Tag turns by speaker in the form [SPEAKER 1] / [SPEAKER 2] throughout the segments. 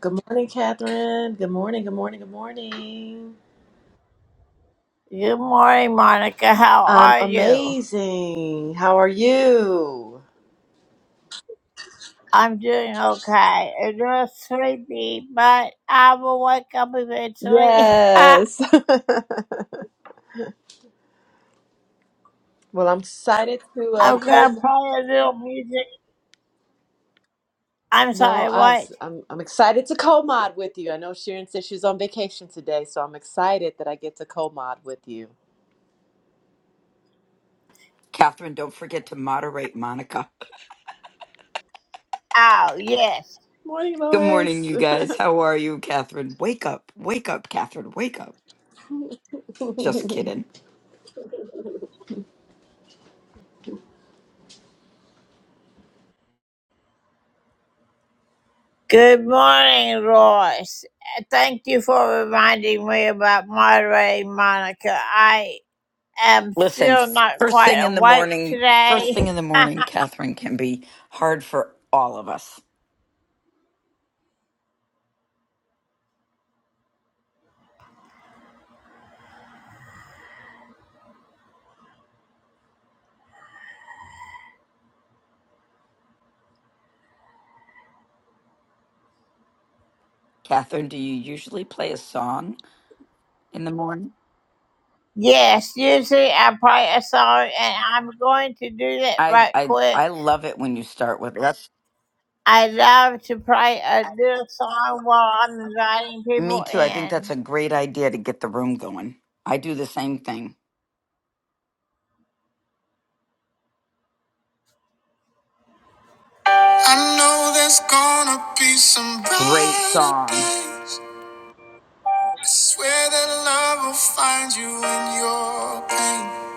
[SPEAKER 1] Good morning, Catherine. Good morning, good morning, good morning.
[SPEAKER 2] Good morning, Monica. How
[SPEAKER 1] I'm
[SPEAKER 2] are you?
[SPEAKER 1] amazing. How are you?
[SPEAKER 2] I'm doing okay. A little sleepy, but I will wake up eventually. I'm
[SPEAKER 1] Yes. well, I'm excited to uh,
[SPEAKER 2] gonna
[SPEAKER 1] co.
[SPEAKER 2] play a little music. I'm
[SPEAKER 1] No,
[SPEAKER 2] sorry,
[SPEAKER 1] I
[SPEAKER 2] what?
[SPEAKER 1] was, I'm I'm excited to co-mod with you. I know Sharon said she's on vacation today, so I'm excited that I get to co-mod with you.
[SPEAKER 3] Catherine, don't forget to moderate Monica.
[SPEAKER 2] Oh, yes.
[SPEAKER 1] Morning,
[SPEAKER 3] Good morning,
[SPEAKER 1] Lois.
[SPEAKER 3] you guys. How are you, Catherine? Wake up, wake up, Catherine, wake up. Just kidding.
[SPEAKER 2] Good morning, Royce. Uh, Thank you for reminding me about moderating, Monica. I am
[SPEAKER 3] Listen,
[SPEAKER 2] still not
[SPEAKER 3] first
[SPEAKER 2] quite
[SPEAKER 3] thing in the
[SPEAKER 2] awake
[SPEAKER 3] morning, first
[SPEAKER 2] today.
[SPEAKER 3] thing in the morning, Catherine can be hard for all of us. Catherine, do you usually play a song in the morning?
[SPEAKER 2] Yes, usually I play a song, and I'm going to do that
[SPEAKER 3] I
[SPEAKER 2] right
[SPEAKER 3] I
[SPEAKER 2] quick
[SPEAKER 3] I love it when you start with that's
[SPEAKER 2] I love to play a little song while I'm inviting
[SPEAKER 3] me
[SPEAKER 2] people
[SPEAKER 3] too. I think that's
[SPEAKER 2] in.
[SPEAKER 3] a great idea to get the room going. I do the same thing.
[SPEAKER 2] I know there's gonna be some
[SPEAKER 3] Great
[SPEAKER 2] brighter
[SPEAKER 3] song.
[SPEAKER 2] days. I swear that love will find you in your pain.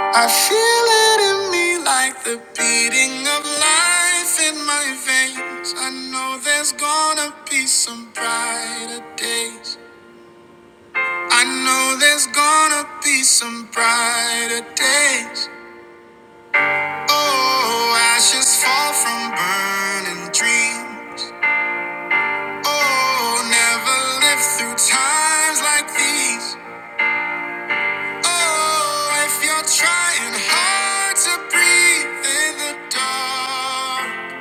[SPEAKER 2] I feel it in me like the beating of life in my veins. I know there's gonna be some brighter days. I know there's gonna be some brighter days. Oh, ashes fall from burning dreams. Oh, never live through times like these. Oh, if you're trying hard to breathe in the dark,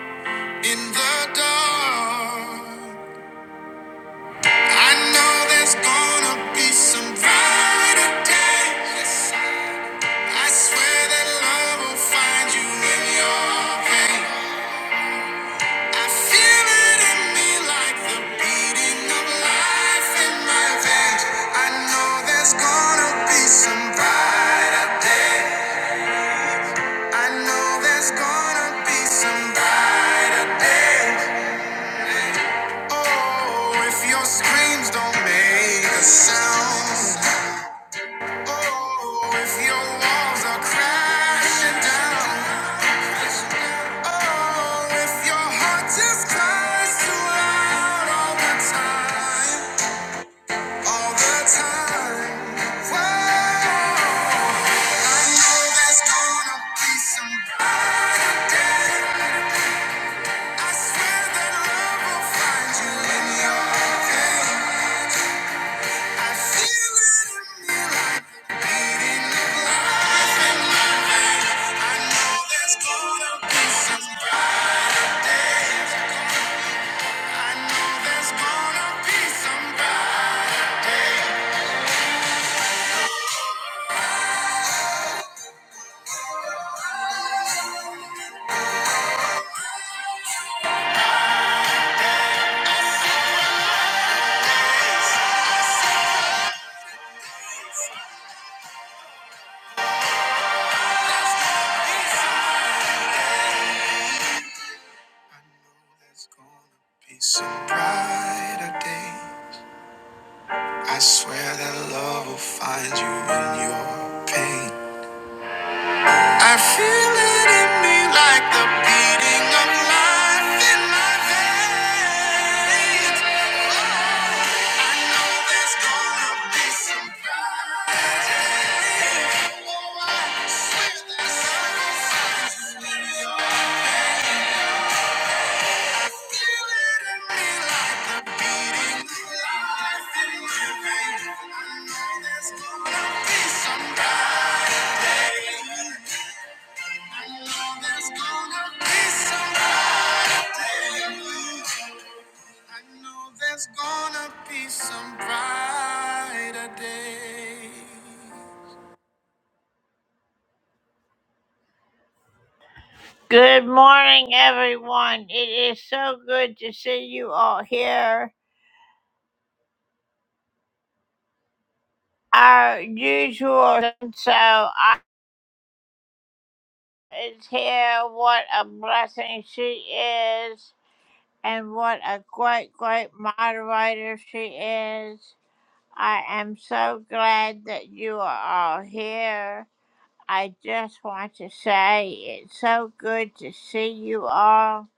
[SPEAKER 2] in the dark, I know there's gonna be some brighter days. I swear that love will find you in your pain. I feel it in me like the beating of life in my veins. I know there's gonna be some brighter day. I know there's gonna be some brighter day. Oh, if your screams don't make a sound. Oh, if your walls are crashing down, oh, if your heart just cries too loud all the time, all the time, I know there's gonna be some brighter I swear that love will find you in your pain. Some brighter days. I swear that love will find you in your pain. I feel it in me like the beating of life in my veins. there's Gonna be some brighter day. Good morning, everyone. It is so good to see you all here. Our usual so I is here. What a blessing she is, and what a great, great moderator she is. I am so glad that you are all here. I just want to say it's so good to see you all.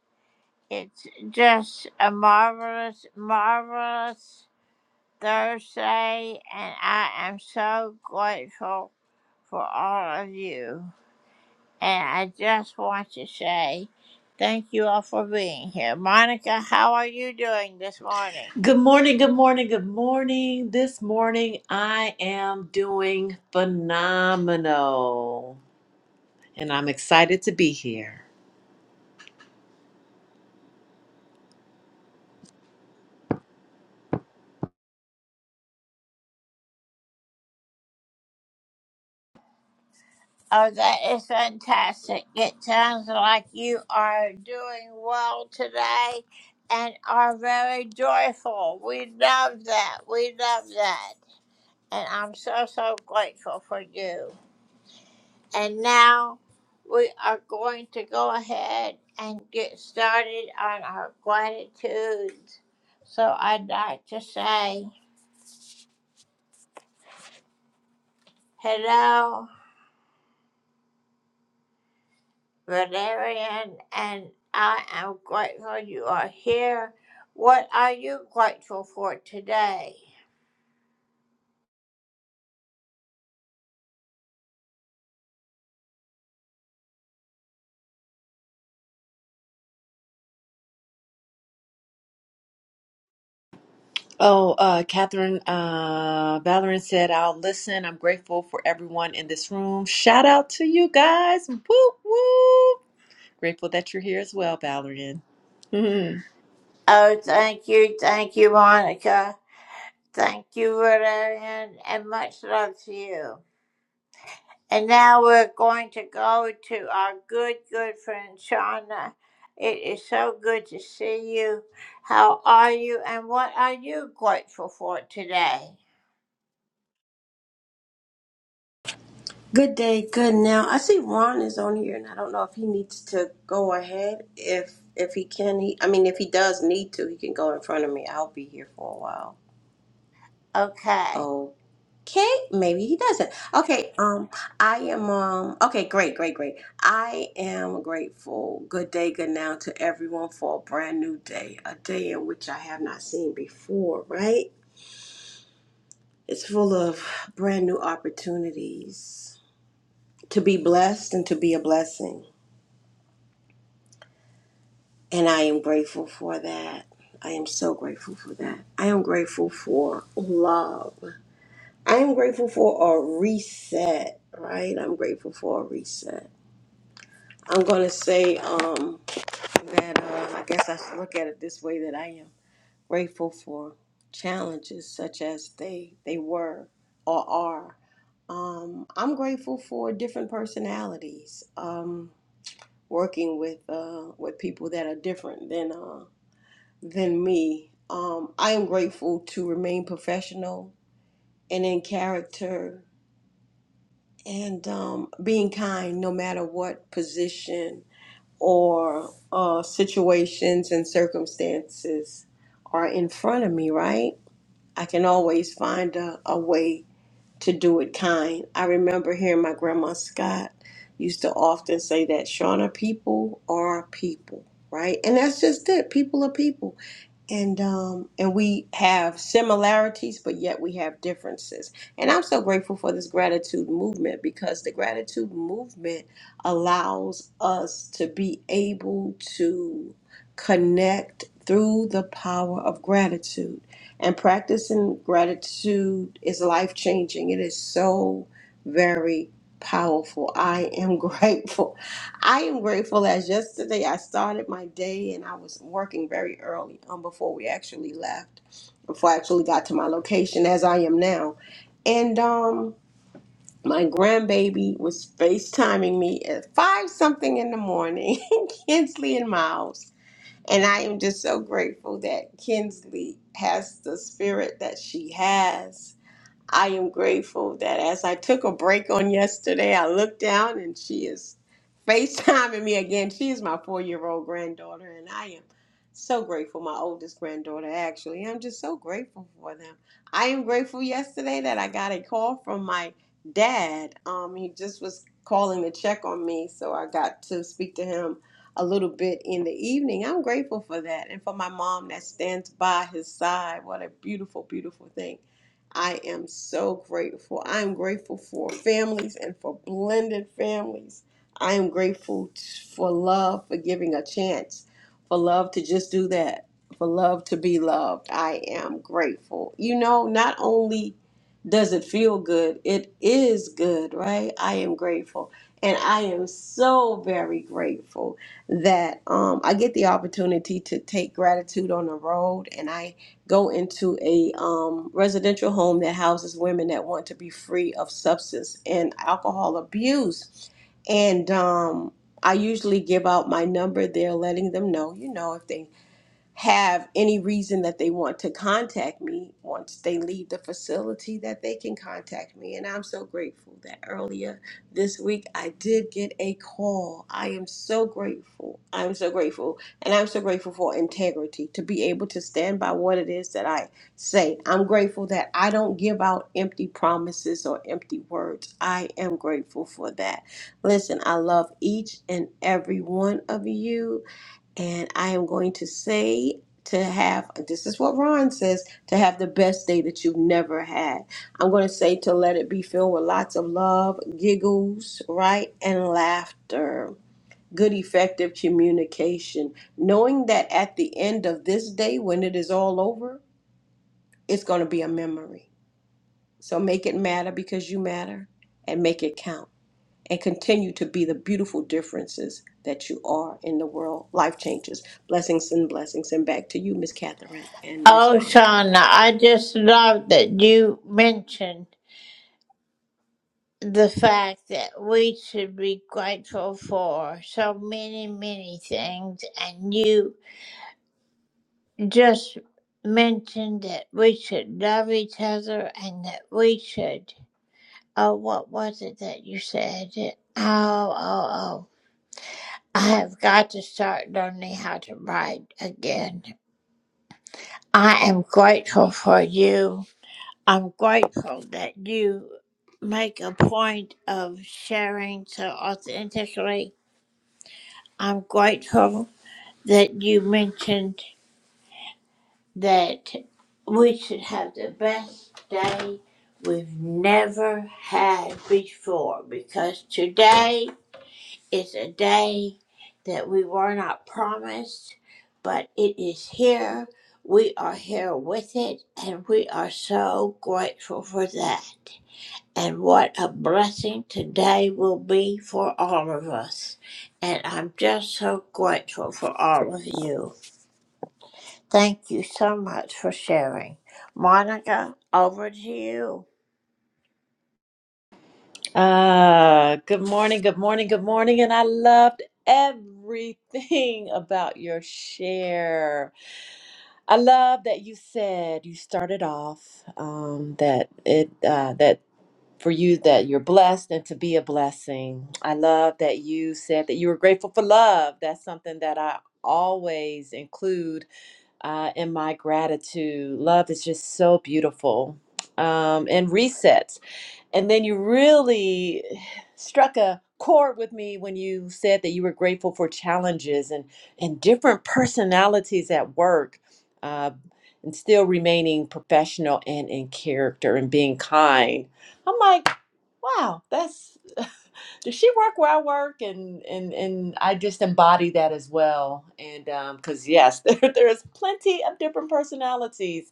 [SPEAKER 2] It's just a marvelous, marvelous Thursday, and I am so grateful for all of you. And I just want to say thank you all for being here. Monica, how are you doing this morning?
[SPEAKER 1] Good morning, good morning, good morning. This morning I am doing phenomenal and I'm excited to be here.
[SPEAKER 2] Oh, that is fantastic. It sounds like you are doing well today and are very joyful. We love that. We love that. And I'm so, so grateful for you. And now we are going to go ahead and get started on our gratitudes. So I'd like to say hello, Valerian, and I am grateful you are here. What are you grateful for today?
[SPEAKER 1] Oh, uh, Catherine uh, Valerian said, I'll listen. I'm grateful for everyone in this room. Shout out to you guys. Whoop, whoop. Grateful that you're here as well, Valerian. Mhm.
[SPEAKER 2] Oh, thank you, thank you, Monica. Thank you, Valerian, and much love to you. And now we're going to go to our good, good friend Shauna. It is so good to see you. How are you and what are you grateful for today?
[SPEAKER 4] Good day, good now. I see Ron is on here, and I don't know if he needs to go ahead. If if he can, he I mean, if he does need to, he can go in front of me. I'll be here for a while.
[SPEAKER 2] Okay.
[SPEAKER 4] Okay, maybe he doesn't. Okay, um, I am um. Okay, great, great, great. I am grateful. Good day, good now to everyone for a brand new day, a day in which I have not seen before. Right? It's full of brand new opportunities to be blessed and to be a blessing And I am grateful for that. I am so grateful for that. I am grateful for love. I am grateful for a reset, right? I'm grateful for a reset. I'm going to say um, that uh, I guess I should look at it this way that I am grateful for challenges such as they, they were or are. Um, I'm grateful for different personalities. Um, working with uh, with people that are different than uh, than me. Um, I am grateful to remain professional and in character and um, being kind no matter what position or uh, situations and circumstances are in front of me, right? I can always find a, a way to do it kind. I remember hearing my grandma Scott used to often say that Shauna, people are people, right? And that's just it. People are people and um and we have similarities but yet we have differences and i'm so grateful for this gratitude movement because the gratitude movement allows us to be able to connect through the power of gratitude and practicing gratitude is life changing it is so very powerful i am grateful I am grateful as yesterday I started my day and I was working very early um, before we actually left, before I actually got to my location as I am now. And um, my grandbaby was FaceTiming me at five something in the morning, Kinsley and Miles. And I am just so grateful that Kinsley has the spirit that she has I am grateful that as I took a break on yesterday, I looked down and she is FaceTiming me again. She is my four year old granddaughter, and I am so grateful. My oldest granddaughter, actually. I'm just so grateful for them. I am grateful yesterday that I got a call from my dad. Um, he just was calling to check on me, so I got to speak to him a little bit in the evening. I'm grateful for that. And for my mom that stands by his side. What a beautiful, beautiful thing. I am so grateful. I am grateful for families and for blended families. I am grateful t- for love, for giving a chance, for love to just do that, for love to be loved. I am grateful. You know, not only does it feel good, it is good, right? I am grateful. And I am so very grateful that um, I get the opportunity to take gratitude on the road. And I go into a um, residential home that houses women that want to be free of substance and alcohol abuse. And um, I usually give out my number there, letting them know, you know, if they have any reason that they want to contact me once they leave the facility that they can contact me and i'm so grateful that earlier this week i did get a call i am so grateful i'm so grateful and i'm so grateful for integrity to be able to stand by what it is that i say i'm grateful that i don't give out empty promises or empty words i am grateful for that listen i love each and every one of you and I am going to say to have, this is what Ron says, to have the best day that you've never had. I'm going to say to let it be filled with lots of love, giggles, right? And laughter. Good, effective communication. Knowing that at the end of this day, when it is all over, it's going to be a memory. So make it matter because you matter and make it count and continue to be the beautiful differences that you are in the world. Life changes. Blessings and blessings. And back to you, Miss Catherine and Miss
[SPEAKER 2] Oh,
[SPEAKER 4] Monica.
[SPEAKER 2] Shauna, I just love that you mentioned the fact that we should be grateful for so many, many things. And you just mentioned that we should love each other and that we should Oh, what was it that you said? Oh, oh, oh. I have got to start learning how to write again. I am grateful for you. I'm grateful that you make a point of sharing so authentically. I'm grateful that you mentioned that we should have the best day we've never had before because today It's a day that we were not promised, but it is here. We are here with it, and we are so grateful for that. And what a blessing today will be for all of us. And I'm just so grateful for all of you. Thank you so much for sharing. Monica, over to you.
[SPEAKER 1] uh, good morning, good morning, good morning. And I loved everything about your share. I love that you said you started off um, that it uh, that. for you that you're blessed and to be a blessing. I love that you said that you were grateful for love. That's something that I always include uh, in my gratitude. Love is just so beautiful. Um, and reset. And then you really struck a chord with me when you said that you were grateful for challenges and, and different personalities at work, uh, and still remaining professional and in character and being kind. I'm like, wow, that's does she work where I work? And and and I just embody that as well. And because yes, there there's plenty of different personalities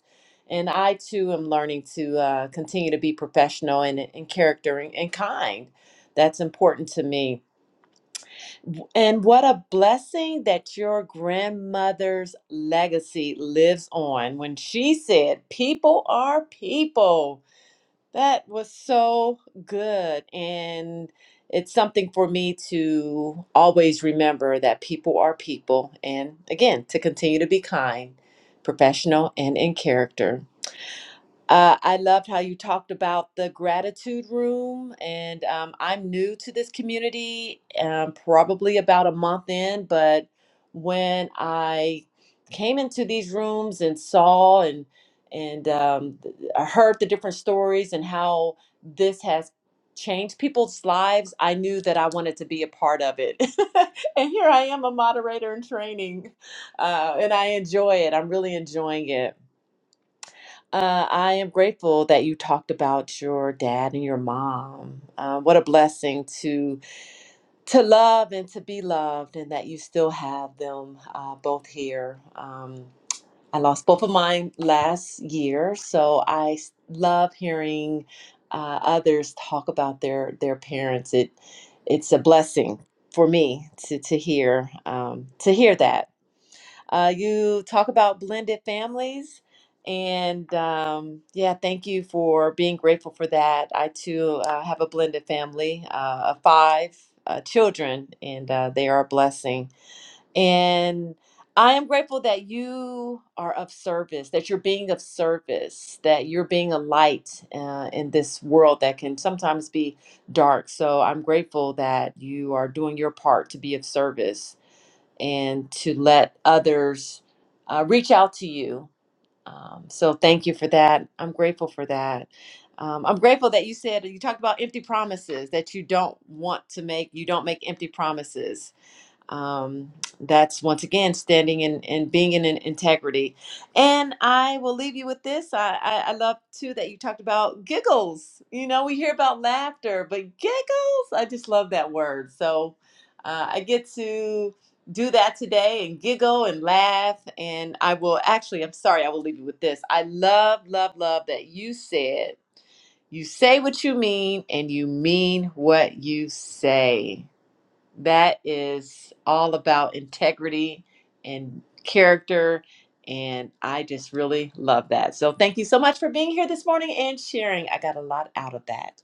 [SPEAKER 1] and I too am learning to uh, continue to be professional and in character and, and kind. That's important to me. And what a blessing that your grandmother's legacy lives on when she said, People are people. That was so good. And it's something for me to always remember that people are people. And again, to continue to be kind, professional, and in character. Uh, I loved how you talked about the gratitude room, and um, I'm new to this community, um, probably about a month in. But when I came into these rooms and saw and and um, th- I heard the different stories and how this has changed people's lives, I knew that I wanted to be a part of it. and here I am, a moderator in training, uh, and I enjoy it. I'm really enjoying it. Uh, I am grateful that you talked about your dad and your mom. Uh, what a blessing to to love and to be loved, and that you still have them uh, both here. Um, I lost both of mine last year, so I s- love hearing uh, others talk about their their parents. It it's a blessing for me to to hear um, to hear that. Uh, you talk about blended families. And um, yeah, thank you for being grateful for that. I too uh, have a blended family uh, of five uh, children, and uh, they are a blessing. And I am grateful that you are of service, that you're being of service, that you're being a light uh, in this world that can sometimes be dark. So I'm grateful that you are doing your part to be of service and to let others uh, reach out to you. Um, so thank you for that. I'm grateful for that. Um, I'm grateful that you said you talked about empty promises that you don't want to make. You don't make empty promises um, that's once again standing in and being in an integrity. And I will leave you with this. I, I, I love too that you talked about giggles. You know, we hear about laughter, but giggles, I just love that word. So uh, I get to do that today and giggle and laugh. And I will actually, I'm sorry, I will leave you with this. I love, love, love that you said you say what you mean and you mean what you say that is all about integrity and character. And I just really love that. So thank you so much for being here this morning and sharing. I got a lot out of that.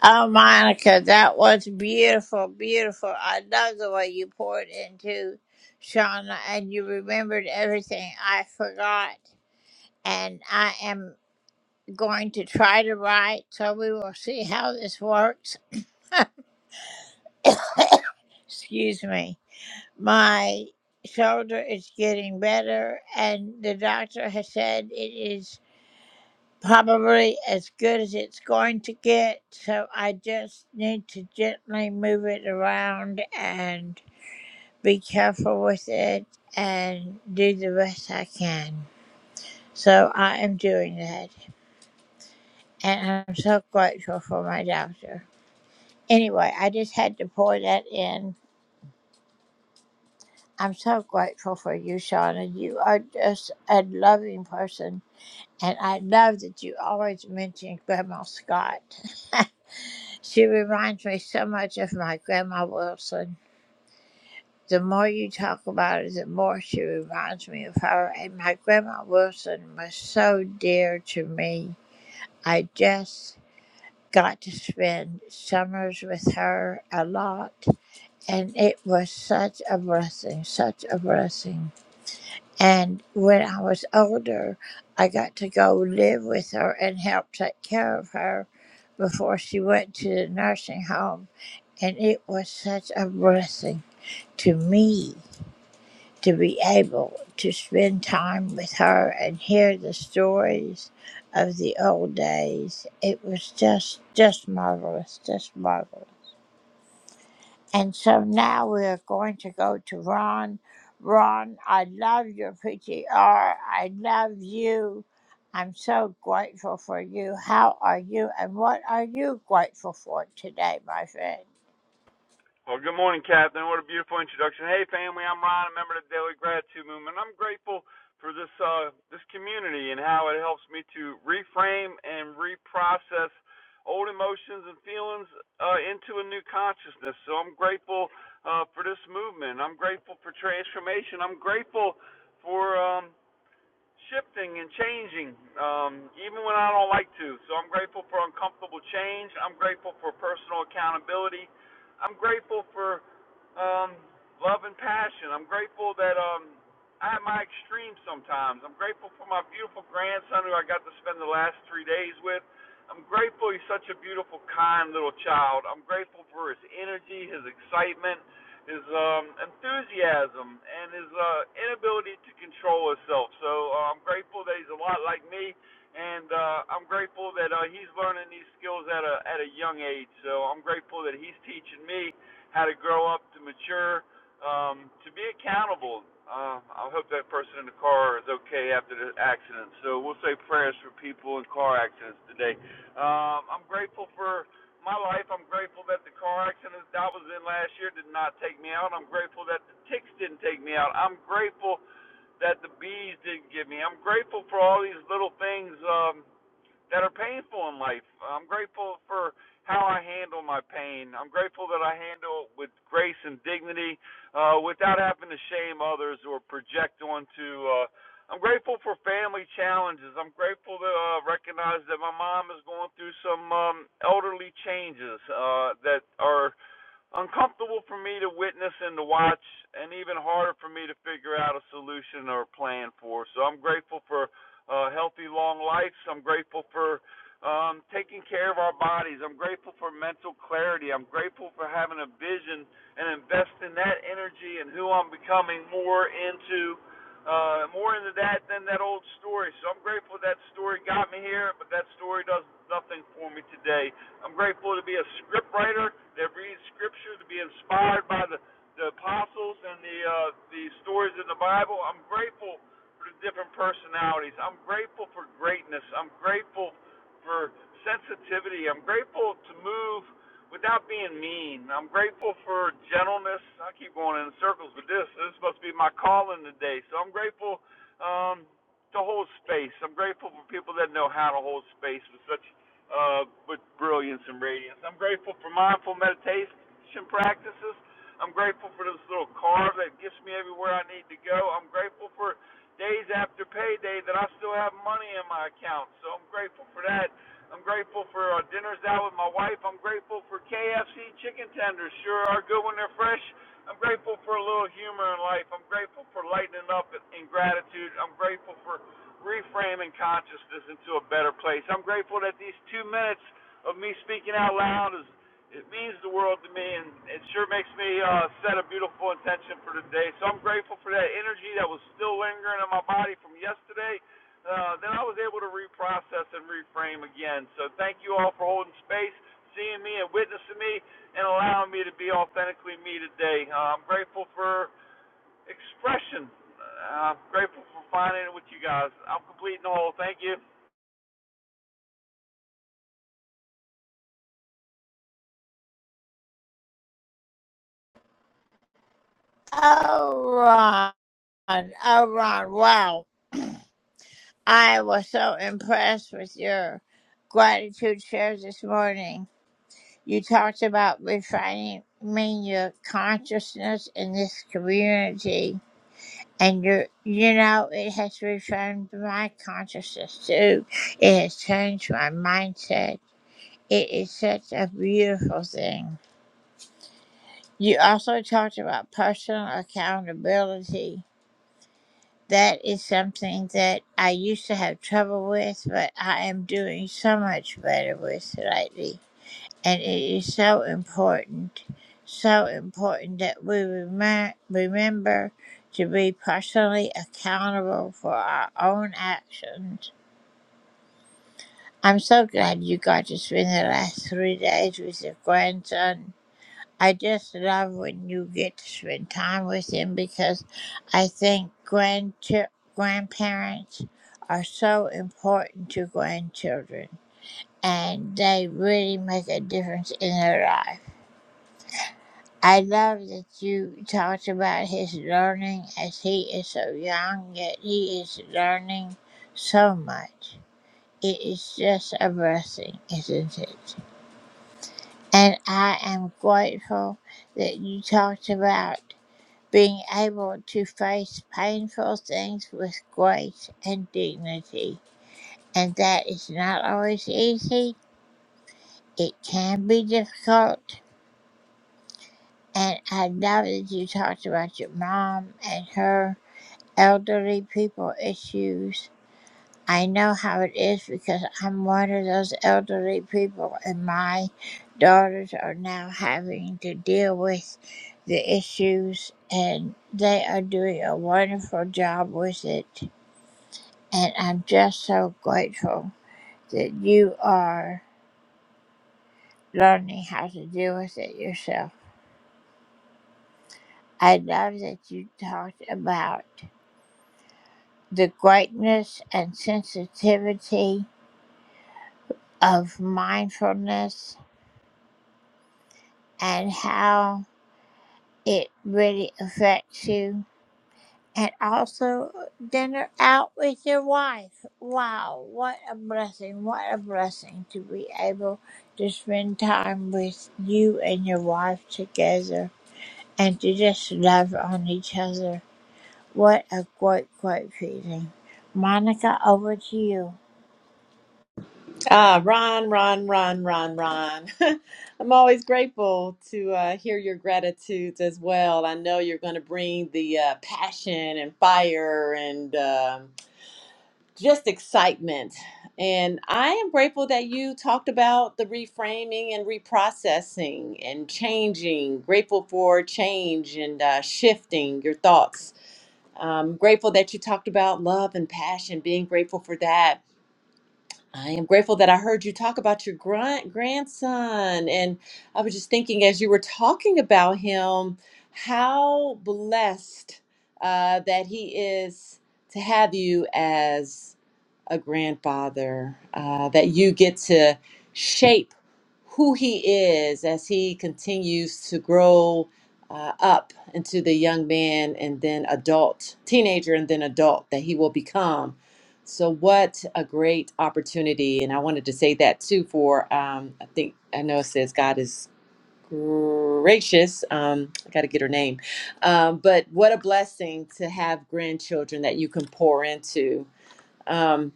[SPEAKER 2] Oh, Monica, that was beautiful, beautiful. I love the way you poured into Shauna and you remembered everything I forgot. And I am going to try to write, so we will see how this works. Excuse me. My shoulder is getting better, and the doctor has said it is. probably as good as it's going to get. So I just need to gently move it around and be careful with it and do the best I can. So I am doing that. And I'm so grateful for my doctor. Anyway, I just had to pour that in. I'm so grateful for you, Shauna. You are just a loving person. And I love that you always mention Grandma Scott. She reminds me so much of my grandma Wilson. The more you talk about it, the more she reminds me of her. And my grandma Wilson was so dear to me. I just got to spend summers with her a lot, and it was such a blessing, such a blessing. And when I was older, I got to go live with her and help take care of her before she went to the nursing home. And it was such a blessing to me to be able to spend time with her and hear the stories of the old days. It was just, just marvelous, just marvelous. And so now we are going to go to Ron. Ron, I love your PTR. I love you. I'm so grateful for you. How are you? And what are you grateful for today, my friend?
[SPEAKER 5] Well, good morning, Captain. What a beautiful introduction. Hey, family, I'm Ron, a member of the Daily Gratitude Movement. I'm grateful for this uh, this community and how it helps me to reframe and reprocess old emotions and feelings uh, into a new consciousness. So I'm grateful uh, for this movement. I'm grateful for transformation. I'm grateful for. Um, shifting and changing, um, even when I don't like to. So I'm grateful for uncomfortable change. I'm grateful for personal accountability. I'm grateful for um, love and passion. I'm grateful that um, I have my extremes sometimes. I'm grateful for my beautiful grandson who I got to spend the last three days with. I'm grateful he's such a beautiful, kind little child. I'm grateful for his energy, his excitement his um, enthusiasm and his uh, inability to control himself. So uh, I'm grateful that he's a lot like me, and uh, I'm grateful that uh, he's learning these skills at a at a young age. So I'm grateful that he's teaching me how to grow up, to mature, um, to be accountable. Uh, I hope that person in the car is okay after the accident. So we'll say prayers for people in car accidents today. Um, I'm grateful for my life. I'm grateful that the car accident that I was in last year did not take me out. I'm grateful that the ticks didn't take me out. I'm grateful that the bees didn't get me. I'm grateful for all these little things um, that are painful in life. I'm grateful for how I handle my pain. I'm grateful that I handle it with grace and dignity uh, without having to shame others or project onto. Uh, I'm grateful for family challenges. I'm grateful to uh, recognize that my mom is going through some um, elderly changes uh, that are uncomfortable for me to witness and to watch, and even harder for me to figure out a solution or a plan for. So I'm grateful for uh, healthy, long lives. I'm grateful for um, taking care of our bodies. I'm grateful for mental clarity. I'm grateful for having a vision and investing that energy and who I'm becoming more into. Uh, more into that than that old story. So I'm grateful that story got me here, but that story does nothing for me today. I'm grateful to be a script writer that reads scripture, to be inspired by the, the apostles and the uh, the stories in the Bible. I'm grateful for the different personalities. I'm grateful for greatness. I'm grateful for sensitivity. I'm grateful to move without being mean. I'm grateful for gentleness. I keep going in circles with this. This must be my calling today. So I'm grateful um, to hold space. I'm grateful for people that know how to hold space with such uh, with brilliance and radiance. I'm grateful for mindful meditation practices. I'm grateful for this little car that gets me everywhere I need to go. I'm grateful for days after payday that I still have money in my account. So I'm grateful for that. I'm grateful for uh, dinners out with my wife. I'm grateful for KFC chicken tenders. Sure are good when they're fresh. I'm grateful for a little humor in life. I'm grateful for lightening up in in gratitude. I'm grateful for reframing consciousness into a better place. I'm grateful that these two minutes of me speaking out loud is it means the world to me, and it sure makes me uh, set a beautiful intention for today. So I'm grateful for that energy that was still lingering in my body from yesterday. Uh, then I was able to reprocess and reframe again. So thank you all for holding space, seeing me, and witnessing me, and allowing me to be authentically me today. Uh, I'm grateful for expression. Uh, I'm grateful for finding it with you guys. I'm complete and whole. Thank you.
[SPEAKER 2] Oh, Ron. Oh, Ron. Wow. I was so impressed with your gratitude shares this morning. You talked about refining your consciousness in this community And you, you know, it has reformed my consciousness too. It has changed my mindset. It is such a beautiful thing. You also talked about personal accountability. That is something that I used to have trouble with, but I am doing so much better with lately. And it is so important, so important that we remi- remember to be personally accountable for our own actions. I'm so glad you got to spend the last three days with your grandson. I just love when you get to spend time with him because I think grandchi- grandparents are so important to grandchildren and they really make a difference in their life. I love that you talked about his learning as he is so young, yet he is learning so much. It is just a blessing, isn't it? And I am grateful that you talked about being able to face painful things with grace and dignity. And that is not always easy, it can be difficult. And I love that you talked about your mom and her. elderly people issues. I know how it is because I'm one of those elderly people, and my daughters are now having to deal with the issues, and they are doing a wonderful job with it. And I'm just so grateful that you are learning how to deal with it yourself. I love that you talked about the greatness and sensitivity of mindfulness and how it really affects you. And also dinner out with your wife. Wow, what a blessing, what a blessing to be able to spend time with you and your wife together and to just love on each other. What a great, great feeling. Monica, over to you.
[SPEAKER 1] Ah, Ron, Ron, Ron, Ron, Ron. I'm always grateful to uh, hear your gratitudes as well. I know you're going to bring the uh, passion and fire and. um just excitement. And I am grateful that you talked about the reframing and reprocessing and changing. Grateful for change and uh, shifting your thoughts. I'm grateful that you talked about love and passion, being grateful for that. I am grateful that I heard you talk about your grunt grandson. And I was just thinking as you were talking about him, how blessed uh, that he is to have you as a grandfather, uh, that you get to shape who he is as he continues to grow uh, up into the young man and then adult, teenager and then adult that he will become. So, what a great opportunity. And I wanted to say that too for, um, I think, I know it says God is gracious. Um, I got to get her name. Um, but what a blessing to have grandchildren that you can pour into. Um,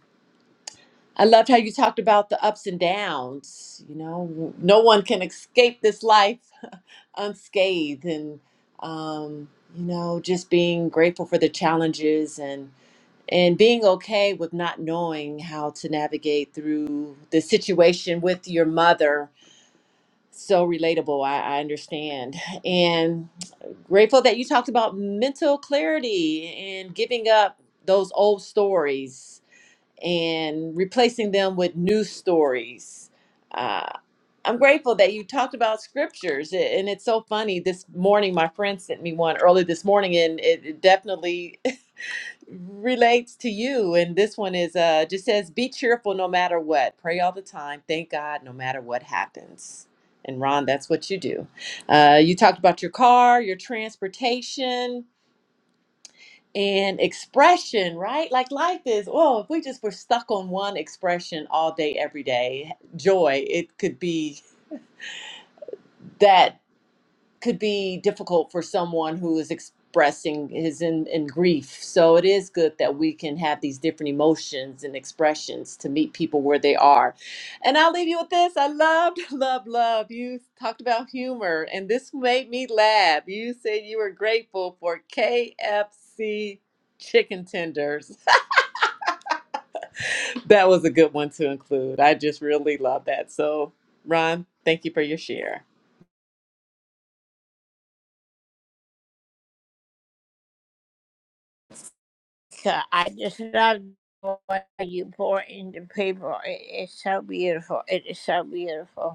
[SPEAKER 1] I loved how you talked about the ups and downs. You know, no one can escape this life unscathed, and um, you know, just being grateful for the challenges and and being okay with not knowing how to navigate through the situation with your mother. So relatable, I, I understand, and grateful that you talked about mental clarity and giving up those old stories and replacing them with news stories. Uh, I'm grateful that you talked about scriptures, a- and it's so funny. This morning, my friend sent me one early this morning, and it it definitely relates to you. And this one is uh, just says, "Be cheerful no matter what. Pray all the time. Thank God no matter what happens." And Ron, that's what you do. Uh, you talked about your car, your transportation and expression, right? Like life is, oh, if we just were stuck on one expression all day, every day, joy, it could be that could be difficult for someone who is expressing his in, in grief. So it is good that we can have these different emotions and expressions to meet people where they are. And I'll leave you with this. I loved, love, love. You talked about humor, and this made me laugh. You said you were grateful for KFC chicken tenders. That was a good one to include. I just really love that. So, Ron, thank you for your share.
[SPEAKER 2] So I just love what you pour into people. It is so beautiful. It is so beautiful.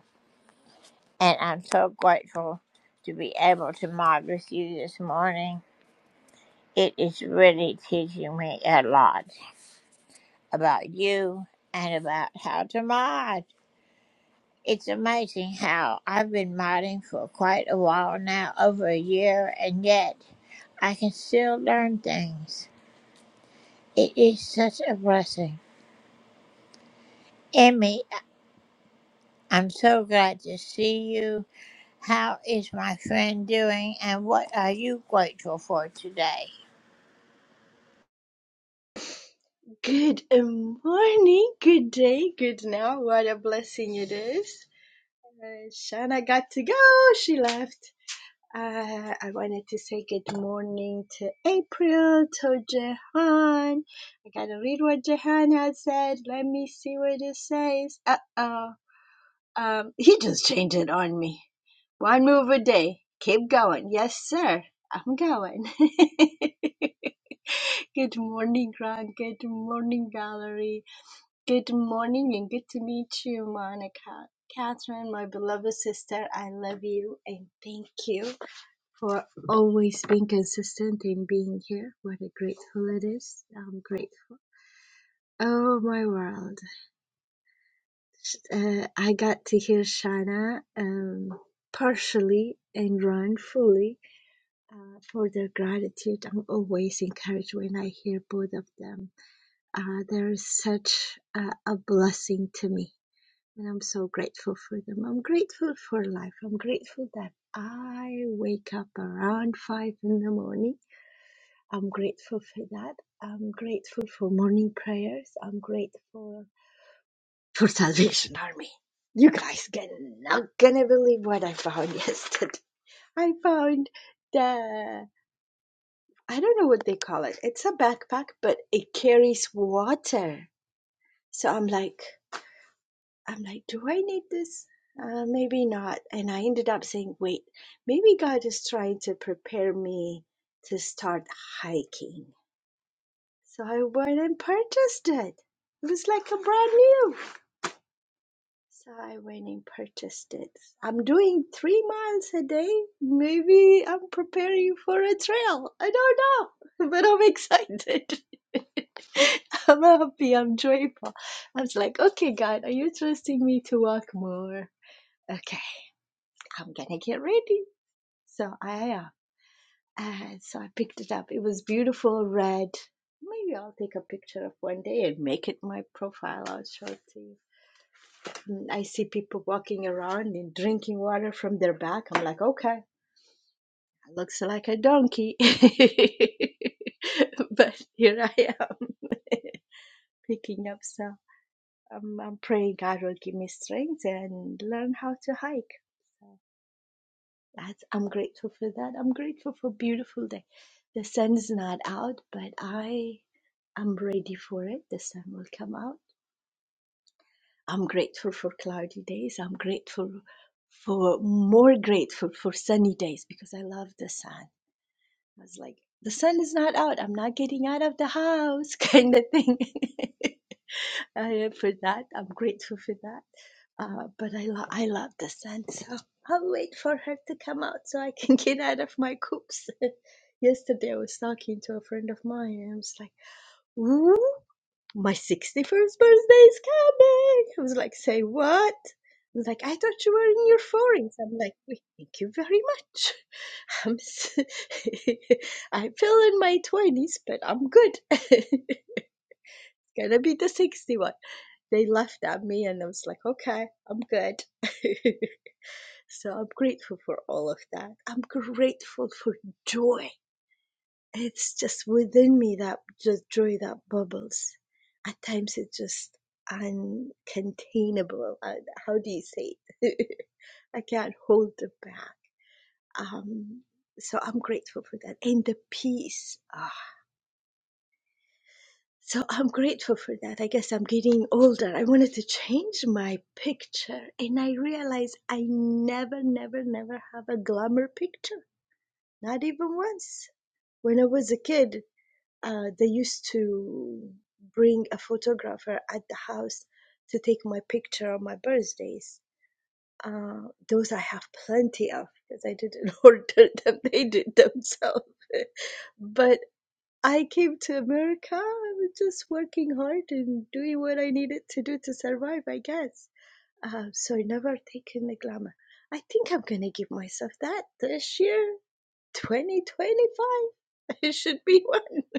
[SPEAKER 2] and I'm so grateful to be able to mod with you this morning. It is really teaching me a lot about you and about how to mod. It's amazing how I've been modding for quite a while now, over a year, and yet I can still learn things. It is such a blessing. Emmy, I'm so glad to see you. How is my friend doing, and what are you grateful for today?
[SPEAKER 6] Good morning, good day, good now. What a blessing it is. Uh, Shana got to go. She left. Uh, I wanted to say good morning to April, to Jehan. I gotta read what Jehan had said. Let me see what it says. Uh oh. Um, he just changed it on me. One move a day. Keep going. Yes, sir. I'm going. good morning, Grant. Good morning, Valerie. Good morning and good to meet you, Monica. Catherine, my beloved sister, I love you and thank you for always being consistent in being here. What a grateful it is. I'm grateful. Oh, my world. Uh, I got to hear Shana um, partially and Ron fully uh, for their gratitude. I'm always encouraged when I hear both of them. Uh, they're such a, a blessing to me And I'm so grateful for them. I'm grateful for life. I'm grateful that I wake up around five in the morning. I'm grateful for that. I'm grateful for morning prayers. I'm grateful for Salvation Army. You guys can not gonna believe what I found yesterday. I found the I don't know what they call it. It's a backpack, but it carries water. So I'm like, I'm like, do I need this? Uh, maybe not. And I ended up saying, wait, maybe God is trying to prepare me to start hiking. So I went and purchased it. It was like a brand new. So I went and purchased it. I'm doing three miles a day. Maybe I'm preparing for a trail. I don't know, but I'm excited. I'm happy. I'm joyful. I was like, okay, God, are you trusting me to walk more? okay, I'm gonna get ready. So I uh, uh, so I picked it up. It was beautiful red. Maybe I'll take a picture of one day and make it my profile. I'll show it to you. Mm, I see people walking around and drinking water from their back. I'm like, okay, it looks like a donkey. but here I am picking up. So I'm, I'm praying God will give me strength and learn how to hike. So That's I'm grateful for that. I'm grateful for a beautiful day. The sun is not out, but I am ready for it. The sun will come out. I'm grateful for cloudy days. I'm grateful for more grateful for sunny days because I love the sun. I was like, the sun is not out. I'm not getting out of the house, kind of thing. I for that. I'm grateful for that. Uh, but I, lo- I love the sun, so I'll wait for her to come out so I can get out of my coops. Yesterday, I was talking to a friend of mine, and I was like, ooh my 61st birthday is coming. I was like, say what? I was like, I thought you were in your 40s. I'm like, thank you very much. I'm, s- I feel in my 20s, but I'm good. it's gonna be the 61. They laughed at me and I was like, okay, I'm good. so I'm grateful for all of that. I'm grateful for joy. It's just within me that just joy that bubbles. At times it's just uncontainable. Uh, How do you say it? I can't hold it back. Um, so I'm grateful for that and the peace. Ah, so I'm grateful for that. I guess I'm getting older. I wanted to change my picture and I realized I never, never, never have a glamour picture. Not even once. When I was a kid, Uh, they used to bring a photographer at the house to take my picture on my birthdays. Uh, those I have plenty of because I didn't order them; they did themselves. but I came to America. I was just working hard and doing what I needed to do to survive, I guess. Uh, so I never taken the glamour. I think I'm gonna give myself that this year, 2025. It should be one.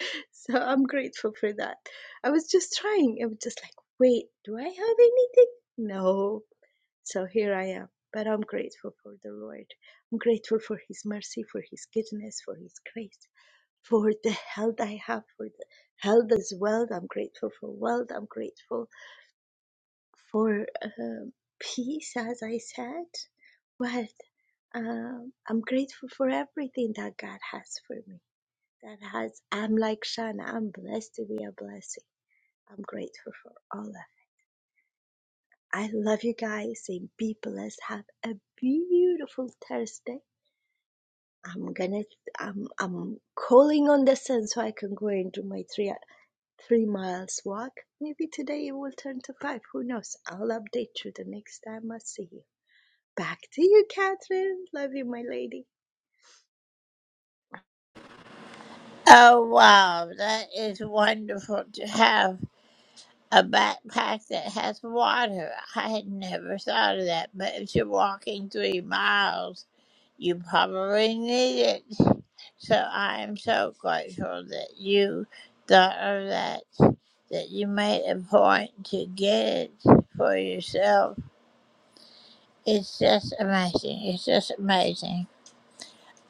[SPEAKER 6] so I'm grateful for that. I was just trying. I was just like, wait, do I have anything? No. So here I am. But I'm grateful for the Lord. I'm grateful for His mercy, for His goodness, for His grace, for the health I have, for the health as well. I'm grateful for wealth. I'm grateful for um peace, as I said. But um, I'm grateful for everything that God has for me that has I'm like Shana. I'm blessed to be a blessing. I'm grateful for all of. it. I love you guys and be blessed. Have a beautiful Thursday. I'm gonna I'm I'm calling on the sun so I can go and do my three three miles walk. Maybe today it will turn to five. Who knows? I'll update you the next time I see you. Back to you, Catherine. Love you, my lady.
[SPEAKER 2] Oh, wow. That is wonderful to have a backpack that has water. I had never thought of that, but if you're walking three miles, you probably need it. So I am so grateful that you thought of that, that you made a point to get it for yourself. It's just amazing. It's just amazing.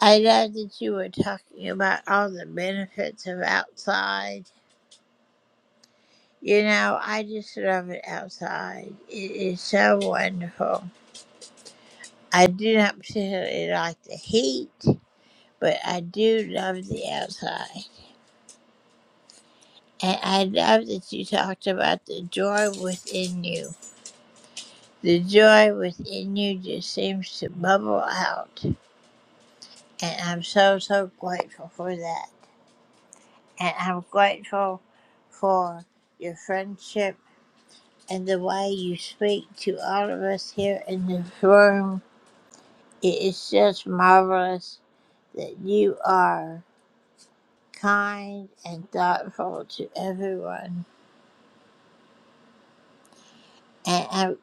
[SPEAKER 2] I love that you were talking about all the benefits of outside You know, I just love it outside. It is so wonderful. I do not particularly like the heat, but I do love the outside. And I love that you talked about the joy within you. The joy within you just seems to bubble out. And I'm so, so grateful for that. And I'm grateful for your friendship and the way you speak to all of us here in this room It is just marvelous that you are kind and thoughtful to everyone. And I,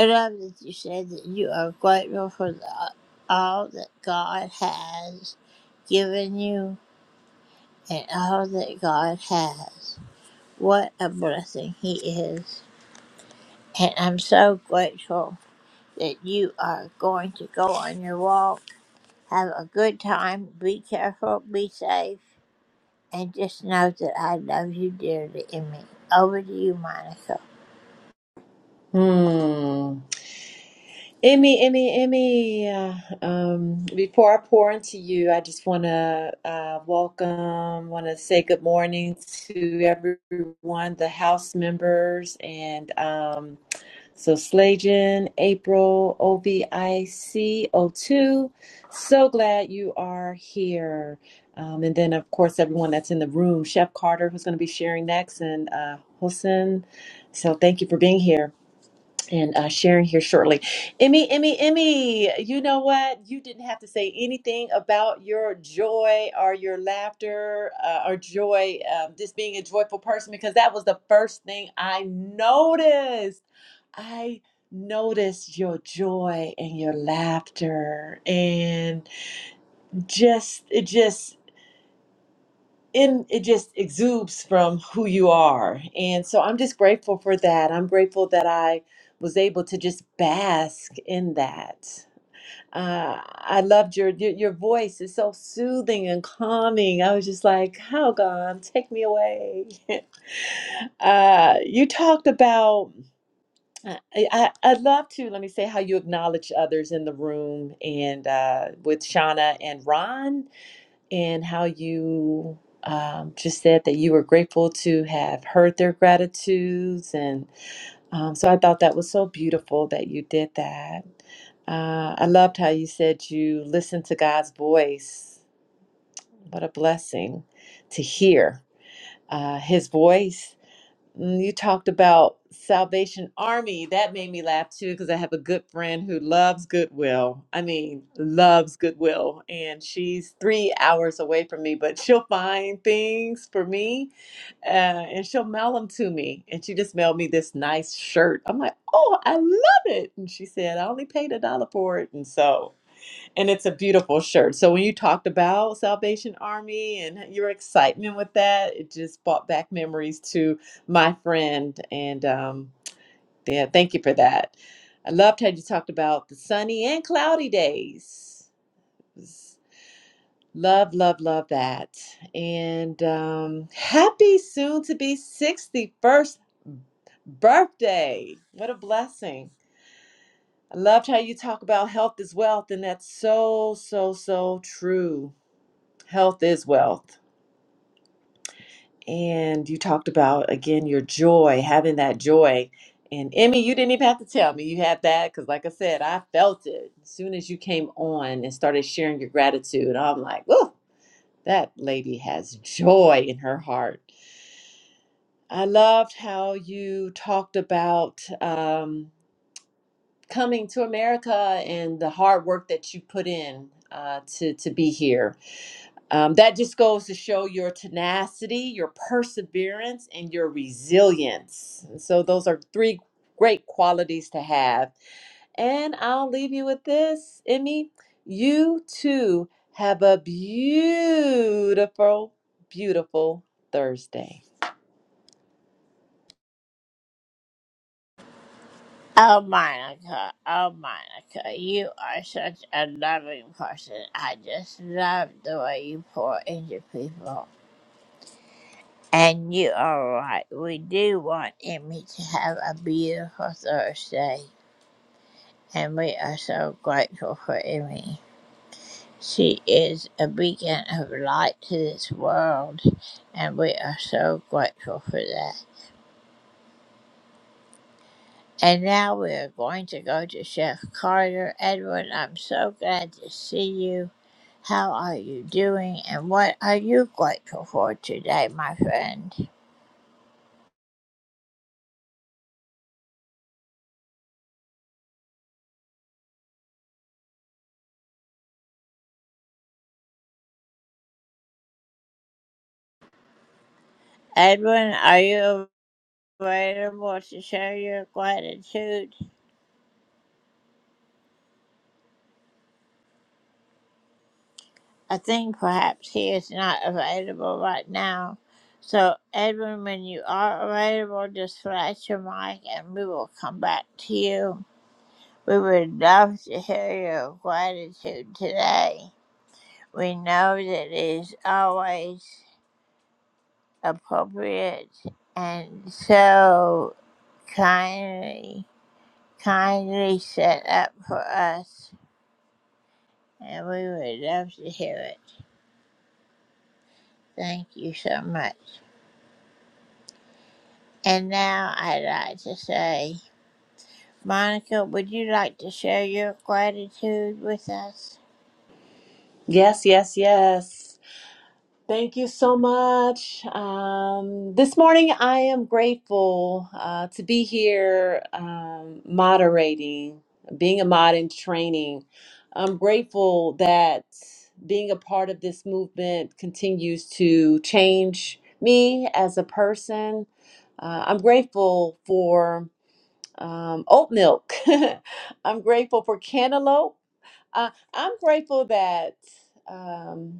[SPEAKER 2] I love that you said that you are grateful for the, all that God has given you and all that God has. What a blessing He is. And I'm so grateful that you are going to go on your walk. Have a good time. Be careful. Be safe. and just know that I love you dearly, Emmy. Over to you, Monica.
[SPEAKER 1] Hmm. Emmy, Emmy, Emmy, uh, um, before I pour into you, I just want to uh, welcome, want to say good morning to everyone, the house members, and um, so Slajan, April, OVIC, 2 So glad you are here. Um, and then, of course, everyone that's in the room, Chef Carter, who's going to be sharing next, and uh, Hossein. So thank you for being here and uh, sharing here shortly. Emmy, Emmy, Emmy, you know what? You didn't have to say anything about your joy or your laughter uh, or joy, um, just being a joyful person, because that was the first thing I noticed. I noticed your joy and your laughter and just it just and it just exudes from who you are. And so I'm just grateful for that. I'm grateful that I was able to just bask in that. Uh, I loved your, your your voice is so soothing and calming. I was just like, "How gone? Take me away." uh, you talked about. uh, I, I I'd love to let me say how you acknowledge others in the room and uh, with Shauna and Ron and how you um, just said that you were grateful to have heard their gratitudes. And um, so I thought that was so beautiful that you did that. Uh, I loved how you said you listened to God's voice. What a blessing to hear uh, his voice Mm, You talked about Salvation Army. That made me laugh too because I have a good friend who loves Goodwill. I mean, loves Goodwill. And she's three hours away from me, but she'll find things for me uh, and she'll mail them to me. And she just mailed me this nice shirt. I'm like, oh, I love it. And she said, I only paid a dollar for it. And so. And it's a beautiful shirt. So when you talked about Salvation Army and your excitement with that, it just brought back memories to my friend. And um, yeah, thank you for that. I loved how you talked about the sunny and cloudy days. Love, love, love that. And um, happy soon to be 61st birthday. What a blessing. I loved how you talk about health is wealth, and that's so, so, so true health is wealth. And you talked about again your joy, having that joy. And Emmy, you didn't even have to tell me you had that because, like I said, I felt it as soon as you came on and started sharing your gratitude. I'm like, whoa, that lady has joy in her heart. I loved how you talked about um, coming to America and the hard work that you put in uh, to to be here Um, that just goes to show your tenacity, your perseverance, and your resilience. And so, those are three great qualities to have. And I'll leave you with this, Emmy. You too have a beautiful, beautiful Thursday.
[SPEAKER 2] Oh, Monica. Oh, Monica. You are such a loving person. I just love the way you pour into people. And you are right. We do want Emmy to have a beautiful Thursday. And we are so grateful for Emmy. She is a beacon of light to this world. And we are so grateful for that. And now we're going to go to Chef Carter. Edward, I'm so glad to see you. How are you doing? And what are you grateful for today, my friend? Edwin, are you available to share your gratitude? I think perhaps he is not available right now. So, Edwin, when you are available, just flash your mic and we will come back to you. We would love to hear your gratitude today. we know that it is always appropriate and so kindly, kindly set up for us, and we would love to hear it. Thank you so much. And now I'd like to say, Monica, would you like to share your gratitude with us?
[SPEAKER 1] Yes, yes, yes. Thank you so much. Um, this morning, I am grateful uh, to be here um, moderating, being a mod in training. I'm grateful that being a part of this movement continues to change me as a person. Uh, I'm grateful for um, oat milk. I'm grateful for cantaloupe. Uh, I'm grateful that. Um,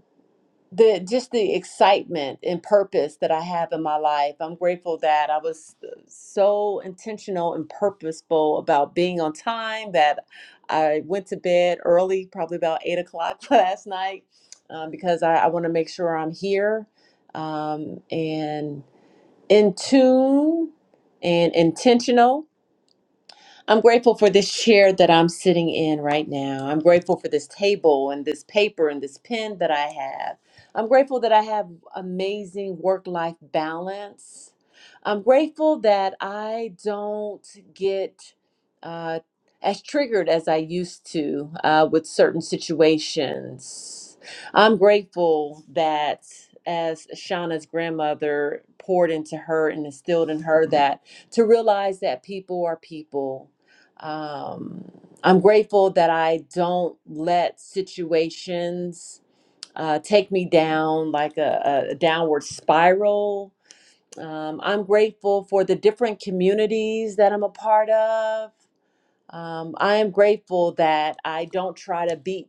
[SPEAKER 1] the just the excitement and purpose that I have in my life. I'm grateful that I was uh, so intentional and purposeful about being on time that I went to bed early, probably about eight o'clock last night, um, because I, I want to make sure I'm here um, and in tune and intentional I'm grateful for this chair that I'm sitting in right now. I'm grateful for this table and this paper and this pen that I have. I'm grateful that I have amazing work life balance. I'm grateful that I don't get uh, as triggered as I used to uh, with certain situations. I'm grateful that, as Shauna's grandmother poured into her and instilled in her, that to realize that people are people um, I'm grateful that I don't let situations uh, take me down like a, a downward spiral. Um, I'm grateful for the different communities that I'm a part of. Um, I am grateful that I don't try to beat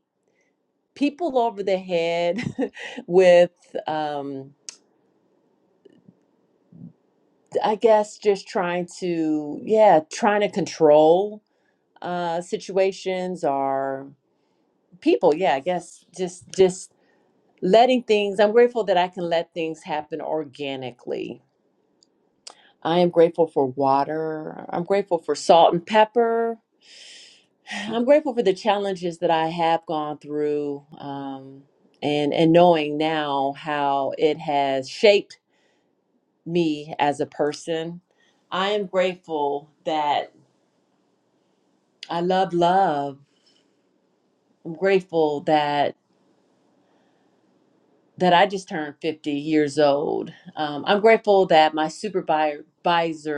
[SPEAKER 1] people over the head with, um, I guess, just trying to, yeah, trying to control uh, situations or people yeah i guess just just letting things i'm grateful that i can let things happen organically i am grateful for water i'm grateful for salt and pepper i'm grateful for the challenges that i have gone through um, and and knowing now how it has shaped me as a person i am grateful that i love love i'm grateful that that I just turned 50 years old. Um, I'm grateful that my supervisor,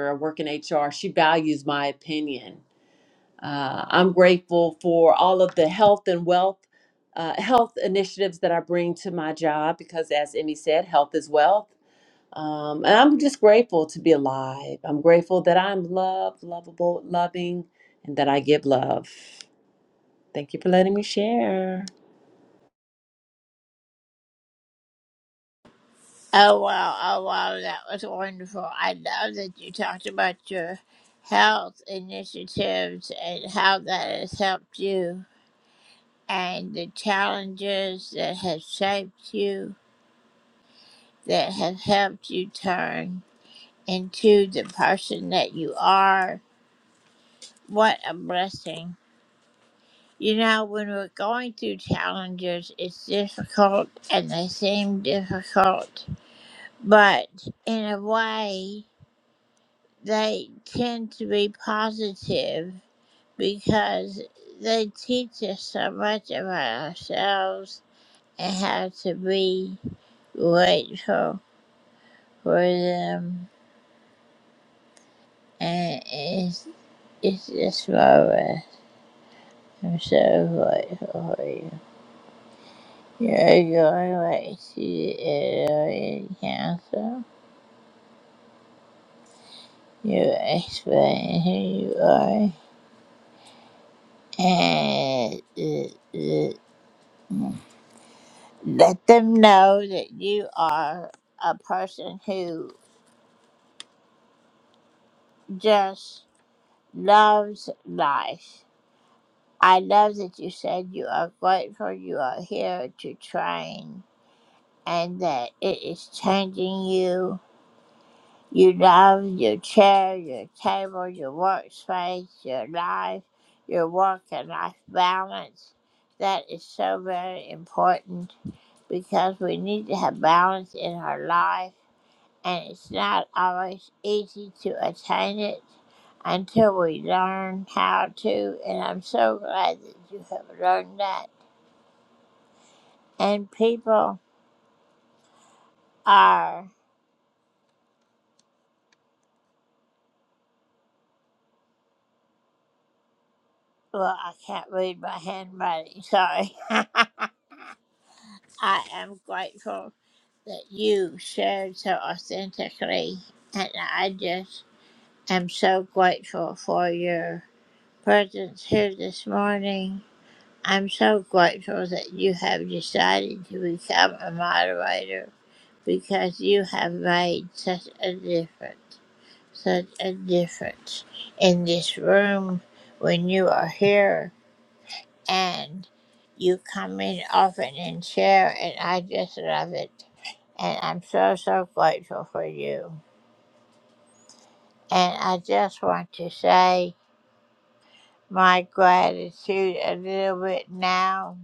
[SPEAKER 1] I work in HR, she values my opinion. Uh, I'm grateful for all of the health and wealth, uh, health initiatives that I bring to my job because, as Emmy said, health is wealth. Um, and I'm just grateful to be alive. I'm grateful that I'm loved, lovable, loving, and that I give love. Thank you for letting me share.
[SPEAKER 2] Oh, wow, oh, wow, that was wonderful. I love that you talked about your health initiatives and how that has helped you. and the challenges that have shaped you, that have helped you turn into the person that you are. What a blessing. You know, when we're going through challenges, it's difficult and they seem difficult, but in a way, they tend to be positive because they teach us so much about ourselves and how to be grateful for them, and it's, it's just Barbara. I'm so grateful for you. You're going right to the Italian Council. You explain who you are, and the, the let them know that you are a person who just loves life. I love that you said you are grateful you are here to train. and that it is changing you. You love your chair, your table, your workspace, your life, your work and life balance. That is so very important because we need to have balance in our life, and it's not always easy to attain it until we learn how to. And I'm so glad that you have learned that. And people are. Well, I can't read my handwriting, sorry. I am grateful that you shared so authentically, and I just am so grateful for your presence here this morning. I'm so grateful that you have decided to become a moderator because you have made such a difference, such a difference in this room when you are here and you come in often and share, and I just love it. And I'm so, so grateful for you. And I just want to say my gratitude a little bit now.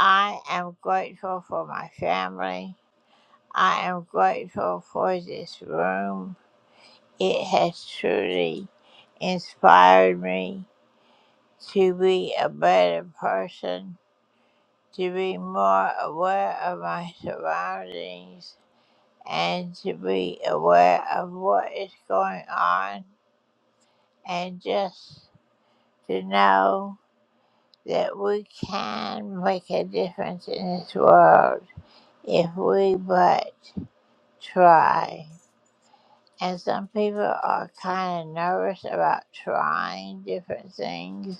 [SPEAKER 2] I am grateful for my family. I am grateful for this room. It has truly inspired me to be a better person, to be more aware of my surroundings and to be aware of what is going on and just to know that we can make a difference in this world if we but try. And some people are kind of nervous about trying different things,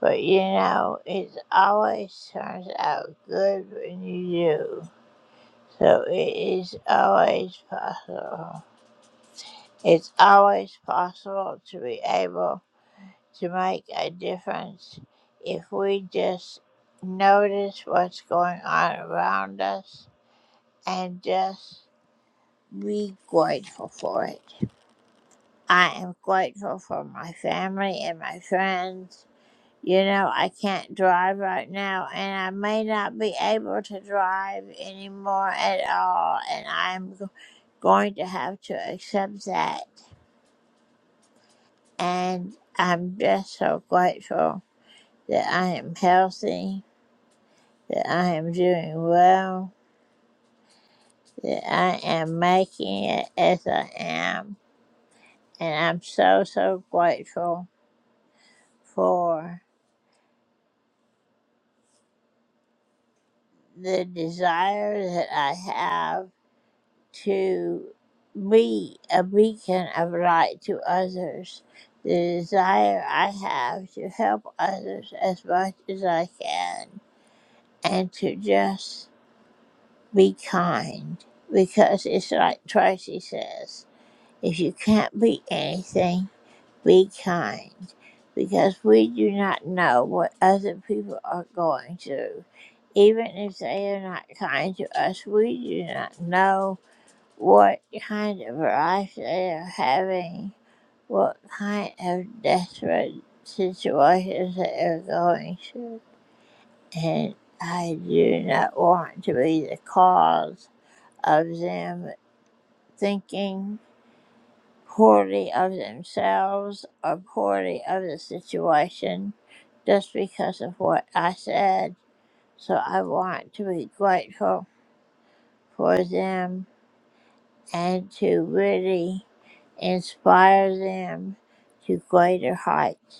[SPEAKER 2] but you know, it always turns out good when you do. So it is always possible. It's always possible to be able to make a difference if we just notice what's going on around us and just be grateful for it. I am grateful for my family and my friends. You know, I can't drive right now, and I may not be able to drive anymore at all, and I'm g- going to have to accept that. And I'm just so grateful that I am healthy, that I am doing well, that I am making it as I am. And I'm so, so grateful for the desire that I have to be a beacon of light to others, the desire I have to help others as much as I can, and to just be kind because it's like Tracy says if you can't be anything, be kind because we do not know what other people are going through. Even if they are not kind to us, we do not know what kind of life they are having, what kind of desperate situations they are going through. And I do not want to be the cause of them thinking poorly of themselves or poorly of the situation just because of what I said. So I want to be grateful for them and to really inspire them to greater heights.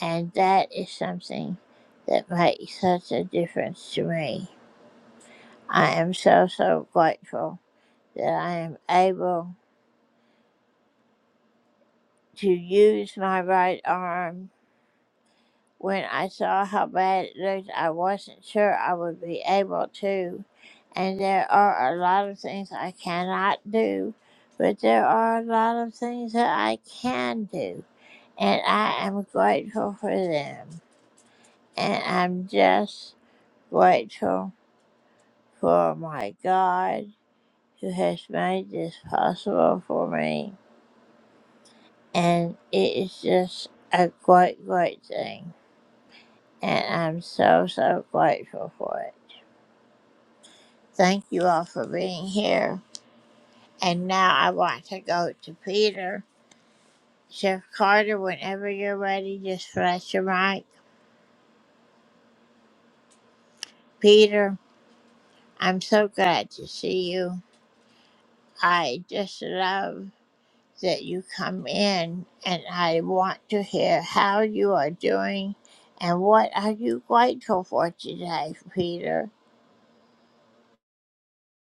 [SPEAKER 2] And that is something that makes such a difference to me. I am so, so grateful that I am able to use my right arm When I saw how bad it looked, I wasn't sure I would be able to. And there are a lot of things I cannot do, but there are a lot of things that I can do. And I am grateful for them. And I'm just grateful for my God who has made this possible for me. And it is just a great, great thing. And I'm so, so grateful for it. Thank you all for being here. And now I want to go to Peter. Chef Carter, whenever you're ready, just flash your mic. Peter, I'm so glad to see you. I just love that you come in and I want to hear how you are doing and what are you grateful for today, Peter.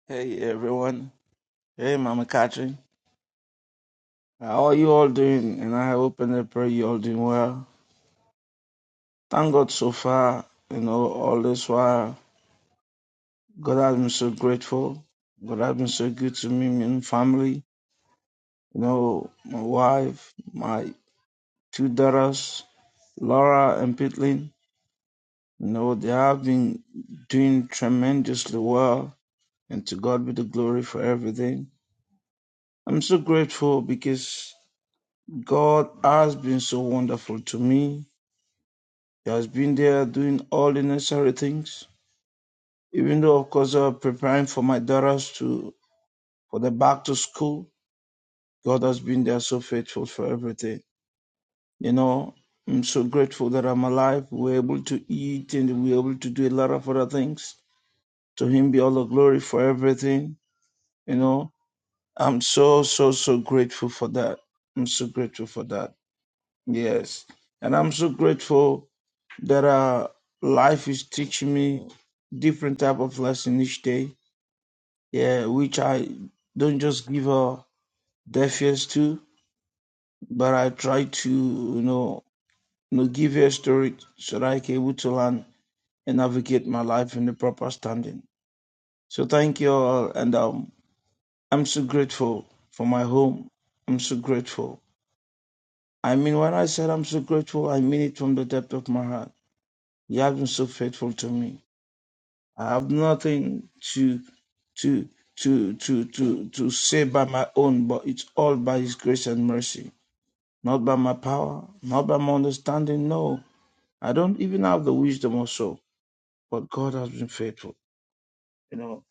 [SPEAKER 7] Hey everyone. Hey Mama Catherine. How are you all doing? And I hope and I pray you all doing well. Thank God so far, you know, all this while. God has been so grateful. God has been so good to me, me and family. You know, my wife, my two daughters, Laura and Pitlin. You know, they have been doing tremendously well. And to God be the glory for everything. I'm so grateful because God has been so wonderful to me He has been there doing all the necessary things. Even though, of course, uh, preparing for my daughters to for the back to school, God has been there so faithful for everything. You know, I'm so grateful that I'm alive. We're able to eat and we're able to do a lot of other things. To Him be all the glory for everything. You know, I'm so so so grateful for that. I'm so grateful for that. Yes, and I'm so grateful that uh life is teaching me different type of lesson each day yeah which i don't just give a deaf ears to but i try to you know, you know give ears to it so that i can able to learn and navigate my life in the proper standing so thank you all and um i'm so grateful for my home i'm so grateful i mean when i said i'm so grateful i mean it from the depth of my heart you have been so faithful to me I have nothing to to to to to to say by my own, but it's all by His grace and mercy, not by my power, not by my understanding. No, I don't even have the wisdom or so, but God has been faithful. You know,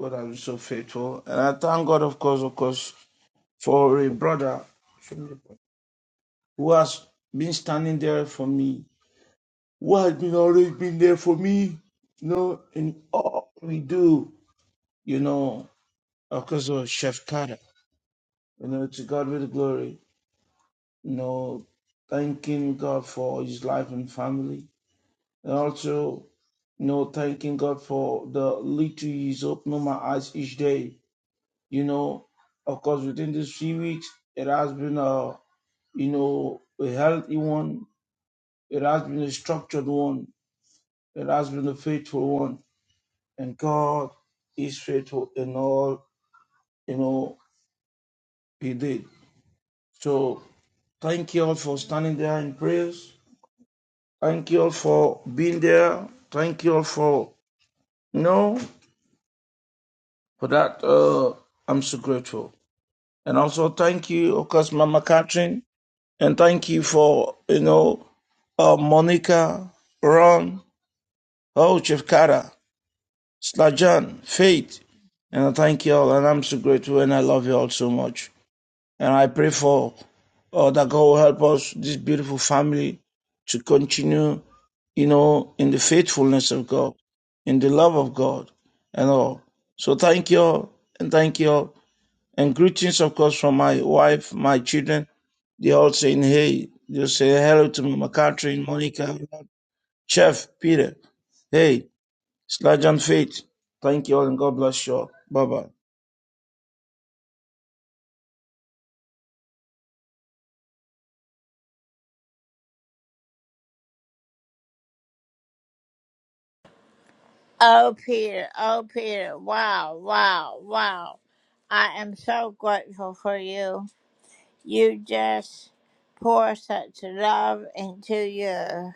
[SPEAKER 7] God has been so faithful, and I thank God, of course, of course, for a brother who has been standing there for me, who has been always been there for me. You know, in all we do, you know. because of Chef Carter. You know, to God be the glory. You know, thanking God for his life and family. And also, you know, thanking God for the little he's opening my eyes each day. You know, of course, within these few weeks, it has been a, you know, a healthy one. It has been a structured one. It has been a faithful one. And God is faithful in all, you know, he did. So, Thank you all for standing there in prayers. Thank you all for being there. Thank you all for you know for that. Uh, I'm so grateful. And also thank you, of course, Mama Catherine, and thank you for you know uh, Monica, Ron, Oh Chief Kara, Slajan, Faith, and I thank you all. And I'm so grateful, and I love you all so much. And I pray for uh, that God will help us, this beautiful family, to continue. you know, in the faithfulness of God, in the love of God, and all. So thank you all, and thank you all. And greetings, of course, from my wife, my children. They all saying, hey, they say hello to Mama Catherine, Monica, Chef, Peter. Hey, Sludge and Faith. Thank you all, and God bless you all. Bye bye.
[SPEAKER 2] Oh, Peter, oh, Peter, wow, wow, wow. I am so grateful for you. You just pour such love into your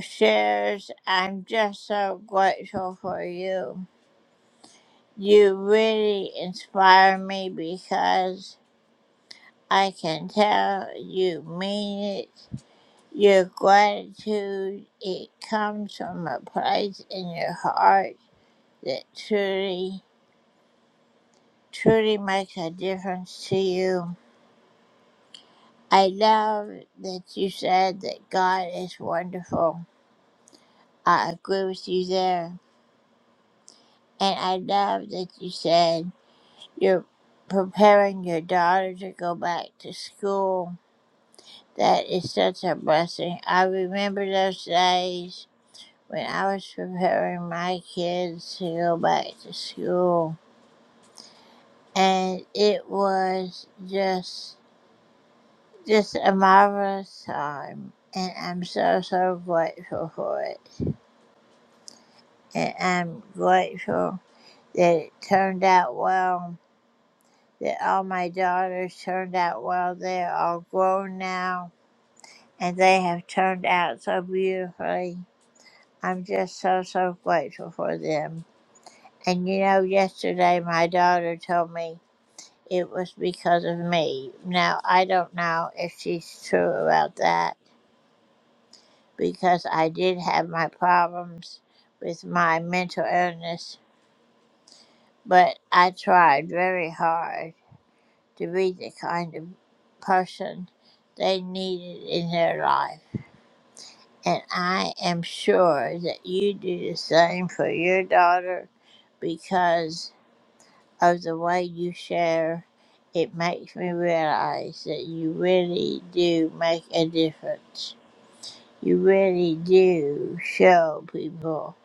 [SPEAKER 2] shares. I'm just so grateful for you. You really inspire me because I can tell you mean it. Your gratitude, it comes from a place in your heart that truly, truly makes a difference to you. I love that you said that God is wonderful. I agree with you there. And I love that you said you're preparing your daughter to go back to school. That is such a blessing. I remember those days when I was preparing my kids to go back to school. And it was just just a marvelous time. And I'm so so grateful for it. And I'm grateful that it turned out well that all my daughters turned out well. They're all grown now and they have turned out so beautifully. I'm just so, so grateful for them. And you know, yesterday my daughter told me it was because of me. Now, I don't know if she's true about that because I did have my problems with my mental illness, but I tried very hard to be the kind of person they needed in their life. And I am sure that you do the same for your daughter because of the way you share. It makes me realize that you really do make a difference. You really do show people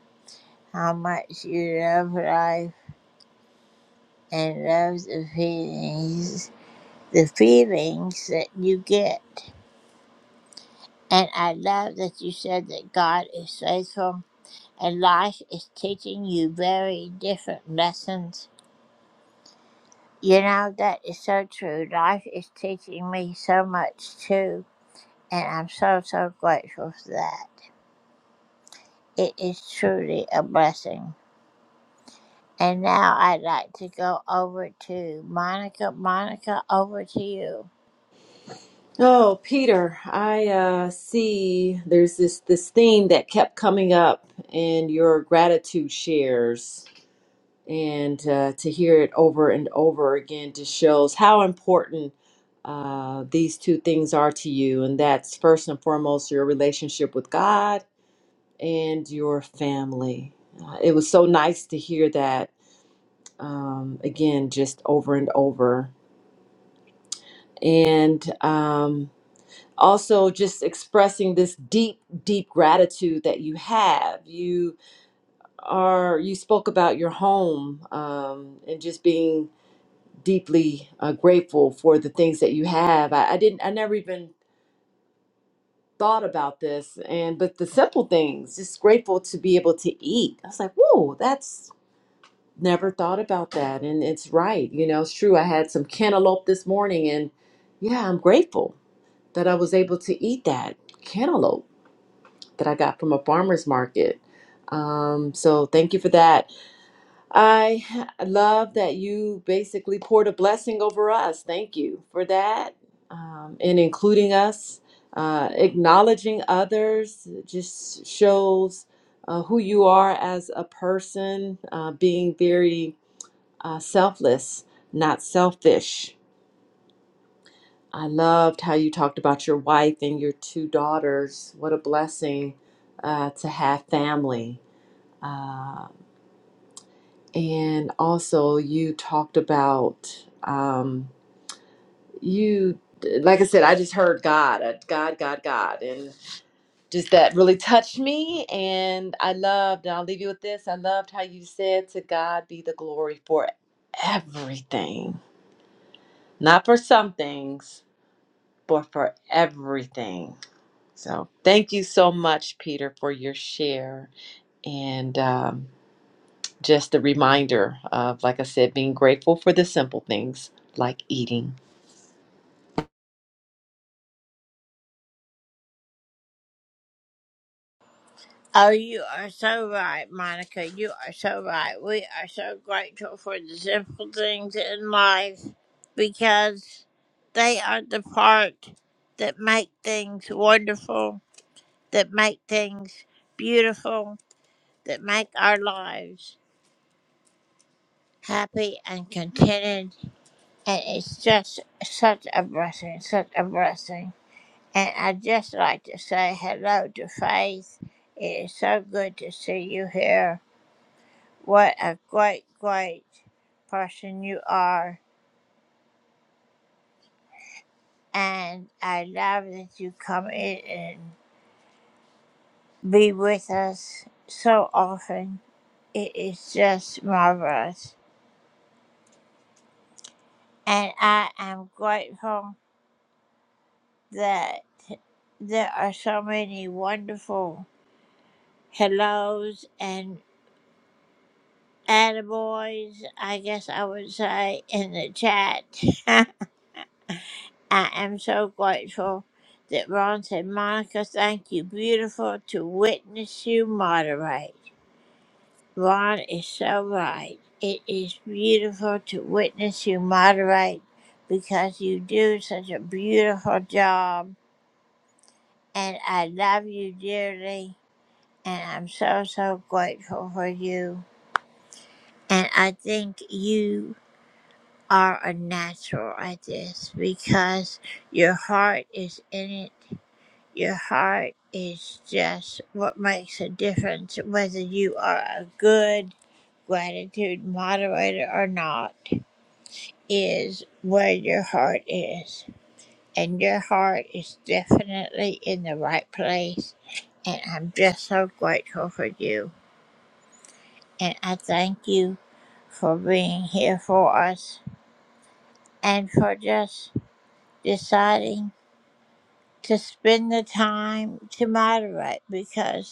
[SPEAKER 2] how much you love life and love the feelings, the feelings that you get. And I love that you said that God is faithful and life is teaching you very different lessons. You know, that is so true. Life is teaching me so much too. And I'm so, so grateful for that. It is truly a blessing. And now I'd like to go over to Monica. Monica, over to you.
[SPEAKER 1] Oh, Peter, I uh, see there's this this theme that kept coming up in your gratitude shares, and uh, to hear it over and over again just shows how important uh, these two things are to you, and that's first and foremost your relationship with God and your family. Uh, it was so nice to hear that um, again, just over and over, and. Um, also just expressing this deep deep gratitude that you have you are you spoke about your home um, and just being deeply uh, grateful for the things that you have I, I didn't i never even thought about this and but the simple things just grateful to be able to eat i was like whoa that's never thought about that and it's right you know it's true i had some cantaloupe this morning and yeah i'm grateful that i was able to eat that cantaloupe that I got from a farmer's market. Um, so thank you for that. I love that you basically poured a blessing over us. Thank you for that. Um, and including us, uh, acknowledging others just shows uh, who you are as a person, uh, being very uh, selfless, not selfish. I loved how you talked about your wife and your two daughters. What a blessing uh, to have family uh, and also, you talked about um, you, like I said, I just heard God, uh, God, God, God, and just that really touched me. And I loved, and I'll leave you with this I loved how you said, To God be the glory for everything, not for some things, but for everything. So, thank you so much, Peter, for your share. And, um, just a reminder of, like I said, being grateful for the simple things like eating.
[SPEAKER 2] Oh, you are so right, Monica. You are so right. We are so grateful for the simple things in life because they are the part that make things wonderful, that make things beautiful, that make our lives happy and contented. And it's just such a blessing, such a blessing. And I'd just like to say hello to Faith. It is so good to see you here. What a great, great person you are. And I love that you come in and be with us so often. It is just marvelous. And I am grateful that there are so many wonderful hellos and attaboys, I guess I would say, in the chat. I am so grateful that Ron said, Monica, thank you. Beautiful to witness you moderate. Ron is so right. It is beautiful to witness you moderate because you do such a beautiful job. And I love you dearly. And I'm so, so grateful for you. And I think you are a natural at this because your heart is in it Your heart is just what makes a difference whether you are a good gratitude moderator or not, is where your heart is. And your heart is definitely in the right place. And I'm just so grateful for you. And I thank you for being here for us and for just deciding to spend the time to moderate because.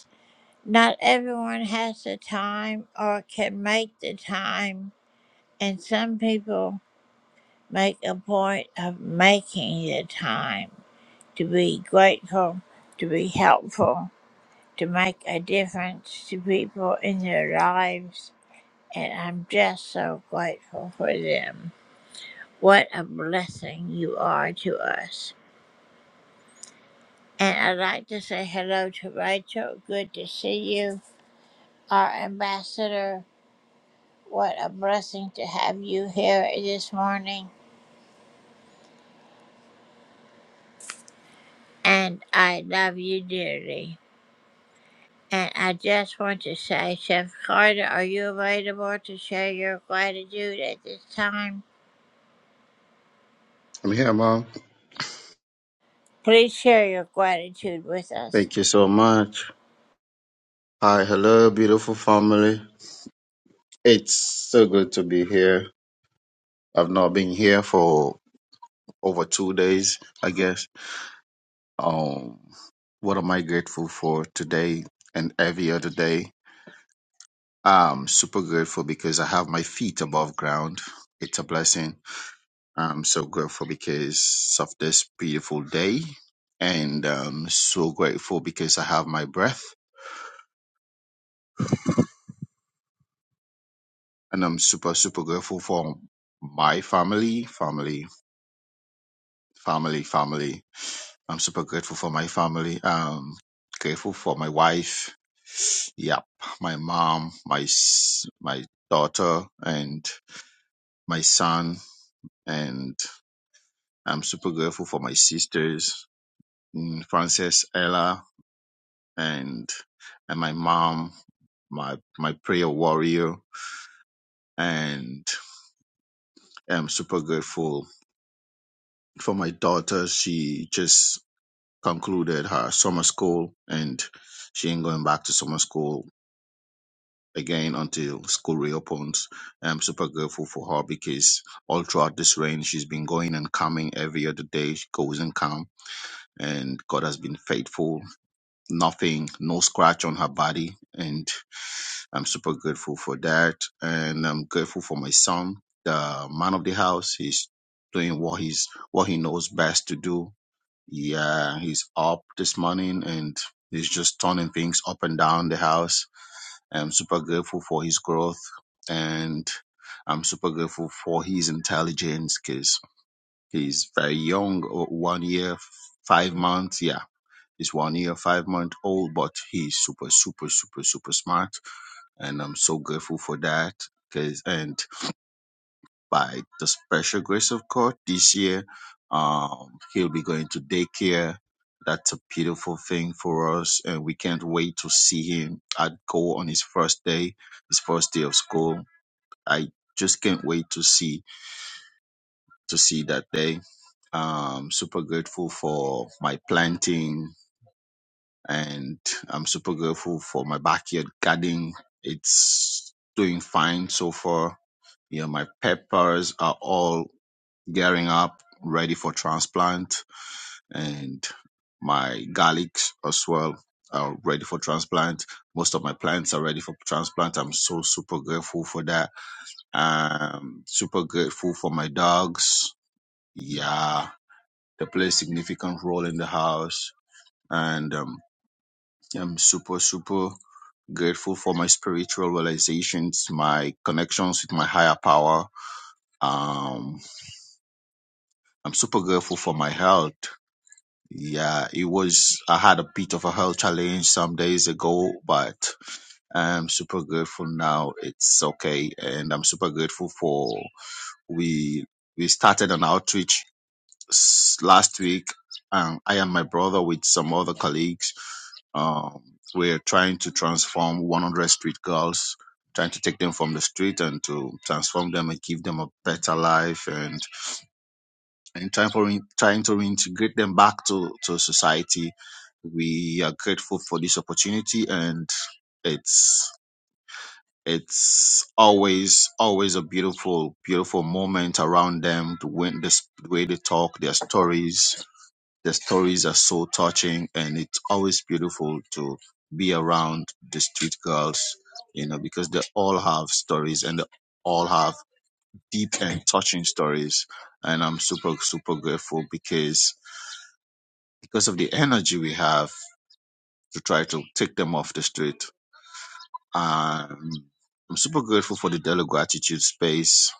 [SPEAKER 2] Not everyone has the time or can make the time, and some people make a point of making the time to be grateful, to be helpful, to make a difference to people in their lives, and I'm just so grateful for them. What a blessing you are to us. And I'd like to say hello to Rachel. Good to see you, our ambassador. What a blessing to have you here this morning. And I love you dearly. And I just want to say, Chef Carter, are you available to share your gratitude at this time?
[SPEAKER 8] I'm here, Mom.
[SPEAKER 2] Please share your gratitude with us.
[SPEAKER 8] Thank you so much. Hi, hello, beautiful family. It's so good to be here. I've not been here for over two days, I guess. Um, what am I grateful for today and every other day? I'm super grateful because I have my feet above ground. It's a blessing. I'm so grateful because of this beautiful day. And um so grateful because I have my breath. and I'm super, super grateful for my family, family, family, family. I'm super grateful for my family. Um, grateful for my wife. Yep, my mom, my s- my daughter, and my son. And I'm super grateful for my sisters, mm, Frances, Ella, and and my mom, my my prayer warrior. And I'm super grateful for my daughter. She just concluded her summer school and she ain't going back to summer school again until school reopens. I'm super grateful for her because all throughout this rain she's been going and coming every other day. She goes and comes and God has been faithful. Nothing, no scratch on her body and I'm super grateful for that. And I'm grateful for my son, the man of the house. He's doing what he's what he knows best to do yeah, he's up this morning and he's just turning things up and down the house. I'm super grateful for his growth and I'm super grateful for his intelligence because he's very young, o- one year, five months. Yeah, he's one year, five month old, but he's super, super, super, super smart. And I'm so grateful for that. Cause, and by the special grace of God this year. Um, he'll be going to daycare. That's a beautiful thing for us, and we can't wait to see him at go on his first day, his first day of school. I just can't wait to see to see that day. Um, super grateful for my planting, and I'm super grateful for my backyard garden. It's doing fine so far. You know, my peppers are all gearing up, ready for transplant, and my garlics as well are ready for transplant. Most of my plants are ready for transplant. I'm so super grateful for that. Um, super grateful for my dogs. Yeah, they play a significant role in the house, and um, I'm super super grateful for my spiritual realizations, my connections with my higher power. Um, I'm super grateful for my health. Yeah, it was. I had a bit of a health challenge some days ago, but I'm super grateful now. It's okay, and I'm super grateful for we we started an outreach s- last week. Um, I and my brother with some other colleagues. Um, we're trying to transform 100 street girls, trying to take them from the street and to transform them and give them a better life and and time for in- trying to reintegrate them back to to society. We are grateful for this opportunity, and it's it's always always a beautiful beautiful moment around them. The way the, s- the way they talk, their stories, their stories are so touching, and it's always beautiful to be around the street girls, you know, because they all have stories and they all have deep and touching stories, and I'm super super grateful because because of the energy we have to try to take them off the street. Um, I'm super grateful for the daily gratitude space,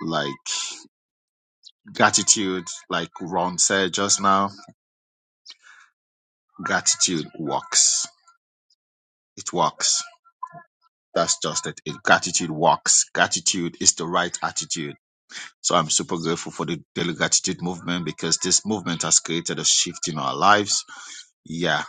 [SPEAKER 8] like gratitude, like Ron said just now, gratitude works. It works. That's just it. it. Gratitude works. Gratitude is the right attitude. So I'm super grateful for the daily gratitude movement because this movement has created a shift in our lives. Yeah,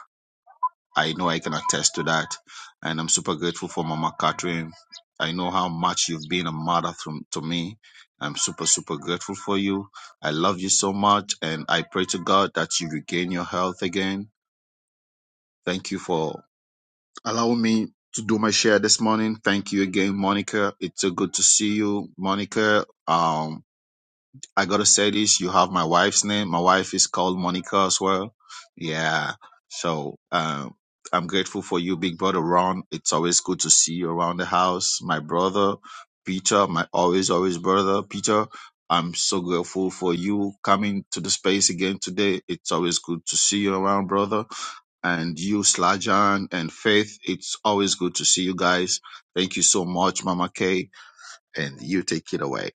[SPEAKER 8] I know I can attest to that. And I'm super grateful for Mama Catherine. I know how much you've been a mother from, to me. I'm super, super grateful for you. I love you so much. And I pray to God that you regain your health again. Thank you for allowing me to do my share this morning. Thank you again, Monica. It's so good to see you, Monica. Um, I gotta say this. You have my wife's name. My wife is called Monica as well. Yeah. So um, I'm grateful for you, big brother Ron. It's always good to see you around the house. My brother Peter, my always always brother Peter. I'm so grateful for you coming to the space again today. It's always good to see you around, brother. And you, Slajan and Faith, it's always good to see you guys. Thank you so much, Mama Kay. And you take it away.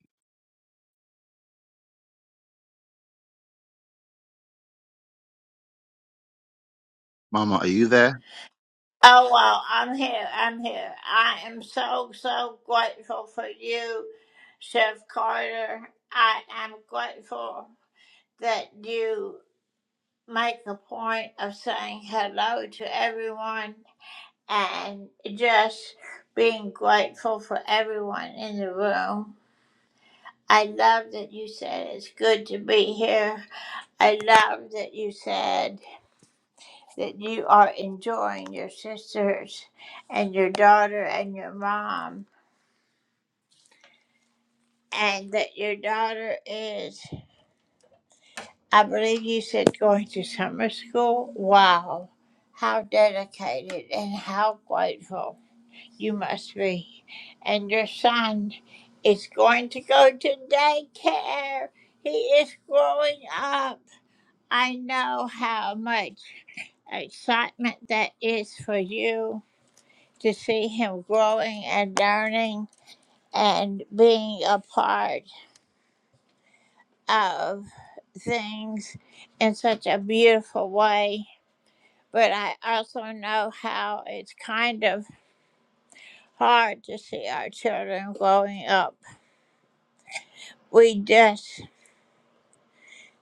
[SPEAKER 8] Mama, are you there?
[SPEAKER 2] Oh, well, I'm here. I'm here. I am so, so grateful for you, Chef Carter. I am grateful that you make a point of saying hello to everyone and just being grateful for everyone in the room. I love that you said it's good to be here. I love that you said that you are enjoying your sisters and your daughter and your mom, and that your daughter is, I believe you said, going to summer school. Wow, how dedicated and how grateful. You must be. And your son is going to go to daycare. He is growing up. I know how much excitement that is for you to see him growing and learning and being a part of things in such a beautiful way. But I also know how it's kind of hard to see our children growing up. We just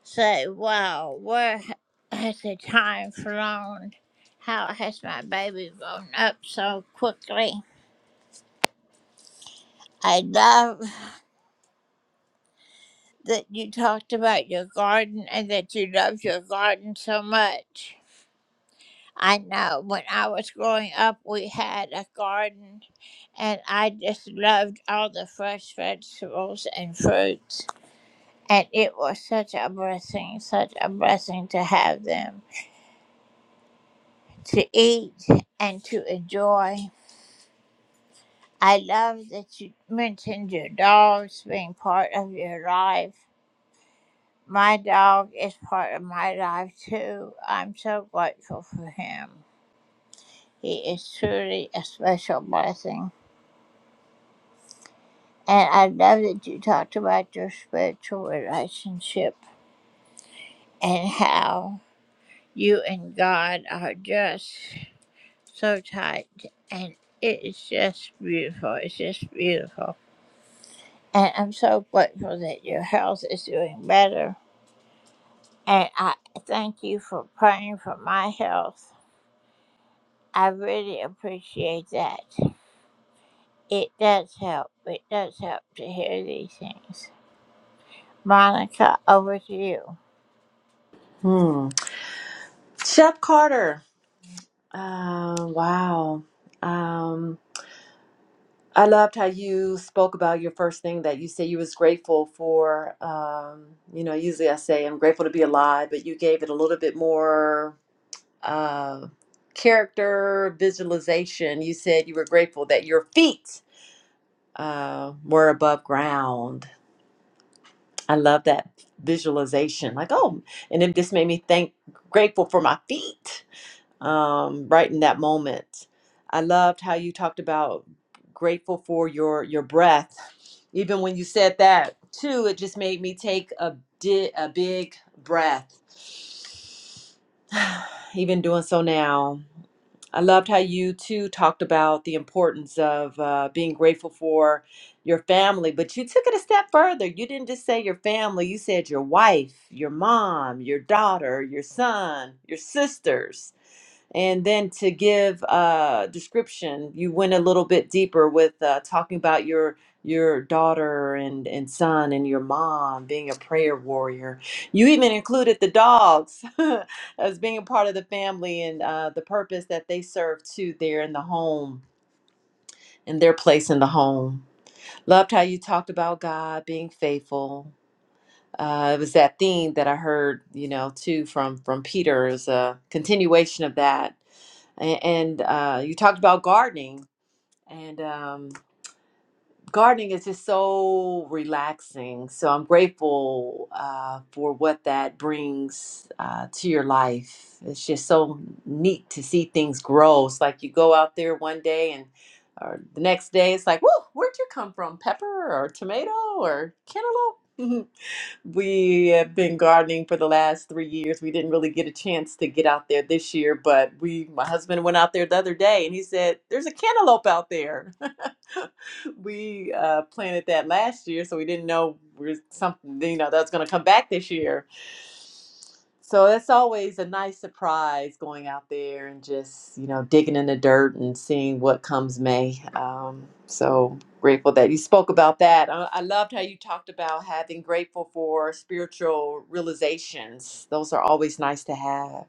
[SPEAKER 2] say, wow, where h- has the time flown? How has my baby grown up so quickly? I love that you talked about your garden and that you love your garden so much. I know when I was growing up, we had a garden and I just loved all the fresh vegetables and fruits. And it was such a blessing, such a blessing to have them, to eat and to enjoy. I love that you mentioned your dogs being part of your life. My dog is part of my life too. I'm so grateful for him. He is truly a special blessing. And I love that you talked about your spiritual relationship and how you and God are just so tight. And it is just beautiful. It's just beautiful. And I'm so grateful that your health is doing better And I thank you for praying for my health. I really appreciate that. It does help. It does help to hear these things. Monica, over to you.
[SPEAKER 1] Hmm. Chef Carter. Uh, wow. Um, I loved how you spoke about your first thing that you said you was grateful for. Um, you know, usually I say I'm grateful to be alive, but you gave it a little bit more uh, character visualization. You said you were grateful that your feet uh, were above ground I love that visualization. Like, oh, and it just made me thank grateful for my feet. Um, right in that moment. I loved how you talked about grateful for your your breath. Even when you said that too, it just made me take a di- a big breath. Even doing so now. I loved how you too talked about the importance of uh, being grateful for your family, but you took it a step further. You didn't just say your family, you said your wife, your mom, your daughter, your son, your sisters and then to give uh, description, you went a little bit deeper with uh, talking about your your daughter and and son and your mom being a prayer warrior. You even included the dogs as being a part of the family and uh, the purpose that they serve too there in the home and their place in the home. Loved how you talked about God being faithful. Uh, it was that theme that I heard, you know, too from from Peter is a continuation of that a- and uh, you talked about gardening and um, gardening is just so relaxing so i'm grateful uh, for what that brings uh, to your life it's just so neat to see things grow it's like you go out there one day and or the next day it's like whoa where'd you come from pepper or tomato or cantaloupe We have been gardening for the last three years. We didn't really get a chance to get out there this year, but we, my husband went out there the other day and he said, There's a cantaloupe out there. we uh, planted that last year, so we didn't know we're something, you know, that's going to come back this year. So that's always a nice surprise going out there and just, you know, digging in the dirt and seeing what comes May. Um, so grateful that you spoke about that. I, I loved how you talked about having grateful for spiritual realizations. Those are always nice to have.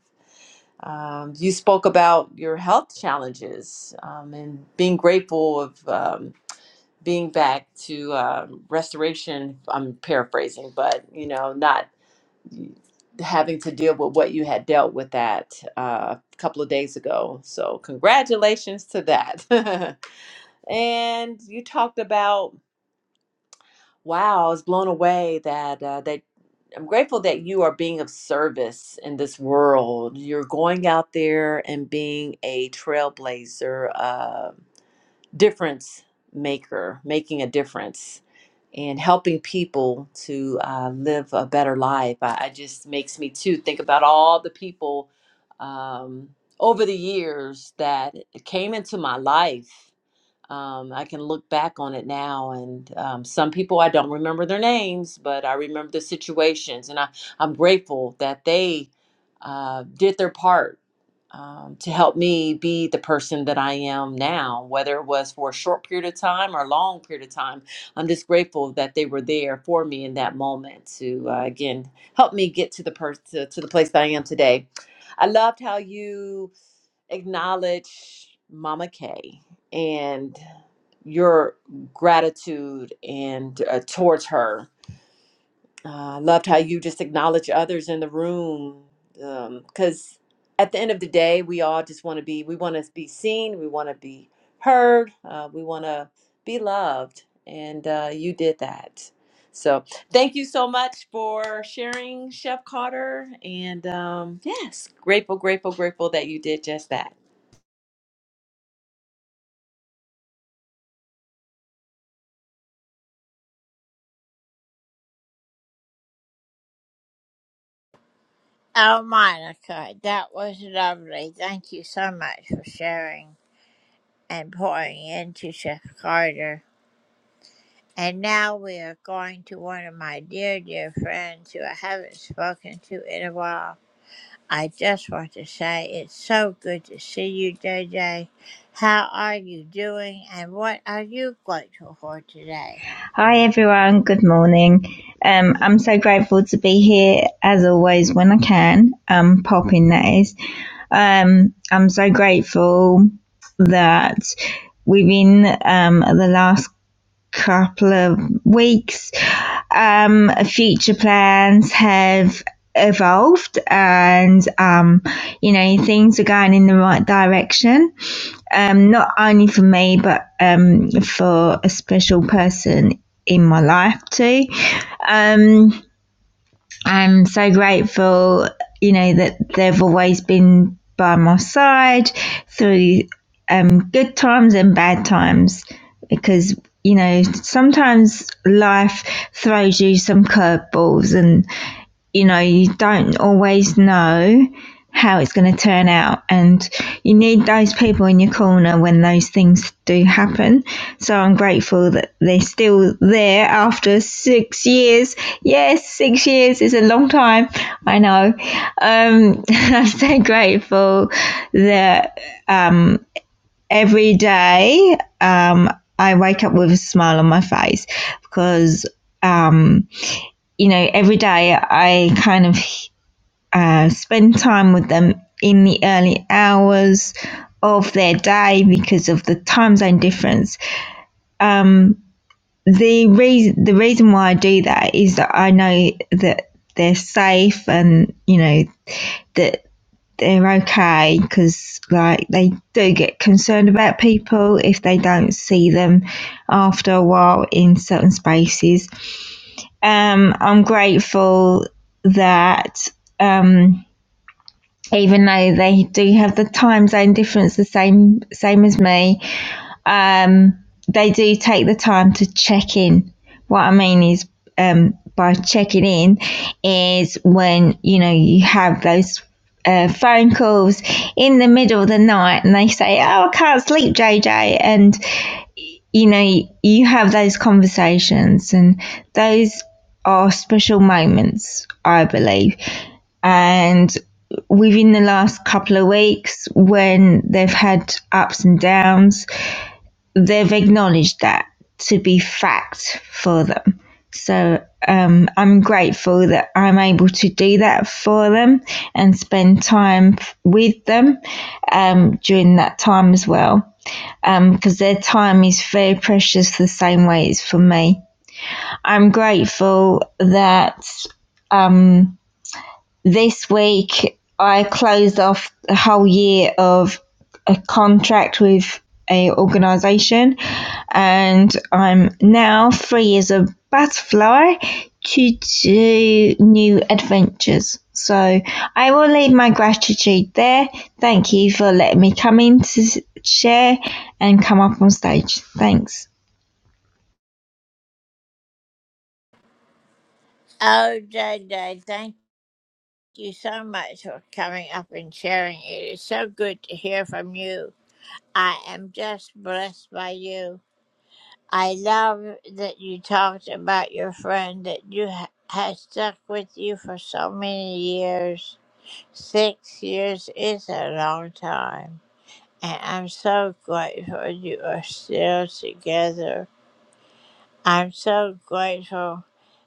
[SPEAKER 1] Um, you spoke about your health challenges um, and being grateful of um, being back to um, restoration. I'm paraphrasing, but you know, not having to deal with what you had dealt with that uh, a couple of days ago. So, congratulations to that. and you talked about Wow, I was blown away that uh, that I'm grateful that you are being of service in this world. You're going out there and being a trailblazer, uh, difference maker, making a difference, and helping people to uh, live a better life. I, I just makes me too think about all the people um, over the years that came into my life um, I can look back on it now, and um, some people I don't remember their names, but I remember the situations, and I, I'm grateful that they uh, did their part um, to help me be the person that I am now, whether it was for a short period of time or a long period of time. I'm just grateful that they were there for me in that moment to uh, again help me get to the person to, to the place that I am today. I loved how you acknowledge Mama Kay and your gratitude and uh, towards her. Uh, loved how you just acknowledge others in the room because at the end of the day, we all just want to be we want to be seen, we want to be heard, uh, we want to be loved, and uh, you did that. So thank you so much for sharing, Chef Carter, and um, yes, grateful, grateful, grateful that you did just that.
[SPEAKER 2] Oh, Monica, that was lovely. Thank you so much for sharing and pouring into Chef Carter. And now we are going to one of my dear, dear friends who I haven't spoken to in a while. I just want to say it's so good to see you, J J. How are you doing and what are you grateful for today?
[SPEAKER 9] Hi everyone, good morning. Um, I'm so grateful to be here as always when I can, um, popping that is. Um, I'm so grateful that within um, the last couple of weeks, um, future plans have evolved and, um, you know, things are going in the right direction um, not only for me, but um, for a special person in my life too. Um, I'm so grateful, you know, that they've always been by my side through um, good times and bad times because you know sometimes life throws you some curveballs and you know, you don't always know how it's going to turn out. And you need those people in your corner when those things do happen. So I'm grateful that they're still there after six years. Yes, six years is a long time. I know. Um, I'm so grateful that um, every day um, I wake up with a smile on my face because um, you know, every day I kind of uh, spend time with them in the early hours of their day because of the time zone difference. Um, the reason the reason why I do that is that I know that they're safe and you know that they're okay because like they do get concerned about people if they don't see them after a while in certain spaces. Um, I'm grateful that um, even though they do have the time zone difference the same same as me um, they do take the time to check in what i mean is um, by checking in is when you know you have those uh, phone calls in the middle of the night and they say oh i can't sleep jj and you know you have those conversations and those are special moments i believe and within the last couple of weeks, when they've had ups and downs, they've acknowledged that to be fact for them. So um, I'm grateful that I'm able to do that for them and spend time with them um, during that time as well. Because um, their time is very precious, the same way it's for me. I'm grateful that um, this week I closed off the whole year of a contract with a organisation, and I'm now free as a butterfly to do new adventures. So I will leave my gratitude there. Thank you for letting me come in to share and come up on stage. Thanks.
[SPEAKER 2] Oh, J J. thank you so much for coming up and sharing. It is so good to hear from you. I am just blessed by you. I love that you talked about your friend that you ha- has stuck with you for so many years. Six years is a long time. and I'm so grateful you are still together. I'm so grateful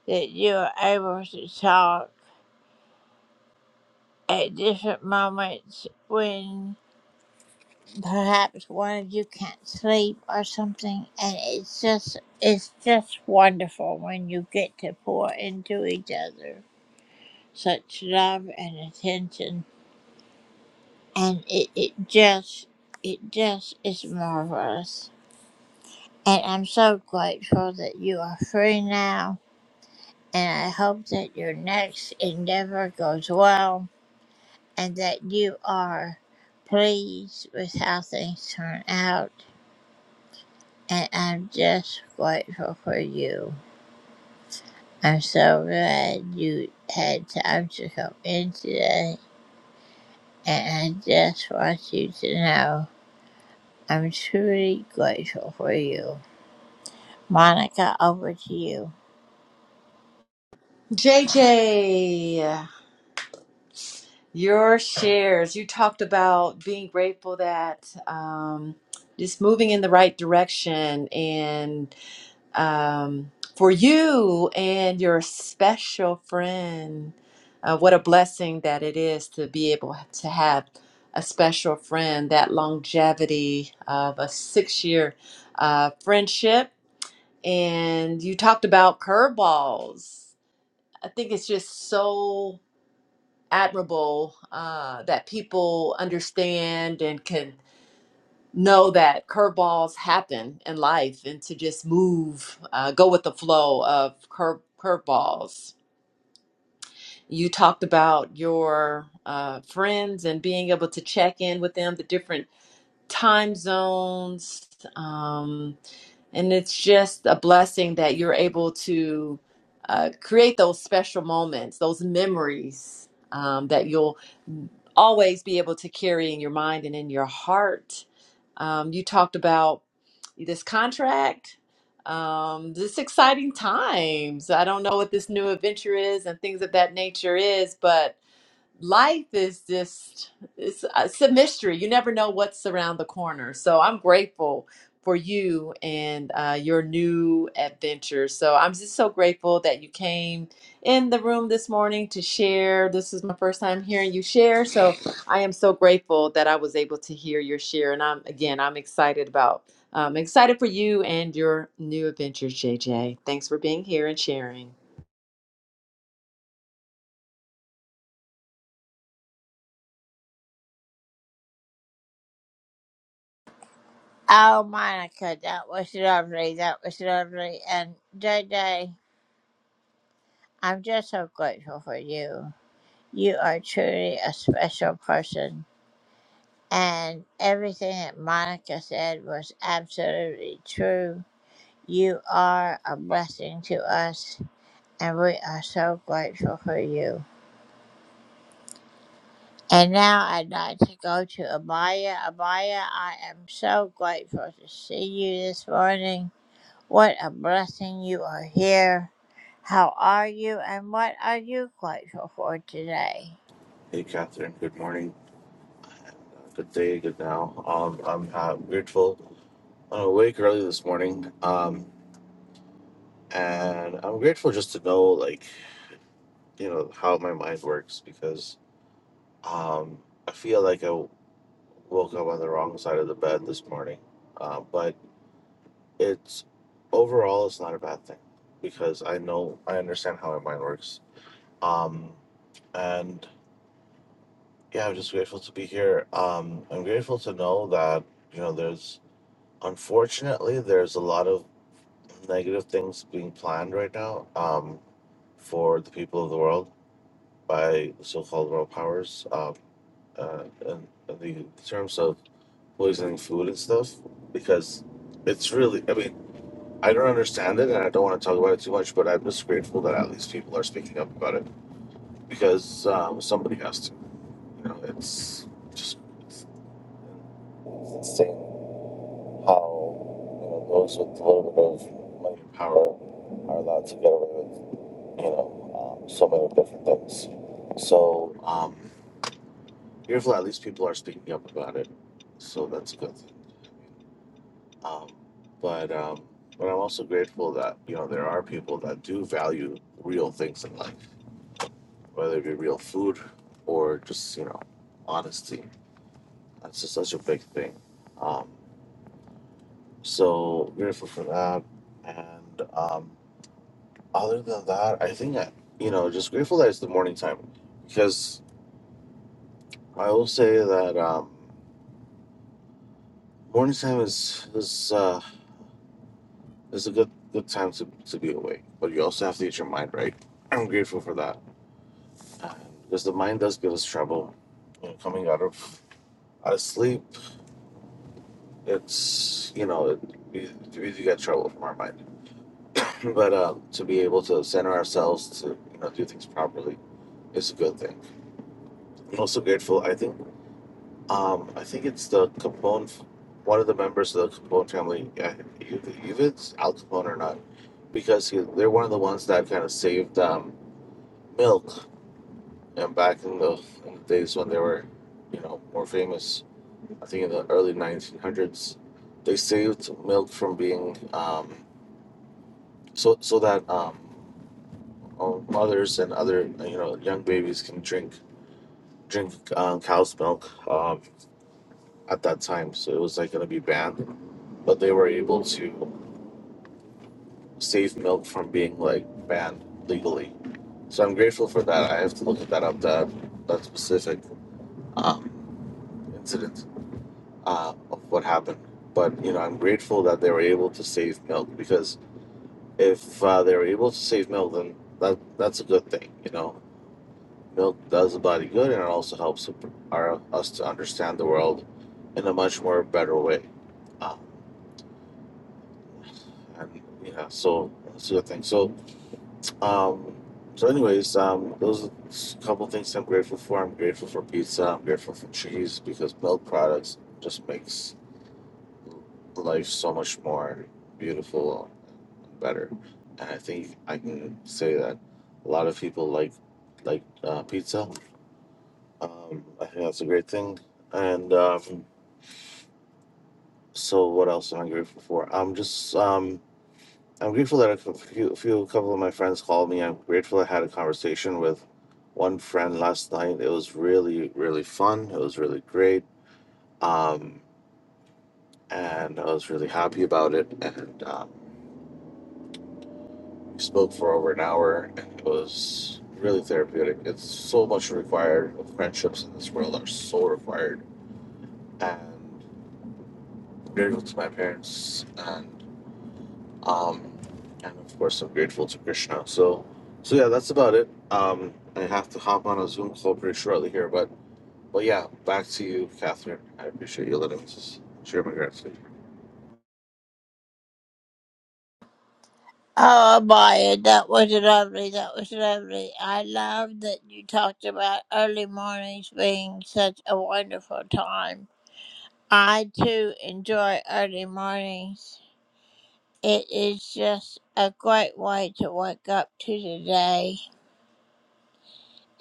[SPEAKER 2] that you are able to talk at different moments when perhaps one of you can't sleep or something and it's just it's just wonderful when you get to pour into each other such love and attention and it, it just it just is marvelous. And I'm so grateful that you are free now. And I hope that your next endeavor goes well and that you are pleased with how things turn out. And I'm just grateful for you. I'm so glad you had time to come in today. And I just want you to know I'm truly grateful for you. Monica, over to you.
[SPEAKER 1] JJ, your shares. You talked about being grateful that um, just moving in the right direction and um, for you and your special friend. Uh, what a blessing that it is to be able to have a special friend, that longevity of a six year uh, friendship. And you talked about curveballs. I think it's just so admirable uh, that people understand and can know that curveballs happen in life and to just move, uh, go with the flow of curve curveballs. You talked about your uh, friends and being able to check in with them, the different time zones. Um, and it's just a blessing that you're able to uh, create those special moments, those memories um, that you'll always be able to carry in your mind and in your heart. Um, you talked about this contract, um, this exciting times. I don't know what this new adventure is and things of that nature is, but life is just it's, it's a mystery you never know what's around the corner so i'm grateful for you and uh, your new adventure so i'm just so grateful that you came in the room this morning to share this is my first time hearing you share so i am so grateful that i was able to hear your share and i'm again i'm excited about um, excited for you and your new adventure jj thanks for being here and sharing
[SPEAKER 2] Oh, Monica, that was lovely. That was lovely. And JJ, I'm just so grateful for you. You are truly a special person. And everything that Monica said was absolutely true. You are a blessing to us, and we are so grateful for you. And now I'd like to go to Abaya. Abaya, I am so grateful to see you this morning. What a blessing you are here. How are you and what are you grateful for today?
[SPEAKER 10] Hey, Catherine. Good morning. Good day. Good now. Um, I'm uh, grateful. I'm awake early this morning, um, and I'm grateful just to know, like, you know, how my mind works because um, I feel like I woke up on the wrong side of the bed this morning. Uh, but it's overall, it's not a bad thing because I know I understand how my mind works. Um, and yeah, I'm just grateful to be here. Um, I'm grateful to know that you know there's Unfortunately, there's a lot of negative things being planned right now um, for the people of the world by so-called world powers um, uh, in, in the terms of poisoning food and stuff because it's really I mean I don't understand it and I don't want to talk about it too much but I'm just grateful that at least people are speaking up about it because um, somebody has to you know it's just it's, it's insane how you know those with a little bit of money and power are allowed to get away with you know um, so many different things. So um, beautiful. At least people are speaking up about it, so that's a good. Thing. Um, but um, but I'm also grateful that you know there are people that do value real things in life, whether it be real food or just you know honesty. That's just such a big thing. Um, so grateful for that, and. Um, other than that, I think I, you know, just grateful that it's the morning time because I will say that um, morning time is is uh, is a good good time to, to be awake, but you also have to get your mind right. I'm grateful for that uh, because the mind does give us trouble. You know, coming out of out of sleep, it's you know it, we, we do get trouble from our mind, but uh, to be able to center ourselves to you know do things properly is a good thing. I'm also grateful. I think Um, I think it's the Capone, f- one of the members of the Capone family. Yeah, if if it's Al Capone or not, because he, they're one of the ones that kind of saved um, milk. And back in the, in the days when they were, you know, more famous, I think in the early 1900s, they saved milk from being um, so so that um, oh, mothers and other you know young babies can drink drink um, cow's milk um, at that time. So it was like going to be banned but they were able to save milk from being like banned legally. So I'm grateful for that. I have to look that up that that specific um, incident uh, of what happened. But you know, I'm grateful that they were able to save milk because if uh, they were able to save milk, then that that's a good thing. You know, milk does the body good, and it also helps our, us to understand the world in a much more better way. Um, and you know, so that's a good thing. So Um, so, anyways, um, those are a couple things I'm grateful for. I'm grateful for pizza. I'm grateful for cheese because milk products just makes life so much more beautiful and better. And I think I can say that a lot of people like like uh, pizza. Um, I think that's a great thing. And um, so, what else am I grateful for? I'm just um, I'm grateful that a few, a few couple of my friends called me. I'm grateful I had a conversation with one friend last night. It was really, really fun. It was really great. Um, and I was really happy about it. And um, we spoke for over an hour, and it was really therapeutic. It's so much required. Friendships in this world are so required. And I'm grateful to my parents and. um, and of course I'm grateful to Krishna. So, so yeah, that's about it. Um, I have to hop on a Zoom call pretty shortly here, but but yeah, back to you, Catherine. I appreciate you letting me just share my gratitude.
[SPEAKER 2] Oh, Maya, that was lovely. That was lovely. I love that you talked about early mornings being such a wonderful time. I too enjoy early mornings. It is just a great way to wake up to the day.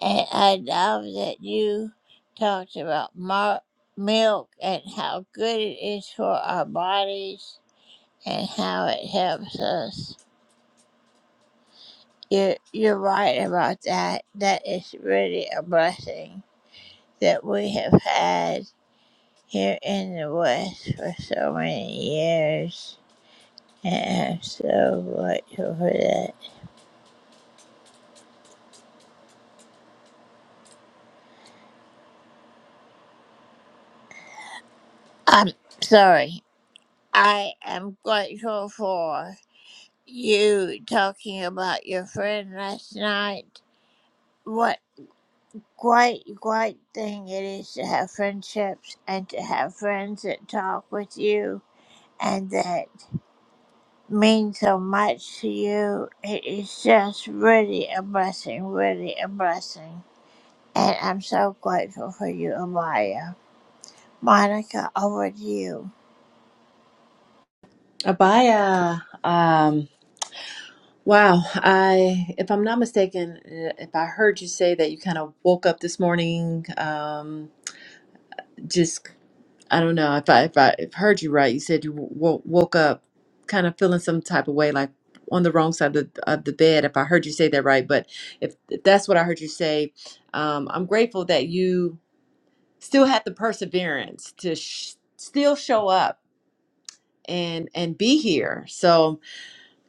[SPEAKER 2] And I love that you talked about mar- milk and how good it is for our bodies and how it helps us. You're, you're right about that. That is really a blessing that we have had here in the West for so many years. And I'm so grateful for that. I'm sorry. I am grateful for you talking about your friend last night. What great, great thing it is to have friendships and to have friends that talk with you and that mean so much to you. It is just really a blessing, really a blessing. And I'm so grateful for you, Amaya. Monica, over to you.
[SPEAKER 1] Abaya. Wow, I if I'm not mistaken, uh, if I heard you say that you kind of woke up this morning, um, just I don't know if I if I if I heard you right, you said you w- woke up kind of feeling some type of way, like on the wrong side of the, of the bed. If I heard you say that right, but if, if that's what I heard you say, um, I'm grateful that you still had the perseverance to sh- still show up and and be here. So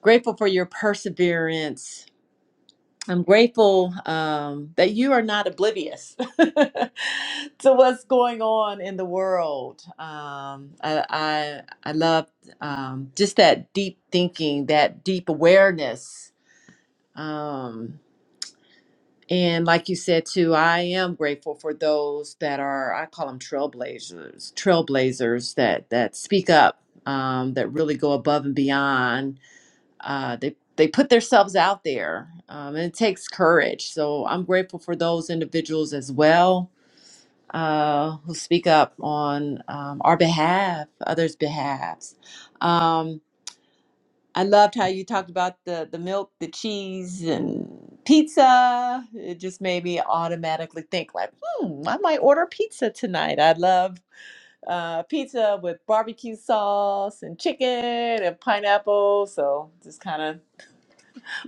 [SPEAKER 1] grateful for your perseverance I'm grateful um, that you are not oblivious to what's going on in the world. Um, I, I I love um, just that deep thinking, that deep awareness, um, and like you said too, I am grateful for those that are I call them trailblazers, trailblazers that that speak up, um, that really go above and beyond uh, they they put themselves out there, um, and it takes courage. So I'm grateful for those individuals as well uh, who speak up on um, our behalf, others' behalves. Um, I loved how you talked about the the milk, the cheese, and pizza. It just made me automatically think like, hmm, I might order pizza tonight. I love. Uh, pizza with barbecue sauce and chicken and pineapple. So just kind of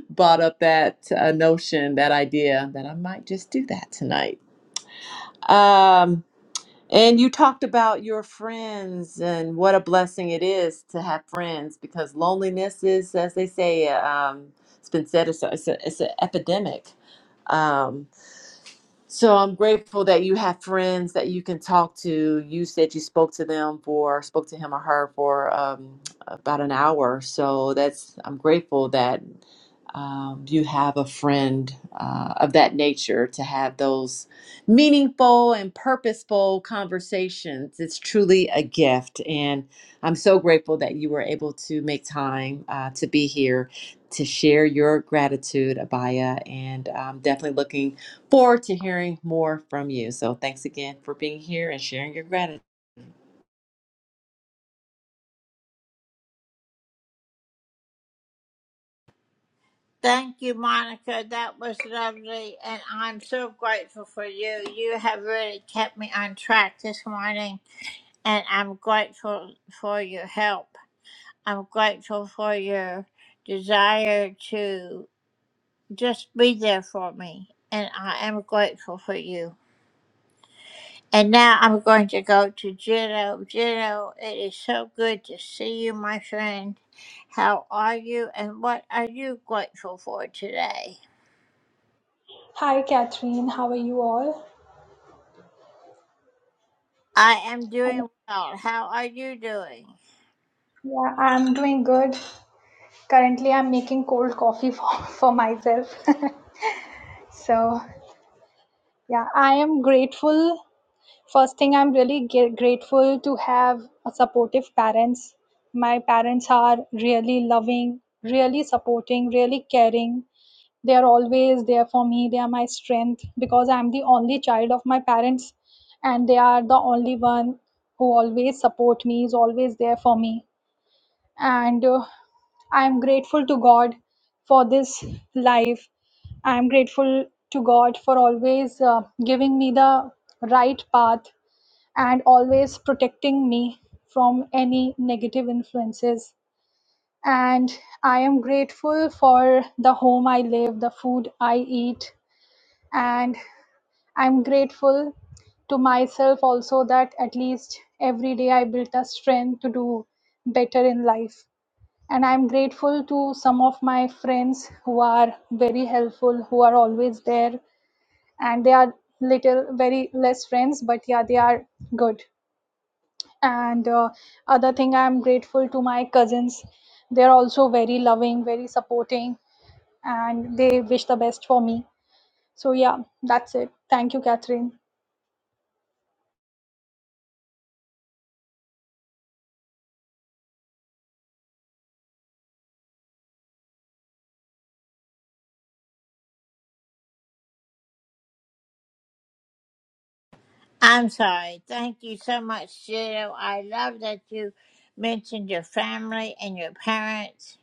[SPEAKER 1] brought up that uh, notion, that idea that I might just do that tonight. Um, and you talked about your friends and what a blessing it is to have friends because loneliness is, as they say, um, it's been said, it's, a, it's, a, it's an epidemic. Um, so I'm grateful that you have friends that you can talk to. You said you spoke to them for, spoke to him or her for um, about an hour. So that's, I'm grateful that um, you have a friend uh, of that nature to have those meaningful and purposeful conversations. It's truly a gift. And I'm so grateful that you were able to make time uh, to be here to share your gratitude, Abaya, and I'm definitely looking forward to hearing more from you. So thanks again for being here and sharing your gratitude.
[SPEAKER 2] Thank you, Monica. That was lovely. And I'm so grateful for you. You have really kept me on track this morning. And I'm grateful for your help. I'm grateful for your desire to. Just be there for me, and I am grateful for you. And now I'm going to go to Jitto. Jitto, it is so good to see you, my friend. How are you, and what are you grateful for today?
[SPEAKER 11] Hi, Catherine. How are you all?
[SPEAKER 2] I am
[SPEAKER 11] i
[SPEAKER 2] doing well. How are you doing?
[SPEAKER 11] yeah, I'm doing good. Currently, I'm making cold coffee for, for myself. So, yeah, I am grateful. First thing, I'm really gr- grateful to have a supportive parents. My parents are really loving, really supporting, really caring. They are always there for me. They are my strength because I'm the only child of my parents, and they are the only one who always support me, is always there for me and uh, i am grateful to god for this life i am grateful to god for always uh, giving me the right path and always protecting me from any negative influences and i am grateful for the home i live the food i eat and i'm grateful to myself also that at least every day i built a strength to do better in life and i'm grateful to some of my friends who are very helpful who are always there and they are little very less friends but yeah they are good and uh, other thing i'm grateful to my cousins they're also very loving very supporting and they wish the best for me so yeah that's it thank you catherine
[SPEAKER 2] I'm sorry. Thank you so much, Jitto. I love that you mentioned your family and your parents.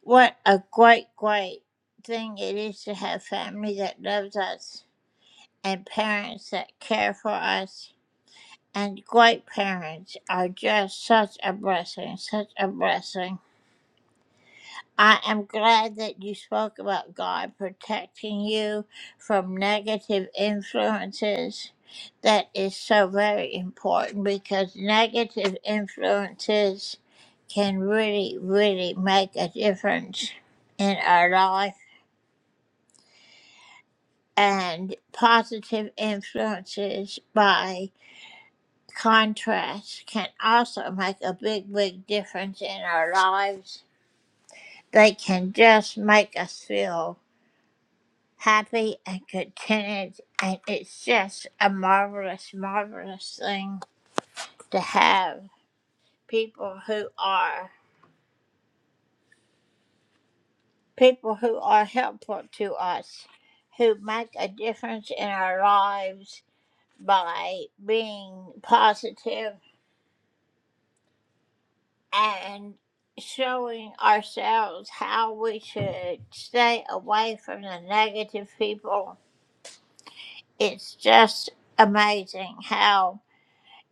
[SPEAKER 2] What a great, great thing it is to have family that loves us. and parents that care for us. And great parents are just such a blessing, such a blessing. I am glad that you spoke about God protecting you from negative influences. That is so very important because negative influences can really, really make a difference in our life. And positive influences by contrast can also make a big, big difference in our lives. They can just make us feel happy and contented, and it's just a marvelous, marvelous thing to have people who are people who are helpful to us, who make a difference in our lives by being positive and showing ourselves how we should stay away from the negative people. It's just amazing how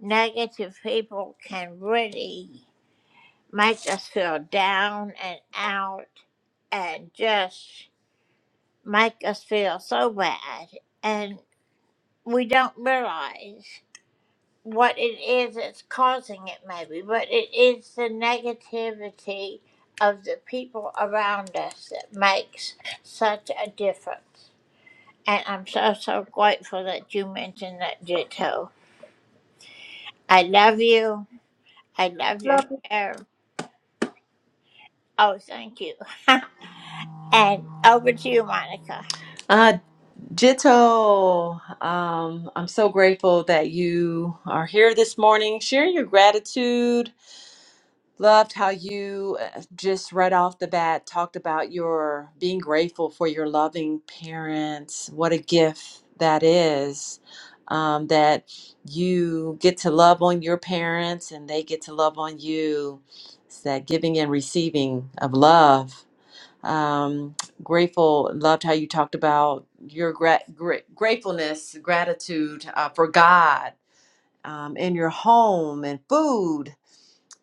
[SPEAKER 2] negative people can really make us feel down and out and just make us feel so bad. And we don't realize. what it is that's causing it, maybe, but it is the negativity of the people around us that makes such a difference. And I'm so, so grateful that you mentioned that, Jito. I love you. I love your
[SPEAKER 11] love you
[SPEAKER 2] share. Oh, thank you. and over to you, Monica.
[SPEAKER 1] Uh, Jito, um, I'm so grateful that you are here this morning sharing your gratitude. Loved how you uh, just right off the bat talked about your being grateful for your loving parents. What a gift that is. Um, that you get to love on your parents and they get to love on you. It's that giving and receiving of love. Um, grateful, loved how you talked about your gra- gra- gratefulness, gratitude uh, for God um, in your home and food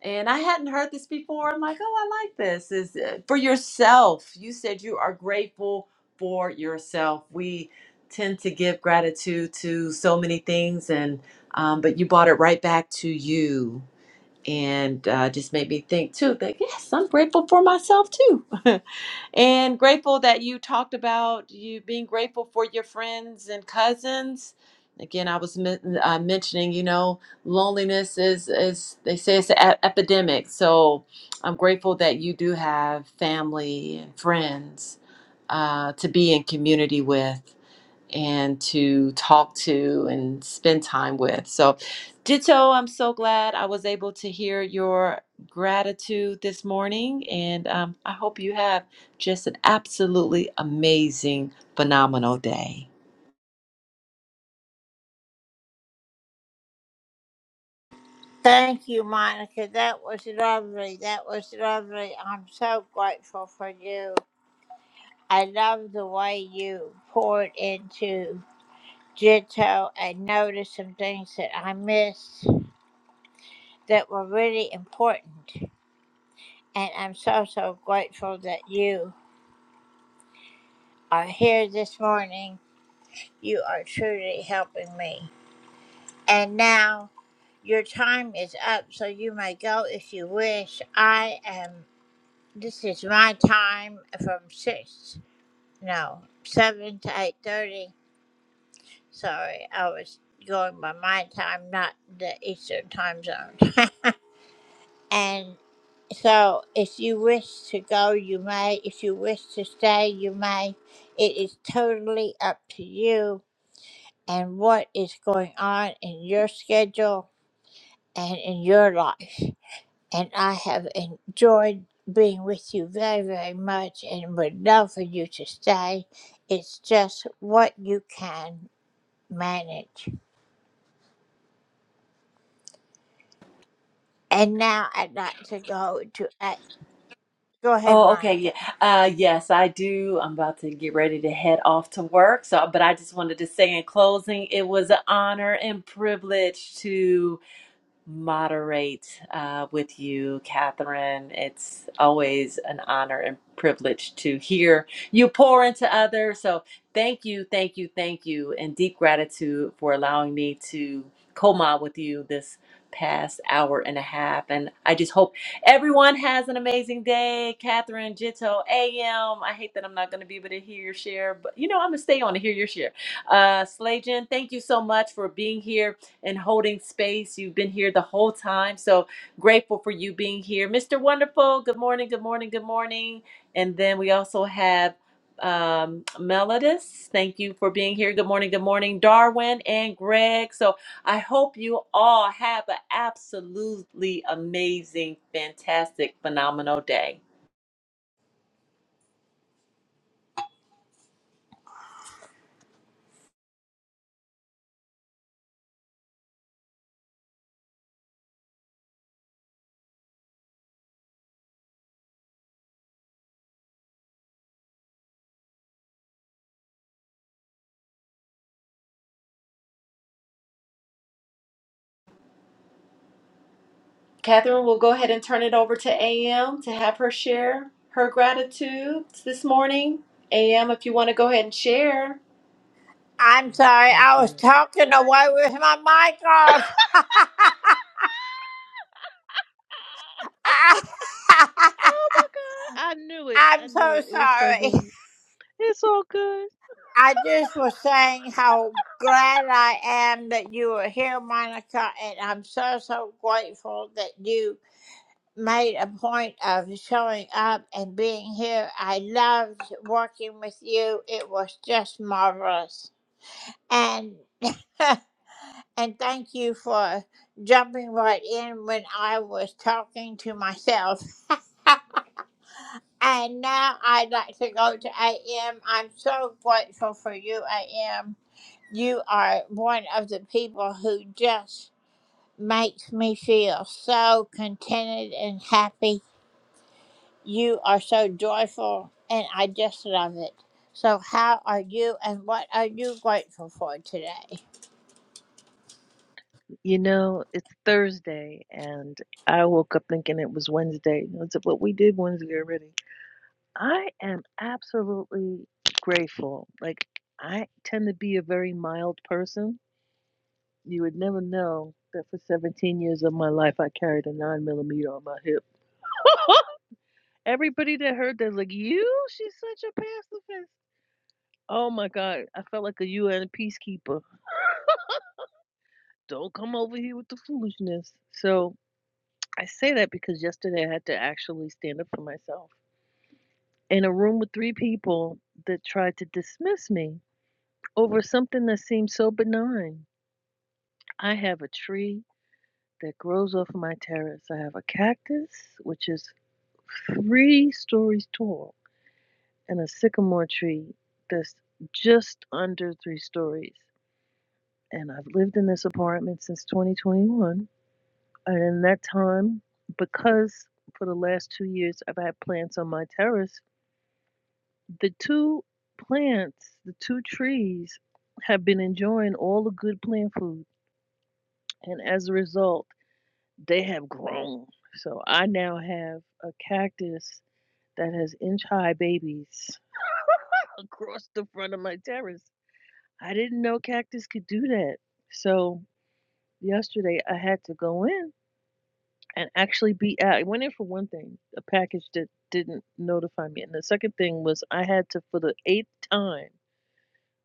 [SPEAKER 1] and I hadn't heard this before. I'm like, oh, I like this. Is uh, for yourself. You said you are grateful for yourself. We tend to give gratitude to so many things, and um, but you brought it right back to you and uh, just made me think too that yes, I'm grateful for myself too, and grateful that you talked about you being grateful for your friends and cousins. Again, I was men- uh, mentioning, you know, loneliness is is they say it's an ep- epidemic. So I'm grateful that you do have family and friends uh, to be in community with and to talk to and spend time with. So, Ditto, I'm so glad I was able to hear your gratitude this morning. And um, I hope you have just an absolutely amazing, phenomenal day.
[SPEAKER 2] Thank you, Monica. That was lovely. That was lovely. I'm so grateful for you. I love the way you poured into Jito, I noticed some things that I missed that were really important. And I'm so, so grateful that you are here this morning. You are truly helping me. And now your time is up, so you may go if you wish. I am, this is my time from 6, no, 7 to 8.30. Sorry, I was going by my time, not the Eastern time zone. and So, if you wish to go, you may. If you wish to stay, you may. It is totally up to you and what is going on in your schedule and in your life. And I have enjoyed being with you very, very much and would love for you to stay. It's just what you can manage. And now I'd like to go to. Uh, go ahead,
[SPEAKER 1] Oh, okay. Yeah.
[SPEAKER 2] Monica.
[SPEAKER 1] Uh, yes, I do. I'm about to get ready to head off to work. So, but I just wanted to say in closing, it was an honor and privilege to. moderate uh, with you, Catherine. It's always an honor and privilege to hear you pour into others. So thank you, thank you, thank you, and deep gratitude for allowing me to co-mod with you this past hour and a half. And I just hope everyone has an amazing day. Catherine Jito AM. I hate that I'm not going to be able to hear your share, but you know I'm gonna stay on to hear your share. Uh, Slajan, thank you so much for being here and holding space. You've been here the whole time. So grateful for you being here. Mr. Wonderful, good morning, good morning, good morning. And then we also have um Melodis. Thank you for being here. Good morning, good morning, Darwin and Greg. So I hope you all have an absolutely amazing, fantastic, phenomenal day. Catherine, we'll go ahead and turn it over to AM to have her share her gratitudes this morning. AM, if you want to go ahead and share.
[SPEAKER 2] I'm sorry,
[SPEAKER 12] Thank
[SPEAKER 2] I was
[SPEAKER 12] you.
[SPEAKER 2] talking away with my mic off.
[SPEAKER 12] Oh my God. I knew it. I
[SPEAKER 2] I'm
[SPEAKER 12] knew
[SPEAKER 2] so
[SPEAKER 12] it. It was so
[SPEAKER 2] sorry.
[SPEAKER 12] good. It's all good.
[SPEAKER 2] I just was saying how glad I am that you were here, Monica, and I'm so, so grateful that you made a point of showing up and being here. I loved working with you, it was just marvelous. And And thank you for jumping right in when I was talking to myself. and now I'd like to go to AM. I'm so grateful for you, AM. You are one of the people who just makes me feel so contented and happy. You are so joyful, and I just love it. So, how are you, and what are you grateful for today?
[SPEAKER 12] You know, it's Thursday, and I woke up thinking it was Wednesday. That's what we did Wednesday already. I am absolutely grateful. Like, I tend to be a very mild person. You would never know that for 17 years of my life, I carried a 9 millimeter on my hip. Everybody that heard that was like, You? She's such a pacifist. Oh my God, I felt like a UN peacekeeper. Don't come over here with the foolishness. So I say that because yesterday I had to actually stand up for myself in a room with three people that tried to dismiss me over something that seemed so benign. I have a tree that grows off my terrace, I have a cactus, which is three stories tall, and a sycamore tree that's just under three stories. And I've lived in this apartment since 2021 And in that time, because for the last two years I've had plants on my terrace, the two plants, the two trees, have been enjoying all the good plant food. And as a result, they have grown. So I now have a cactus that has inch high babies across the front of my terrace. I didn't know cactus could do that. So yesterday I had to go in and actually be out. I went in for one thing, a package that didn't notify me. And the second thing was I had to, for the eighth time,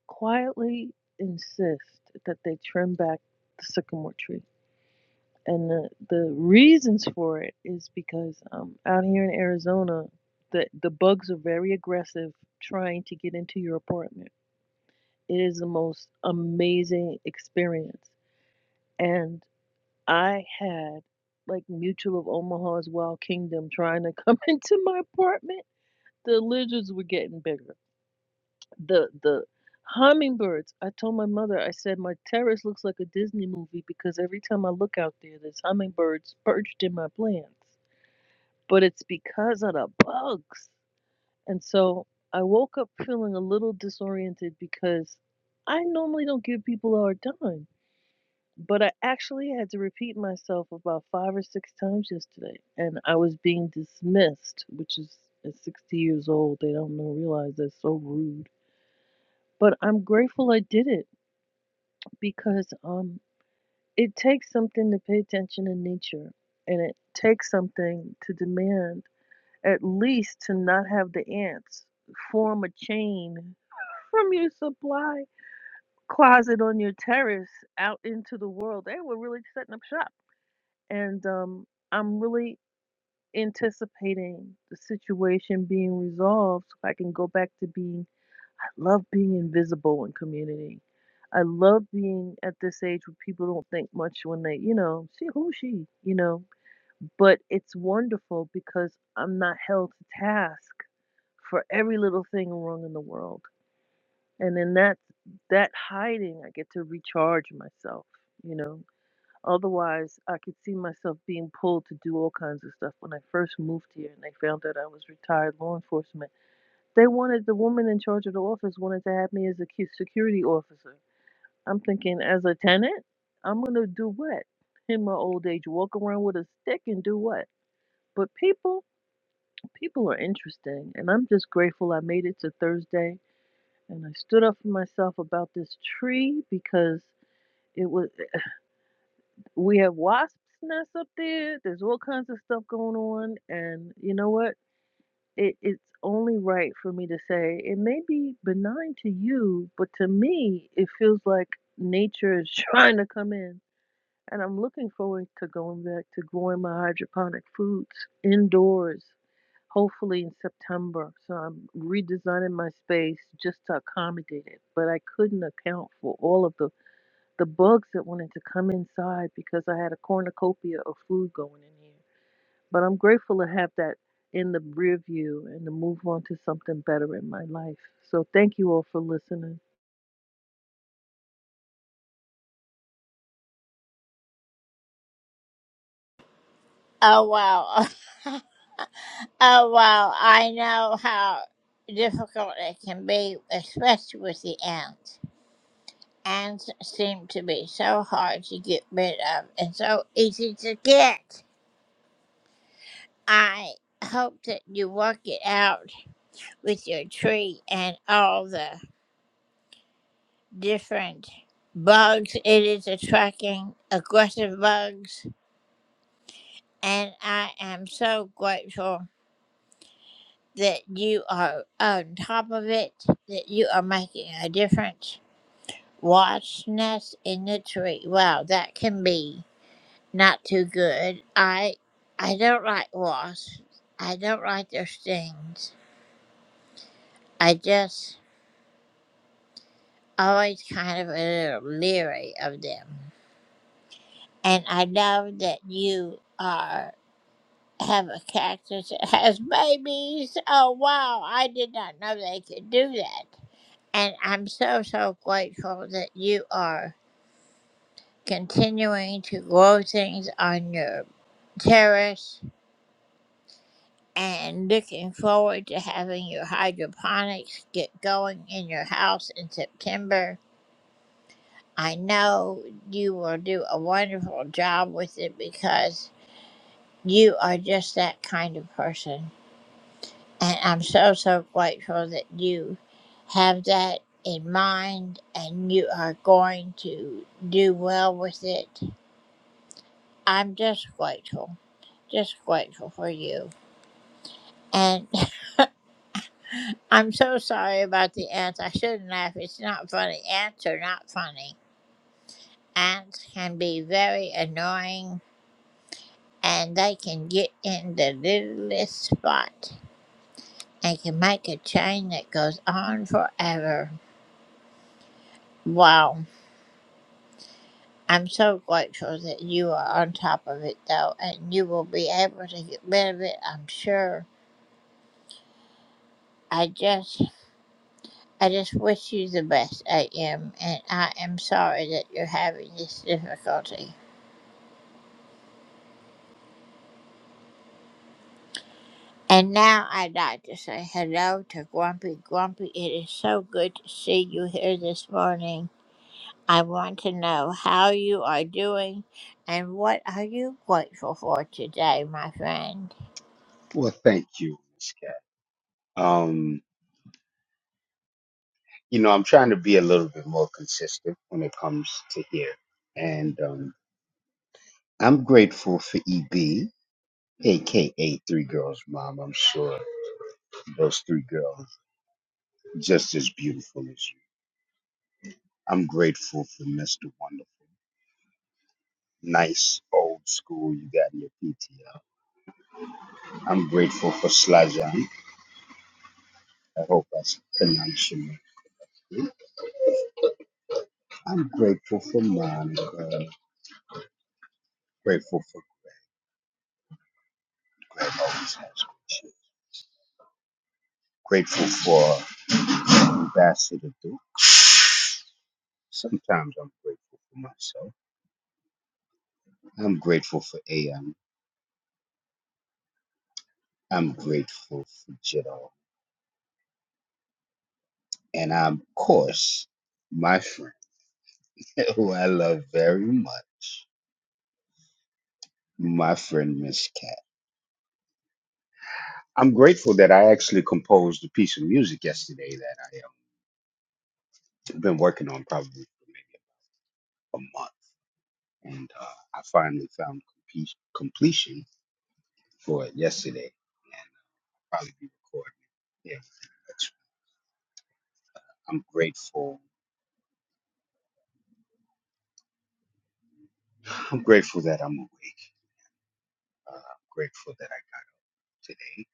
[SPEAKER 12] quietly insist that they trim back the sycamore tree. And the, the reasons for it is because um, out here in Arizona, the, the bugs are very aggressive trying to get into your apartment. It is the most amazing experience. And I had like Mutual of Omaha's Wild Kingdom trying to come into my apartment. The lizards were getting bigger. The the hummingbirds. I told my mother, I said my terrace looks like a Disney movie because every time I look out there there's hummingbirds perched in my plants. But it's because of the bugs. And so I woke up feeling a little disoriented because I normally don't give people a hard time but I actually had to repeat myself about five or six times yesterday, and I was being dismissed, which is at 60 years old, they don't know, realize that's so rude. But I'm grateful I did it because um, it takes something to pay attention in nature, and it takes something to demand at least to not have the ants form a chain from your supply closet on your terrace out into the world. They were really setting up shop and um, I'm really anticipating the situation being resolved so I can go back to being. I love being invisible in community. I love being at this age where people don't think much when they, you know, see who she, you know. But it's wonderful because I'm not held to task for every little thing wrong in the world. And in that that hiding, I get to recharge myself, you know. Otherwise, I could see myself being pulled to do all kinds of stuff. When I first moved here and they found out I was retired law enforcement, they wanted the woman in charge of the office wanted to have me as a cu- security officer. I'm thinking, as a tenant, I'm gonna do what? In my old age, walk around with a stick and do what? But people, people are interesting, and I'm just grateful I made it to Thursday and I stood up for myself about this tree because. It was. We have wasps nests up there. There's all kinds of stuff going on, and you know what? It, it's only right for me to say it may be benign to you, but to me, it feels like nature is trying to come in. And I'm looking forward to going back to growing my hydroponic foods indoors, hopefully in September. So I'm redesigning my space just to accommodate it. But I couldn't account for all of the the bugs that wanted to come inside because I had a cornucopia of food going in here. But I'm grateful to have that in the rear view and to move on to something better in my life. So thank you all for listening.
[SPEAKER 2] Oh, wow. Oh, well, I know how difficult it can be, especially with the ants. Ants seem to be so hard to get rid of and so easy to get. I hope that you work it out with your tree and all the different bugs it is attracting, aggressive bugs. And I am so grateful that you are on top of it, that you are making a difference. Watch nest in the tree. Wow, that can be not too good. I I don't like wasps. I don't like their stings. I just always kind of a little leery of them. And I love that you are have a cactus that has babies. Oh wow, I did not know they could do that. And I'm so so grateful that you are continuing to grow things on your terrace and looking forward to having your hydroponics get going in your house in September. I know you will do a wonderful job with it because you are just that kind of person. And I'm so, so grateful that you have that in mind and you are going to do well with it. I'm just grateful, just grateful for you. and. I'm so sorry about the ants. I shouldn't laugh. It's not funny. Ants are not funny. Ants can be very annoying and they can get in the littlest spot and can make a chain that goes on forever. Wow. I'm so grateful that you are on top of it though and you will be able to get rid of it, I'm sure. I just I just wish you the best, AM, and I am sorry that you're having this difficulty. And now I'd like to say hello to Grumpy. Grumpy, it is so good to see you here this morning. I want to know how you are doing and what are you grateful for today, my friend?
[SPEAKER 13] Well, thank you, Miss Cat. Um, you know, I'm trying to be a little bit more consistent when it comes to here, and um, I'm grateful for EB, aka Three Girls Mom. I'm sure those three girls just as beautiful as you. I'm grateful for Mr. Wonderful, nice old school you got in your PTO. I'm grateful for Slajan. I hope that's pronounced your name. I'm grateful for Monica. Grateful for Greg always has good shit. Grateful for Ambassador do. Sometimes I'm grateful for myself. I'm grateful for AM. I'm grateful for Jiddo. And I'm, of course, my friend, who I love very much, my friend Miss Cat. I'm grateful that I actually composed a piece of music yesterday that I have been working on probably for maybe a month. And uh, I finally found compe- completion for it yesterday. And probably be recording it next week. I'm grateful. I'm grateful that I'm awake. Uh, I'm grateful that I do today.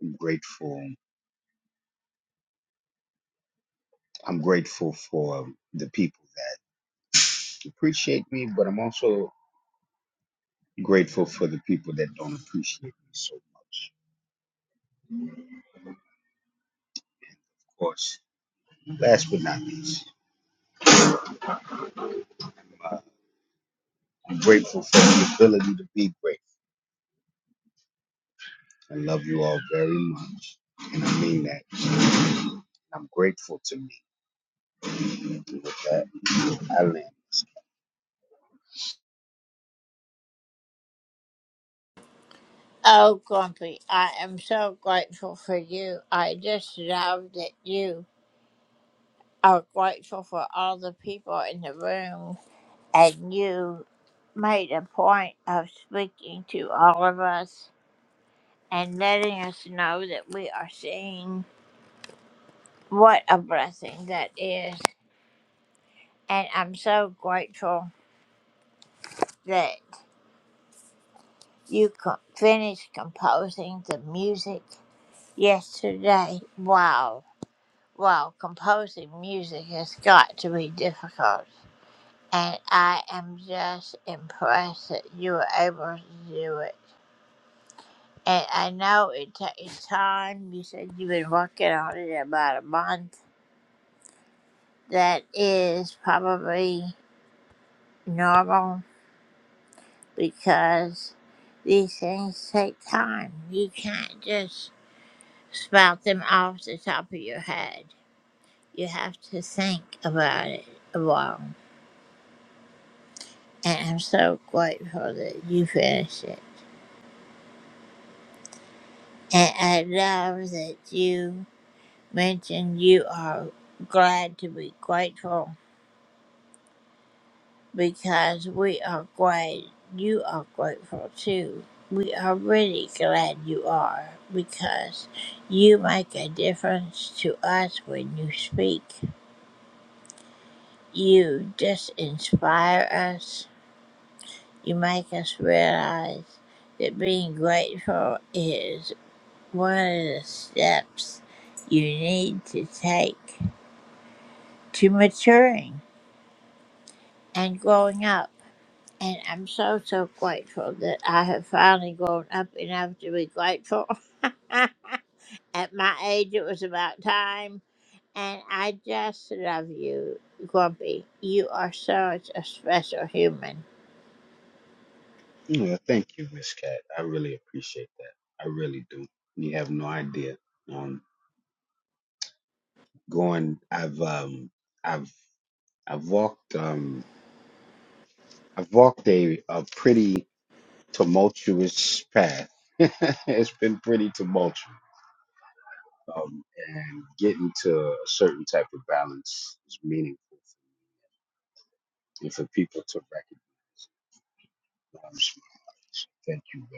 [SPEAKER 13] I'm grateful. I'm grateful for the people that appreciate me, but I'm also grateful for the people that don't appreciate me so much. Of course, last but not least, I'm grateful for the ability to be grateful. I love you all very much, and I mean that. I'm grateful to me. And With that, I land.
[SPEAKER 2] Oh, Grumpy, I am so grateful for you. I just love that you are grateful for all the people in the room and you made a point of speaking to all of us and letting us know that we are seen What a blessing that is. And I'm so grateful that you co- finished composing the music yesterday. Wow. Wow. Composing music has got to be difficult. And I am just impressed that you were able to do it. And I know it takes time. You said you've been working on it about a month. That is probably normal because these things take time. You can't just spout them off the top of your head. You have to think about it a while. And I'm so grateful that you finished it. And I love that you mentioned you are glad to be grateful because we are glad you are grateful too. We are really glad you are because you make a difference to us when you speak. You just inspire us. You make us realize that being grateful is one of the steps you need to take to maturing and growing up. And I'm so, so grateful that I have finally grown up enough to be grateful. At my age, it was about time. And I just love you, Grumpy. You are such a special human.
[SPEAKER 13] Yeah, thank you, Miss Cat. I really appreciate that. I really do. You have no idea. Um, going, I've um, I've I've walked um I've walked a, a pretty tumultuous path. it's been pretty tumultuous. Um, and getting to a certain type of balance is meaningful and for people to recognize. Um, so thank you.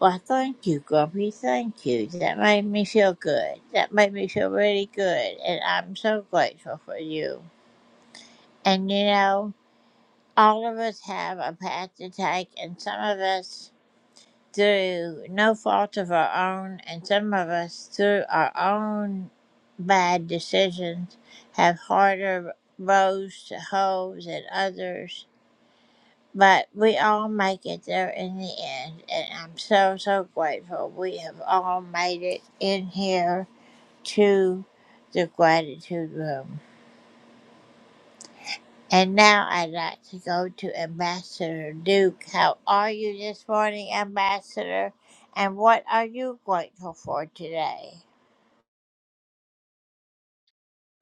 [SPEAKER 2] Well, thank you, Grumpy. Thank you. That made me feel good. That made me feel really good. And I'm so grateful for you. And you know, all of us have a path to take, and some of us. through no fault of our own, and some of us, through our own bad decisions, have harder rows to hoe than others. But we all make it there in the end, and I'm so, so grateful we have all made it in here to the gratitude room. And now I'd like to go to Ambassador Duke. How are you this morning, Ambassador? And what are you grateful for today?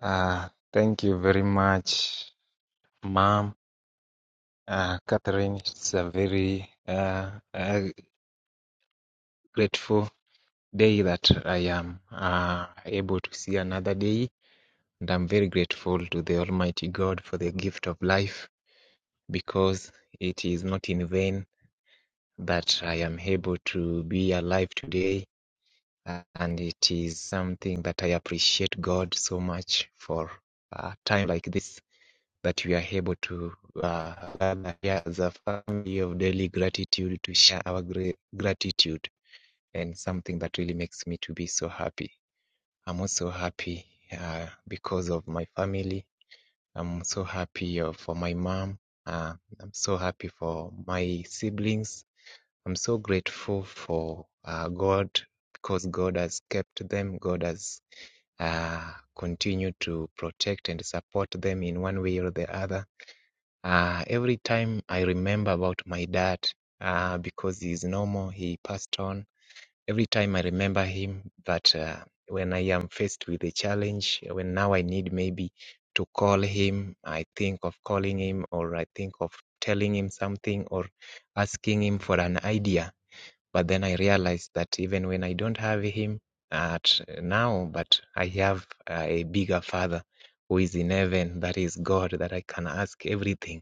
[SPEAKER 14] Uh, thank you very much, Mom. Uh, Catherine, it's a very uh, uh, grateful day that I am uh, able to see another day. And I'm very grateful to the Almighty God for the gift of life because it is not in vain that I am able to be alive today. Uh, and it is something that I appreciate God so much for a time like this. that we are able to uh, gather here as a family of daily gratitude to share our gra- gratitude and something that really makes me to be so happy. I'm also happy uh, because of my family. I'm so happy uh, for my mom. Uh, I'm so happy for my siblings. I'm so grateful for uh, God because God has kept them. God has uh, continued to protect and support them in one way or the other. Uh, every time I remember about my dad, uh, because he's normal, he passed on. Every time I remember him, but uh, when I am faced with a challenge, when now I need maybe to call him, I think of calling him, or I think of telling him something, or asking him for an idea. But then I realize that even when I don't have him at now, but I have uh, a bigger father who is in heaven, that is God, that I can ask everything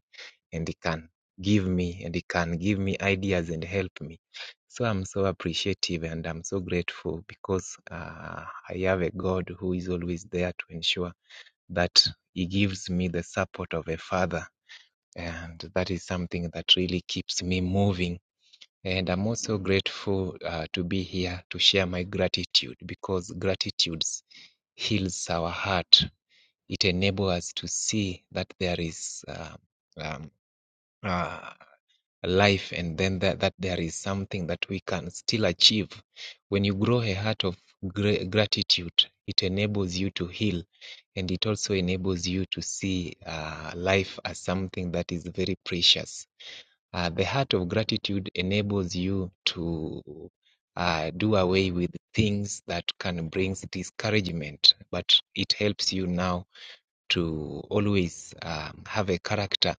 [SPEAKER 14] and he can give me and he can give me ideas and help me. So I'm so appreciative and I'm so grateful because uh, I have a God who is always there to ensure that he gives me the support of a father. And that is something that really keeps me moving. And I'm also grateful uh, to be here to share my gratitude because gratitude heals our heart. It enables us to see that there is uh, um, uh, life and then that, that there is something that we can still achieve when you grow a heart of gratitude it enables you to heal and it also enables you to see uh, life as something that is very precious uh, the heart of gratitude enables you to uh, do away with things that can bring discouragement but it helps you now to always um, have a character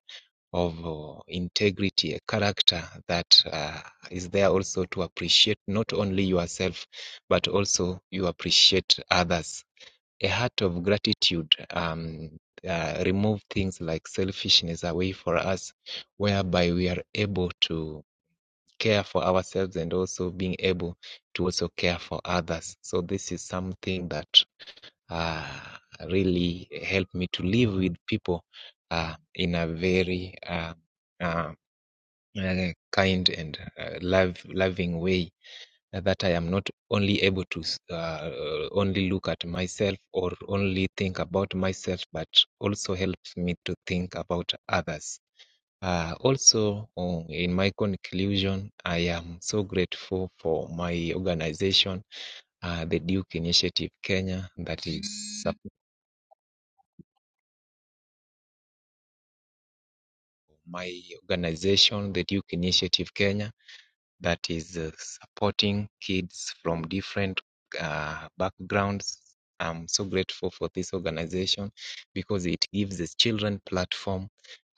[SPEAKER 14] of uh, integrity, a character that uh, is there also to appreciate not only yourself, but also you appreciate others. A heart of gratitude um, uh, remove things like selfishness away for us, whereby we are able to care for ourselves and also being able to also care for others. So this is something that uh, really helped me to live with people uh, in a very uh, uh, uh, kind and uh, love loving way uh, that I am not only able to s- uh, uh, only look at myself or only think about myself, but also helps me to think about others. Uh, also, uh, in my conclusion, I am so grateful for my organization, uh, the Duke Initiative Kenya, that is support my organization, the Duke Initiative Kenya that is uh, supporting kids from different uh, backgrounds. I'm so grateful for this organization because it gives the children platform.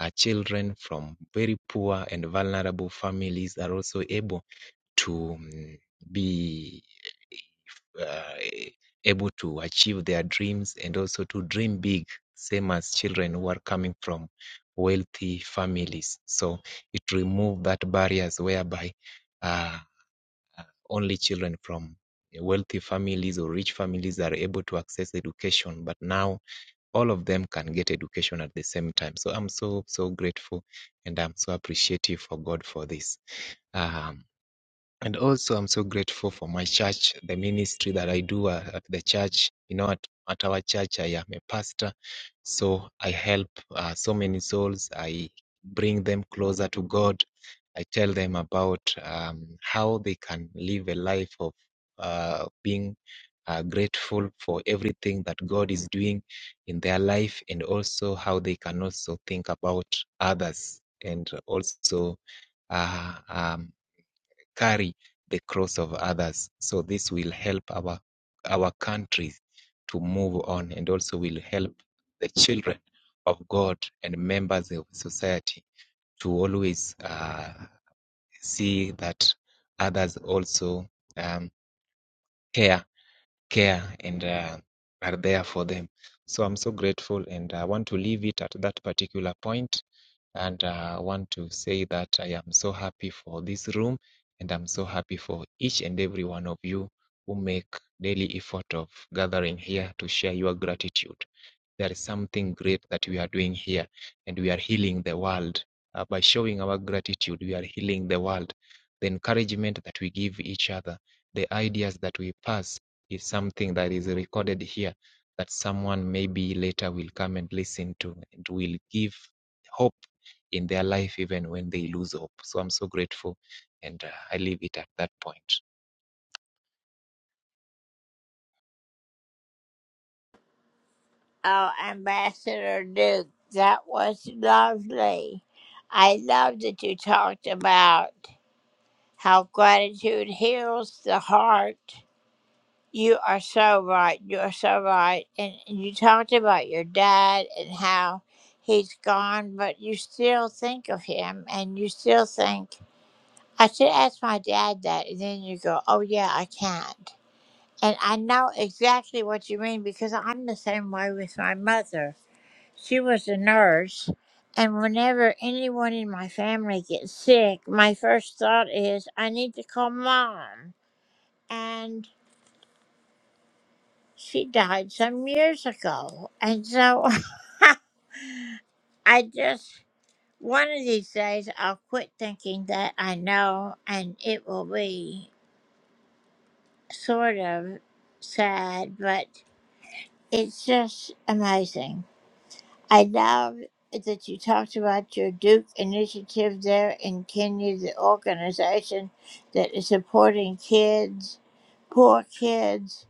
[SPEAKER 14] Our children from very poor and vulnerable families are also able to mm, be uh, able to achieve their dreams and also to dream big, same as children who are coming from wealthy families. So it removes that barriers whereby uh, uh, Only children from uh, wealthy families or rich families are able to access education, but now all of them can get education at the same time. So I'm so, so grateful and I'm so appreciative for God for this. Um, and also, I'm so grateful for my church, the ministry that I do uh, at the church. You know, at, at our church, I am a pastor. So I help uh, so many souls. I bring them closer to God. I tell them about um, how they can live a life of uh, being uh, grateful for everything that God is doing in their life and also how they can also think about others and also uh, um, carry the cross of others. So this will help our our country to move on and also will help the children of God and members of society to always uh, see that others also um, care care and uh, are there for them. So I'm so grateful and I want to leave it at that particular point and uh, I want to say that I am so happy for this room and I'm so happy for each and every one of you who make daily effort of gathering here to share your gratitude. There is something great that we are doing here, and we are healing the world. Uh, by showing our gratitude, we are healing the world. The encouragement that we give each other, the ideas that we pass, is something that is recorded here that someone maybe later will come and listen to and will give hope in their life even when they lose hope. So I'm so grateful, and uh, I leave it at that point.
[SPEAKER 2] Oh, Ambassador Duke, that was lovely. I love that you talked about how gratitude heals the heart. You are so right. You are so right. And and you talked about your dad and how he's gone, but you still think of him and you still think I should ask my dad that, and then you go, oh, yeah, I can't. And I know exactly what you mean because I'm the same way with my mother. She was a nurse, and whenever anyone in my family gets sick, my first thought is, I need to call mom. And she died some years ago. And so I just, one of these days, I'll quit thinking that I know, and it will be. sort of sad, but it's just amazing. I love that you talked about your Duke initiative there in Kenya, the organization that is supporting kids, poor kids,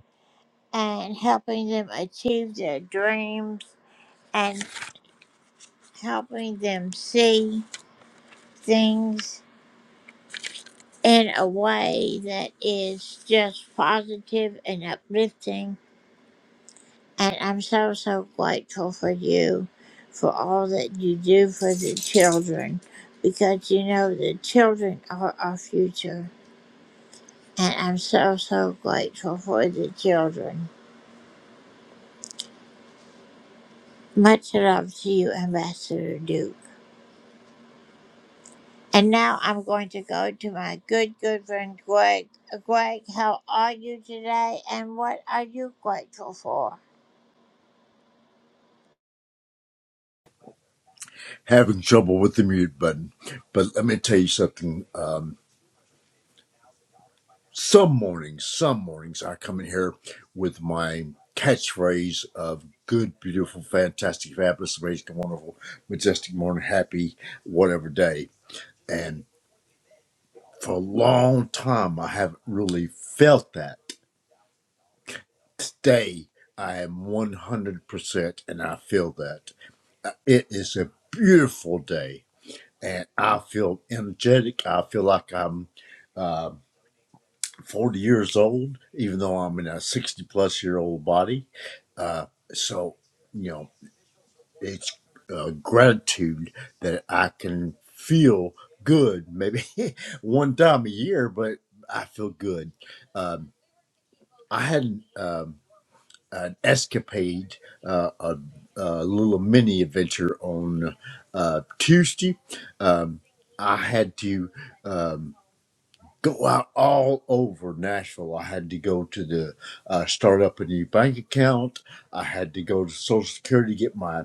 [SPEAKER 2] and helping them achieve their dreams and helping them see things in a way that is just positive and uplifting And I'm so, so grateful for you for all that you do for the children because you know the children are our future. And I'm so, so grateful for the children. Much love to you, Ambassador Duke. And now I'm going to go to my good, good friend Greg. Uh, Greg, how are you today and what are you grateful for?
[SPEAKER 15] having trouble with the mute button. But let me tell you something. Um, some mornings, some mornings, I come in here with my catchphrase of good, beautiful, fantastic, fabulous, amazing, wonderful, majestic, morning, happy, whatever day. And for a long time, I haven't really felt that. Today, I am 100% and I feel that. Uh, It is a beautiful day and I feel energetic. I feel like I'm. uh, 40 years old, even though I'm in a 60 plus year old body. Uh, so, you know, it's uh, gratitude that I can feel good maybe one time a year, but I feel good. Um, I had an, um, an escapade, uh, a, a little mini adventure on uh, Tuesday. Um, I had to. Um, go out all over Nashville. I had to go to the uh, start up a new bank account. I had to go to Social Security to get my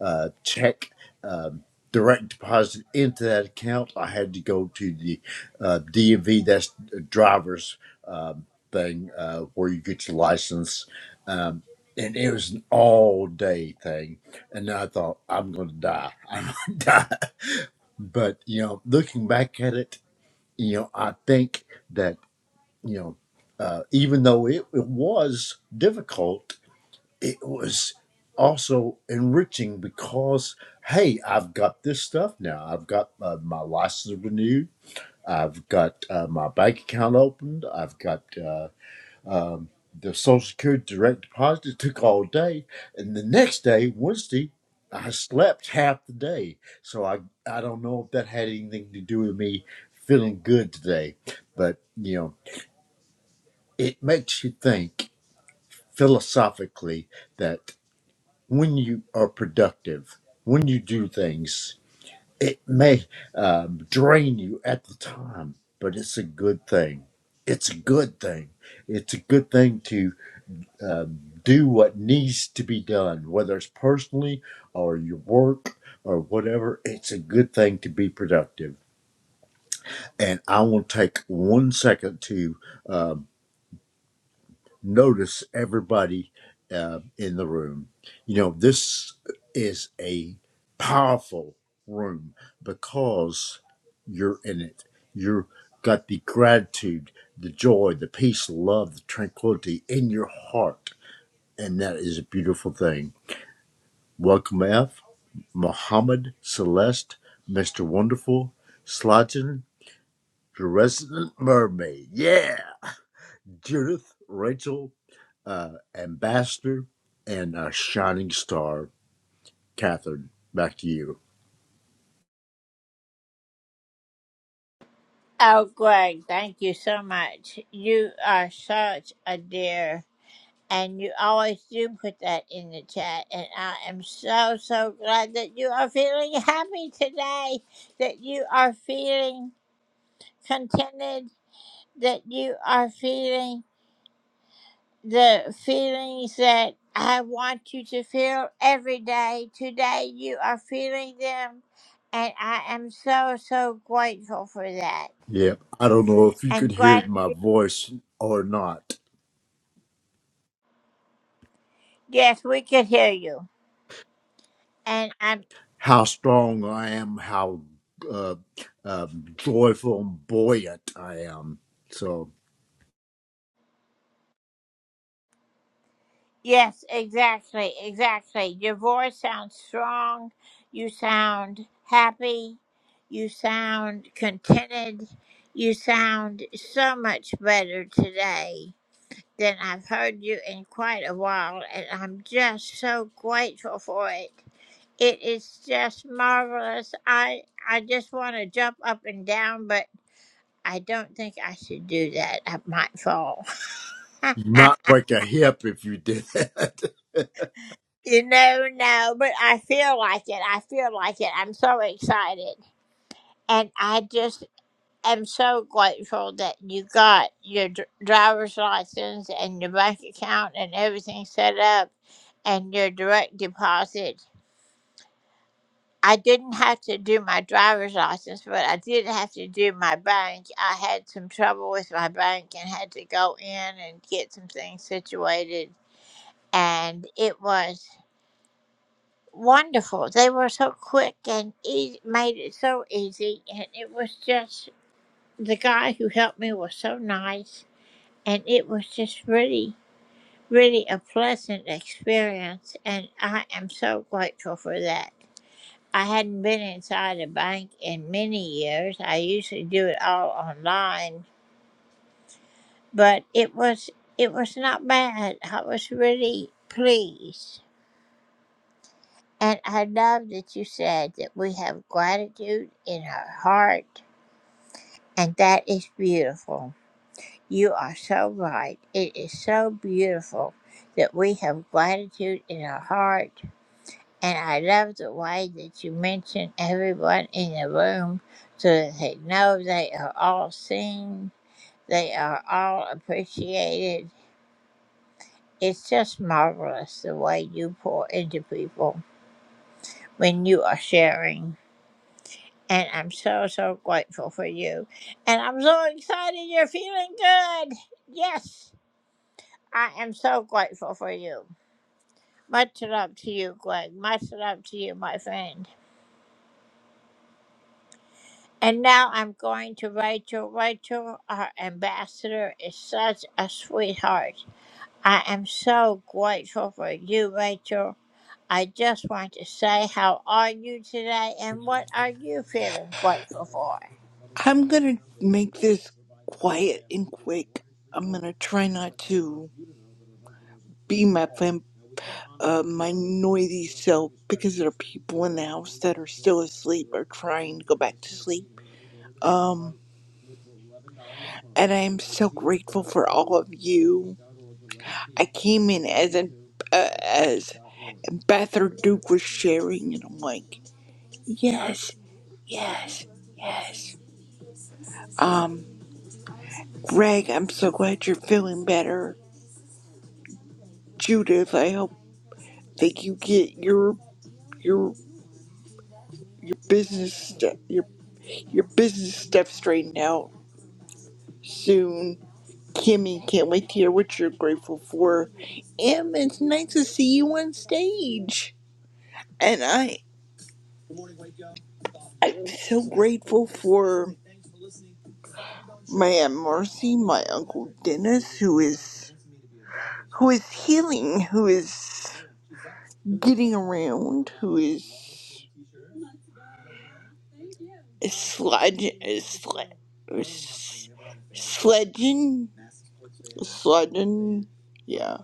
[SPEAKER 15] uh, check um, direct deposit into that account. I had to go to the uh, DMV, that's the driver's um, thing uh, where you get your license. Um, and it was an all day thing. And I thought, I'm going to die. I'm going to die. But, you know, looking back at it, you know, I think that you know, uh, even though it, it was difficult, it was also enriching because, hey, I've got this stuff now. I've got uh, my license renewed. I've got uh, my bank account opened. I've got uh, um, the Social Security direct deposit. It took all day. And the next day, Wednesday, I slept half the day. So I, I don't know if that had anything to do with me feeling good today. But, you know it makes you think philosophically that when you are productive, when you do things, it may um, drain you at the time, but it's a good thing. It's a good thing. It's a good thing to um, do what needs to be done, whether it's personally or your work or whatever. It's a good thing to be productive. And I want to take one second to um, notice everybody uh, in the room. You know, this is a powerful room because you're in it. You've got the gratitude, the joy, the peace, the love, the tranquility in your heart. And that is a beautiful thing. Welcome, F. Mohammed Celeste, Mr. Wonderful, Slotin, the resident mermaid. Yeah. Judith, Rachel, uh, ambassador and uh, shining star, Catherine. Back to you.
[SPEAKER 2] Oh, Greg, thank you so much. You are such a dear. And you always do put that in the chat. And I am so, so glad that you are feeling happy today, that you are feeling contented, that you are feeling the feelings that I want you to feel every day. Today, you are feeling them. And I am so, so grateful for that.
[SPEAKER 15] Yeah, I don't know if you could
[SPEAKER 2] And
[SPEAKER 15] hear it
[SPEAKER 2] glad,
[SPEAKER 15] in my voice or not.
[SPEAKER 2] yes, we could hear you. And I'm
[SPEAKER 15] How strong I am, how uh, um joyful and buoyant I am. So
[SPEAKER 2] Yes, exactly, exactly. Your voice sounds strong. You sound happy. You sound contented. You sound so much better today than I've heard you in quite a while, and I'm just so grateful for it. It is just marvelous. I I just want to jump up and down, but I don't think I should do that. I might fall.
[SPEAKER 15] you might break a hip if you did that.
[SPEAKER 2] You know, no, but I feel like it. I feel like it. I'm so excited. And I just am so grateful that you got your dr- driver's license and your bank account and everything set up and your direct deposit. I didn't have to do my driver's license, but I did have to do my bank. I had some trouble with my bank and had to go in and get some things situated. And it was. wonderful. They were so quick and e- made it so easy. And it was just the guy who helped me was so nice. And it was just really, really a pleasant experience. And I am so grateful for that. I hadn't been inside a bank in many years. I usually do it all online, but it was it was not bad. I was really pleased. And I love that you said that we have gratitude in our heart, and that is beautiful. You are so right. It is so beautiful that we have gratitude in our heart. And I love the way that you mention everyone in the room so that they know they are all seen, they are all appreciated. It's just marvelous the way you pour into people when you are sharing. And I'm so, so grateful for you. And I'm so excited you're feeling good. Yes, I am so grateful for you. Much love to you, Greg. Much love to you, my friend. And now I'm going to Rachel. Rachel, our ambassador, is such a sweetheart. I am so grateful for you, Rachel. I just want to say, how are you today and what are you feeling grateful for?
[SPEAKER 16] I'm gonna make this quiet and quick. I'm gonna try not to be my fam- uh, my noisy self because there are people in the house that are still asleep or trying to go back to sleep. Um, and I am so grateful for all of you. I came in as an uh, as Ambassador Duke was sharing, and I'm like, yes, yes, yes. Um, Greg, I'm so glad you're feeling better. Judith, I hope. that you get your your your business step your your business stuff straightened out soon. Kimmy, can't wait to hear what you're grateful for. Em, it's nice to see you on stage. And I I'm so grateful for my Aunt Marcy, my Uncle Dennis, who is who is healing, who is getting around, who is Sledge, sled, sledging, sledging. Yeah,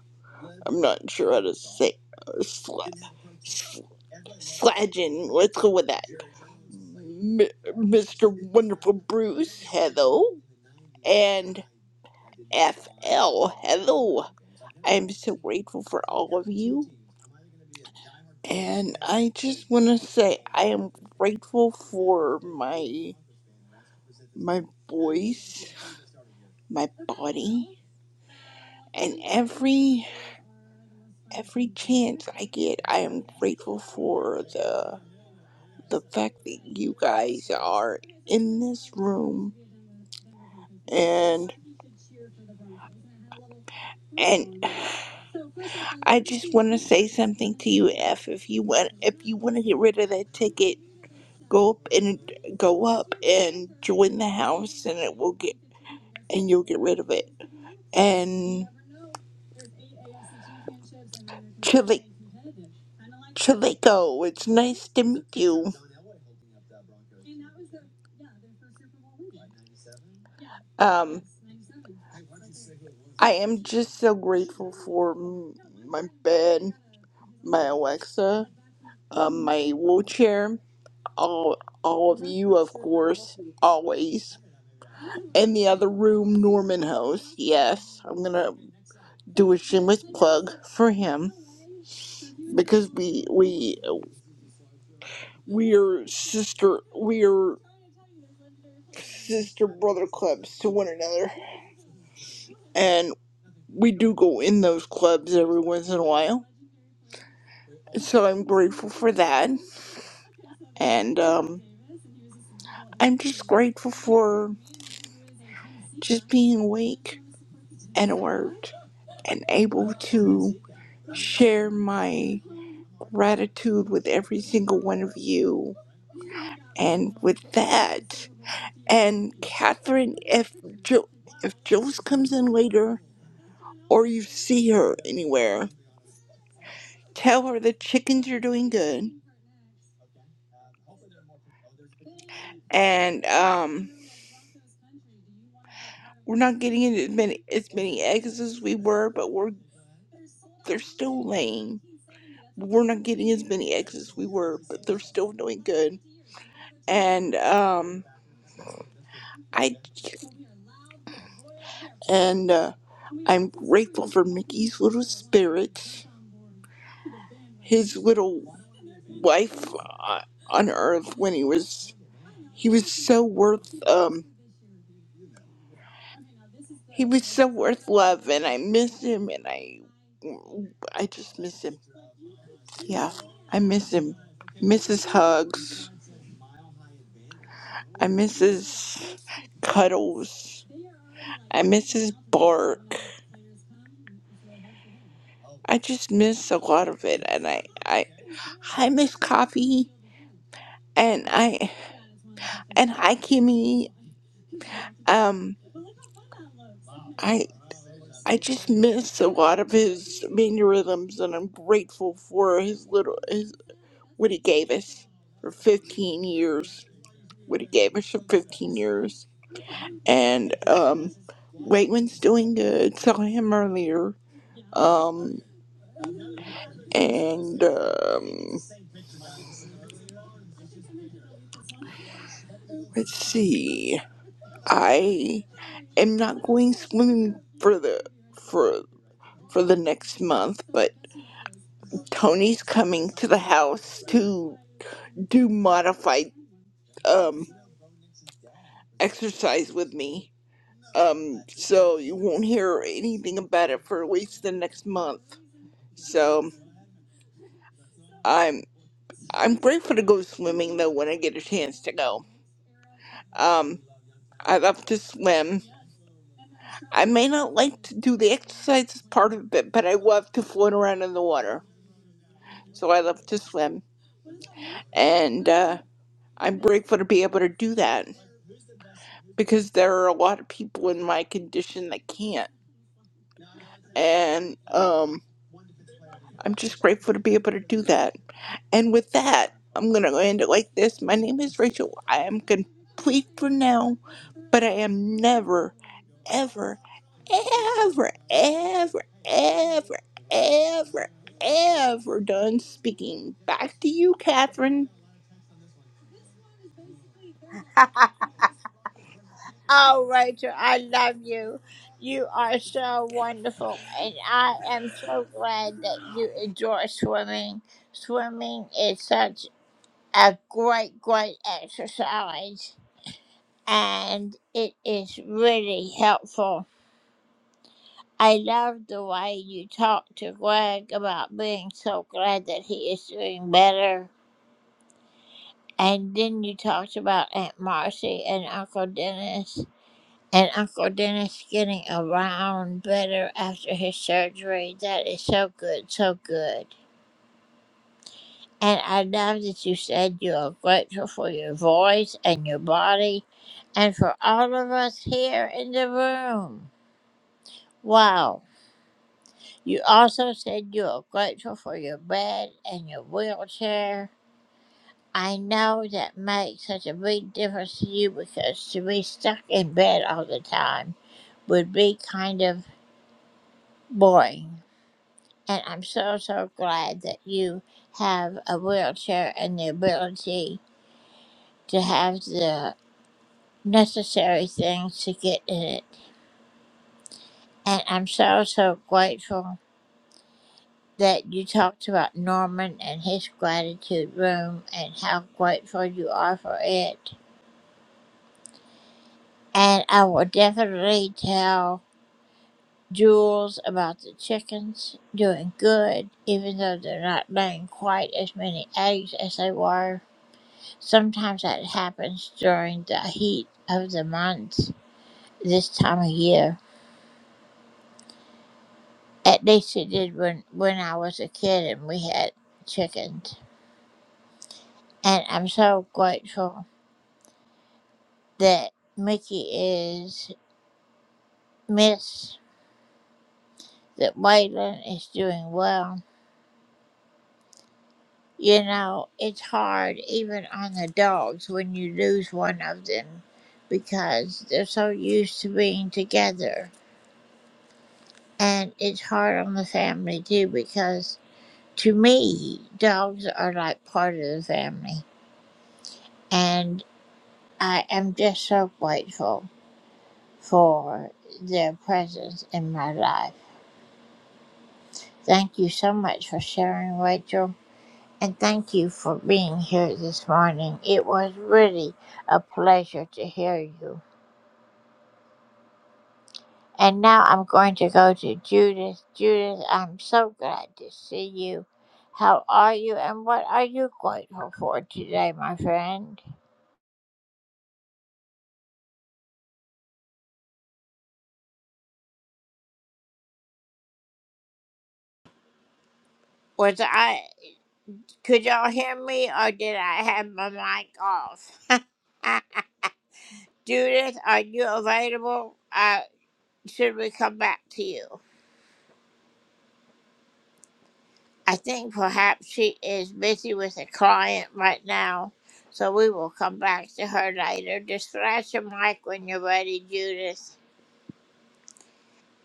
[SPEAKER 16] I'm not sure how to say uh, sled, sledging. Let's go with that. M- Mr. Wonderful Bruce, hello, and FL, hello. I'm so grateful for all of you, and I just want to say I am grateful for my my voice. my body and every every chance I get I am grateful for the the fact that you guys are in this room and and I just want to say something to you F if you want if you want to get rid of that ticket go up and go up and join the house and it will get and you'll get rid of it and. Chili- Chilico, it's nice to meet you. Um, I am just so grateful for m- my bed, my Alexa, um, my wheelchair, all, all of you, of course, always. In the other room, Norman House. Yes, I'm gonna do a shameless plug for him because we we we're sister we're sister brother clubs to one another and we do go in those clubs every once in a while so i'm grateful for that and um i'm just grateful for just being awake and alert and able to share my gratitude with every single one of you and with that and catherine if jo- if jules comes in later or you see her anywhere, tell her the chickens are doing good. And um, we're not getting in as many as many eggs as we were, but we're they're still laying. We're not getting as many eggs as we were, but they're still doing good. And um, I and uh, I'm grateful for Mickey's little spirit, his little life uh, on Earth when he was He was so worth um he was so worth love and I miss him and I I just miss him. Yeah. I miss him. Miss his hugs. I miss his cuddles. I miss his bark. I just miss a lot of it and I I I miss coffee and I and hi Kimmy. Um I I just miss a lot of his mannerisms and I'm grateful for his little his what he gave us for 15 years. What he gave us for 15 years. And um, Waitman's doing good. Saw him earlier. Um, and um, let's see. I am not going swimming for the for for the next month, but Tony's coming to the house to do modified um exercise with me Um, so you won't hear anything about it for at least the next month. So I'm I'm grateful to go swimming though when I get a chance to go. Um, I love to swim. I may not like to do the exercises part of it, but I love to float around in the water. So I love to swim, and uh, I'm grateful to be able to do that because there are a lot of people in my condition that can't, and um, I'm just grateful to be able to do that. And with that, I'm going to end it like this. My name is Rachel. I am complete for now, but I am never, ever, ever, ever, ever, ever, ever done speaking. Back to you, Catherine.
[SPEAKER 2] Oh, Rachel, I love you. You are so wonderful, and I am so glad that you enjoy swimming. Swimming is such a great, great exercise, and it is really helpful. I love the way you talk to Greg about being so glad that he is doing better. And then you talked about Aunt Marcy and Uncle Dennis. and Uncle Dennis getting around better after his surgery. That is so good, so good. And I love that you said you are grateful for your voice and your body and for all of us here in the room. Wow. You also said you are grateful for your bed and your wheelchair. I know that makes such a big difference to you because to be stuck in bed all the time would be kind of boring. And I'm so, so glad that you have a wheelchair and the ability to have the necessary things to get in it. And I'm so, so grateful that you talked about Norman and his gratitude room and how grateful you are for it. And I will definitely tell Jules about the chickens doing good, even though they're not laying quite as many eggs as they were. Sometimes that happens during the heat of the month this time of year. At least it did when, when I was a kid and we had chickens. And I'm so grateful that Mickey is Miss, that Waylon is doing well. You know, it's hard even on the dogs when you lose one of them because they're so used to being together. And it's hard on the family too because To me, dogs are like part of the family, and I am just so grateful for their presence in my life. Thank you so much for sharing, Rachel, and thank you for being here this morning. It was really a pleasure to hear you. And now I'm going to go to Judith. Judith, I'm so glad to see you. How are you, and what are you grateful for today, my friend? Was I? Could y'all hear me or did I have my mic off? Judith, are you available? Uh, should we come back to you? I think perhaps she is busy with a client right now, so we will come back to her later. Just flash your mic when you're ready, Judith.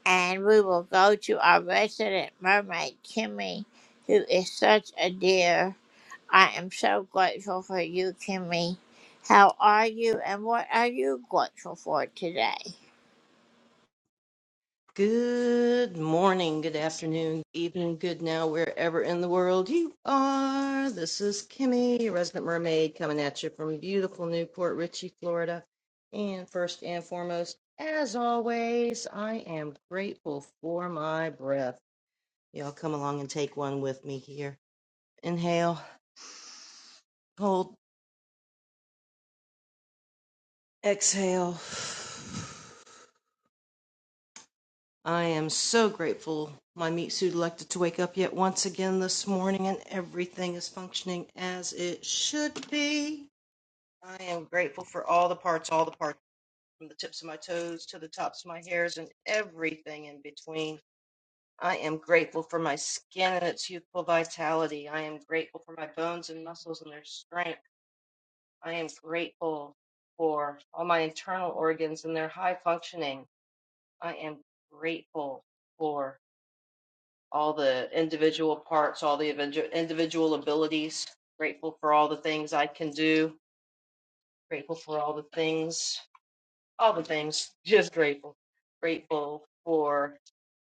[SPEAKER 2] And we will go to our resident mermaid, Kimmy, who is such a dear. I am so grateful for you, Kimmy. How are you and what are you grateful for today?
[SPEAKER 17] Good morning, good afternoon, evening, good now, wherever in the world you are. This is Kimmy, your resident mermaid, coming at you from beautiful Newport Richey, Florida. And first and foremost, as always, I am grateful for my breath. Y'all come along and take one with me here. Inhale, hold, exhale. I am so grateful my meat suit elected to wake up yet once again this morning and everything is functioning as it should be. I am grateful for all the parts, all the parts, from the tips of my toes to the tops of my hairs and everything in between. I am grateful for my skin and its youthful vitality. I am grateful for my bones and muscles and their strength. I am grateful for all my internal organs and their high functioning. I am grateful for. all the individual parts, all the individual abilities. Grateful for all the things I can do. Grateful for all the things, all the things. Just grateful. Grateful for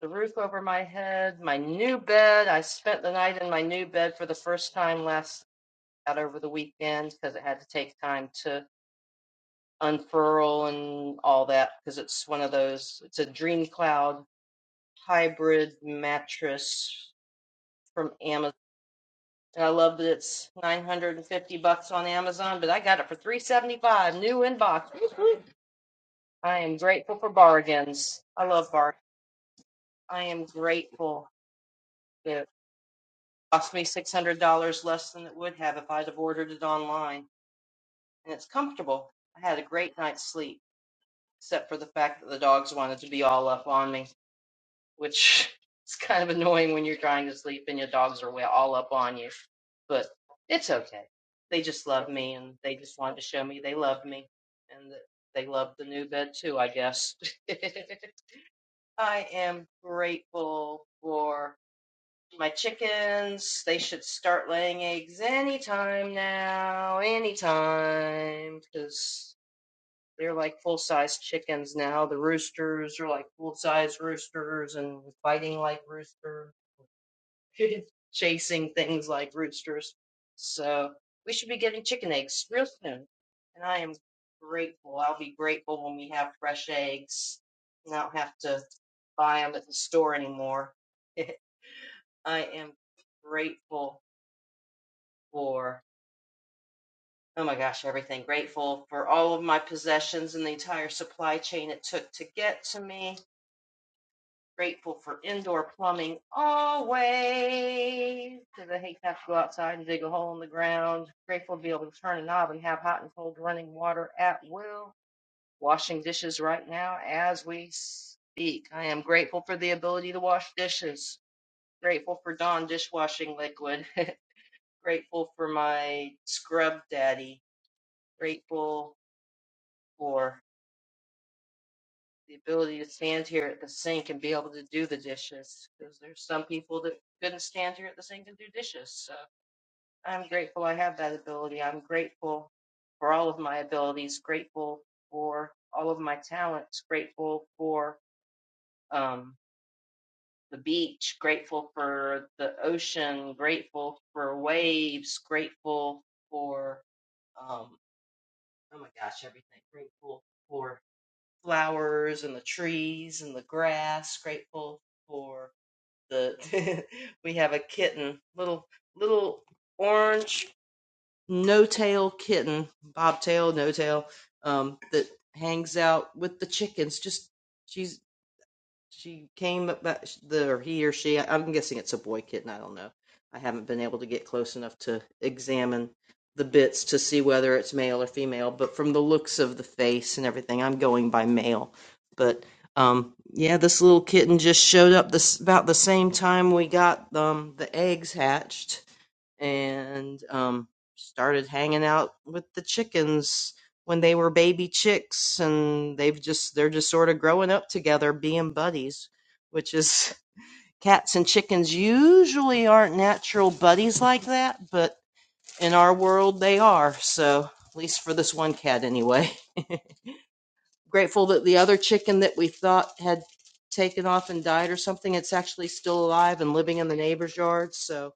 [SPEAKER 17] the roof over my head, my new bed. I spent the night in my new bed for the first time last out over the weekend because it had to take time to unfurl and all that because it's one of those. It's a dream cloud hybrid mattress from Amazon And I love that it's 950 bucks on Amazon, but I got it for 375 new in box. I am grateful for bargains. I love bargains. I am grateful that it cost me $600 less than it would have if I'd have ordered it online. And it's comfortable. I had a great night's sleep, except for the fact that the dogs wanted to be all up on me. which is kind of annoying when you're trying to sleep and your dogs are all up on you. But it's okay. They just love me and they just wanted to show me they loved me and they love the new bed too, I guess. I am grateful for my chickens. They should start laying eggs anytime now, anytime, because they're like full size chickens now. The roosters are like full size roosters and fighting like roosters, chasing things like roosters. So we should be getting chicken eggs real soon. And I am grateful. I'll be grateful when we have fresh eggs. and I don't have to buy them at the store anymore. I am grateful for oh my gosh, everything. Grateful for all of my possessions and the entire supply chain it took to get to me Grateful for indoor plumbing always because I hate to have to go outside and dig a hole in the ground. Grateful to be able to turn a knob and have hot and cold running water at will. Washing dishes right now as we speak. I am grateful for the ability to wash dishes. Grateful for Dawn dishwashing liquid. grateful for my scrub daddy. Grateful for. the ability to stand here at the sink and be able to do the dishes because there's some people that couldn't stand here at the sink and do dishes. So I'm grateful I have that ability. I'm grateful for all of my abilities, grateful for all of my talents, grateful for um, the beach, grateful for the ocean, grateful for waves, grateful for, um, oh my gosh, everything, grateful for. flowers and the trees and the grass, grateful for the we have a kitten, little little orange no-tail kitten, bobtail, no-tail, um, that hangs out with the chickens. Just she's she came about the or he or she i'm guessing it's a boy kitten i don't know i haven't been able to get close enough to examine the bits to see whether it's male or female but from the looks of the face and everything i'm going by male but um yeah this little kitten just showed up this about the same time we got um the eggs hatched and um, started hanging out with the chickens when they were baby chicks, and they've just they're just sort of growing up together, being buddies, which is cats and chickens usually aren't natural buddies like that, but in our world they are. So at least for this one cat, anyway. Grateful that the other chicken that we thought had taken off and died or something, it's actually still alive and living in the neighbor's yard. So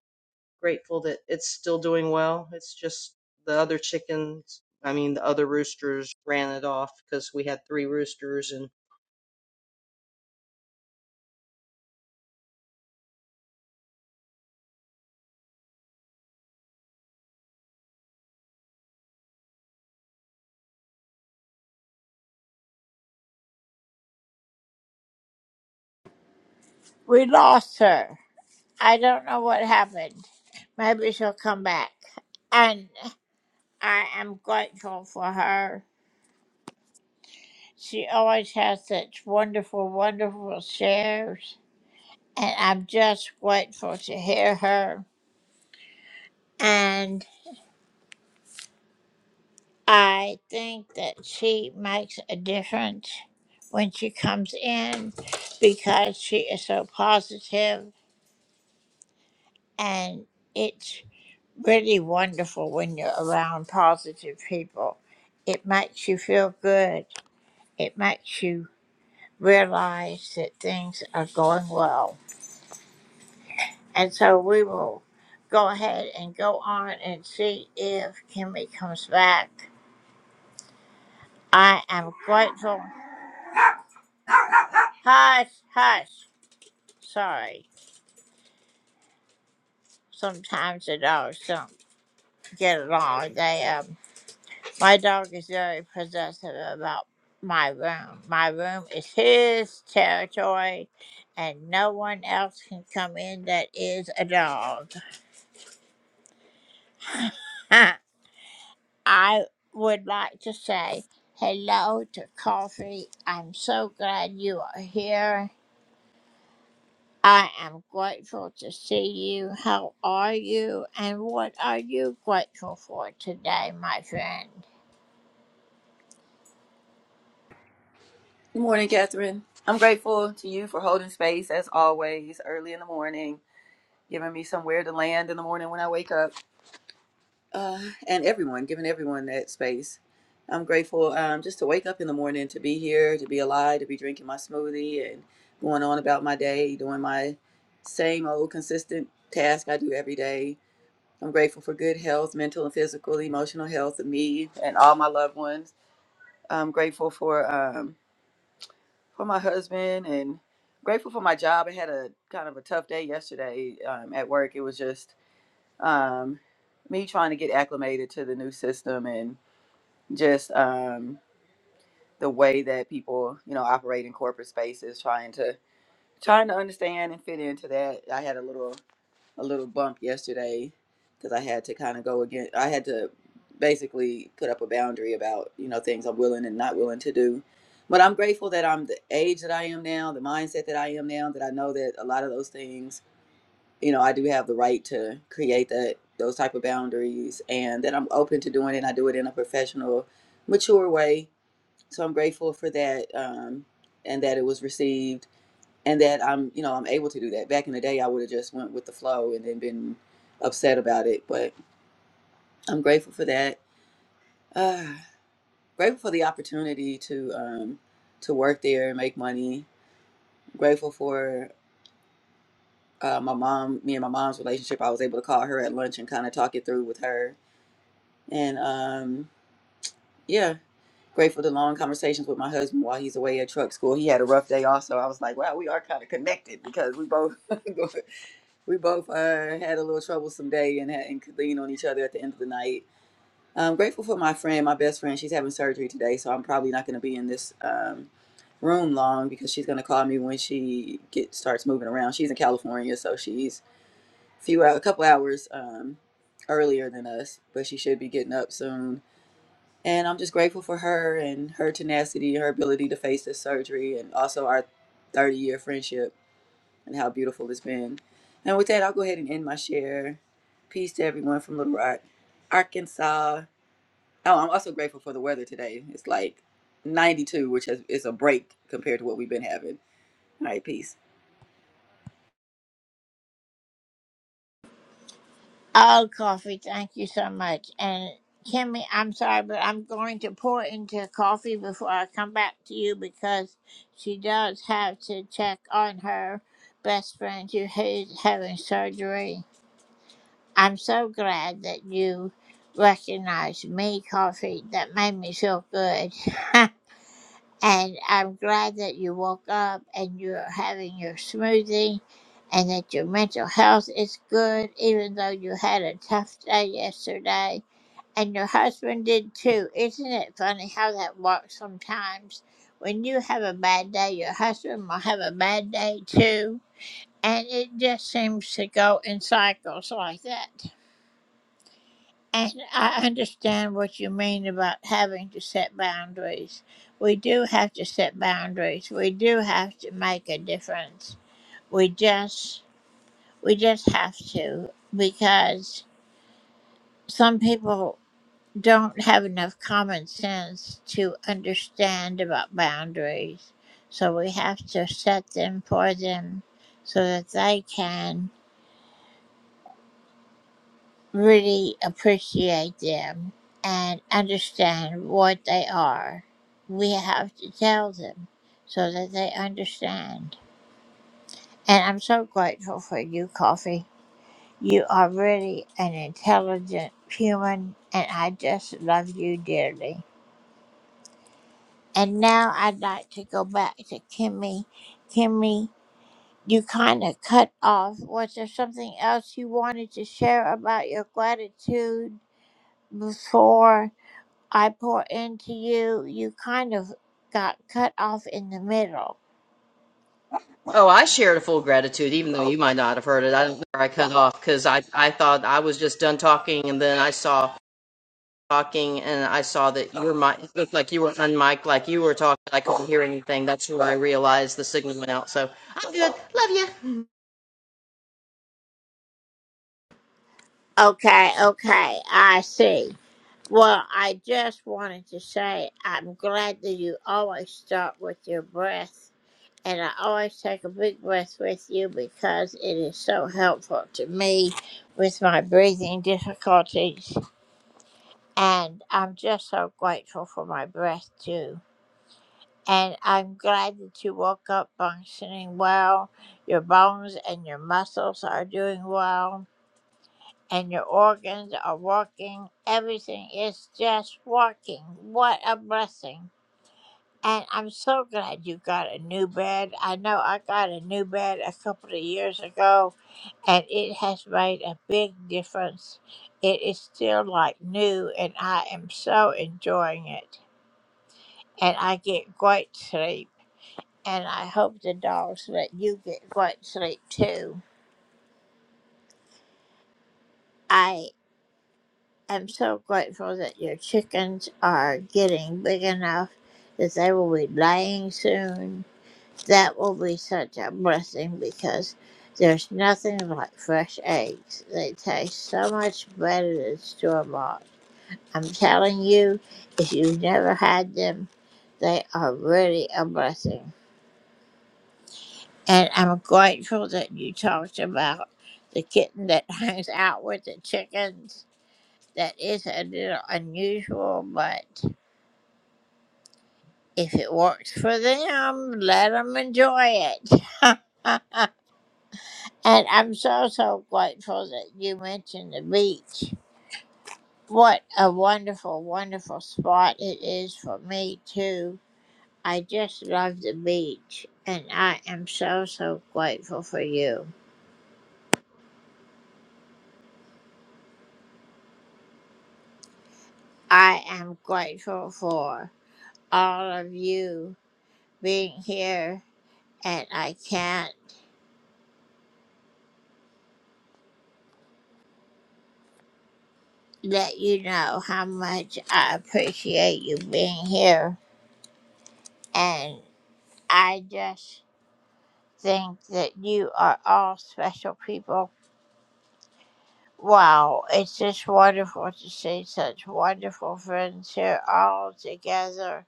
[SPEAKER 17] grateful that it's still doing well. It's just the other chickens, I mean, the other roosters ran it off because we had three roosters and
[SPEAKER 2] We lost her. I don't know what happened. Maybe she'll come back. And I am grateful for her. She always has such wonderful, wonderful shares. And I'm just grateful to hear her. And I think that she makes a difference when she comes in because she is so positive and it's really wonderful when you're around positive people. It makes you feel good. It makes you realize that things are going well. And so we will go ahead and go on and see if Kimmy comes back. I am grateful. Hush, hush. Sorry. Sometimes the dogs don't get along. They um, my dog is very possessive about my room. My room is his territory, and no one else can come in that is a dog. I would like to say hello to Coffee. I'm so glad you are here. I am grateful to see you. How are you? And what are you grateful for today, my friend?
[SPEAKER 18] Good morning, Catherine. I'm grateful to you for holding space as always, early in the morning, giving me somewhere to land in the morning when I wake up, uh, and everyone, giving everyone that space. I'm grateful um, just to wake up in the morning, to be here, to be alive, to be drinking my smoothie and going on about my day, doing my same old consistent task I do every day. I'm grateful for good health, mental and physical, emotional health of me and all my loved ones. I'm grateful for. Um, for my husband and grateful for my job. I had a kind of a tough day yesterday um, at work. It was just um, me trying to get acclimated to the new system and just um, the way that people, you know, operate in corporate spaces, trying to trying to understand and fit into that. I had a little a little bump yesterday because I had to kind of go again. I had to basically put up a boundary about you know things I'm willing and not willing to do. But I'm grateful that I'm the age that I am now, the mindset that I am now, that I know that a lot of those things, you know, I do have the right to create that those type of boundaries, and that I'm open to doing it. And I do it in a professional, mature way. So I'm grateful for that, um, and that it was received and that I'm, you know, I'm able to do that. Back in the day, I would have just went with the flow and then been upset about it. But I'm grateful for that. Uh, grateful for the opportunity to um, to work there and make money. Grateful for uh, my mom, me and my mom's relationship. I was able to call her at lunch and kind of talk it through with her. And um, yeah, grateful to long conversations with my husband while he's away at truck school. He had a rough day also. I was like, wow, we are kind of connected because we both We both uh, had a little troublesome day and, had, and could lean on each other at the end of the night. I'm grateful for my friend, my best friend. She's having surgery today, so I'm probably not going to be in this um, room long because she's going to call me when she get starts moving around. She's in California, so she's a few hou- a couple hours um, earlier than us, but she should be getting up soon. And I'm just grateful for her and her tenacity, her ability to face this surgery, and also our 30 year friendship and how beautiful it's been. And with that, I'll go ahead and end my share. Peace to everyone from Little Rock, Arkansas. Oh, I'm also grateful for the weather today. It's like 92, which has, is a break compared to what we've been having. All right, peace.
[SPEAKER 2] Oh, coffee, thank you so much. And Kimmy, I'm sorry, but I'm going to pour into coffee before I come back to you because she does have to check on her best friend who is having surgery. I'm so glad that you recognized me, coffee. That made me feel good. And I'm glad that you woke up and you're having your smoothie and that your mental health is good, even though you had a tough day yesterday. And your husband did too. Isn't it funny how that works sometimes? When you have a bad day, your husband will have a bad day too. And it just seems to go in cycles like that. And I understand what you mean about having to set boundaries. We do have to set boundaries. We do have to make a difference. We just we just have to because some people don't have enough common sense to understand about boundaries. So we have to set them for them so that they can really appreciate them and understand what they are, we have to tell them so that they understand. And I'm so grateful for you, Coffee. You are really an intelligent human, and I just love you dearly. And now I'd like to go back to Kimmy. Kimmy, you kind of cut off. Was there something else you wanted to share about your gratitude before? I pour into you, you kind of got cut off in the middle.
[SPEAKER 17] Oh, I shared a full gratitude, even though you might not have heard it. I don't know where I cut off because I, I thought I was just done talking, and then I saw talking, and I saw that you were mic. it looked like you were unmiked, like you were talking. I couldn't hear anything. That's where I realized the signal went out. So I'm good. Love you.
[SPEAKER 2] Okay, okay, I see. Well, I just wanted to say I'm glad that you always start with your breath, and I always take a big breath with you because it is so helpful to me with my breathing difficulties, and I'm just so grateful for my breath too. And I'm glad that you woke up functioning well. Your bones and your muscles are doing well, and your organs are working. Everything is just working. What a blessing. And I'm so glad you got a new bed. I know I got a new bed a couple of years ago, and it has made a big difference. It is still like new, and I am so enjoying it. And I get great sleep. and I hope the dogs let you get great sleep too. I am so grateful that your chickens are getting big enough that they will be laying soon. That will be such a blessing because there's nothing like fresh eggs. They taste so much better than store bought. I'm telling you, if you've never had them, they are really a blessing. And I'm grateful that you talked about the kitten that hangs out with the chickens. That is a little unusual, but if it works for them, let them enjoy it. and I'm so, so grateful that you mentioned the beach. What a wonderful, wonderful spot it is for me, too. I just love the beach, and I am so, so grateful for you. I am grateful for. all of you being here, and I can't let you know how much I appreciate you being here. And I just think that you are all special people. Wow, it's just wonderful to see such wonderful friends here all together.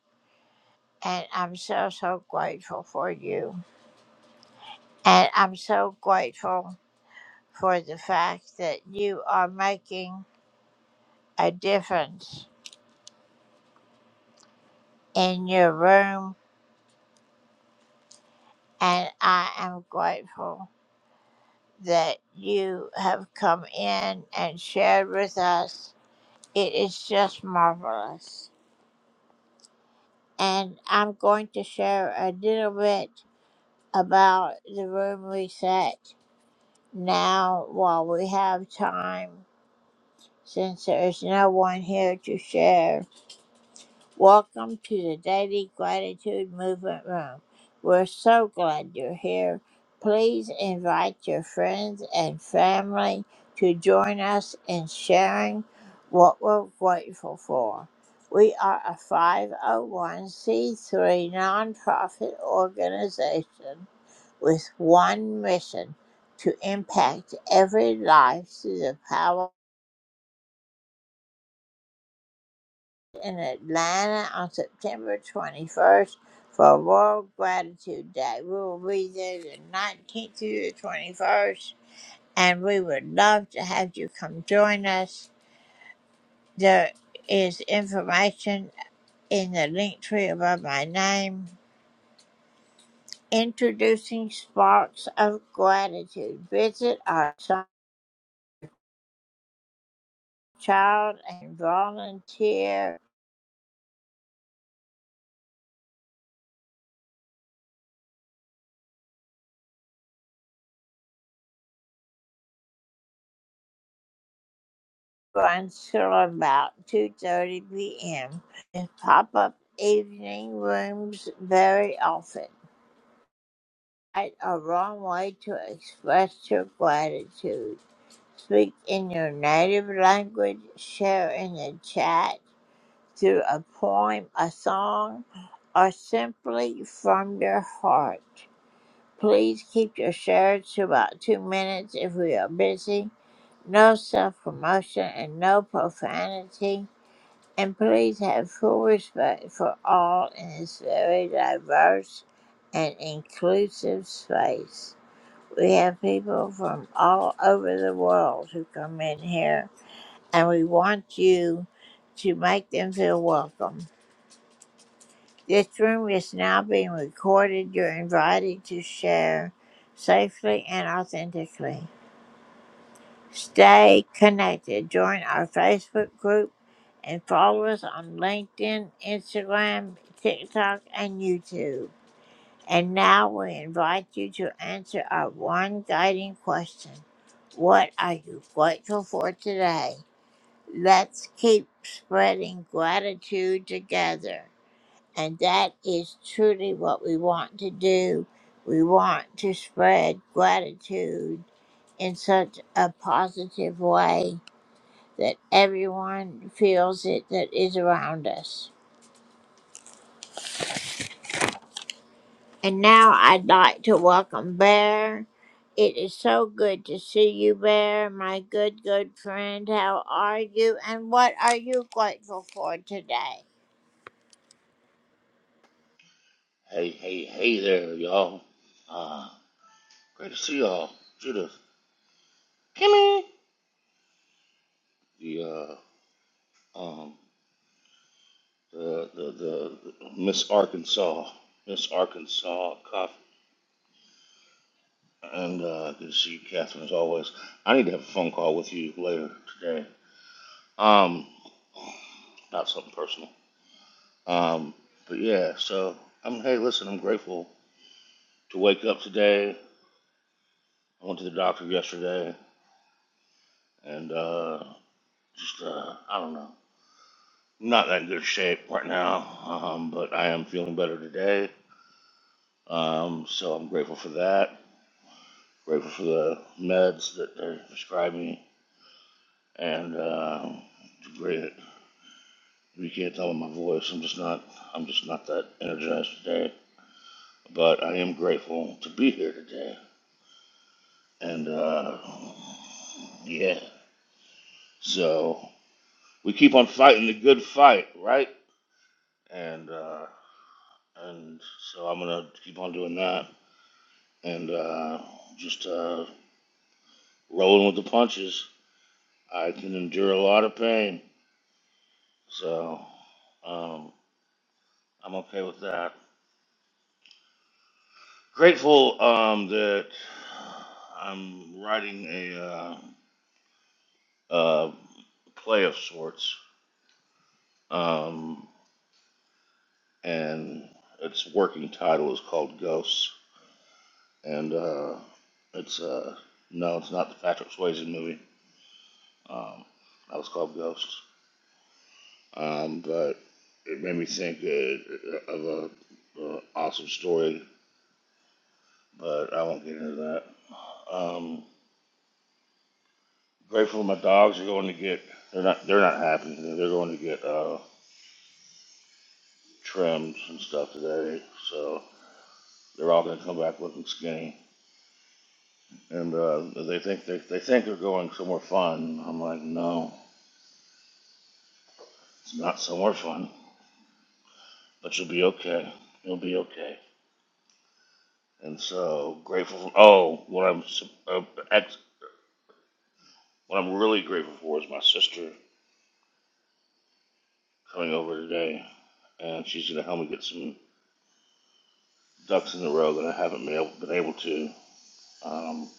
[SPEAKER 2] And I'm so, so grateful for you. And I'm so grateful for the fact that you are making a difference in your room, and I am grateful that you have come in and shared with us. It is just marvelous. And I'm going to share a little bit about the room reset now while we have time, since there is no one here to share. Welcome to the Daily Gratitude Movement Room. We're so glad you're here. Please invite your friends and family to join us in sharing what we're grateful for. We are a 501c3 nonprofit organization with one mission to impact every life through the power. in Atlanta on September 21st for World Gratitude Day. We will be there the 19th through the 21st, and we would love to have you come join us. There is information in the link tree above my name. Introducing Sparks of Gratitude. Visit our son, child, and volunteer brunch till about 2.30 p.m. and pop-up evening rooms very often. Right or wrong way to express your gratitude. Speak in your native language, share in the chat through a poem, a song, or simply from your heart. Please keep your shares to about two minutes if we are busy. No self promotion and no profanity. And please have full respect for all in this very diverse and inclusive space. We have people from all over the world who come in here, and we want you to make them feel welcome. This room is now being recorded. You're invited to share safely and authentically. Stay connected. Join our Facebook group and follow us on LinkedIn, Instagram, TikTok, and YouTube. And now we invite you to answer our one guiding question What are you grateful for today? Let's keep spreading gratitude together. And that is truly what we want to do. We want to spread gratitude in such a positive way that everyone feels it that is around us. And now I'd like to welcome Bear. It is so good to see you, Bear, my good, good friend. How are you? And what are you grateful for today?
[SPEAKER 19] Hey, hey, hey there, y'all. Uh, great to see y'all. Judith, Kimmy, the, uh, um, the, the, the, the Miss Arkansas, Miss Arkansas Coffee, and, uh, good to see you, Catherine, as always. I need to have a phone call with you later today, um, about something personal. Um, but yeah, so, I'm, hey, listen, I'm grateful to wake up today. I went to the doctor yesterday, and, uh, just, uh, I don't know. not in good shape right now, um, but I am feeling better today. Um, so I'm grateful for that. Grateful for the meds that they prescribed me, and uh, it's great. You can't tell in my voice. I'm just not. I'm just not that energized today. But I am grateful to be here today, and uh, yeah. So we keep on fighting the good fight, right? And uh, and so I'm gonna keep on doing that, and uh, just. Uh, rolling with the punches. I can endure a lot of pain, so um, I'm okay with that. Grateful um, that I'm writing a uh, uh, play of sorts, um, and its working title is called Ghosts, and uh, it's uh, no, it's not the Patrick Swayze movie. Um, that was called Ghosts, um, but it made me think uh, of a, a awesome story but I won't get into that. Um, grateful my dogs are going to get. They're not. They're not happy. They're going to get uh, trims and stuff today, so they're all going to come back looking skinny. And uh, they think they, they think they're going somewhere fun. I'm like, no, it's not somewhere fun. But you'll be okay. You'll be okay. And so grateful. For, oh, what I'm uh, what I'm really grateful for is my sister coming over today, and she's going to help me get some ducks in a row that I haven't been able, been able to. Um,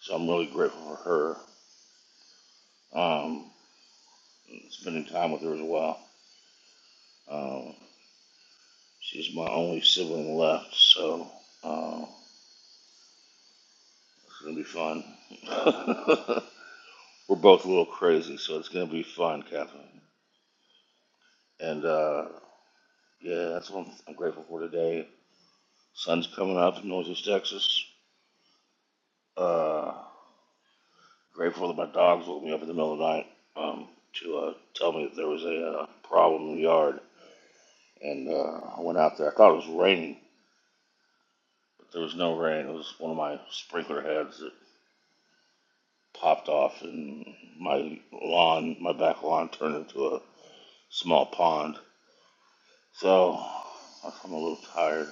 [SPEAKER 19] so I'm really grateful for her. Um, spending time with her as well. Um, she's my only sibling left, so uh, it's gonna be fun. We're both a little crazy, so it's gonna be fun, Catherine. And uh, yeah, that's what I'm, I'm grateful for today. Sun's coming up in Northeast Texas. Uh, grateful that my dogs woke me up in the middle of the night um, to uh, tell me that there was a uh, problem in the yard. and uh, I went out there. I thought it was raining, but there was no rain. It was one of my sprinkler heads that popped off, and my lawn, my back lawn, turned into a small pond. So I'm a little tired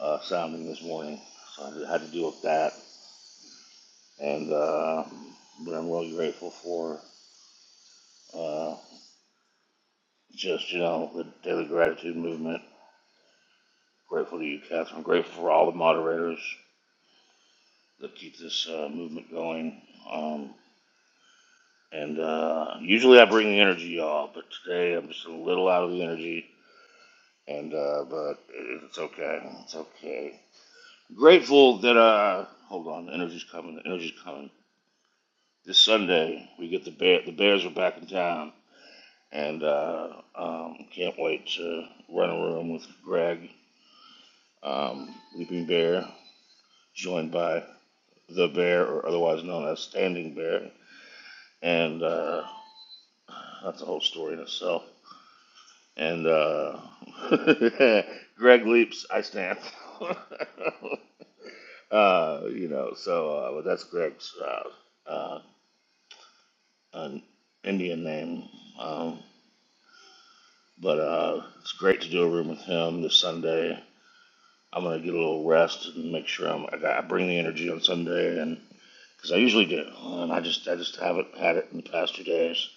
[SPEAKER 19] uh, sounding this morning, so I had to deal with that. And uh, but I'm really grateful for uh, just you know the daily gratitude movement. Grateful to you, Catherine. I'm Grateful for all the moderators that keep this uh, movement going. Um, And uh, usually I bring the energy, y'all, but today I'm just a little out of the energy. And uh, but it's okay. It's okay. Grateful that uh, hold on, the energy's coming. The energy's coming. This Sunday we get the bear. The Bears are back in town, and uh, um, can't wait to run a room with Greg, um, Leaping Bear, joined by the Bear, or otherwise known as Standing Bear, and uh, that's a whole story in itself. And uh, Greg leaps, I stand. uh, you know, so uh, but that's Greg's uh, uh, an Indian name. Um, but uh, it's great to do a room with him this Sunday. I'm gonna get a little rest and make sure I'm, I, got, I bring the energy on Sunday, and because I usually do, and I just I just haven't had it in the past two days.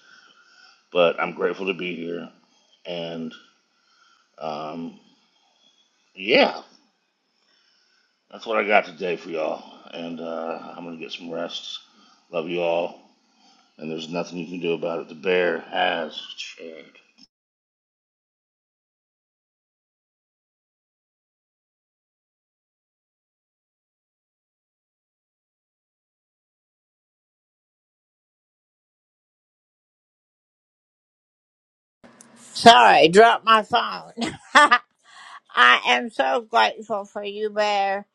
[SPEAKER 19] But I'm grateful to be here, and um, yeah, That's what I got today for y'all. And uh, I'm going to get some rest. Love you all. And there's nothing you can do about it. The bear has changed.
[SPEAKER 2] Sorry, dropped my phone. I am so grateful for you, Bear.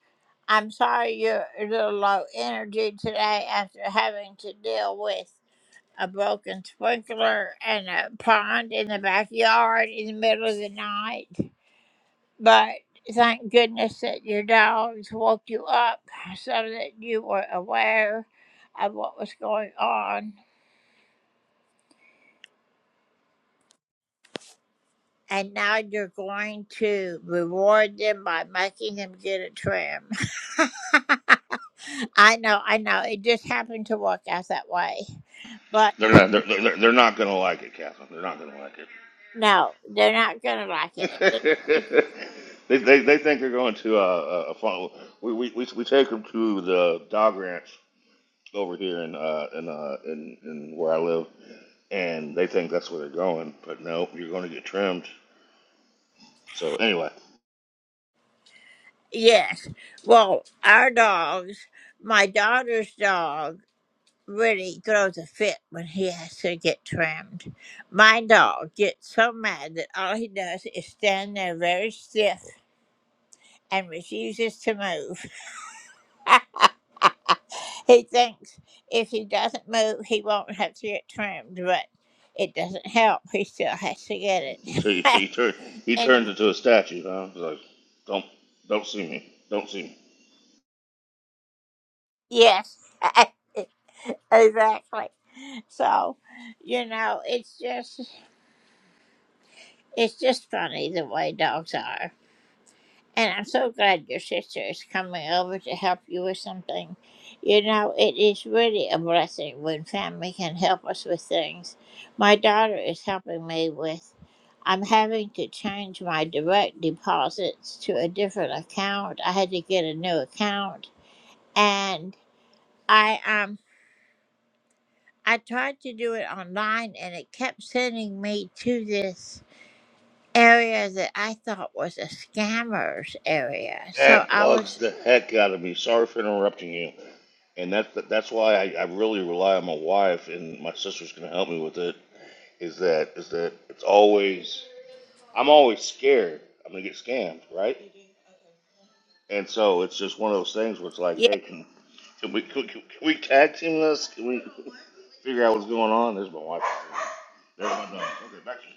[SPEAKER 2] I'm sorry you're a little low energy today after having to deal with a broken sprinkler and a pond in the backyard in the middle of the night. But thank goodness that your dogs woke you up so that you were aware of what was going on. And now you're going to reward them by making them get a trim. I know, I know. It just happened to work out that way. But
[SPEAKER 19] They're not. They're, they're, they're not going to like it, Catherine. They're not going to like it.
[SPEAKER 2] no, they're not going to like it.
[SPEAKER 19] they, they they think they're going to uh, a, a fun. We, we we we take them to the dog ranch over here in uh in uh in, in where I live, and they think that's where they're going. But no, you're going to get trimmed. So anyway,
[SPEAKER 2] Yes. Well, our dogs, my daughter's dog really throws a fit when he has to get trimmed. My dog gets so mad that all he does is stand there very stiff and refuses to move. he thinks if he doesn't move, he won't have to get trimmed, but it doesn't help. He still has to get
[SPEAKER 19] He tur he, tur
[SPEAKER 2] it.
[SPEAKER 19] he, tur he
[SPEAKER 2] anyway,
[SPEAKER 19] turns into a statue, huh? He's like, don't don't see me, don't see me.
[SPEAKER 2] yes, exactly. So, you know, it's just. It's just funny the way dogs are. And I'm so glad your sister is coming over to help you with something. You know, it is really a blessing when family can help us with things. My daughter is helping me with, I'm having to change my direct deposits to a different account. I had to get a new account. And I, um, I tried to do it online and it kept sending me to this. area that I thought was a scammers area. So
[SPEAKER 19] That
[SPEAKER 2] I
[SPEAKER 19] bugs
[SPEAKER 2] was
[SPEAKER 19] the heck out of me. Sorry for interrupting you. And that, that that's why I, I really rely on my wife and my sister's gonna help me with it. Is that is that it's always I'm always scared I'm gonna get scammed, right? And so it's just one of those things where it's like,
[SPEAKER 2] yeah,
[SPEAKER 19] hey, can can we can, can we tag team this? Can we figure out what's going on? There's my wife. There's my dog. Okay, back to you.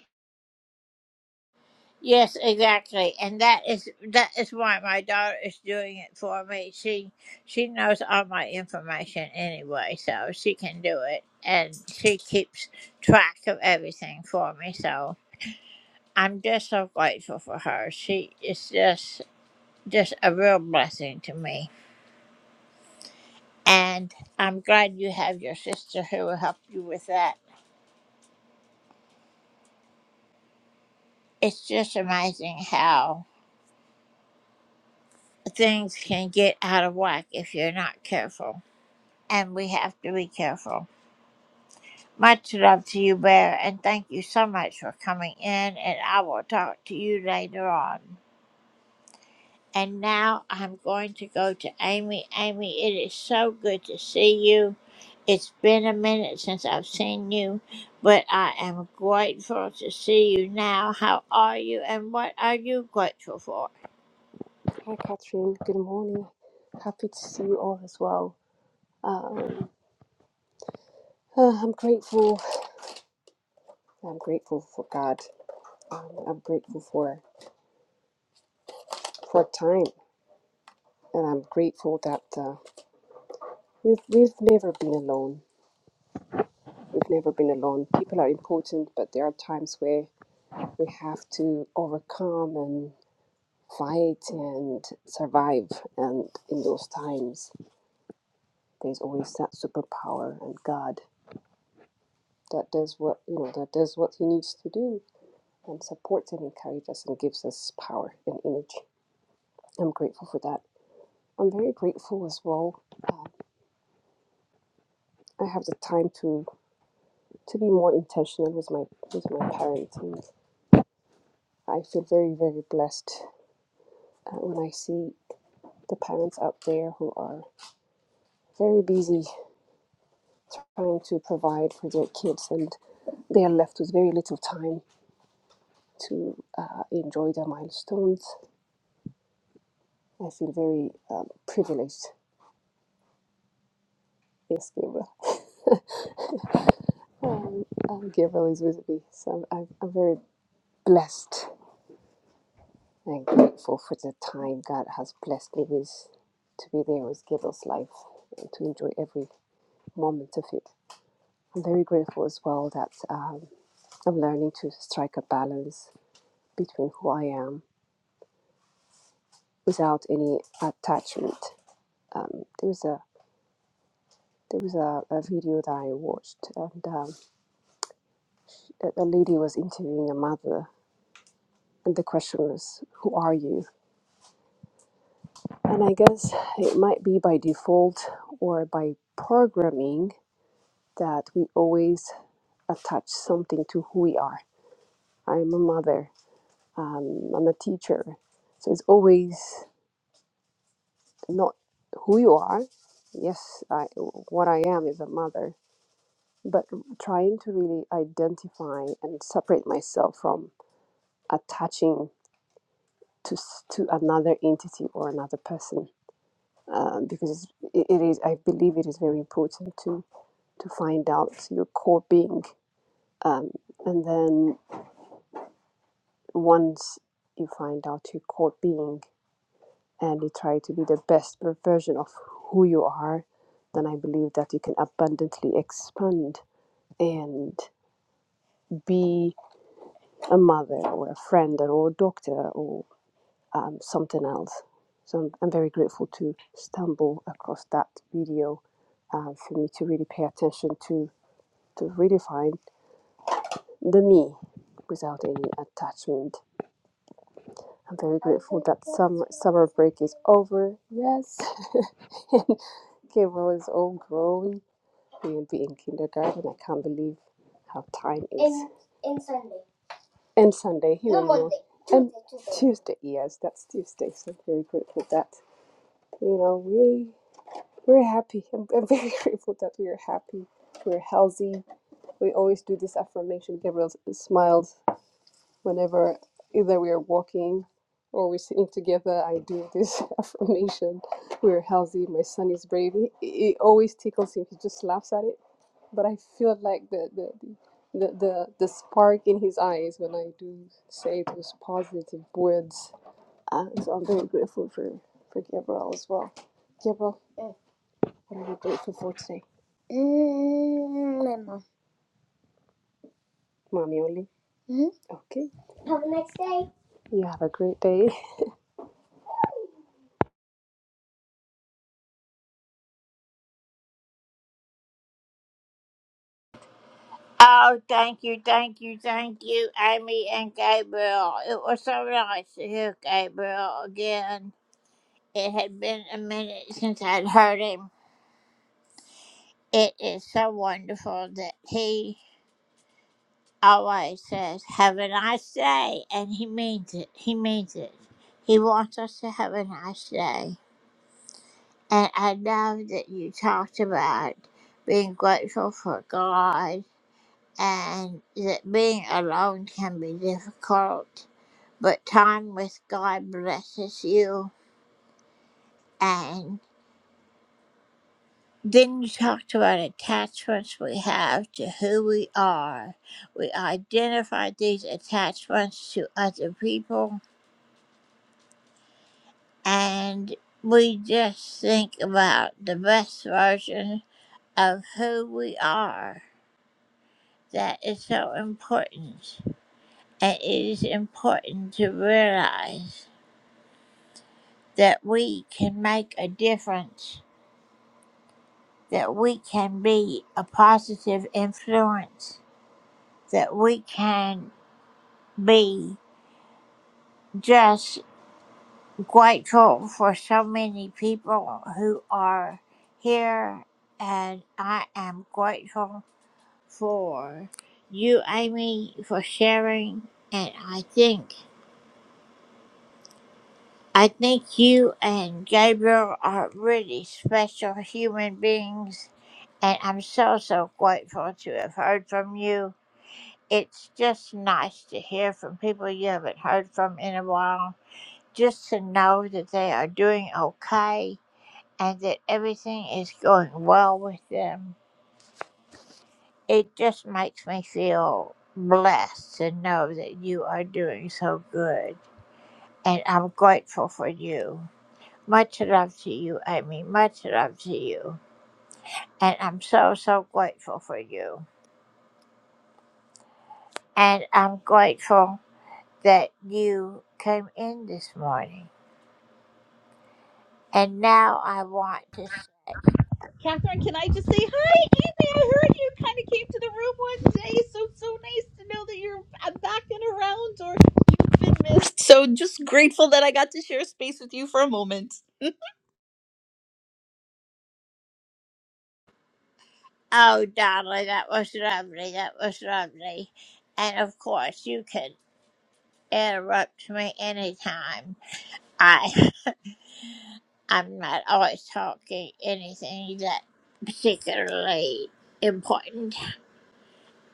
[SPEAKER 2] yes, exactly. And that is that is why my daughter is doing it for me. She she knows all my information anyway, so she can do it and she keeps track of everything for me. So I'm just so grateful for her. She is just just a real blessing to me. And I'm glad you have your sister who will help you with that. It's just amazing how things can get out of whack if you're not careful. And we have to be careful. Much love to you, Bear, and thank you so much for coming in. And I will talk to you later on. And now I'm going to go to Amy. Amy, it is so good to see you. It's been a minute since I've seen you, but I am grateful to see you now. How are you, and what are you grateful for?
[SPEAKER 20] Hi, Catherine. Good morning. Happy to see you all as well. Um, uh, I'm grateful. I'm grateful for God. Um, I'm grateful for for time, and I'm grateful that uh, we've we've never been alone. We've never been alone. People are important, but there are times where we have to overcome and fight and survive. And in those times, there's always that superpower and God that does what you know that does what He needs to do and supports and encourages us and gives us power and energy. I'm grateful for that. I'm very grateful as well. Um, I have the time to to be more intentional with my with my parenting. I feel very very blessed uh, when I see the parents out there who are very busy trying to provide for their kids and they are left with very little time to uh, enjoy their milestones. I feel very um, privileged. Yes, Gabriel. Um, um, Gabriel is with me, so I'm, I'm, I'm very blessed and grateful for the time God has blessed me with to be there with Gabriel's life and to enjoy every moment of it. I'm very grateful as well that um, I'm learning to strike a balance between who I am without any attachment. Um, there was a there was a, a video that I watched, and um, a, a lady was interviewing a mother, and the question was, "Who are you?" And I guess it might be by default or by programming that we always attach something to who we are. I'm a mother, um, I'm a teacher. So it's always not who you are. Yes, I, what I am is a mother, but trying to really identify and separate myself from attaching to, s- to another entity or another person. Um, because it's- it, it is, I believe it is very important to find out your core being. Um, and then once you find out your core being and you try to be the best version of who you are, then I believe that you can abundantly expand and be a mother or a friend or a doctor or um, something else. So I'm, I'm very grateful to stumble across that video uh, for me to really pay attention to to redefine the me without any attachment I'm very grateful that summer summer break is over. Yes, and Gabriel is all grown. He will be in kindergarten. I can't believe how time is. And, and Sunday. And Sunday. He no, will Monday. know. Monday. And Tuesday. Tuesday. Yes, that's Tuesday. So I'm very grateful that you know we we're happy. I'm, I'm very grateful that we are happy. We're healthy. We always do this affirmation. Gabriel smiles whenever either we are walking or we're sitting together, I do this affirmation. We're healthy. My son is brave. It, it always tickles him. He just laughs at it. But I feel like the the, the the the the spark in his eyes when I do say those positive words. Uh, so I'm very grateful for for Gabriel as well. Gabriel, eh, what are you grateful for today, Mommy only? Okay. Have a nice day. You have a great day.
[SPEAKER 2] Oh, thank you, thank you, thank you, Amy and Gabriel. It was so nice to hear Gabriel again. It had been a minute since I'd heard him. It is so wonderful that he always says, Have a nice day. And he means it. He means it. He wants us to have a nice day. And I love that you talked about being grateful for God and that being alone can be difficult but time with God blesses you. And then you talked about attachments we have to who we are. We identify these attachments to other people and we just think about the best version of who we are. That is so important. And it is important to realize that we can make a difference that we can be a positive influence, that we can be just grateful for so many people who are here. And I am grateful for you, Amy, for sharing. And I think I think you and Gabriel are really special human beings. And I'm so so grateful to have heard from you It's just nice to hear from people you haven't heard from in a while, just to know that they are doing okay and that everything is going well with them. It just makes me feel blessed to know that you are doing so good. And I'm grateful for you. Much love to you, Amy. Much love to you. And I'm so, so grateful for you. And I'm grateful that you came in this morning. And now I want to say,
[SPEAKER 21] Catherine, can I just say hi? Kathy, I heard you kind of came to the room one day, so so nice to know that you're uh, back and around or been missed. So just grateful that I got to share space with you for a moment.
[SPEAKER 2] oh, darling, that was lovely. That was lovely. And of course, you can interrupt me anytime. I, I'm not always talking anything that particularly important.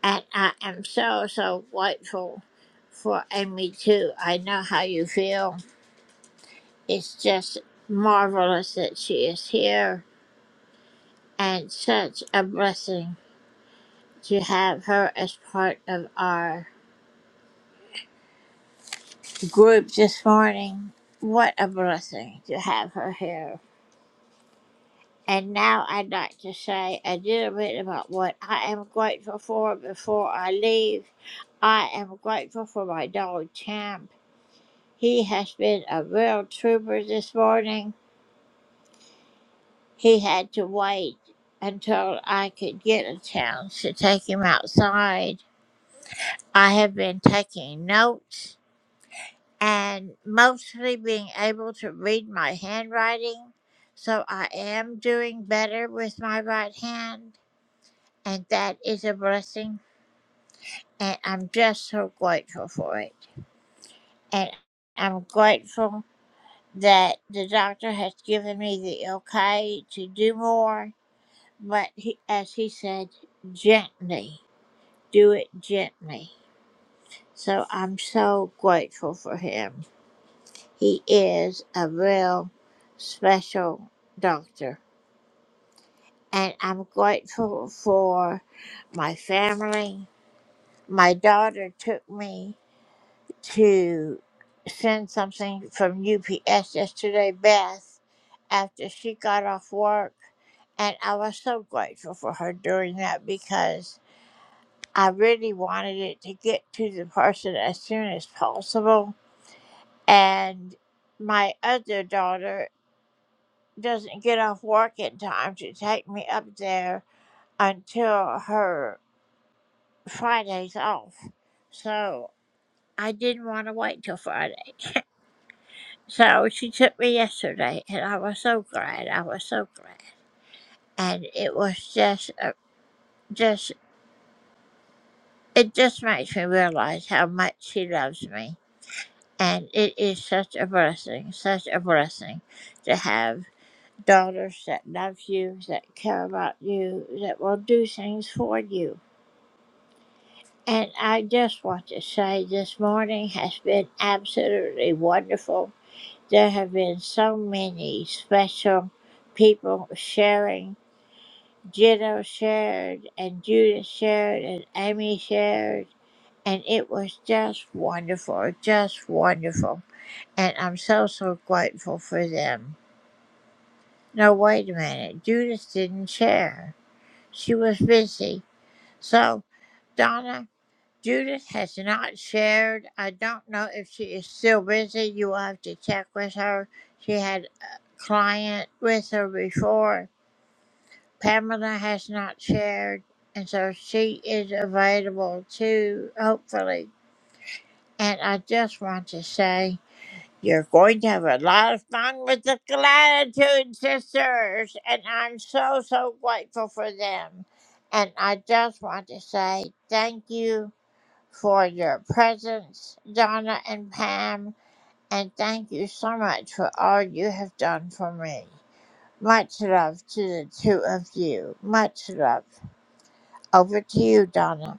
[SPEAKER 2] And I am so, so grateful for Amy, too. I know how you feel. It's just marvelous that she is here and such a blessing. to have her as part of our group this morning. What a blessing to have her here. And now I'd like to say a little bit about what I am grateful for before I leave. I am grateful for my dog Champ. He has been a real trooper this morning. He had to wait until I could get a chance to take him outside. I have been taking notes and mostly being able to read my handwriting. So I am doing better with my right hand, and that is a blessing. And I'm just so grateful for it. And I'm grateful that the doctor has given me the okay to do more, but he, as he said, gently, do it gently. So I'm so grateful for him. He is a real special doctor. And I'm grateful for my family. My daughter took me to send something from UPS yesterday, Beth, after she got off work. And I was so grateful for her doing that because I really wanted it to get to the person as soon as possible. And my other daughter doesn't get off work in time to take me up there until her Friday's off. So I didn't want to wait till Friday. So she took me yesterday, and I was so glad. I was so glad, and it was just, uh, just, it just makes me realize how much she loves me, and it is such a blessing, such a blessing, to have daughters that love you, that care about you, that will do things for you And I just want to say this morning has been absolutely wonderful. There have been so many special people sharing. Jitto shared, and Judith shared, and Amy shared. And it was just wonderful, just wonderful. And I'm so, so grateful for them. No, wait a minute. Judith didn't share, she was busy. So, Donna, Judith has not shared. I don't know if she is still busy. You will have to check with her. She had a client with her before. Pamela has not shared, and so she is available too, hopefully. And I just want to say you're going to have a lot of fun with the Gratitude Sisters, and I'm so, so grateful for them. And I just want to say thank you for your presence, Donna and Pam, and thank you so much for all you have done for me. Much love to the two of you. Much love. Over to you, Donna.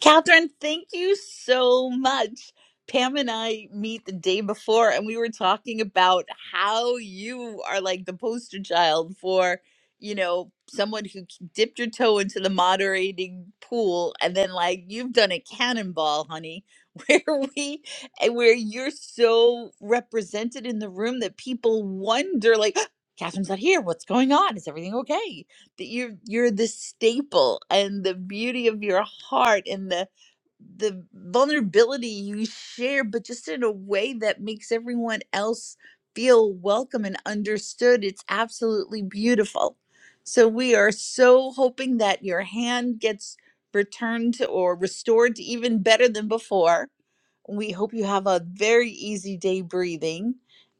[SPEAKER 21] Catherine, thank you so much. Pam and I meet the day before, and we were talking about how you are like the poster child for, you know, someone who dipped your toe into the moderating pool, and then like you've done a cannonball, honey, where we and where you're so represented in the room that people wonder, like, Catherine's not here. What's going on? Is everything okay? that you're you're the staple and the beauty of your heart and the the vulnerability you share but just in a way that makes everyone else feel welcome and understood it's absolutely beautiful so we are so hoping that your hand gets returned or restored to even better than before we hope you have a very easy day breathing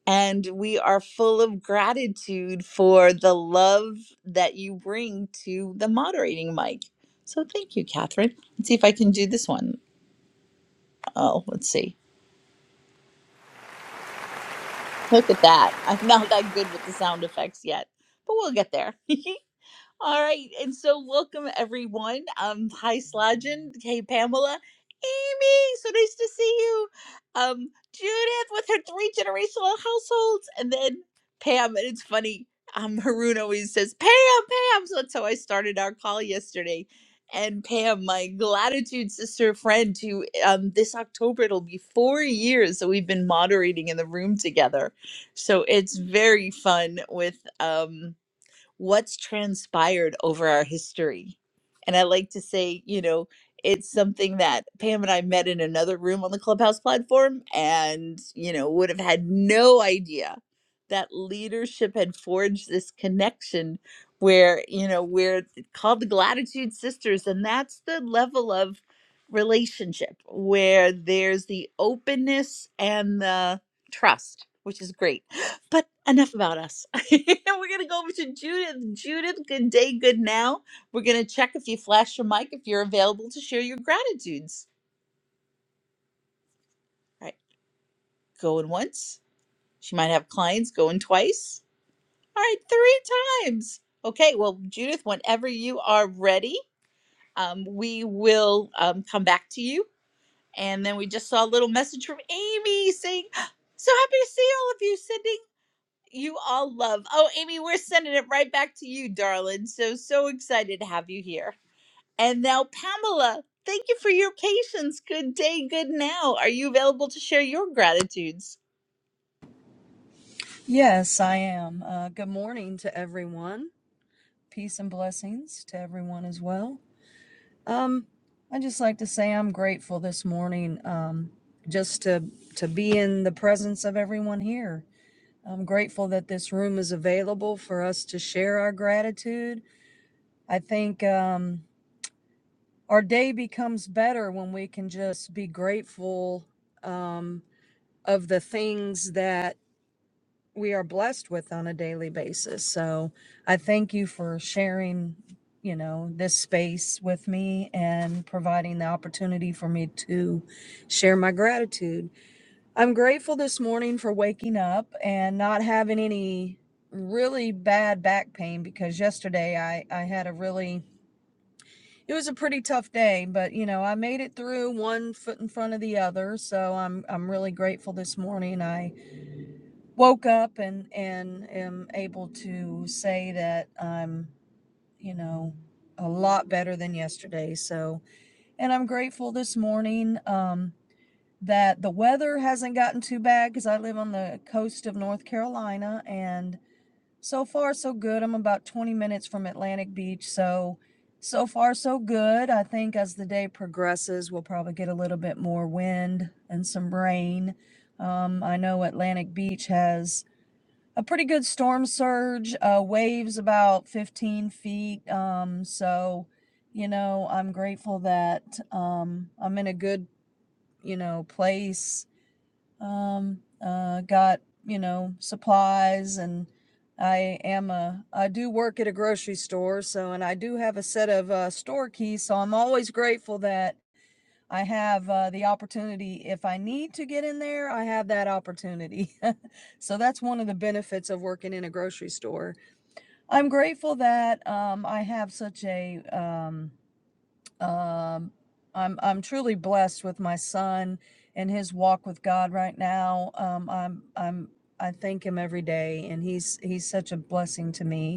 [SPEAKER 21] and we are full of gratitude for the love that you bring to the moderating mic. So thank you, Catherine. Let's see if I can do this one. Oh, let's see. Look at that. I'm not that good with the sound effects yet, but we'll get there. All right, and so welcome everyone. Um, hi Slajan, hey Pamela, Amy, so nice to see you. Um, Judith with her three generational households, and then Pam, and it's funny. Um, Haroon always says Pam, Pam. So that's how I started our call yesterday. And Pam, my gratitude sister friend, who um, this October it'll be four years that we've been moderating in the room together. So it's very fun with um, what's transpired over our history. And I like to say, you know, it's something that Pam and I met in another room on the Clubhouse platform and, you know, would have had no idea that leadership had forged this connection where, you know, we're called the Gratitude Sisters. And that's the level of relationship where there's the openness and the trust, which is great. But enough about us. We're gonna go over to Judith. Judith, good day, good now. We're gonna check if you flash your mic if you're available to share your gratitudes. All right, going once. She might have clients going twice. All right, three times. Okay, well, Judith, whenever you are ready, um, we will um, come back to you. And then we just saw a little message from Amy saying, "So happy to see all of you, sending you all love." Oh, Amy, we're sending it right back to you, darling. So so excited to have you here. And now, Pamela, thank you for your patience. Good day, good now. Are you available to share your gratitudes?
[SPEAKER 22] Yes, I am. Uh, good morning to everyone. Peace and blessings to everyone as well. Um, I just like to say I'm grateful this morning um, just to to be in the presence of everyone here. I'm grateful that this room is available for us to share our gratitude. I think um, our day becomes better when we can just be grateful um, of the things that we are blessed with on a daily basis. So I thank you for sharing, you know, this space with me and providing the opportunity for me to share my gratitude. I'm grateful this morning for waking up and not having any really bad back pain because yesterday I I had a really it was a pretty tough day, but you know, I made it through one foot in front of the other. So I'm I'm really grateful this morning. I woke up and and am able to say that I'm, you know, a lot better than yesterday. So, and I'm grateful this morning um that the weather hasn't gotten too bad cuz I live on the coast of North Carolina and so far so good. I'm about 20 minutes from Atlantic Beach, so so far so good. I think as the day progresses, we'll probably get a little bit more wind and some rain. Um, I know Atlantic Beach has a pretty good storm surge, uh, waves about 15 feet. Um, so, you know, I'm grateful that um, I'm in a good, you know, place. Um, uh, got, you know, supplies and I am a, I do work at a grocery store. So, and I do have a set of uh, store keys. So I'm always grateful that I have uh, the opportunity, if I need to get in there, I have that opportunity. so that's one of the benefits of working in a grocery store. I'm grateful that um, I have such a, um, um, I'm, I'm truly blessed with my son and his walk with God right now. Um, I'm, I'm, I thank him every day and he's, he's such a blessing to me.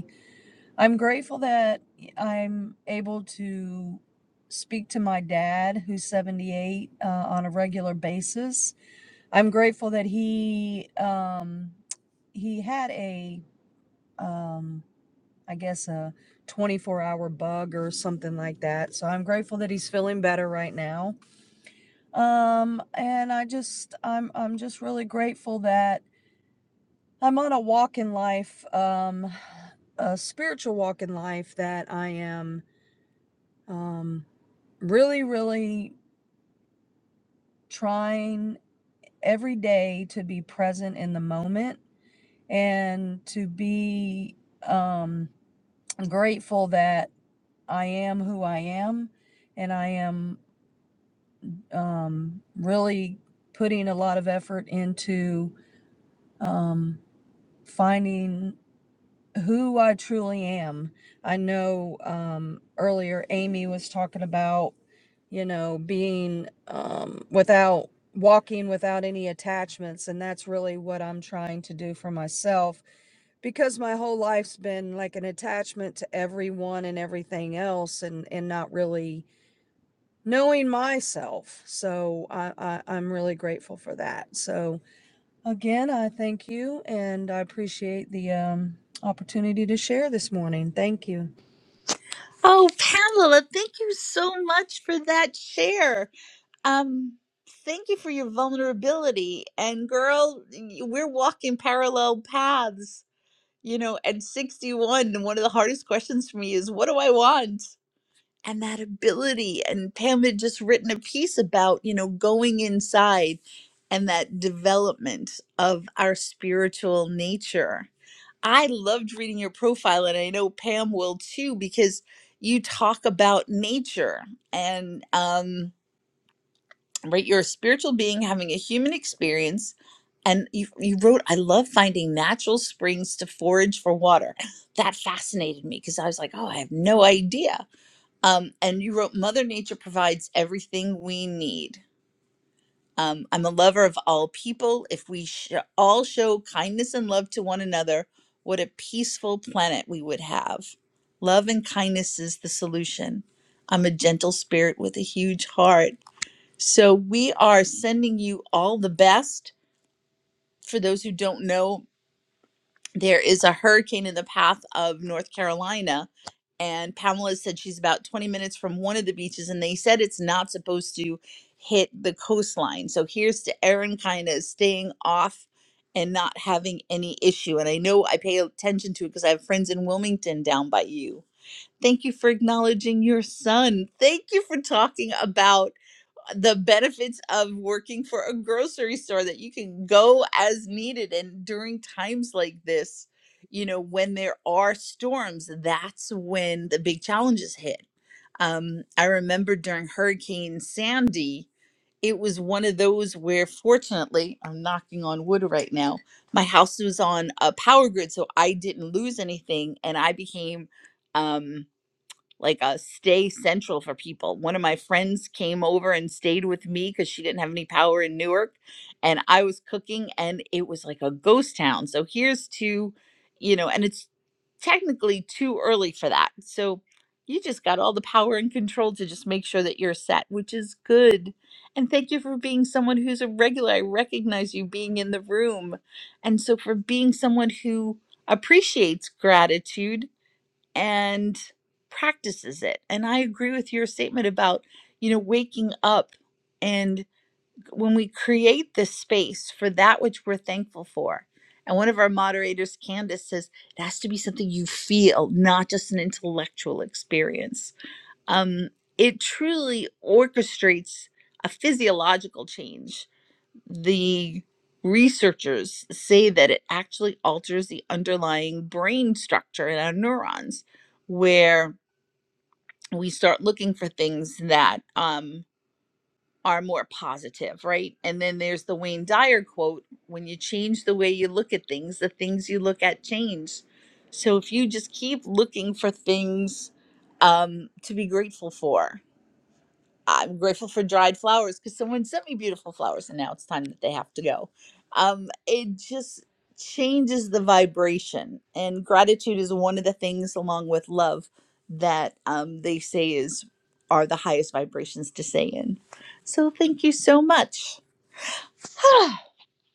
[SPEAKER 22] I'm grateful that I'm able to speak to my dad, who's 78, uh, on a regular basis. I'm grateful that he um, he had a um, I guess a 24 hour bug or something like that. So I'm grateful that he's feeling better right now. Um, and I just I'm I'm just really grateful that I'm on a walk in life, um, a spiritual walk in life that I am Um, really, really trying every day to be present in the moment and to be um, grateful that I am who I am. And I am um, really putting a lot of effort into um, finding who I truly am. I know um, earlier Amy was talking about, you know, being um, without walking without any attachments. And that's really what I'm trying to do for myself because my whole life's been like an attachment to everyone and everything else and, and not really knowing myself. So I, I, I'm really grateful for that. So, Again, I thank you and I appreciate the um, opportunity to share this morning. Thank you.
[SPEAKER 21] Oh, Pamela, thank you so much for that share. Um, thank you for your vulnerability. And girl, y- we're walking parallel paths. You know, at 61, one of the hardest questions for me is what do I want? and that ability. And Pam had just written a piece about, you know, going inside and that development of our spiritual nature. I loved reading your profile, and I know Pam will too, because you talk about nature and, um, right, you're a spiritual being having a human experience. And you, you wrote, I love finding natural springs to forage for water. That fascinated me because I was like, oh, I have no idea um, and you wrote, Mother Nature provides everything we need. Um, I'm a lover of all people. If we sh- all show kindness and love to one another, what a peaceful planet we would have. Love and kindness is the solution. I'm a gentle spirit with a huge heart. So we are sending you all the best. For those who don't know, there is a hurricane in the path of North Carolina. And Pamela said she's about 20 minutes from one of the beaches, and they said it's not supposed to hit the coastline. So here's to Erin kind of staying off and not having any issue. And I know I pay attention to it because I have friends in Wilmington down by you. Thank you for acknowledging your son. Thank you for talking about the benefits of working for a grocery store that you can go as needed and during times like this you know when there are storms that's when the big challenges hit um, i remember during hurricane sandy it was one of those where fortunately i'm knocking on wood right now my house was on a power grid so i didn't lose anything and i became um, like a stay central for people. One of my friends came over and stayed with me because she didn't have any power in Newark, and I was cooking, and it was like a ghost town. So here's to, you know, and it's technically too early for that. So you just got all the power and control to just make sure that you're set, which is good. And thank you for being someone who's a regular. I recognize you being in the room. And so for being someone who appreciates gratitude and practices it. And I agree with your statement about, you know, waking up and when we create this space for that which we're thankful for. And one of our moderators, Candace, says it has to be something you feel, not just an intellectual experience. Um, it truly orchestrates a physiological change the researchers say that it actually alters the underlying brain structure in our neurons, where we start looking for things that um, are more positive, right? And then there's the Wayne Dyer quote when you change the way you look at things, the things you look at change. So if you just keep looking for things um, to be grateful for, I'm grateful for dried flowers because someone sent me beautiful flowers and now it's time that they have to go. Um, it just changes the vibration. And gratitude is one of the things, along with love, that um, they say is are the highest vibrations to say in. So thank you so much.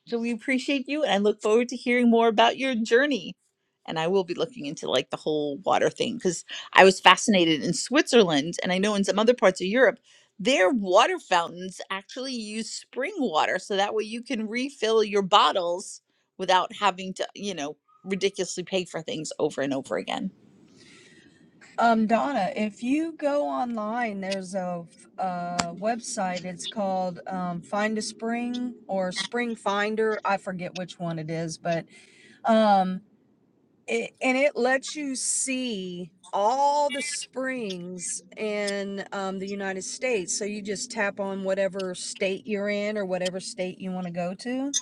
[SPEAKER 21] So we appreciate you, and I look forward to hearing more about your journey. And I will be looking into like the whole water thing because I was fascinated in Switzerland, and I know in some other parts of Europe, their water fountains actually use spring water, so that way you can refill your bottles without having to, you know, ridiculously pay for things over and over again.
[SPEAKER 22] Um, Donna, if you go online, there's a, uh website. It's called um, Find a Spring or Spring Finder. I forget which one it is, but um, it, and it lets you see all the springs in um, the United States. So you just tap on whatever state you're in or whatever state you want to go to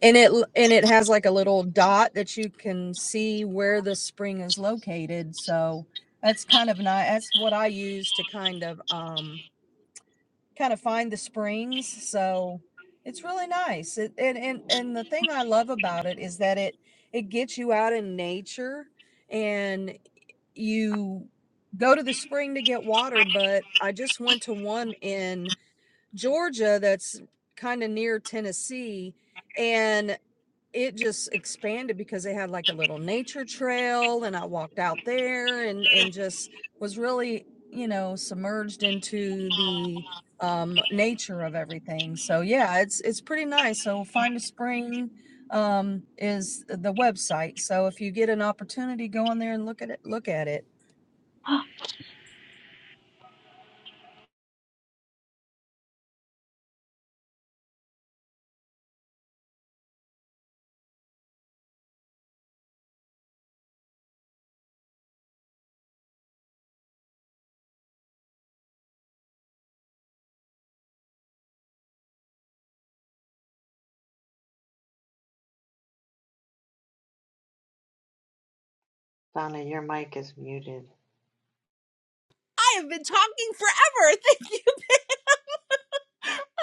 [SPEAKER 22] And it and it has like a little dot that you can see where the spring is located. So that's kind of nice. That's what I use to kind of um kind of find the springs. So it's really nice. It, and and and the thing I love about it is that it it gets you out in nature and you go to the spring to get water. But I just went to one in Georgia that's kind of near Tennessee and it just expanded because they had like a little nature trail and I walked out there and and just was really, you know, submerged into the um nature of everything. So yeah, it's it's pretty nice. So find a spring, um, is the website. So if you get an opportunity, go on there and look at it, look at it.
[SPEAKER 21] I
[SPEAKER 23] Donna, your mic is muted.
[SPEAKER 21] have been talking forever. Thank you.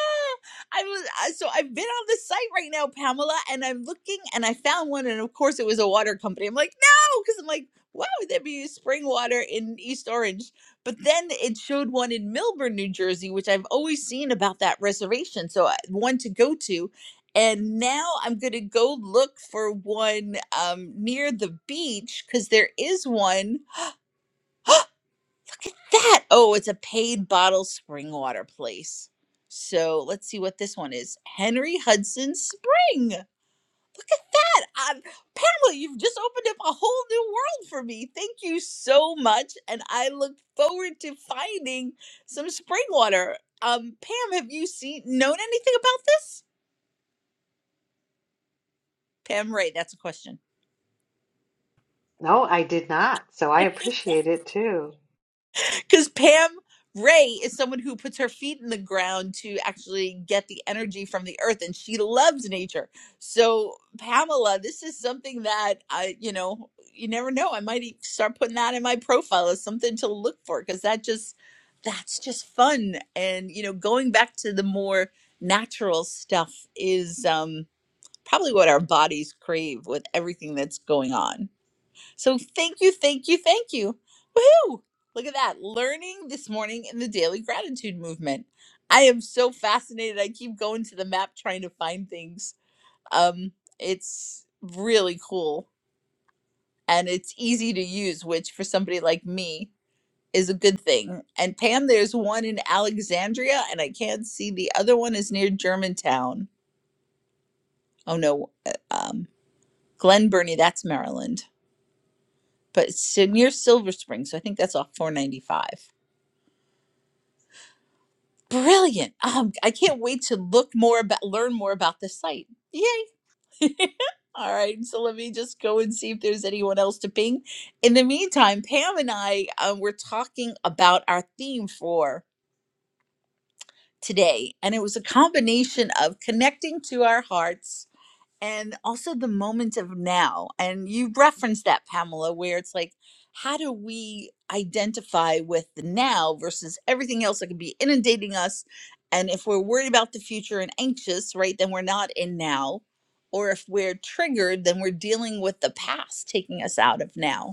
[SPEAKER 21] I was uh, so I've been on the site right now, Pamela, and I'm looking and I found one, and of course it was a water company. I'm like, no, because I'm like, why would there be spring water in East Orange? But then it showed one in Milburn, New Jersey, which I've always seen about that reservation, so I- one to go to. And now I'm going to go look for one um, near the beach because there is one. that oh it's a paid bottle spring water place so let's see what this one is henry hudson spring look at that um, pamela you've just opened up a whole new world for me thank you so much and i look forward to finding some spring water um pam have you seen known anything about this pam ray that's a question
[SPEAKER 23] No, I did not. So I appreciate it too.
[SPEAKER 21] Because Pam Ray is someone who puts her feet in the ground to actually get the energy from the earth, and she loves nature. So, Pamela, this is something that I, you know, you never know. I might e- start putting that in my profile as something to look for because that just, that's just fun. And, you know, going back to the more natural stuff is um, probably what our bodies crave with everything that's going on. So thank you, thank you, thank you. Woohoo! Look at that. Learning this morning in the daily gratitude movement. I am so fascinated. I keep going to the map trying to find things. Um, it's really cool and it's easy to use, which for somebody like me is a good thing. And Pam, there's one in Alexandria, and I can't see the other one is near Germantown. Oh no, uh, um, Glen Burnie, that's Maryland. But it's near Silver Spring, so I think that's off 495 Brilliant. Um, I can't wait to look more about learn more about this site. Yay. All right, so let me just go and see if there's anyone else to ping. In the meantime, Pam and I um, were talking about our theme for today, and it was a combination of connecting to our hearts and also the moment of now. And you referenced that, Pamela, where it's like, how do we identify with the now versus everything else that could be inundating us? And if we're worried about the future and anxious, right, then we're not in now. Or if we're triggered, then we're dealing with the past taking us out of now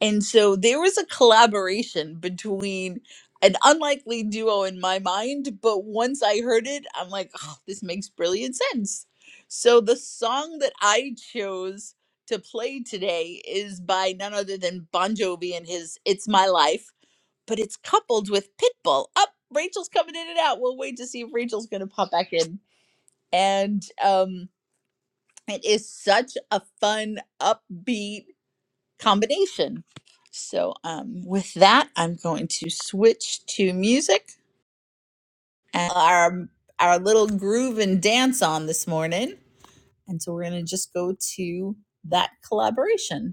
[SPEAKER 21] and so there was a collaboration between an unlikely duo in my mind, but once I heard it, I'm like, oh, this makes brilliant sense. So the song that I chose to play today is by none other than Bon Jovi and his It's My Life, but it's coupled with Pitbull. Up, Rachel's coming in and out. We'll wait to see if Rachel's going to pop back in. And um, it is such a fun, upbeat combination. So, um, with that, I'm going to switch to music and our our little groove and dance on this morning. And so we're going to just go to that collaboration.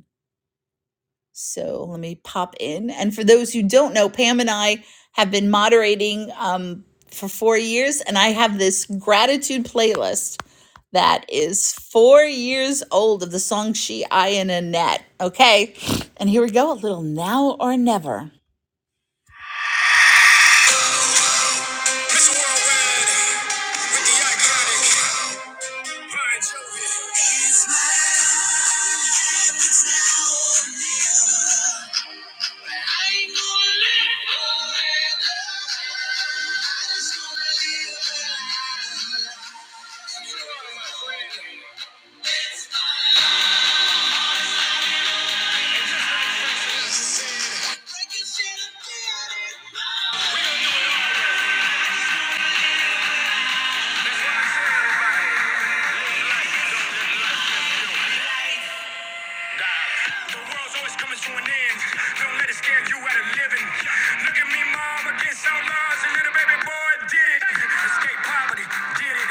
[SPEAKER 21] So let me pop in. And for those who don't know, Pam and I have been moderating um, for four years, and I have this gratitude playlist that is four years old of the song She, I, and Annette. Okay. And here we go a little now or never. it We're do Die. The world's always coming to an end. Don't let it scare you out of living. Look at me, mom, against all odds. A little baby boy did it. Escape poverty, did it.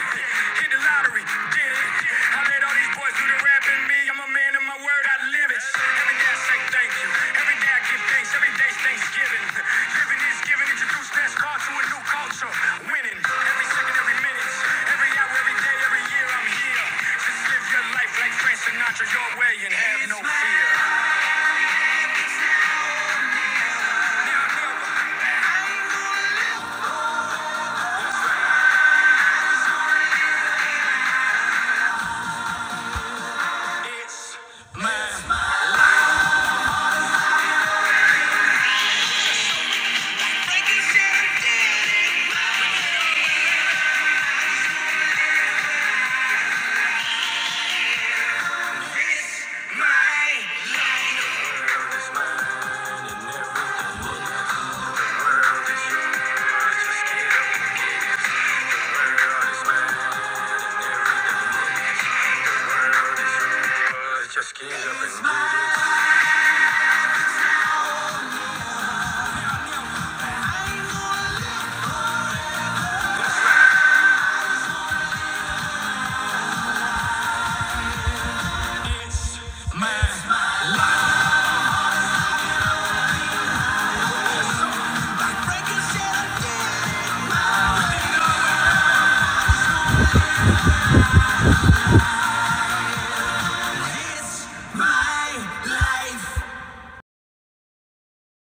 [SPEAKER 21] Hit the lottery, did it. I let all these boys do the rap in me. I'm a man of my word, I live it. Every day I say thank you. Every day I give thanks. Every day's Thanksgiving. Living is giving. Introduce NASCAR to a new culture. Winning every second, every minute, every hour, every day, every year. I'm here. Just live your life like Frank Sinatra, your way, and have no fear. It's mine. The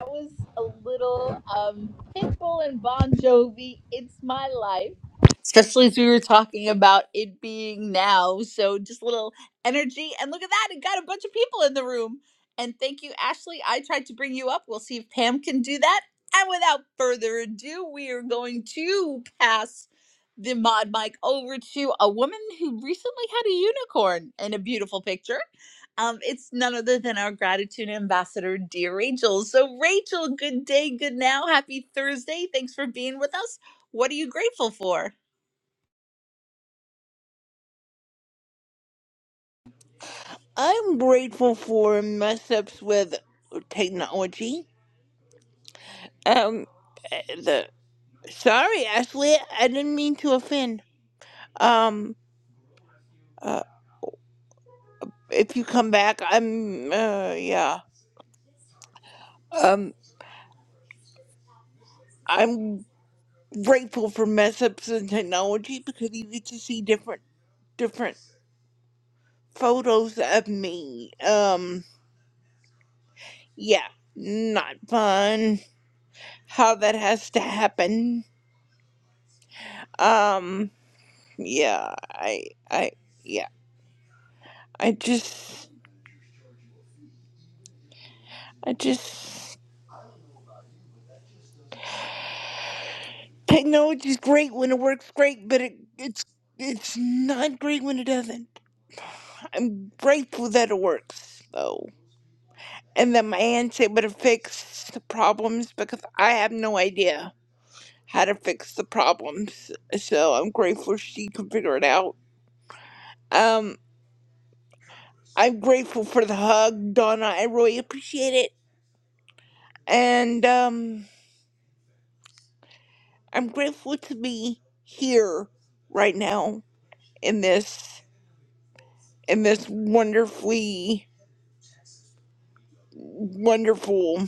[SPEAKER 21] That was a little um, Pitbull and Bon Jovi. It's my life. Especially as we were talking about it being now. So just a little energy. And look at that. It got a bunch of people in the room. And thank you, Ashley. I tried to bring you up. We'll see if Pam can do that. And without further ado, we are going to pass the mod mic over to a woman who recently had a unicorn in a beautiful picture. Um, it's none other than our gratitude ambassador, dear Rachel. So, Rachel, good day, good now, happy Thursday. Thanks for being with us. What are you grateful for?
[SPEAKER 16] I'm grateful for mess ups with technology. Um, the sorry, Ashley, I didn't mean to offend. Um, uh, if you come back, I'm uh, yeah. Um. I'm grateful for mess ups in technology because you get to see different different photos of me. Um yeah, not fun how that has to happen. Um yeah, I I yeah. I just I just technology's great when it works great, but it it's it's not great when it doesn't. I'm grateful that it works though. and the man's able to fix the problems because I have no idea how to fix the problems. So I'm grateful she can figure it out. Um, I'm grateful for the hug, Donna. I really appreciate it, and um, I'm grateful to be here right now in this in this wonderfully wonderful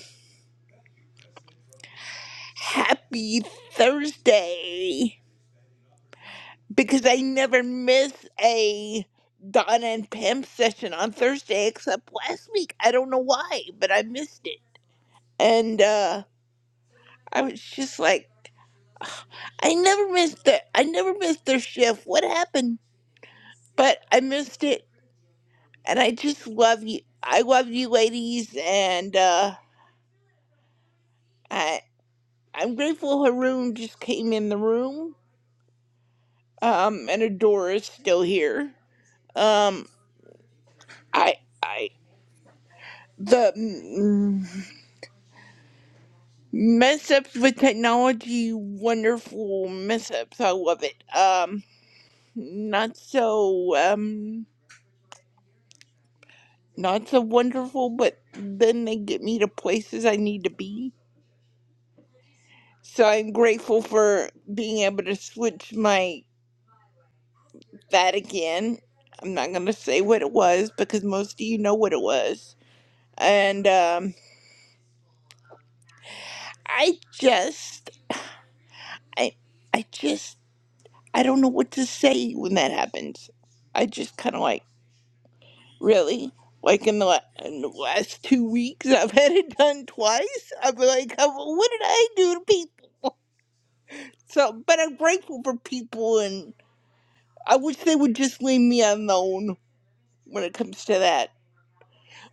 [SPEAKER 16] happy Thursday. because I never miss a Donna and Pam session on Thursday except last week. I don't know why, but I missed it. And uh I was just like I never missed the I never missed their shift. What happened? But I missed it and I just love you. I love you ladies and uh I I'm grateful Haroon just came in the room. Um and Adora's still here. Um I I the mm, Mishaps with technology, wonderful mishaps. I love it. Um, not so um, not so wonderful, but then they get me to places I need to be. So I'm grateful for being able to switch my that again. I'm not gonna say what it was because most of you know what it was, and um, I just I I just I don't know what to say when that happens. I just kind of like. Really? Like in the, la- in the last two weeks, I've had it done twice. I've been like, "Oh, well, what did I do to people? So, but I'm grateful for people, and I wish they would just leave me alone when it comes to that.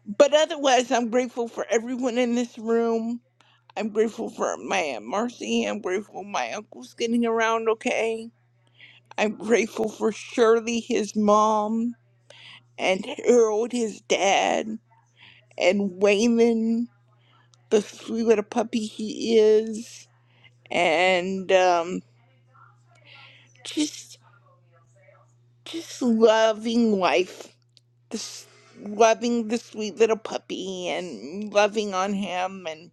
[SPEAKER 16] But otherwise, I'm grateful for everyone in this room. I'm grateful for my Aunt Marcy. I'm grateful my uncle's getting around okay. I'm grateful for Shirley, his mom, and Harold, his dad, and Wayman the sweet little puppy he is, and um, just just loving life, this, loving the sweet little puppy, and loving on him, and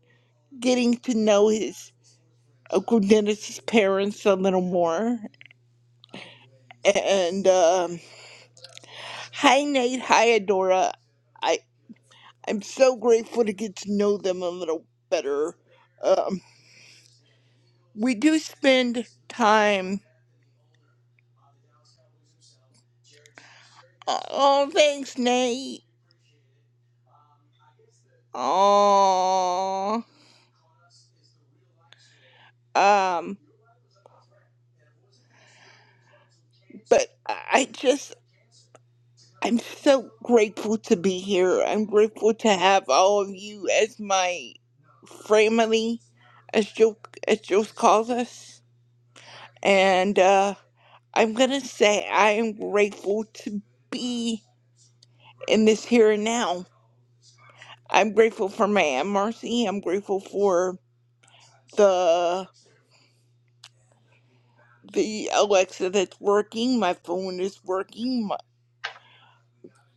[SPEAKER 16] getting to know his Uncle Dennis's parents a little more. And um, hi Nate, hi Adora. I I'm so grateful to get to know them a little better. Um, we do spend time. Oh, thanks, Nate Oh, um, but I just, I'm so grateful to be here. I'm grateful to have all of you as my family, as Joe, as Joe calls us. And uh, I'm gonna say I am grateful to be in this here and now. I'm grateful for my Aunt Marcy. I'm grateful for the the Alexa that's working. My phone is working. My,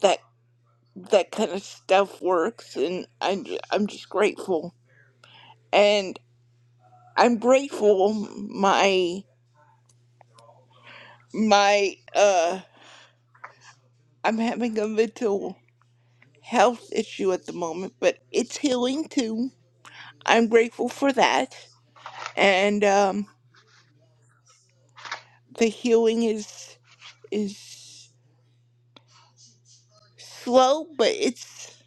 [SPEAKER 16] That. that kind of stuff works and I'm, ju- I'm just grateful and i'm grateful my my uh i'm having a mental health issue at the moment but it's healing too i'm grateful for that and um the healing is is slow but it's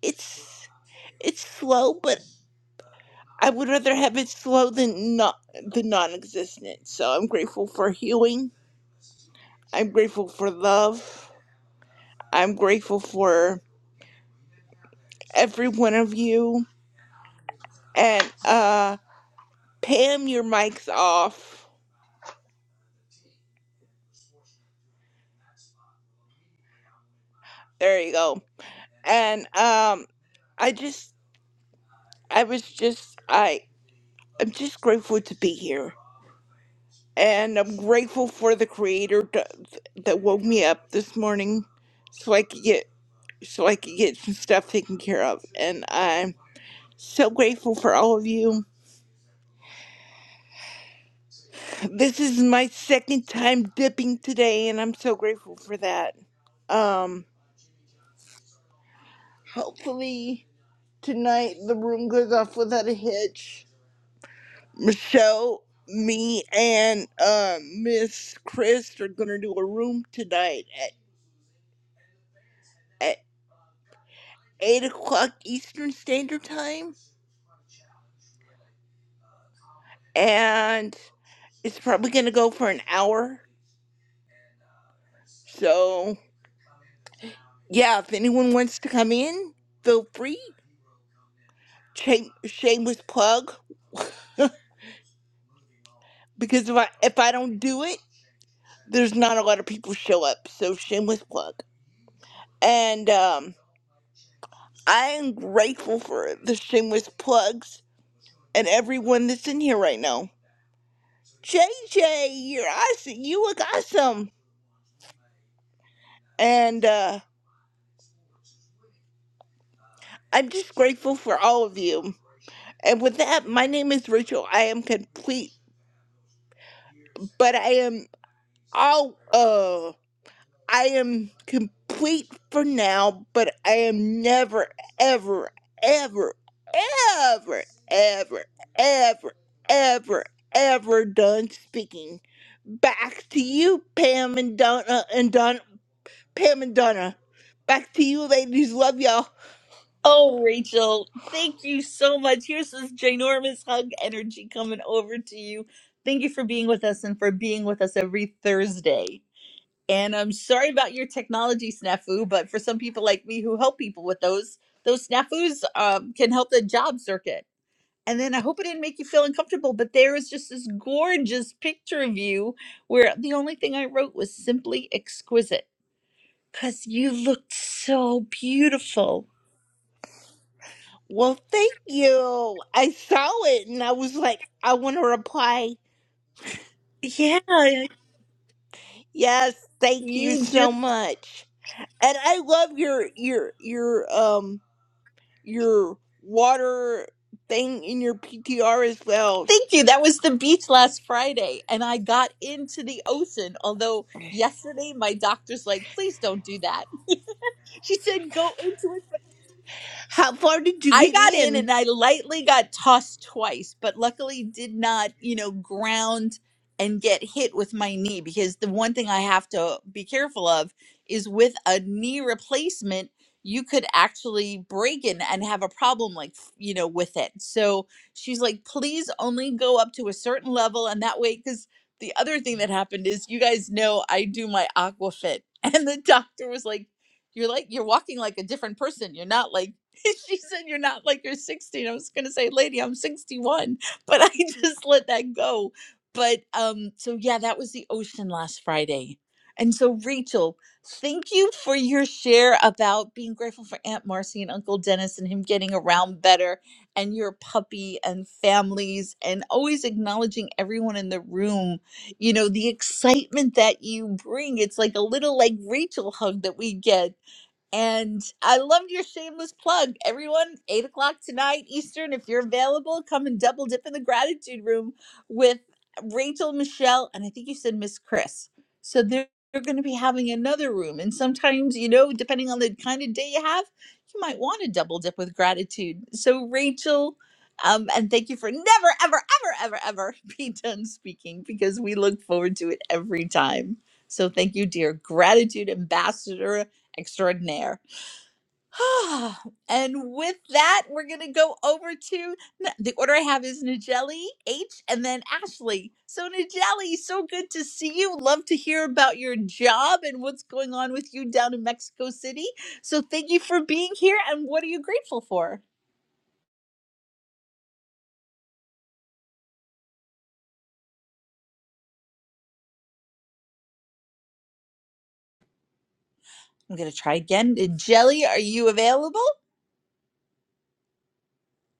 [SPEAKER 16] it's it's slow but i would rather have it slow than not the non-existent so i'm grateful for healing I'm grateful for love. I'm grateful for every one of you. And uh Pam, your mic's off. There you go. And um I just I was just I I'm just grateful to be here. And I'm grateful for the creator to, that woke me up this morning so I could get so I could get some stuff taken care of. And I'm so grateful for all of you This is my second time dipping today, and I'm so grateful for that. Um, hopefully tonight the room goes off without a hitch. Michelle, me, and uh, Miss Chris are gonna do a room tonight at at eight o'clock Eastern Standard Time, and it's probably gonna go for an hour. So yeah, if anyone wants to come in, feel free. Shame, shameless plug. because if I if I don't do it, there's not a lot of people show up. So shameless plug. And um, I am grateful for the shameless plugs and everyone that's in here right now. JJ, you're awesome. You look awesome. And uh, I'm just grateful for all of you. And with that, my name is Rachel. I am complete, but I am all. I am complete for now, but I am never, ever, ever, ever, ever, ever, ever, ever done speaking. Back to you, Pam and Donna and Don Pam and Donna. Back to you, ladies. Love y'all.
[SPEAKER 21] Oh, Rachel, thank you so much. Here's this ginormous hug energy coming over to you. Thank you for being with us and for being with us every Thursday. And I'm sorry about your technology snafu, but for some people like me who help people with those, those snafus um, can help the job circuit. and then I hope it didn't make you feel uncomfortable, but there is just this gorgeous picture of you where the only thing I wrote was simply exquisite because you looked so beautiful.
[SPEAKER 16] Well, thank you. I saw it and I was like, I want to reply.
[SPEAKER 21] Yeah,
[SPEAKER 16] Yes, thank
[SPEAKER 21] you
[SPEAKER 16] you so
[SPEAKER 21] just
[SPEAKER 16] much. And I love your your your um your water thing in your PTR as well.
[SPEAKER 21] thank you. That was the beach last Friday, and I got into the ocean. Although yesterday my doctor's like, please don't do that. She said, go into it.
[SPEAKER 16] How far did you
[SPEAKER 21] I
[SPEAKER 16] get
[SPEAKER 21] got in
[SPEAKER 16] in?
[SPEAKER 21] and I lightly got tossed twice, but luckily did not, you know, ground and get hit with my knee because the one thing I have to be careful of is with a knee replacement, you could actually break in and have a problem like, you know, with it. So she's like, please only go up to a certain level. And that way, because the other thing that happened is you guys know I do my aqua fit. And the doctor was like, you're like, you're walking like a different person. You're not like, she said, You're not like you're 16. I was going to say, Lady, I'm 61, but I just let that go. But um, so yeah, that was the ocean last Friday. And so, Rachel, thank you for your share about being grateful for Aunt Marcy and Uncle Dennis and him getting around better and your puppy and families and always acknowledging everyone in the room. You know, the excitement that you bring. It's like a little like Rachel hug that we get and I loved your shameless plug. Everyone, eight o'clock tonight Eastern, if you're available, come and double dip in the gratitude room with Rachel, Michelle, and I think you said Miss Chris. So they're, they're going to be having another room. And sometimes, you know, depending on the kind of day you have, you might want to double dip with gratitude. So, Rachel, um, and thank you for never, ever, ever, ever, ever be done speaking because we look forward to it every time. So, thank you, dear gratitude ambassador extraordinaire. and with that, we're going to go over to the order I have is Nigeli, H, and then Ashley. So, Nigeli, so good to see you. Love to hear about your job and what's going on with you down in Mexico City. So, thank you for being here. And what are you grateful for? I'm going to try again. Nigeli, are you available?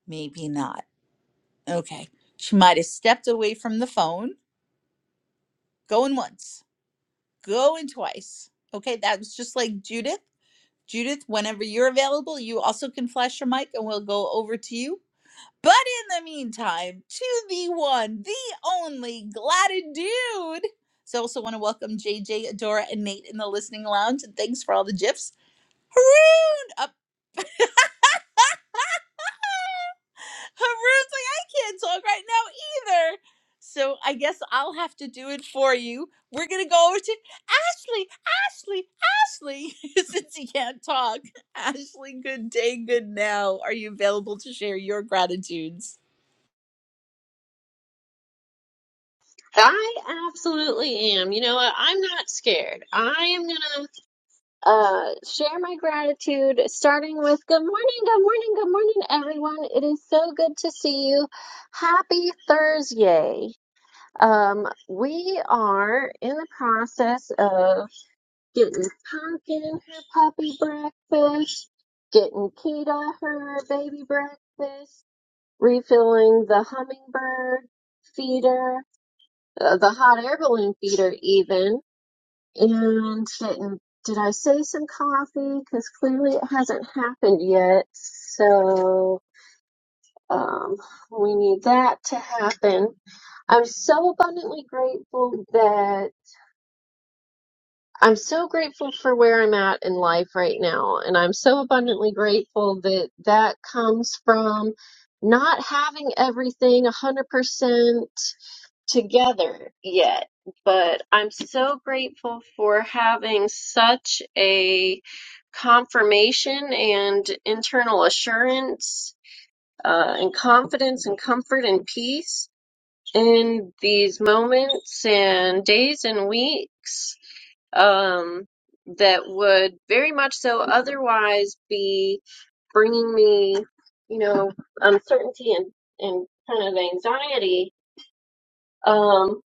[SPEAKER 21] Maybe not. Okay. She might have stepped away from the phone. Going once, going twice. Okay, that was just like Judith. Judith, whenever you're available, you also can flash your mic and we'll go over to you. But in the meantime, to the one, the only Gladded Dude. So I also want to welcome JJ, Adora, and Nate in the listening lounge. And thanks for all the gifs. Haroon! Up. Haroon's like, I can't talk right now either. So I guess I'll have to do it for you. We're gonna go over to Ashley, Ashley, Ashley, since he can't talk. Ashley, good day, good now. Are you available to share your gratitudes?
[SPEAKER 24] I absolutely am. You know what? I'm not scared. I am gonna uh share my gratitude starting with good morning, good morning, good morning, everyone. It is so good to see you. Happy Thursday. Um, we are in the process of getting Pumpkin her puppy breakfast, getting Kita her baby breakfast, refilling the hummingbird feeder uh, the hot air balloon feeder even and didn't did I say some coffee? Because clearly it hasn't happened yet. So um, we need that to happen. I'm so abundantly grateful that I'm so grateful for where I'm at in life right now. And I'm so abundantly grateful that that comes from not having everything 100%, together yet, but I'm so grateful for having such a confirmation and internal assurance uh, and confidence and comfort and peace in these moments and days and weeks um, that would very much so otherwise be bringing me, you know, uncertainty and, and kind of anxiety. Um,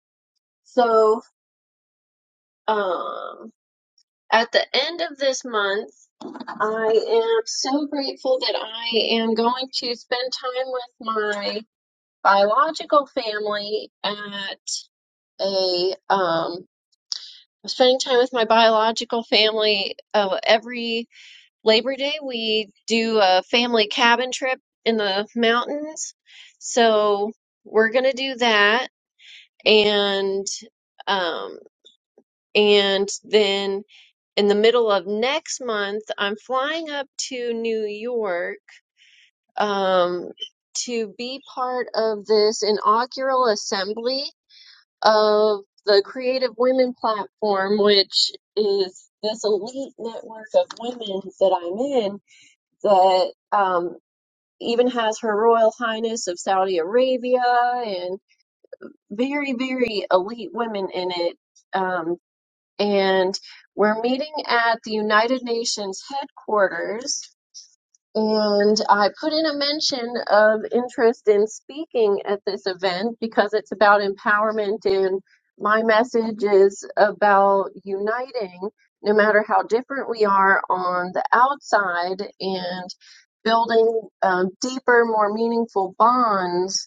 [SPEAKER 24] so, Um, at the end of this month, I am so grateful that I am going to spend time with my biological family at a um spending time with my biological family uh, every Labor Day we do a family cabin trip in the mountains. So we're going to do that and um and then in the middle of next month, I'm flying up to New York um, to be part of this inaugural assembly of the Creative Women Platform, which is this elite network of women that I'm in that um, even has Her Royal Highness of Saudi Arabia and very, very elite women in it. Um, and we're meeting at the United Nations headquarters. And I put in a mention of interest in speaking at this event because it's about empowerment, and my message is about uniting, no matter how different we are on the outside, and building um, deeper, more meaningful bonds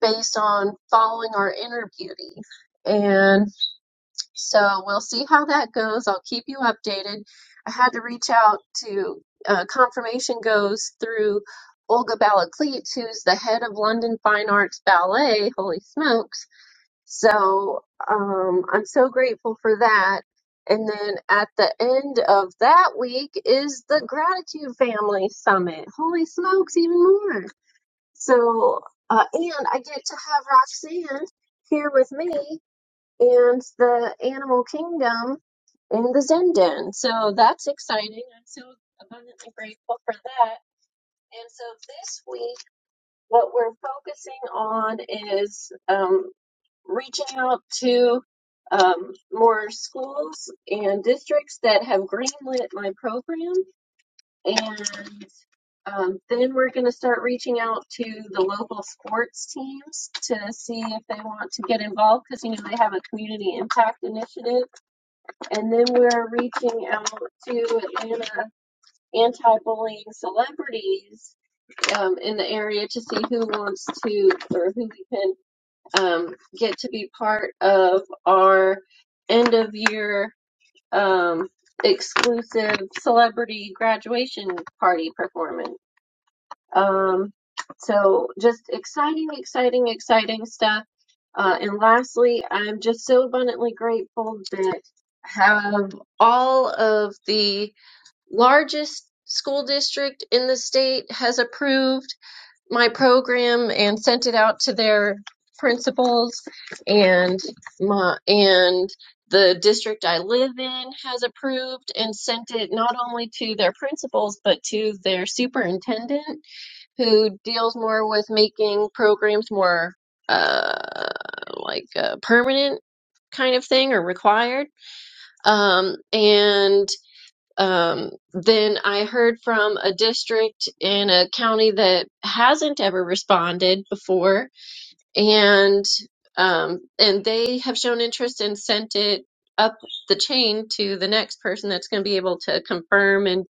[SPEAKER 24] based on following our inner beauty. And so we'll see how that goes. I'll keep you updated. I had to reach out to uh, confirmation goes through Olga Balakleet, who's the head of London Fine Arts Ballet. Holy smokes! So um, I'm so grateful for that. And then at the end of that week is the Gratitude Family Summit. Holy smokes, even more. So, uh, and I get to have Roxanne here with me and the animal kingdom in the Zen Den. So that's exciting. I'm so abundantly grateful for that. And so this week, what we're focusing on is um, reaching out to um, more schools and districts that have greenlit my program. And um, then we're going to start reaching out to the local sports teams to see if they want to get involved because, you know, they have a community impact initiative and then we're reaching out to Atlanta anti-bullying celebrities um, in the area to see who wants to or who we can um, get to be part of our end of year um, exclusive celebrity graduation party performance. Um, so just exciting, exciting, exciting stuff. Uh, and lastly, I'm just so abundantly grateful that have all of the largest school district in the state has approved my program and sent it out to their principals and my and the district I live in has approved and sent it not only to their principals but to their superintendent who deals more with making programs more uh, like uh, permanent kind of thing or required. Um, and um, then I heard from a district in a county that hasn't ever responded before, and um, and they have shown interest and sent it up the chain to the next person that's going to be able to confirm and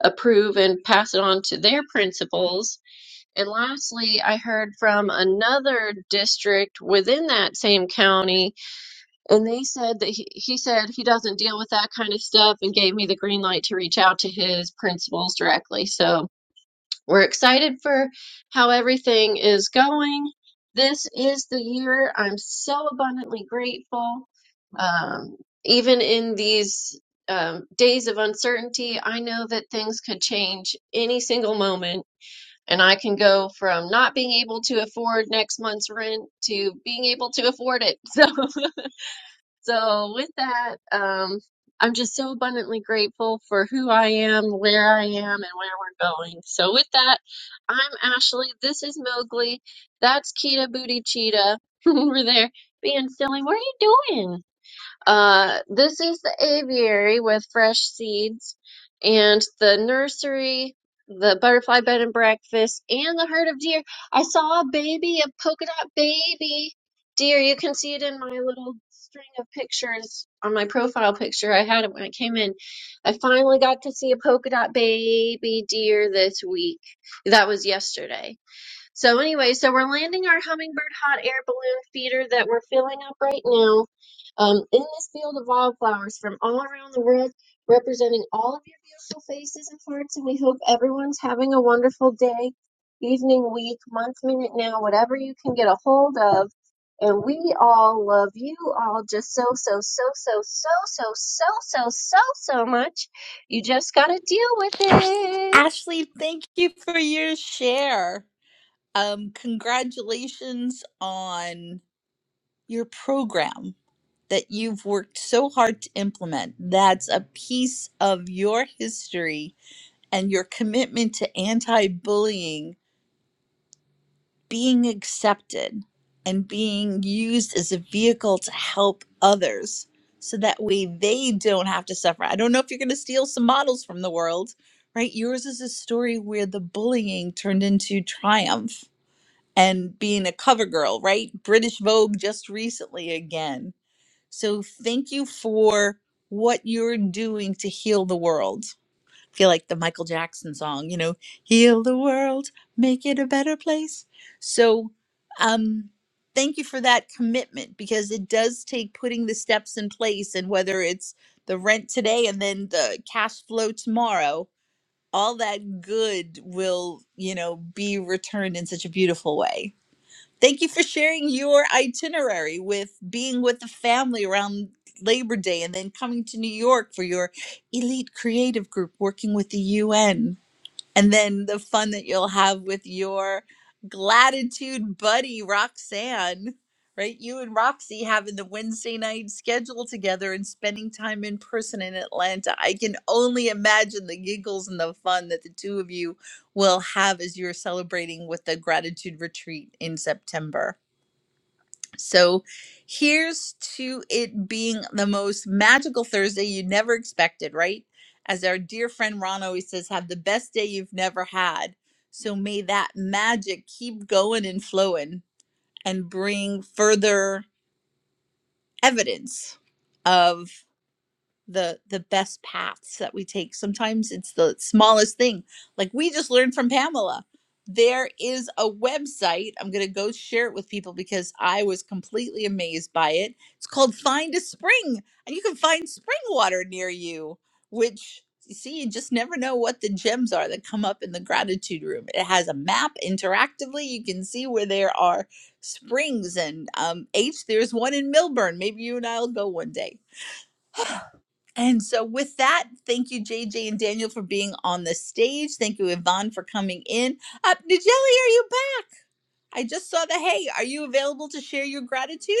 [SPEAKER 24] approve and pass it on to their principals and lastly, I heard from another district within that same county, and they said that he, he said he doesn't deal with that kind of stuff and gave me the green light to reach out to his principals directly. So we're excited for how everything is going. This is the year I'm so abundantly grateful. Um, even in these um, days of uncertainty, I know that things could change any single moment and I can go from not being able to afford next month's rent to being able to afford it. So, so with that, um, I'm just so abundantly grateful for who I am, where I am, and where we're going. So with that, I'm Ashley. This is Mowgli. That's Kita Booty Cheetah over there being silly. What are you doing? Uh, this is the aviary with fresh seeds, and the nursery, the butterfly bed and breakfast, and the herd of deer. I saw a baby, a polka dot baby deer. You can see it in my little string of pictures on my profile picture. I had it when I came in. I finally got to see a polka dot baby deer this week. That was yesterday so anyway, so we're landing our hummingbird hot air balloon feeder that we're filling up right now um, in this field of wildflowers from all around the world, representing all of your beautiful faces and hearts. And we hope everyone's having a wonderful day, evening, week, month, minute, now, whatever you can get a hold of. And we all love you all just so, so, so, so, so, so, so, so, so, so much. You just got to deal with it.
[SPEAKER 21] Ashley, thank you for your share. Um, congratulations on your program that you've worked so hard to implement. That's a piece of your history and your commitment to anti bullying being accepted and being used as a vehicle to help others so that way they don't have to suffer. I don't know if you're going to steal some models from the world, right? Yours is a story where the bullying turned into triumph and being a cover girl, right? British Vogue just recently again. So thank you for what you're doing to heal the world feel like the Michael Jackson song, you know, heal the world, make it a better place. So, um, thank you for that commitment because it does take putting the steps in place and whether it's the rent today and then the cash flow tomorrow, all that good will, you know, be returned in such a beautiful way. Thank you for sharing your itinerary with being with the family around Labor Day and then coming to New York for your elite creative group working with the UN and then the fun that you'll have with your gratitude buddy Roxanne, right? You and Roxy having the Wednesday night schedule together and spending time in person in Atlanta. I can only imagine the giggles and the fun that the two of you will have as you're celebrating with the gratitude retreat in September. So here's to it being the most magical Thursday you never expected, right? As our dear friend Ron always says, have the best day you've never had. So may that magic keep going and flowing and bring further evidence of the the best paths that we take sometimes it's the smallest thing like we just learned from pamela there is a website i'm going to go share it with people because i was completely amazed by it it's called find a spring and you can find spring water near you which you see you just never know what the gems are that come up in the gratitude room it has a map interactively you can see where there are springs and um h there's one in milburn maybe you and i'll go one day and so, with that, thank you, JJ and Daniel, for being on the stage. Thank you, Yvonne, for coming in. Uh, Nigeli, are you back? I just saw the hey. Are you available to share your gratitude?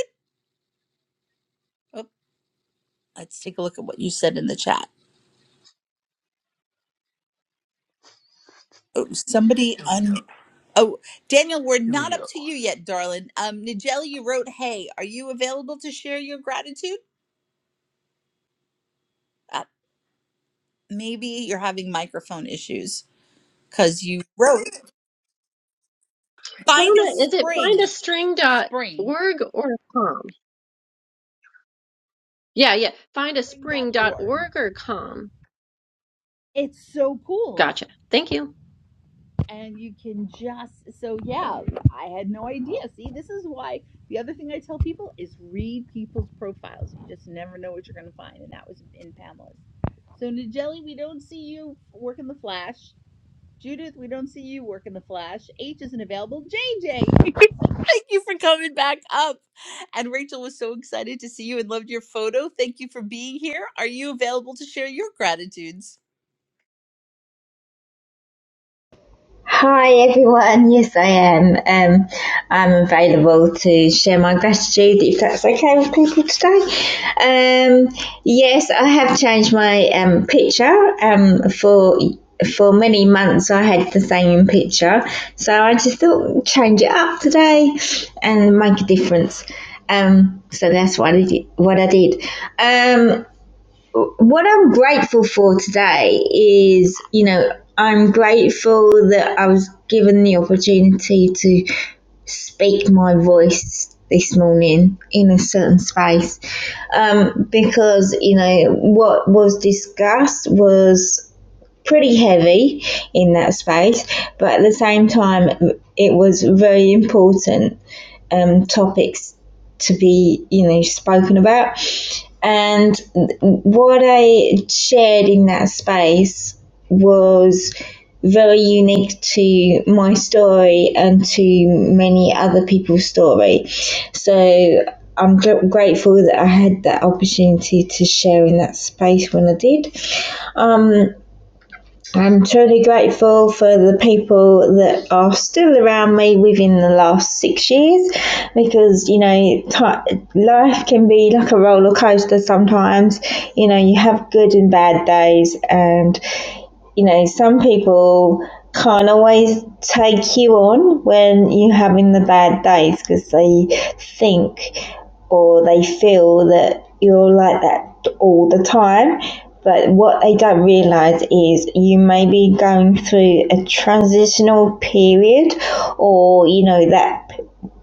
[SPEAKER 21] Oh, let's take a look at what you said in the chat. Oh, somebody un- Oh, Daniel, we're
[SPEAKER 25] Here we
[SPEAKER 21] not up
[SPEAKER 25] go.
[SPEAKER 21] to you yet, darling. Um, Nigeli, you wrote hey. Are you available to share your gratitude? Uh, maybe you're having microphone issues because you wrote find a
[SPEAKER 24] Donna, is it
[SPEAKER 21] spring
[SPEAKER 24] findastring dot
[SPEAKER 21] spring
[SPEAKER 24] org or com? Yeah, yeah.
[SPEAKER 21] spring.org
[SPEAKER 24] Findaspring.org or com.
[SPEAKER 21] it's so cool
[SPEAKER 24] Gotcha. Thank you.
[SPEAKER 21] and you can just so yeah i had no idea see this is why the other thing i tell people is read people's profiles you just never know what you're going to find and that was in pamela's so nigeli we don't see you working the flash judith we don't see you working the flash h isn't available jj thank you for coming back up and rachel was so excited to see you and loved your photo thank you for being here are you available to share your gratitudes
[SPEAKER 9] Hi everyone, yes I am. Um, I'm available to share my gratitude if that's okay with people today. Um, yes, I have changed my um, picture. Um, for for many months I had the same picture, so I just thought change it up today and make a difference. Um, so that's what I did. What I did. Um, what I'm grateful for today is, you know, I'm grateful that I was given the opportunity to speak my voice this morning in a certain space um, because, you know, what was discussed was pretty heavy in that space, but at the same time, it was very important um, topics to be you know spoken about and what i shared in that space was very unique to my story and to many other people's story so i'm gr- grateful that i had that opportunity to share in that space when i did um, I'm truly grateful for the people that are still around me within the last six years because, you know, ti life can be like a roller coaster sometimes. You know, you have good and bad days, and you know, some people can't always take you on when you're having the bad days because they think or they feel that you're like that all the time. But what they don't realize is you may be going through a transitional period or, you know, that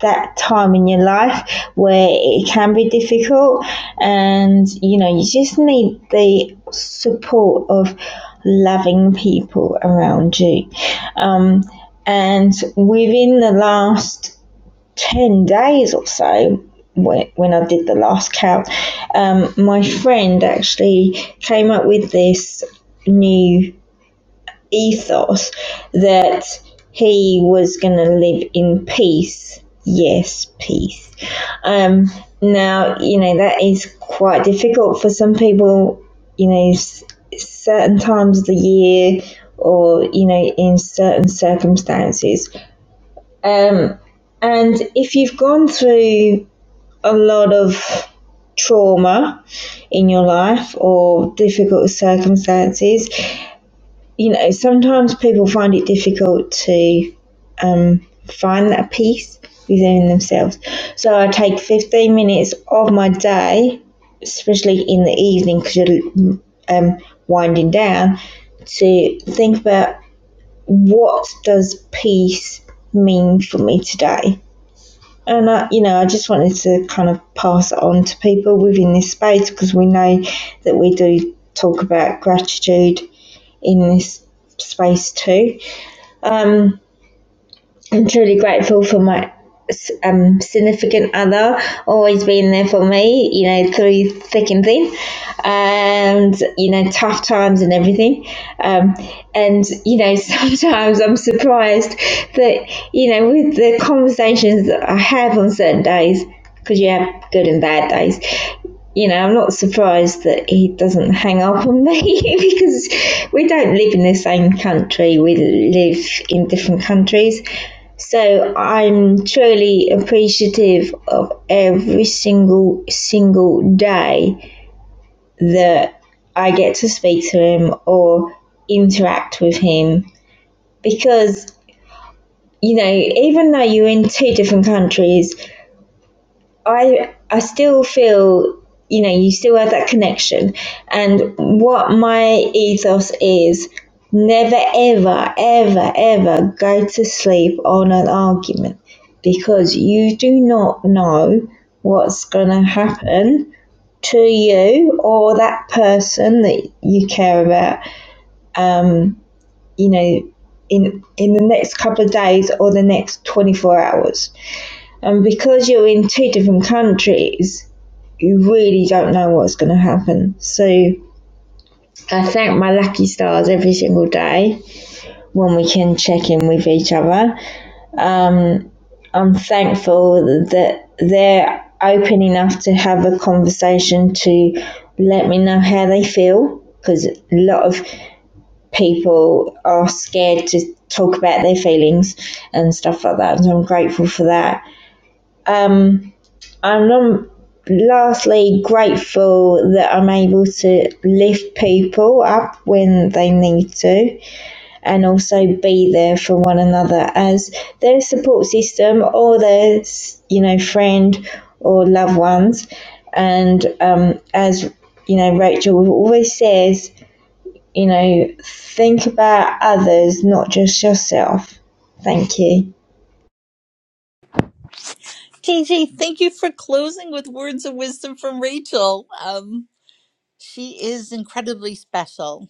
[SPEAKER 9] that time in your life where it can be difficult and you know you just need the support of loving people around you. Um, and within the last 10 days or so, when when I did the last count, um, my friend actually came up with this new ethos that he was going to live in peace. Yes, peace. Um, now, you know, that is quite difficult for some people, you know, s- certain times of the year or, you know, in certain circumstances. Um, and if you've gone through a lot of trauma in your life or difficult circumstances, you know, sometimes people find it difficult to um, find that peace within themselves. So I take 15 minutes of my day, especially in the evening because you're um, winding down, to think about what does peace mean for me today. And I, you know, I just wanted to kind of pass it on to people within this space because we know that we do talk about gratitude in this space too. Um, I'm truly grateful for my um, significant other always being there for me, you know, through thick and thin, and you know, tough times and everything. Um, and you know, sometimes I'm surprised that you know, with the conversations that I have on certain days, because you have good and bad days, you know, I'm not surprised that he doesn't hang up on me because we don't live in the same country. We live in different countries. So I'm truly appreciative of every single single day that I get to speak to him or interact with him because you know even though you're in two different countries I I still feel you know you still have that connection and what my ethos is never ever ever ever go to sleep on an argument because you do not know what's going to happen to you or that person that you care about um you know in in the next couple of days or the next 24 hours and because you're in two different countries you really don't know what's going to happen. So I thank my lucky stars every single day when we can check in with each other. Um, I'm thankful that they're open enough to have a conversation to let me know how they feel because a lot of people are scared to talk about their feelings and stuff like that. And So I'm grateful for that. Um, I'm num- lastly grateful that I'm able to lift people up when they need to and also be there for one another as their support system or their you know friend or loved ones and um, as you know Rachel always says you know think about others not just yourself thank you
[SPEAKER 21] JJ, thank you for closing with words of wisdom from Rachel. Um, she is incredibly special.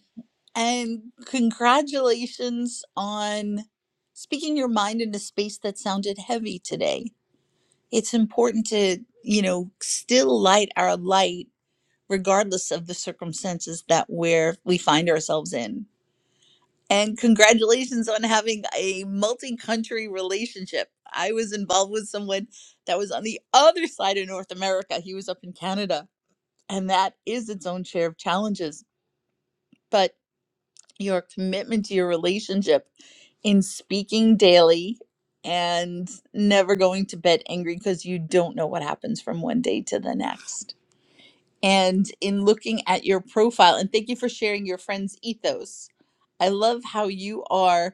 [SPEAKER 21] And congratulations on speaking your mind in a space that sounded heavy today. It's important to, you know, still light our light regardless of the circumstances that we're we find ourselves in and congratulations on having a multi country relationship. I was involved with someone that was on the other side of North America. He was up in Canada, and that is its own share of challenges. But your commitment to your relationship in speaking daily and never going to bed angry because you don't know what happens from one day to the next. And in looking at your profile, and thank you for sharing your friend's ethos. I love how you are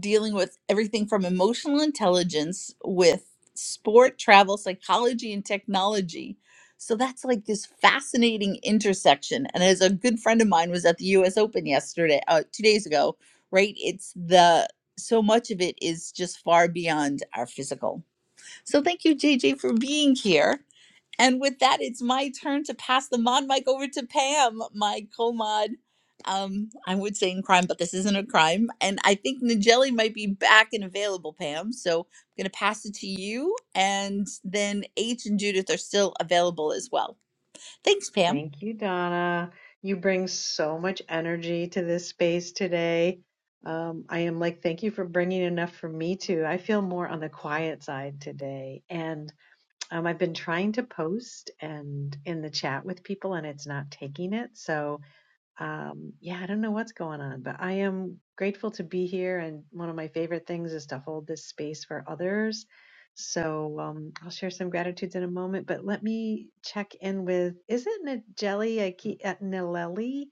[SPEAKER 21] dealing with everything from emotional intelligence with sport, travel, psychology, and technology. So that's like this fascinating intersection. And as a good friend of mine was at the US Open yesterday, uh, two days ago, right? It's the so much of it is just far beyond our physical. So thank you, JJ, for being here. And with that, it's my turn to pass the mod mic over to Pam, my co-mod. Um, I would say in crime, but this isn't a crime. And I think Nigeli might be back and available, Pam. So I'm gonna pass it to you. And then H and Judith are still available as well. Thanks, Pam.
[SPEAKER 23] Thank you, Donna. You bring so much energy to this space today. Um, I am like, thank you for bringing enough for me too. I feel more on the quiet side today. And um, I've been trying to post and in the chat with people, and it's not taking it. So Um, yeah, I don't know what's going on, but I am grateful to be here. And one of my favorite things is to hold this space for others. So um, I'll share some gratitudes in a moment, but let me check in with, is it Najeli Aki- uh, Naleli?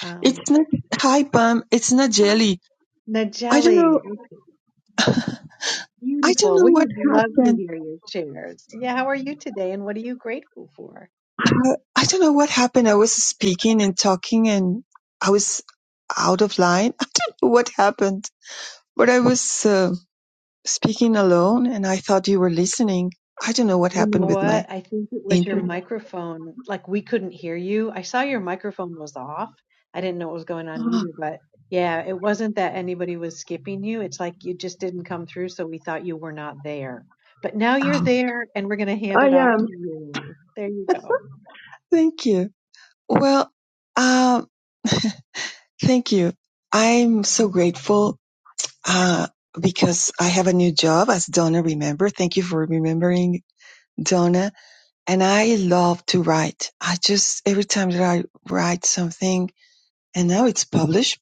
[SPEAKER 23] Um,
[SPEAKER 26] It's not hi Pam. It's not
[SPEAKER 23] hi.
[SPEAKER 26] jelly. I don't
[SPEAKER 23] Najeli.
[SPEAKER 26] know.
[SPEAKER 23] Okay.
[SPEAKER 26] I don't
[SPEAKER 23] Beautiful.
[SPEAKER 26] know
[SPEAKER 23] We
[SPEAKER 26] what
[SPEAKER 23] would love to
[SPEAKER 26] happened.
[SPEAKER 23] hear your shares. Yeah, how are you today and what are you grateful for?
[SPEAKER 26] Uh, I don't know what happened. I was speaking and talking, and I was out of line. I don't know what happened, but I was uh, speaking alone, and I thought you were listening. I don't know what
[SPEAKER 23] You know
[SPEAKER 26] happened with my
[SPEAKER 23] what? I think it was your
[SPEAKER 26] internet.
[SPEAKER 23] microphone. Like we couldn't hear you. I saw your microphone was off. I didn't know what was going on
[SPEAKER 26] Oh,
[SPEAKER 23] either, but yeah, it wasn't that anybody was skipping you. It's like you just didn't come through, so we thought you were not there. But now you're
[SPEAKER 26] oh,
[SPEAKER 23] there, and we're going to hand
[SPEAKER 26] I
[SPEAKER 23] it off
[SPEAKER 26] am.
[SPEAKER 23] to you. There you go.
[SPEAKER 26] Thank you. Well, um, thank you. I'm so grateful uh, because I have a new job, as Donna remember. Thank you for remembering, Donna. And I love to write. I just, every time that I write something, and now it's published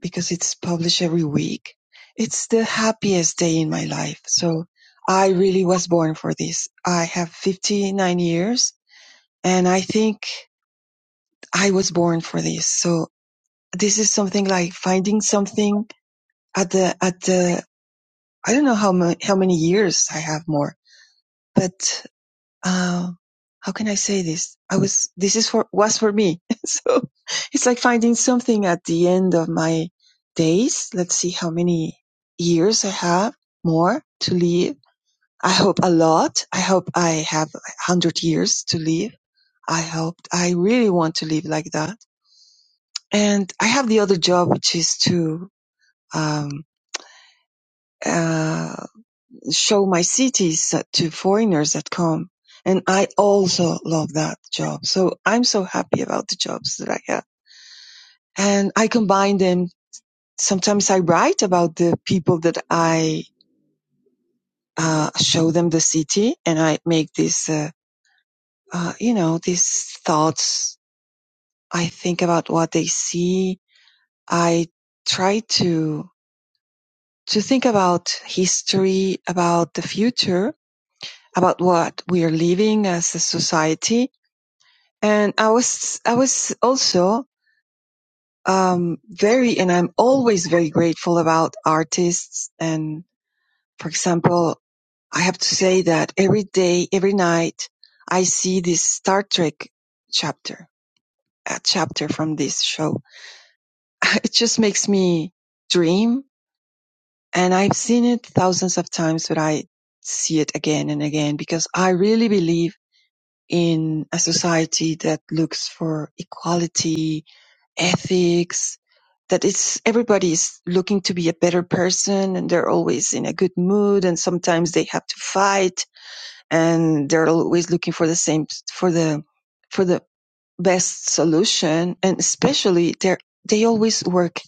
[SPEAKER 26] because it's published every week, it's the happiest day in my life. So I really was born for this. I have 59 years and I think I was born for this. So this is something like finding something at the, at the, I don't know how, ma- how many years I have more but uh, how can I say this? I was this is for was for me. so it's like finding something at the end of my days. Let's see how many years I have more to live. I hope a lot. I hope I have a hundred years to live. I hope I really want to live like that. And I have the other job, which is to um, uh, show my cities to foreigners that come. And I also love that job. So I'm so happy about the jobs that I have. And I combine them. Sometimes I write about the people that I uh, show them the city and I make this, uh, uh, you know, these thoughts. I think about what they see. I try to, to think about history, about the future, about what we are living as a society And I was, I was also, um, very, and I'm always very grateful about artists. And for example, I have to say that every day, every night, I see this Star Trek chapter, a chapter from this show. It just makes me dream. And I've seen it thousands of times, but I see it again and again because I really believe in a society that looks for equality, ethics that it's everybody's looking to be a better person and they're always in a good mood and sometimes they have to fight and they're always looking for the same for the for the best solution and especially they they always work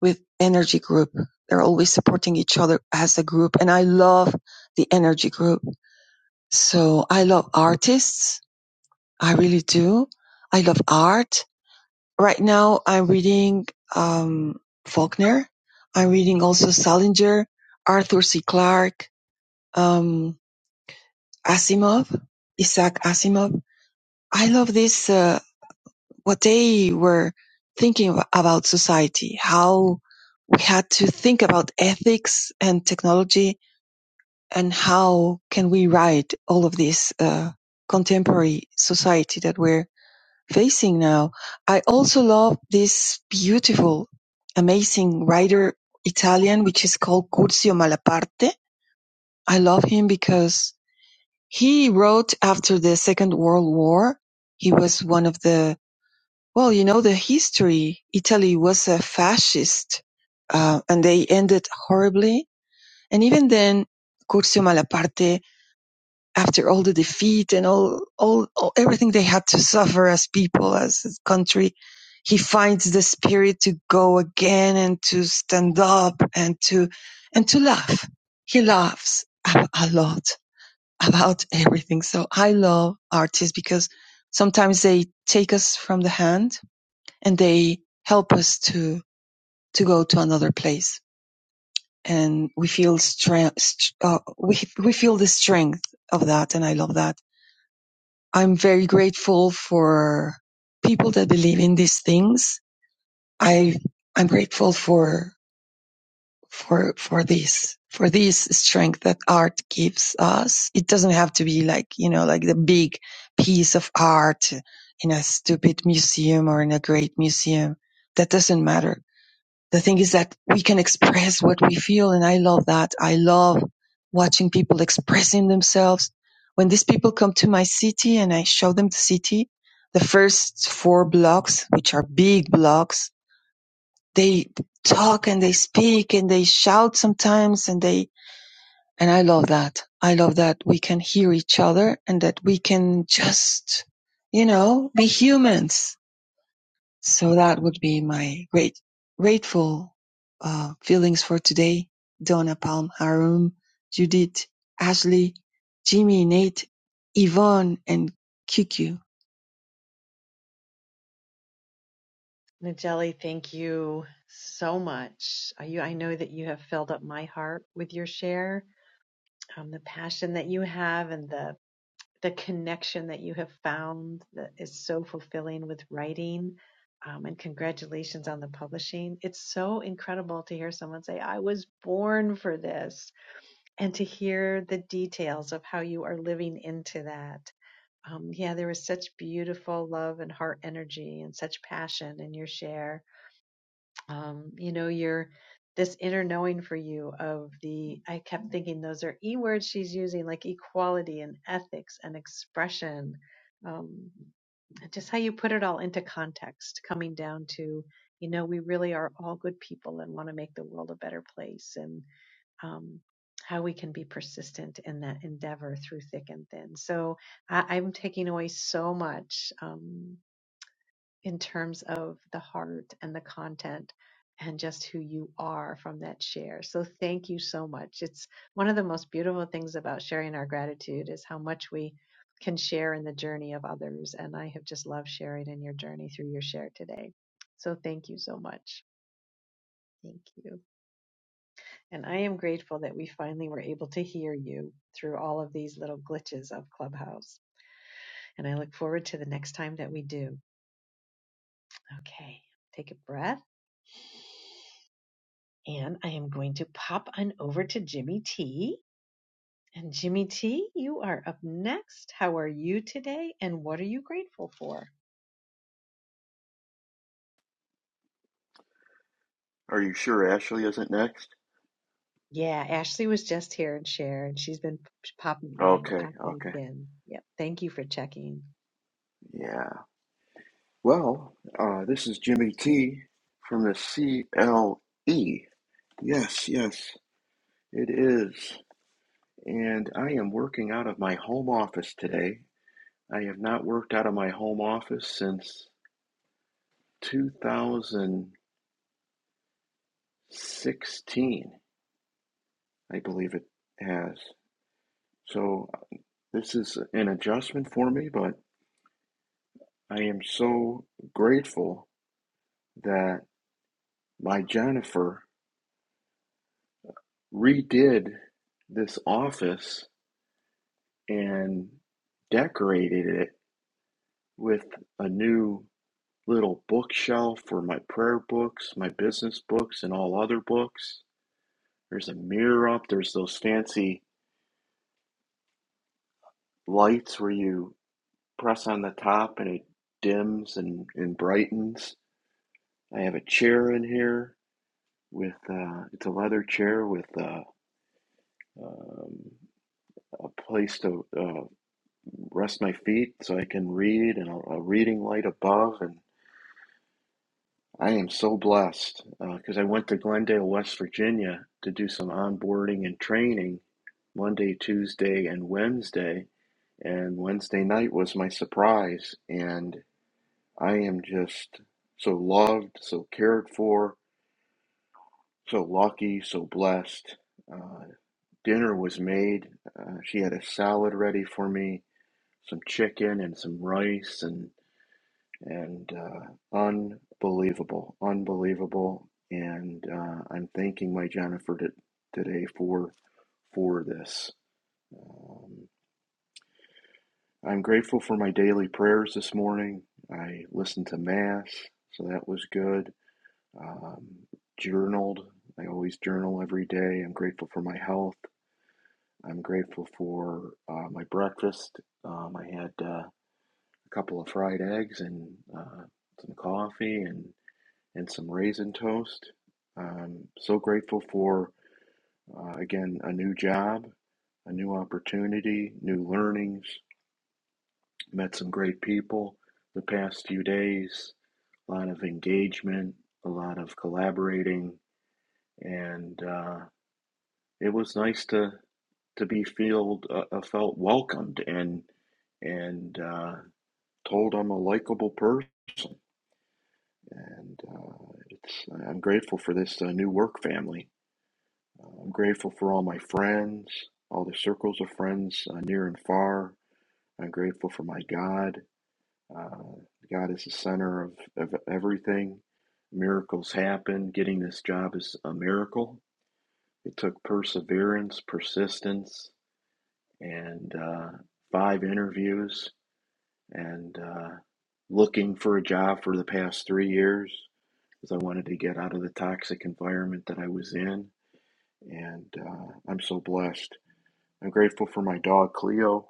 [SPEAKER 26] with energy group they're always supporting each other as a group and i love the energy group so i love artists i really do i love art Right now, I'm reading um, Faulkner. I'm reading also Salinger, Arthur C. Clarke, um, Asimov, Isaac Asimov. I love this, uh, what they were thinking about society, how we had to think about ethics and technology and how can we write all of this uh, contemporary society that we're facing now. I also love this beautiful, amazing writer Italian, which is called Curzio Malaparte. I love him because he wrote after the Second World War. He was one of the, well, you know, the history. Italy was a fascist, uh, and they ended horribly. And even then, Curzio Malaparte after all the defeat and all, all, all everything they had to suffer as people, as a country, he finds the spirit to go again and to stand up and to, and to laugh. He laughs a, a lot about everything. So I love artists because sometimes they take us from the hand and they help us to, to go to another place. And we feel strength, uh, we, we feel the strength of that. And I love that I'm very grateful for people that believe in these things. I I'm grateful for for for this for this strength that art gives us. It doesn't have to be like you know like the big piece of art in a stupid museum or in a great museum. That doesn't matter the thing is that we can express what we feel and i love that i love watching people expressing themselves when these people come to my city and i show them the city the first four blocks which are big blocks they talk and they speak and they shout sometimes and they and i love that i love that we can hear each other and that we can just you know be humans so that would be my great grateful uh, feelings for today. Donna Palm Harum, Judith, Ashley, Jimmy, Nate, Yvonne, and Kiku.
[SPEAKER 23] Najeli, thank you so much. Uh, You, I know that you have filled up my heart with your share, um, the passion that you have, and the the connection that you have found that is so fulfilling with writing. Um, and congratulations on the publishing. It's so incredible to hear someone say, I was born for this, and to hear the details of how you are living into that. Um, yeah, there was such beautiful love and heart energy and such passion in your share um, you know, your this inner knowing for you of the I kept thinking those are E words she's using, like equality and ethics and expression. Um, just how you put it all into context, coming down to, you know, we really are all good people and want to make the world a better place and um, how we can be persistent in that endeavor through thick and thin. So I, I'm taking away so much. Um, in terms of the heart and the content and just who you are from that share. So thank you so much. It's one of the most beautiful things about sharing our gratitude is how much we can share in the journey of others. And I have just loved sharing in your journey through your share today. So thank you so much. Thank you. And I am grateful that we finally were able to hear you through all of these little glitches of Clubhouse. And I look forward to the next time that we do. Okay, take a breath And I am going to pop on over to Jimmy T. And Jimmy T, you are up next. How are you today? And what are you grateful for?
[SPEAKER 27] Are you sure Ashley isn't next?
[SPEAKER 23] Yeah, Ashley was just here and shared. and she's been p- popping on,
[SPEAKER 27] Okay,
[SPEAKER 23] pop back
[SPEAKER 27] okay.
[SPEAKER 23] in. Yep. Thank you for checking.
[SPEAKER 27] Yeah. Well, uh, this is Jimmy T from the CLE. Yes, yes, it is. And I am working out of my home office today. I have not worked out of my home office since 2016, I believe it has. So uh, this is an adjustment for me, but I am so grateful that my Jennifer redid this office and decorated it with a new little bookshelf for my prayer books, my business books, and all other books. There's a mirror up, there's those fancy lights where you press on the top and it dims and, and brightens. I have a chair in here with uh, it's a leather chair with uh, um, a place to uh, rest my feet so I can read and a, a reading light above. And I am so blessed because uh, I went to Glendale, West Virginia to do some onboarding and training Monday, Tuesday, and Wednesday. And Wednesday night was my surprise. And I am just so loved, so cared for, so lucky, so blessed. Uh, dinner was made. Uh, she had a salad ready for me, some chicken and some rice and and uh, unbelievable, unbelievable. And uh, I'm thanking my Jennifer t- today for for this. Um, I'm grateful for my daily prayers this morning. I listened to mass, so that was good. Um, journaled. I always journal every day. I'm grateful for my health. I'm grateful for uh, my breakfast. Um, I had uh, a couple of fried eggs and uh, some coffee, and. and some raisin toast. Um, so grateful for, uh, again, a new job, a new opportunity, new learnings. Met some great people the past few days, a lot of engagement, a lot of collaborating, and uh, it was nice to to be feel uh, uh, felt welcomed and and uh, told I'm a likable person, and uh, it's I'm grateful for this uh, new work family I'm grateful for all my friends, all the circles of friends uh, near and far. I'm grateful for my God. Uh, God is the center of, of everything. Miracles happen. Getting this job is a miracle. It took perseverance, persistence, and uh, five interviews and uh, looking for a job for the past three years because I wanted to get out of the toxic environment that I was in. And uh, I'm so blessed. I'm grateful for my dog Cleo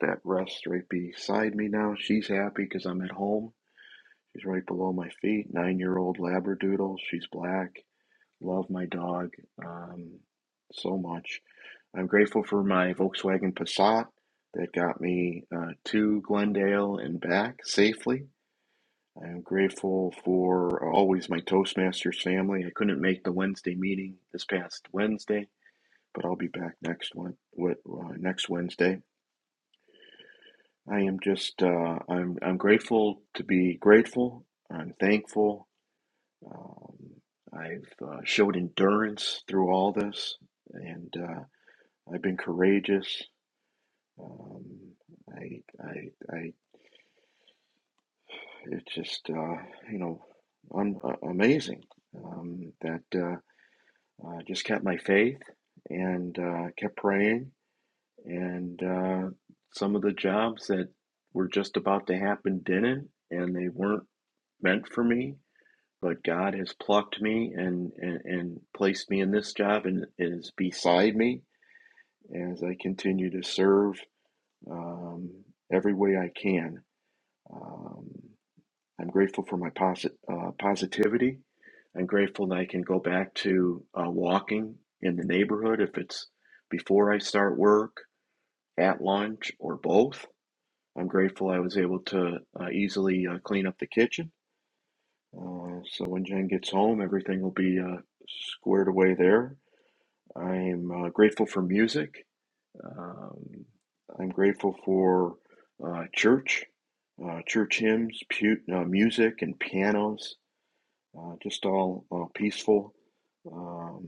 [SPEAKER 27] that rests right beside me now. She's happy because I'm at home. She's right below my feet. Nine year old Labradoodle. She's black. Love my dog um, so much. I'm grateful for my Volkswagen Passat that got me uh, to Glendale and back safely. I'm grateful for always my Toastmasters family. I couldn't make the Wednesday meeting this past Wednesday, but I'll be back next one, with uh, next Wednesday. I am just uh, I'm I'm grateful to be grateful. I'm thankful. Um, I've uh, showed endurance through all this, and uh, I've been courageous. Um, I I I it's just uh, you know un- uh, amazing um, that uh, I just kept my faith and uh, kept praying, and uh, some of the jobs that were just about to happen didn't, and they weren't meant for me, but God has plucked me and, and, and placed me in this job and is beside me as I continue to serve um, every way I can. Um, I'm grateful for my posit- uh, positivity. I'm grateful that I can go back to uh, walking in the neighborhood if it's before I start work, at lunch, or both. I'm grateful I was able to uh, easily uh, clean up the kitchen. Uh, so when Jen gets home, everything will be uh, squared away there. I am uh, grateful for music. Um, I'm grateful for uh, church, uh, church hymns, pu- uh, music, and pianos, uh, just all uh, peaceful um,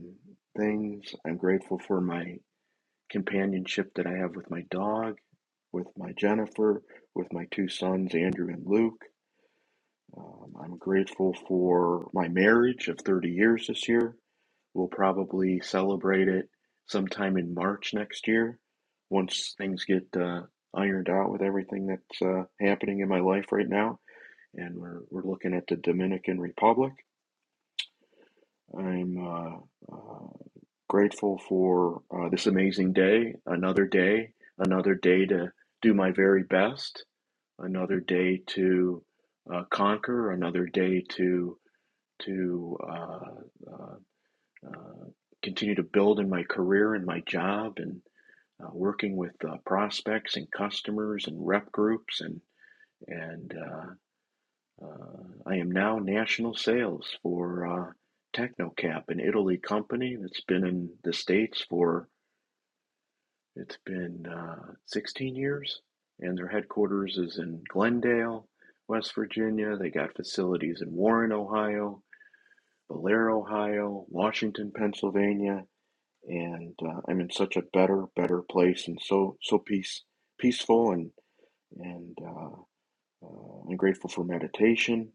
[SPEAKER 27] things. I'm grateful for my companionship that I have with my dog, with my Jennifer, with my two sons, Andrew and Luke. Um, I'm grateful for my marriage of 30 years this year. We'll probably celebrate it sometime in March next year once things get uh, ironed out with everything that's uh, happening in my life right now. And we're, we're looking at the Dominican Republic. I'm uh, uh, grateful for uh, this amazing day, another day, another day to do my very best, another day to uh, conquer, another day to to uh, uh, uh, continue to build in my career and my job and uh, working with uh, prospects and customers and rep groups and and uh, uh, I am now national sales for uh, Technocap, an Italy company that's been in the states for it's been uh, 16 years, and their headquarters is in Glendale, West Virginia. They got facilities in Warren, Ohio, Blair, Ohio, Washington, Pennsylvania, and uh, I'm in such a better, better place, and so so peace, peaceful, and and uh, uh, I'm grateful for meditation.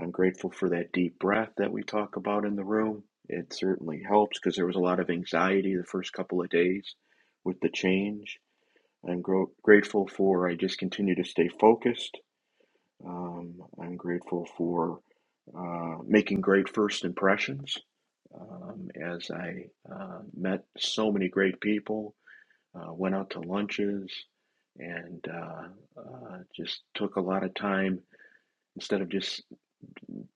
[SPEAKER 27] I'm grateful for that deep breath that we talk about in the room. It certainly helps because there was a lot of anxiety the first couple of days with the change. I'm gro- grateful for I just continue to stay focused um, I'm grateful for uh, making great first impressions um, as I uh, met so many great people, uh, went out to lunches, and uh, uh, just took a lot of time instead of just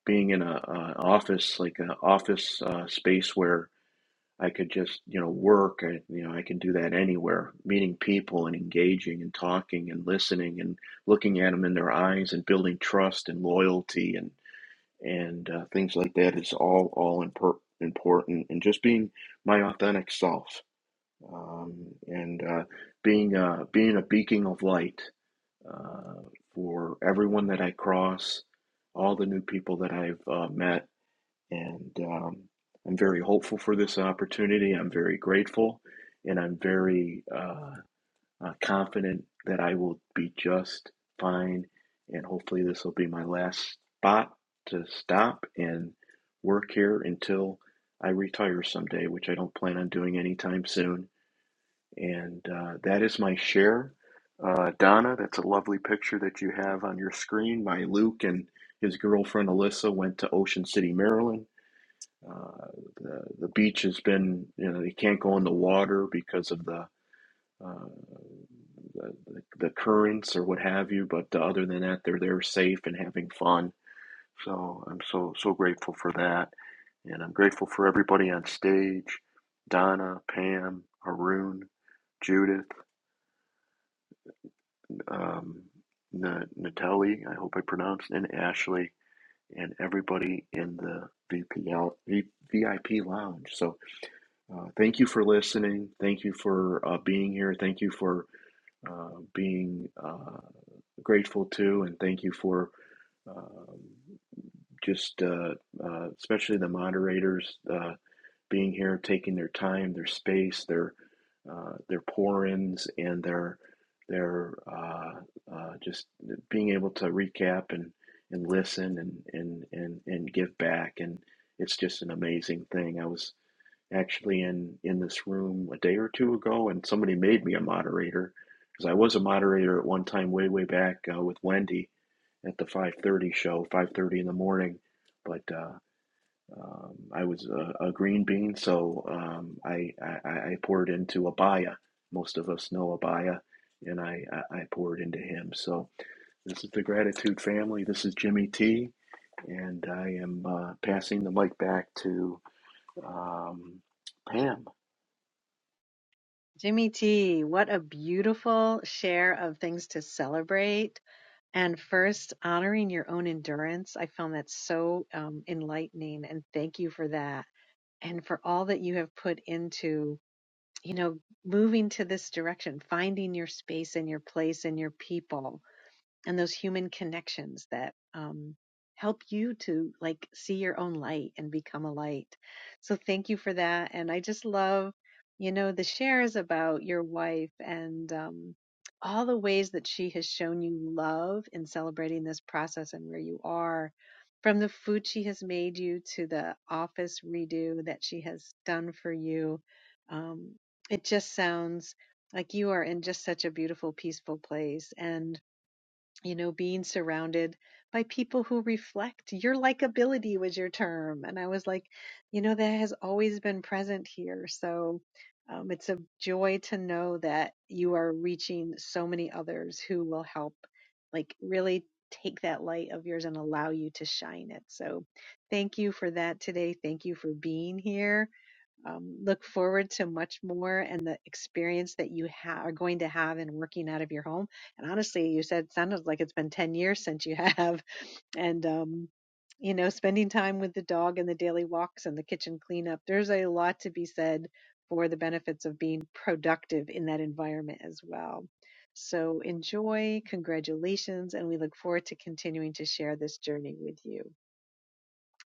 [SPEAKER 27] being in a, a office like an office uh, space where I could just you know work. I, you know I can do that anywhere. Meeting people and engaging and talking and listening and looking at them in their eyes and building trust and loyalty and and uh, things like that is all all impor- important and just being my authentic self um, and uh, being uh, being a beacon of light uh, for everyone that I cross all the new people that I've uh, met and um, I'm very hopeful for this opportunity I'm very grateful and I'm very uh, uh, confident that I will be just fine. And hopefully, this will be my last spot to stop and work here until I retire someday, which I don't plan on doing anytime soon. And uh, that is my share. Uh, Donna, that's a lovely picture that you have on your screen. My Luke and his girlfriend Alyssa went to Ocean City, Maryland. Uh, the, the beach has been, you know, they can't go in the water because of the uh, the, the currents or what have you. But uh, other than that, they're they're safe and having fun. So I'm so so grateful for that, and I'm grateful for everybody on stage, Donna, Pam, Arun, Judith, um, Na- Natalie. I hope I pronounced and Ashley. And everybody in the VPL, v, VIP lounge. So, uh, thank you for listening. Thank you for uh, being here. Thank you for uh, being. Uh, grateful to and thank you for um, just uh, uh, especially the moderators uh, being here, taking their time, their space, their uh, their pour-ins, and their their uh, uh, just being able to recap and and listen and and and and give back, and it's just an amazing thing. I was actually in in this room a day or two ago, and somebody made me a moderator because I was a moderator at one time, way way back uh, with Wendy at the 5:30 show, 5:30 in the morning. But uh, um, I was a, a green bean, so um, I, I I poured into Abaya. Most of us know Abaya, and I I I poured into him. So this is the gratitude family. This is Jimmy T, and I am uh, passing the mic back to. Um, Pam.
[SPEAKER 23] Jimmy T, what a beautiful share of things to celebrate. And first, honoring your own endurance. I found that so um, enlightening. And thank you for that. And for all that you have put into you know, moving to this direction, finding your space and your place and your people and those human connections that um, help you to like see your own light and become a light. So thank you for that. And I just love, you know, the shares about your wife and um, all the ways that she has shown you love in celebrating this process and where you are. From the food she has made you to the office redo that she has done for you, um, it just sounds like you are in just such a beautiful, peaceful place. And you know, being surrounded by people who reflect your likability was your term. And I was like, you know, that has always been present here. So um, it's a joy to know that you are reaching so many others who will help, like, really take that light of yours and allow you to shine it. So thank you for that today. Thank you for being here um, look forward to much more and the experience that you ha- are going to have in working out of your home. And honestly, you said it sounded like it's been 10 years since you have. And, um, you know, spending time with the dog and the daily walks and the kitchen cleanup, there's a lot to be said for the benefits of being productive in that environment as well. So enjoy, congratulations, and we look forward to continuing to share this journey with you.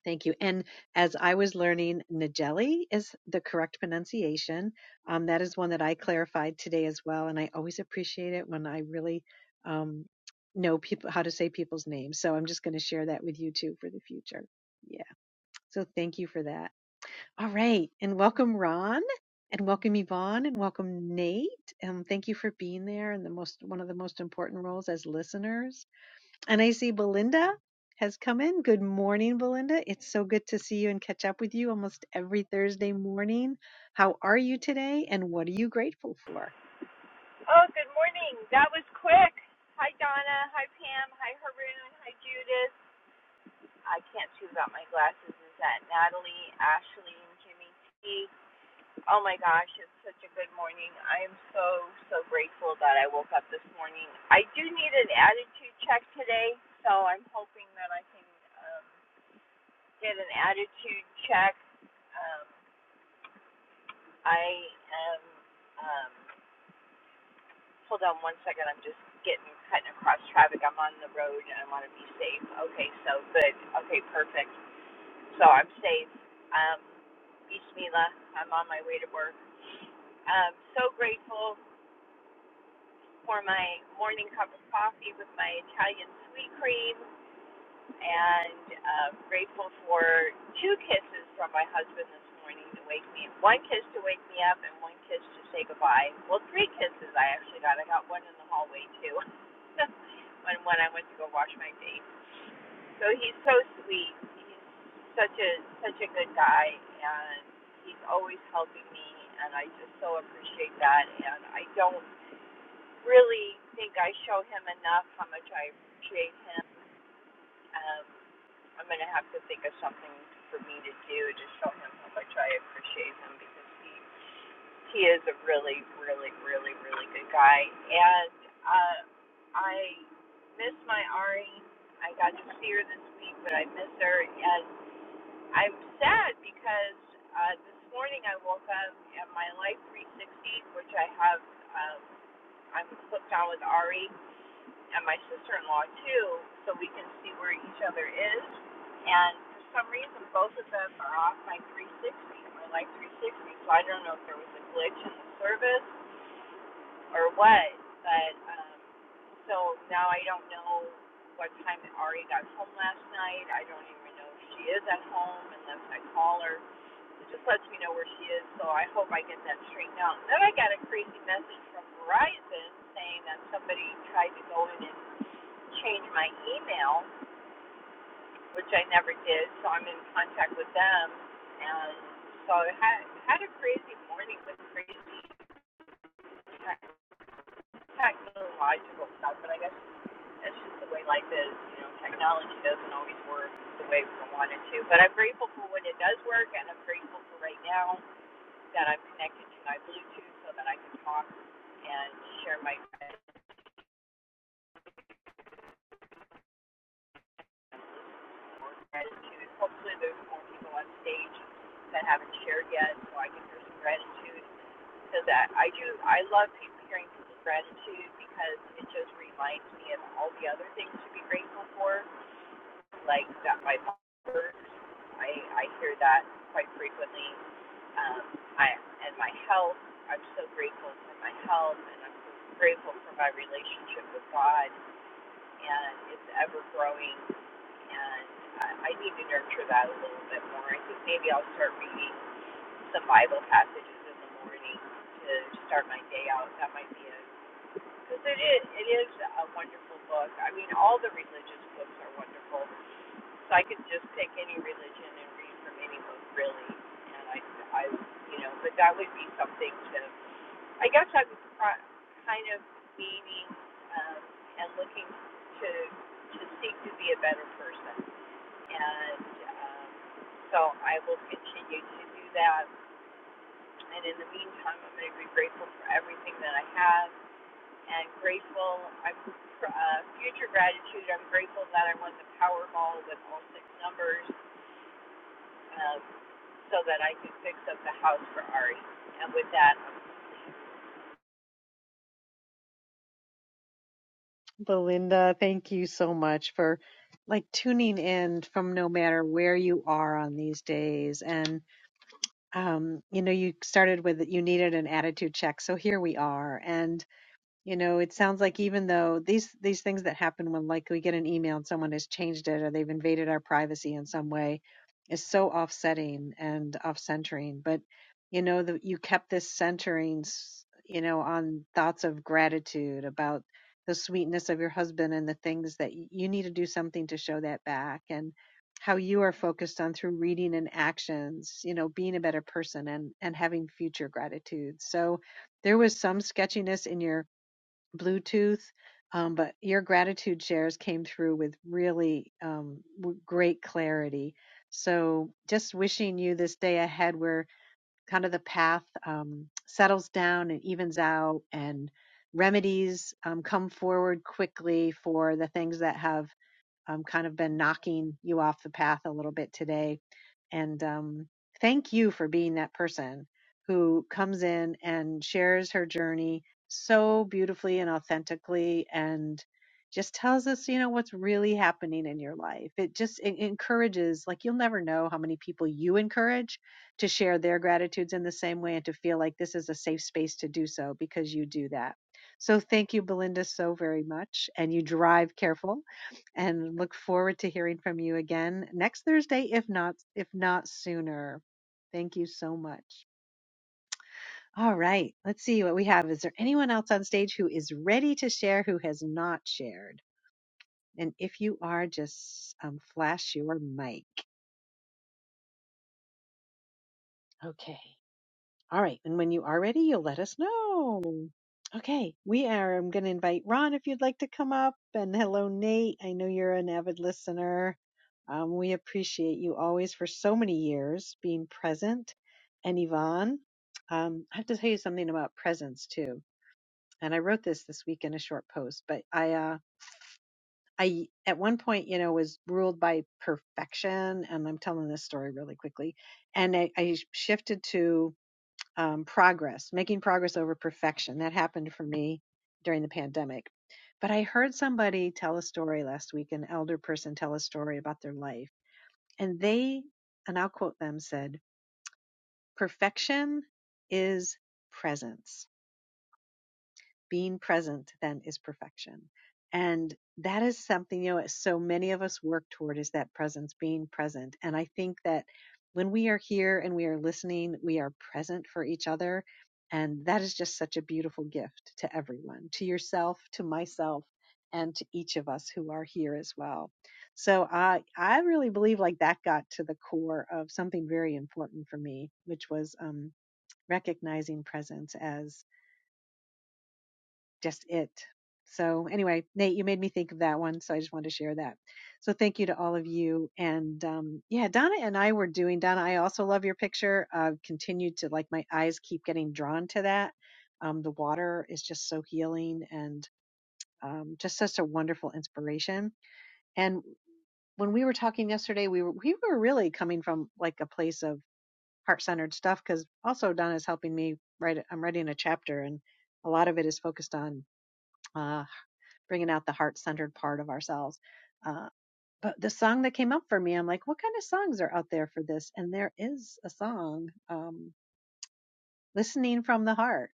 [SPEAKER 23] Thank you. And as I was learning, Nageli is the correct pronunciation. Um, that is one that I clarified today as well. And I always appreciate it when I really um, know people how to say people's names. So I'm just going to share that with you too for the future. Yeah. So thank you for that. All right. And welcome, Ron. And welcome Yvonne and welcome Nate. Um, thank you for being there and the most one of the most important roles as listeners. And I see Belinda has come in. Good morning, Belinda. It's so good to see you and catch up with you almost every Thursday morning. How are you today and what are you grateful for?
[SPEAKER 28] Oh, good morning. That was quick. Hi, Donna. Hi, Pam. Hi, Haroon. Hi, Judith. I can't see without my glasses. Is that Natalie, Ashley, and Jimmy T? Oh my gosh, it's such a good morning. I am so, so grateful that I woke up this morning. I do need an attitude check today, so I'm hoping that I can um, get an attitude check. Um, I am. Um, Hold on one second. I'm just getting cutting across traffic. I'm on the road and I want to be safe. Okay, so good. Okay, perfect. So I'm safe. Um, Bismillah. I'm on my way to work. Um, so grateful for my morning cup of coffee with my Italian sweet cream. and uh, grateful for two kisses from my husband this morning to wake me up. One kiss to wake me up, and one kiss to say goodbye. Well, three kisses I actually got. I got one in the hallway too, when when I went to go wash my face. So he's so sweet. He's such a such a good guy, and he's always helping me, and I just so appreciate that. And I don't really think I show him enough how much I appreciate him. Um, I'm gonna have to think of something for me to do to show him how much I appreciate him because he he is a really, really, really, really good guy. And uh, I miss my Ari. I got to see her this week, but I miss her, and I'm sad because uh, this morning I woke up and my Life 360, which I have, um, I'm hooked on with Ari, and my sister-in-law too, so we can see where each other is. And for some reason, both of them are off my 360, my like 360. So I don't know if there was a glitch in the service or what, but um, so now I don't know what time Ari got home last night. I don't even know if she is at home unless I call her. It just lets me know where she is, so I hope I get that straightened out. Then I got a crazy message from Verizon saying that somebody tried to go in and change my email, which I never did, so I'm in contact with them. And so I had, had a crazy morning with crazy tech- technological stuff, but I guess it's just the way life is. You know, technology doesn't always work the way we want it to. But I'm grateful for when it does work, and I'm grateful for right now that I'm connected to my Bluetooth so that I can talk and share my gratitude. Hopefully, there's more people on stage that haven't shared yet, so I can hear some gratitude to that. I do. I love people hearing people's gratitude because it just reminds me of all the other things to be grateful for, like that my mom works. I I hear that quite frequently. Um, I and my health. I'm so grateful for my health, and I'm so grateful for my relationship with God, and it's ever growing. And I, I need to nurture that a little bit more. I think maybe I'll start reading the Bible passages in the morning to start my day out. That might be a because it is it is a wonderful book. I mean, all the religious books are wonderful. So I could just pick any religion and read from any book really, and I I you know, but that would be something to. I guess I'm kind of meaning um, and looking to to seek to be a better person, and um, so I will continue to do that and in the meantime, I'm going to be grateful for everything that I have and grateful. I'm for uh, future gratitude. I'm grateful that I won the Powerball with all six numbers um, so that I could fix up the house for Ari. And with that, I'm
[SPEAKER 23] Belinda, thank you so much for like tuning in from no matter where you are on these days. And, um, you know, you started with that you needed an attitude check. So here we are. And You know, it sounds like even though these these things that happen when like we get an email and someone has changed it or they've invaded our privacy in some way is so offsetting and off-centering. But you know, the, you kept this centering, s- you know, on thoughts of gratitude about the sweetness of your husband and the things that y- you need to do something to show that back and how you are focused on through reading and actions, you know, being a better person and and having future gratitude. So there was some sketchiness in your Bluetooth. Um, but your gratitude shares came through with really um, w- great clarity. So just wishing you this day ahead where kind of the path um, settles down and evens out and remedies um, come forward quickly for the things that have um, kind of been knocking you off the path a little bit today. And um, thank you for being that person who comes in and shares her journey so beautifully and authentically and just tells us, you know, what's really happening in your life. It just it encourages, like, you'll never know how many people you encourage to share their gratitudes in the same way and to feel like this is a safe space to do so because you do that. So thank you, Belinda, so very much. And you drive careful and look forward to hearing from you again next Thursday, if not if not sooner. Thank you so much. All right, let's see what we have. Is there anyone else on stage who is ready to share who has not shared? And if you are, just um, flash your mic. Okay. All right. And when you are ready, you'll let us know. Okay. We are. I'm going to invite Ron if you'd like to come up. And hello, Nate. I know you're an avid listener. Um, we appreciate you always for so many years being present. And Yvonne, um, I have to tell you something about presence too. And I wrote this this week in a short post, but I, uh, I at one point, you know, was ruled by perfection, and I'm telling this story really quickly. And I, I shifted to um, progress, making progress over perfection. That happened for me during the pandemic. But I heard somebody tell a story last week, an elder person tell a story about their life. And they, and I'll quote them, said, Perfection is presence being present then is perfection and that is something you know so many of us work toward is that presence being present and i think that when we are here and we are listening we are present for each other and that is just such a beautiful gift to everyone to yourself to myself and to each of us who are here as well so i i really believe like that got to the core of something very important for me which was um recognizing presence as just it. So anyway, Nate, you made me think of that one, so I just wanted to share that. So thank you to all of you, and um, yeah, Donna and I were doing. Donna, I also love your picture. I've continued to like my eyes keep getting drawn to that. Um, the water is just so healing and um, just such a wonderful inspiration. And when we were talking yesterday, we were we were really coming from like a place of heart centered stuff because also Donna's helping me write. I'm writing a chapter, and a lot of it is focused on. uh, bringing out the heart centered part of ourselves. Uh, but the song that came up for me, I'm like, what kind of songs are out there for this? And there is a song, um, Listening from the Heart.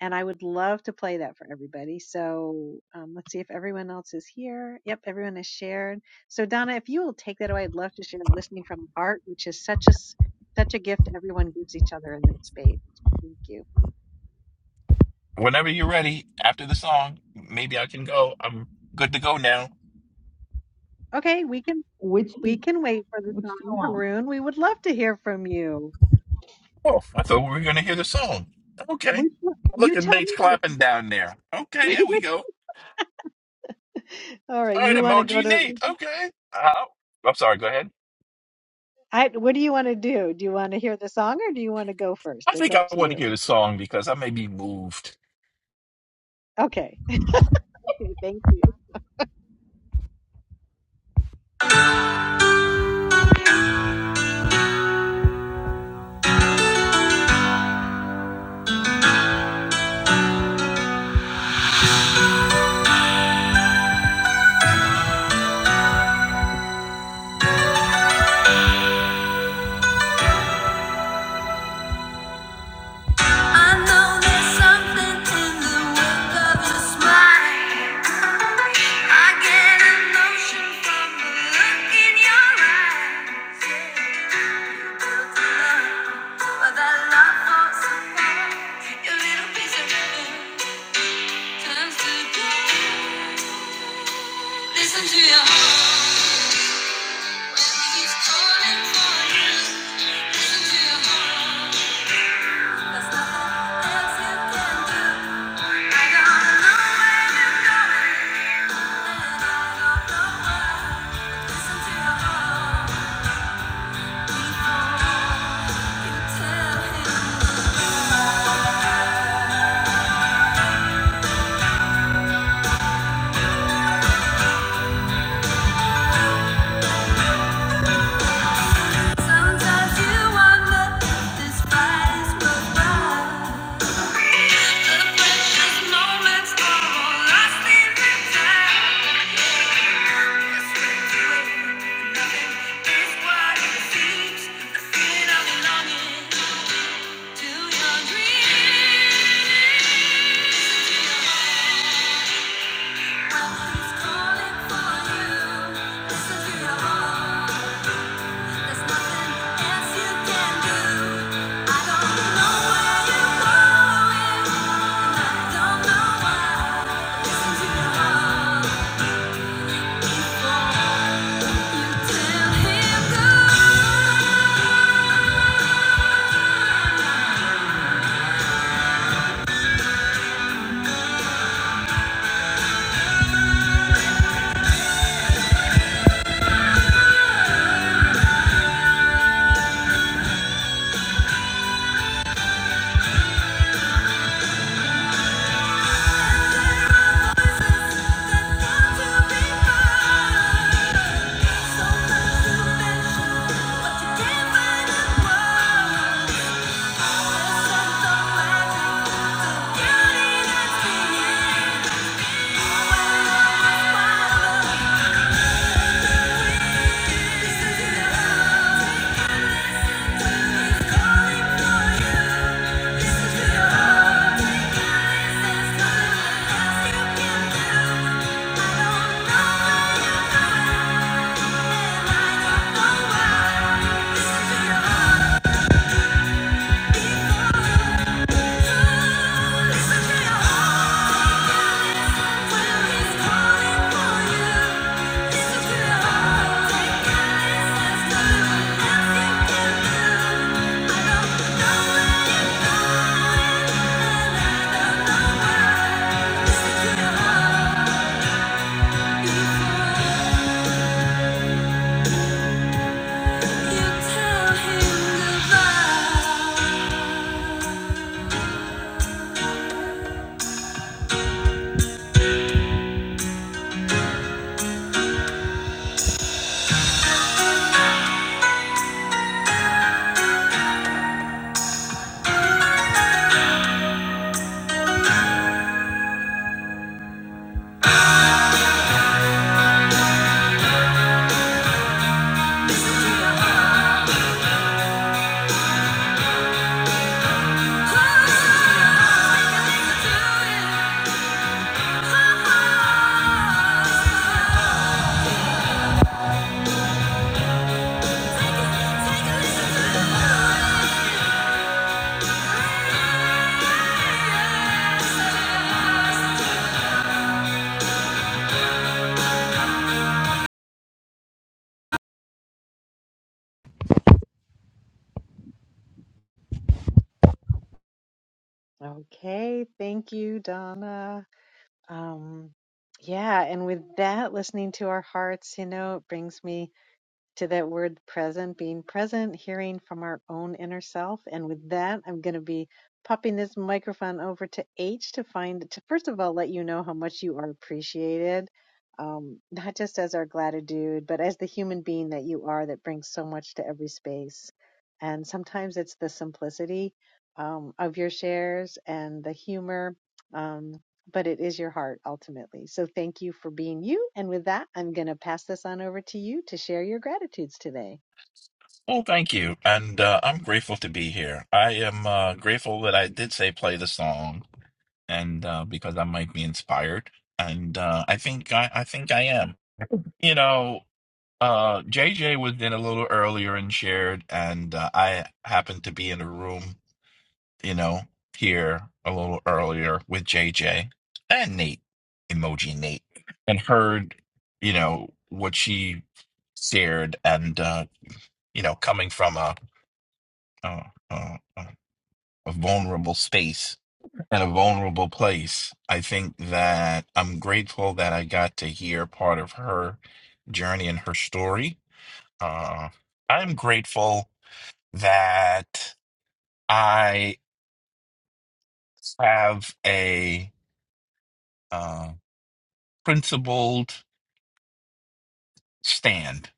[SPEAKER 23] And I would love to play that for everybody. So um, let's see if everyone else is here. Yep, everyone has shared. So Donna, if you will take that away, I'd love to share Listening from the Heart, which is such a s- such a gift everyone gives each other in this space. Thank you.
[SPEAKER 29] Whenever you're ready, after the song, maybe I can go. I'm good to go now.
[SPEAKER 23] Okay, we can
[SPEAKER 21] Which
[SPEAKER 23] we
[SPEAKER 21] do-
[SPEAKER 23] can wait for the
[SPEAKER 21] which do you
[SPEAKER 23] song,
[SPEAKER 21] want?
[SPEAKER 23] Haroon. We would love to hear from you.
[SPEAKER 29] Oh, I thought we were going to hear the song. Okay.
[SPEAKER 23] Which one-
[SPEAKER 29] Look
[SPEAKER 23] You
[SPEAKER 29] at
[SPEAKER 23] tell
[SPEAKER 29] Nate's
[SPEAKER 23] me.
[SPEAKER 29] clapping down there. Okay, there we go.
[SPEAKER 23] All right,
[SPEAKER 29] All right,
[SPEAKER 23] you want to go
[SPEAKER 29] emoji
[SPEAKER 23] to
[SPEAKER 29] Nate. Okay. Uh, I'm sorry, go ahead.
[SPEAKER 23] I what do you want to do? Do you want to hear the song or do you want to go first?
[SPEAKER 29] I
[SPEAKER 23] It's
[SPEAKER 29] think
[SPEAKER 23] up
[SPEAKER 29] I
[SPEAKER 23] to
[SPEAKER 29] want to
[SPEAKER 23] you.
[SPEAKER 29] hear the song because I may be moved.
[SPEAKER 23] Okay. Okay, thank you.
[SPEAKER 21] I know there's something in the work of your smile. I get a notion from the look in your eyes. Yeah. You built a love, but that love falls apart. Your little piece of heaven turns to gold. Listen to your heart. Keeps calling. Listen to your heart. There's nothing else you can do. And I don't know why. But listen to your heart. He's calling for you. Listen to your heart. Thank you Before Thank you
[SPEAKER 23] Okay, thank you, Donna. Um yeah, and with that listening to our hearts, you know, it brings me to that word present, being present, hearing from our own inner self. And with that, I'm going to be popping this microphone over to H to find, to first of all, let you know how much you are appreciated, um, not just as our gratitude, but as the human being that you are that brings so much to every space. And sometimes it's the simplicity um, of your shares and the humor. Um, but it is your heart ultimately. So thank you for being you. And with that, I'm going to pass this on over to you to share your gratitudes today.
[SPEAKER 29] Oh, thank you. And uh, I'm grateful to be here. I am uh, grateful that I did say play the song and uh, because I might be inspired. And uh, I think I, I think I am you know Uh, JJ was in a little earlier and shared, and uh, I happened to be in a room, you know, here a little earlier with JJ and Nate, emoji Nate, and heard, you know, what she shared, and uh, you know, coming from a a, a a vulnerable space and a vulnerable place, I think that I'm grateful that I got to hear part of her journey and her story uh, I'm grateful that I have a uh, principled stand,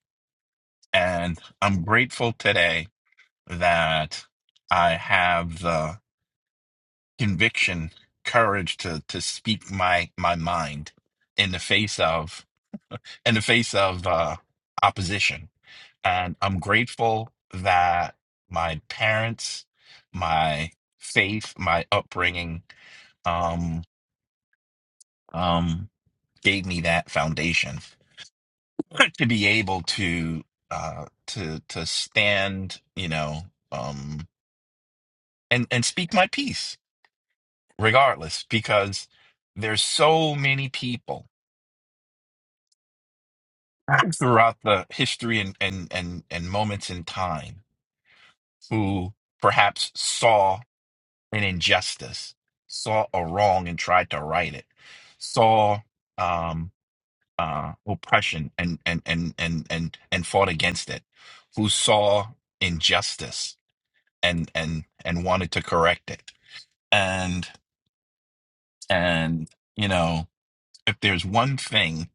[SPEAKER 29] and I'm grateful today that I have the conviction, courage to to speak my my mind in the face of in the face of uh, opposition, and I'm grateful that my parents, my faith, my upbringing. um, um, gave me that foundation to be able to uh, to to stand, you know, um, and and speak my piece regardless, because there's so many people throughout the history and and and and moments in time who perhaps saw an injustice, saw a wrong, and tried to right it, saw. um. uh, oppression and and and and and and fought against it, who saw injustice and and and wanted to correct it. And and you know, if there's one thing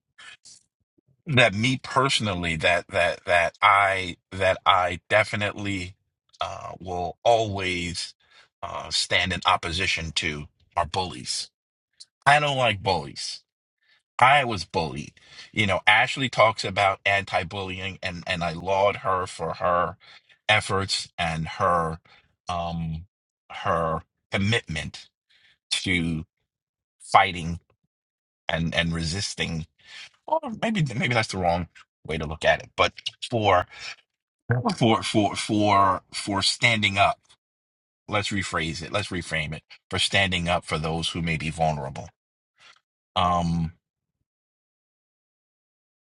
[SPEAKER 29] that me personally that that that I that I definitely uh, will always uh, stand in opposition to are bullies. I don't like bullies I was bullied. You know, Ashley talks about anti-bullying and and I laud her for her efforts and her um her commitment to fighting and and resisting or maybe maybe that's the wrong way to look at it, but for for for for for standing up. Let's rephrase it. Let's reframe it for standing up for those who may be vulnerable. Um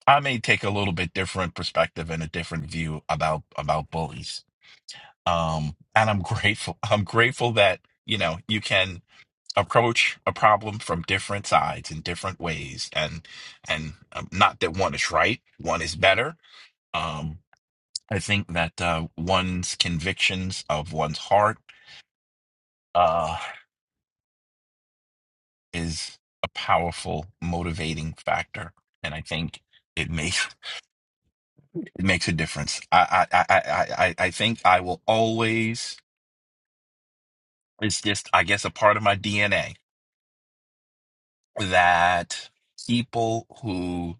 [SPEAKER 29] I may take a little bit different perspective and a different view about about bullies. Um, and I'm grateful. I'm grateful that you know you can approach a problem from different sides in different ways, and and um, not that one is right, one is better. Um, I think that uh, one's convictions of one's heart uh, is a powerful motivating factor, and I think it may. It makes a difference. I I I I I I think I will always. It's just I guess a part of my DNA that people who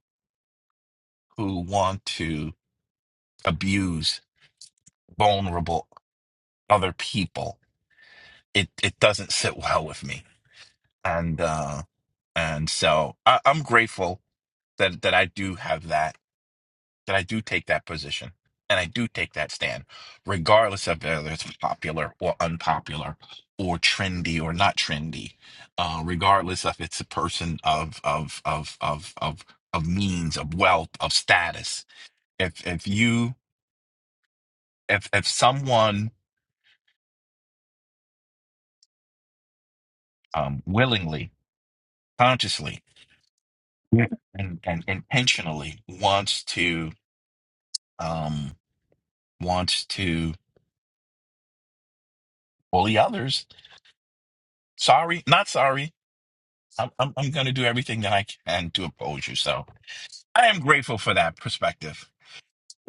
[SPEAKER 29] who want to abuse vulnerable other people it it doesn't sit well with me and uh and so I, I'm grateful that that I do have that that I do take that position and I do take that stand, regardless of whether it's popular or unpopular or trendy or not trendy, uh, regardless if it's a person of of of of of of means, of wealth, of status. If if you if if someone um, willingly, consciously, Yeah. and, and intentionally wants to um, wants to bully others, sorry, not sorry I'm, I'm, I'm going to do everything that I can to oppose you. So I am grateful for that perspective.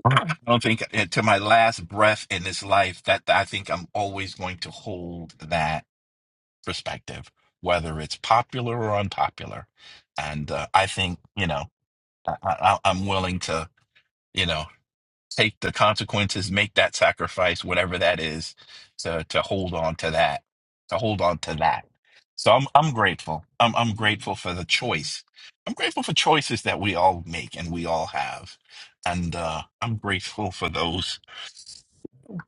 [SPEAKER 29] I don't think eh, to my last breath in this life that I think I'm always going to hold that perspective, whether it's popular or unpopular. And uh, I think, you know, I, I, I'm willing to, you know take the consequences, make that sacrifice, whatever that is, to to hold on to that, to hold on to that. So I'm I'm grateful. I'm I'm grateful for the choice. I'm grateful for choices that we all make and we all have, and uh, I'm grateful for those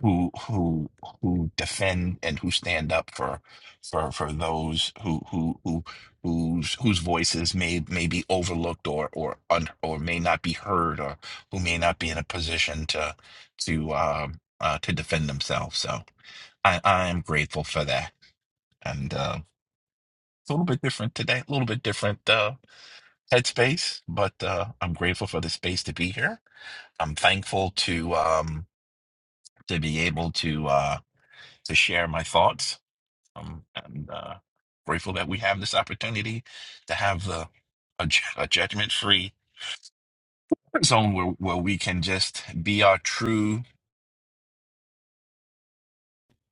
[SPEAKER 29] who who who defend and who stand up for for for those who who who whose whose voices may may be overlooked or or un, or may not be heard or who may not be in a position to to um uh, to defend themselves. So I I am grateful for that, and uh, it's a little bit different today, a little bit different uh, headspace, but uh, I'm grateful for the space to be here. I'm thankful to um to be able to uh to share my thoughts Um, and uh, grateful that we have this opportunity to have the a, ju- a judgment-free zone where where we can just be our true,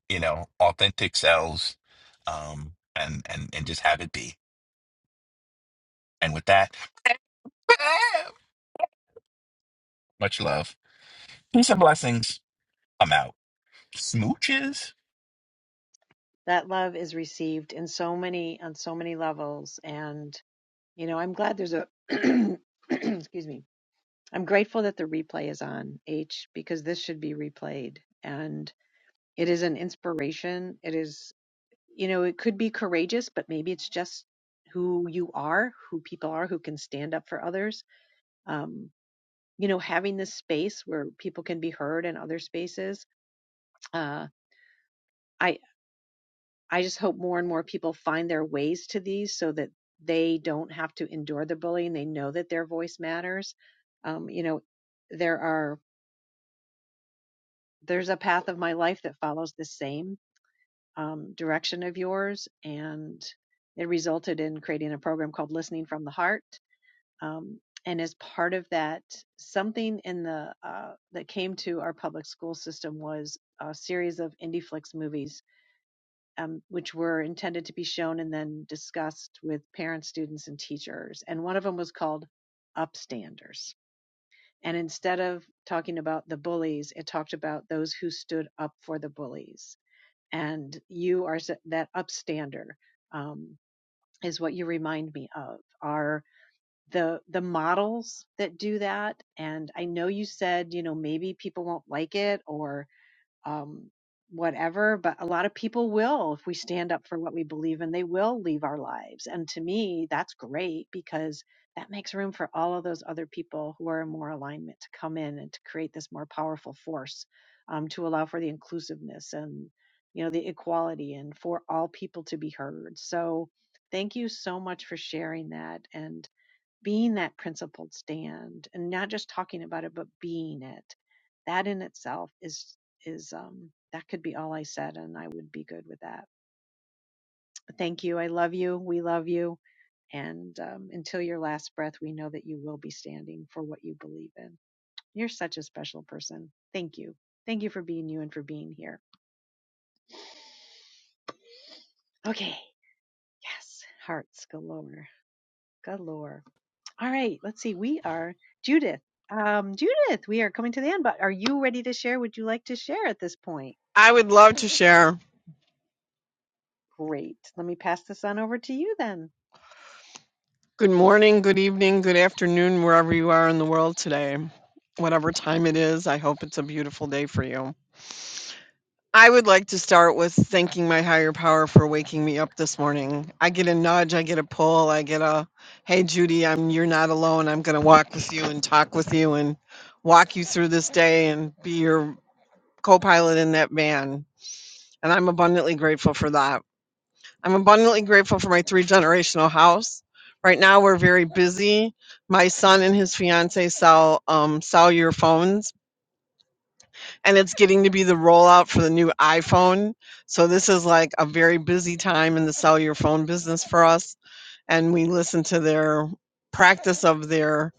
[SPEAKER 29] you know, authentic selves, um, and and and just have it be. And with that, much love, peace and blessings. I'm out. Smooches.
[SPEAKER 23] That love is received in so many, on so many levels. And, you know, I'm glad there's a, excuse me, I'm grateful that the replay is on H because this should be replayed. And it is an inspiration. It is, you know, it could be courageous, but maybe it's just who you are, who people are, who can stand up for others. Um, you know having this space where people can be heard in other spaces uh, i i just hope more and more people find their ways to these so that they don't have to endure the bullying they know that their voice matters um, you know there are there's a path of my life that follows the same um, direction of yours and it resulted in creating a program called listening from the heart um, and as part of that, something in the uh, that came to our public school system was a series of IndieFlix movies, um, which were intended to be shown and then discussed with parents, students, and teachers. And one of them was called Upstanders. And instead of talking about the bullies, it talked about those who stood up for the bullies. And you are that upstander um, is what you remind me of. Our the the models that do that and i know you said you know maybe people won't like it or um whatever but a lot of people will if we stand up for what we believe in they will leave our lives and to me that's great because that makes room for all of those other people who are in more alignment to come in and to create this more powerful force um, to allow for the inclusiveness and you know the equality and for all people to be heard so thank you so much for sharing that and being that principled stand and not just talking about it but being it that in itself is is um that could be all i said and i would be good with that thank you i love you we love you and um, until your last breath we know that you will be standing for what you believe in you're such a special person thank you thank you for being you and for being here okay yes hearts galore galore All right, let's see. We are Judith. Um, Judith, we are coming to the end, but are you ready to share? Would you like to share at this point?
[SPEAKER 30] I would love to share.
[SPEAKER 23] Great. Let me pass this on over to you then.
[SPEAKER 30] Good morning, good evening, good afternoon, wherever you are in the world today. Whatever time it is, I hope it's a beautiful day for you. I would like to start with thanking my higher power for waking me up this morning. I get a nudge, I get a pull, I get a hey Judy, I'm you're not alone. I'm going to walk with you and talk with you and walk you through this day and be your co-pilot in that van. And I'm abundantly grateful for that. I'm abundantly grateful for my three generational house. Right now, we're very busy. My son and his fiance sell um, sell your phones, and it's getting to be the rollout for the new iPhone. So this is like a very busy time in the sell your phone business for us. And we listen to their practice of their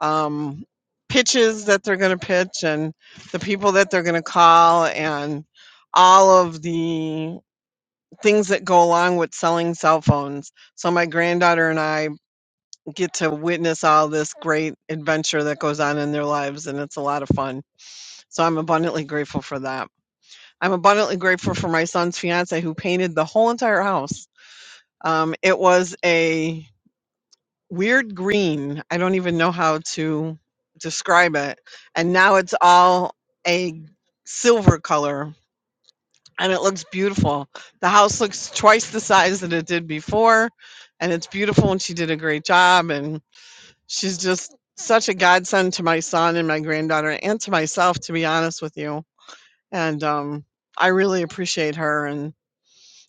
[SPEAKER 30] um, pitches that they're going to pitch, and the people that they're going to call, and all of the things that go along with selling cell phones. So my granddaughter and I get to witness all this great adventure that goes on in their lives and it's a lot of fun. So I'm abundantly grateful for that. I'm abundantly grateful for my son's fiance who painted the whole entire house. Um, it was a weird green. I don't even know how to describe it. And now it's all a silver color and it looks beautiful. The house looks twice the size that it did before, and it's beautiful. And she did a great job, and she's just such a godsend to my son and my granddaughter and to myself, to be honest with you. And um, I really appreciate her, and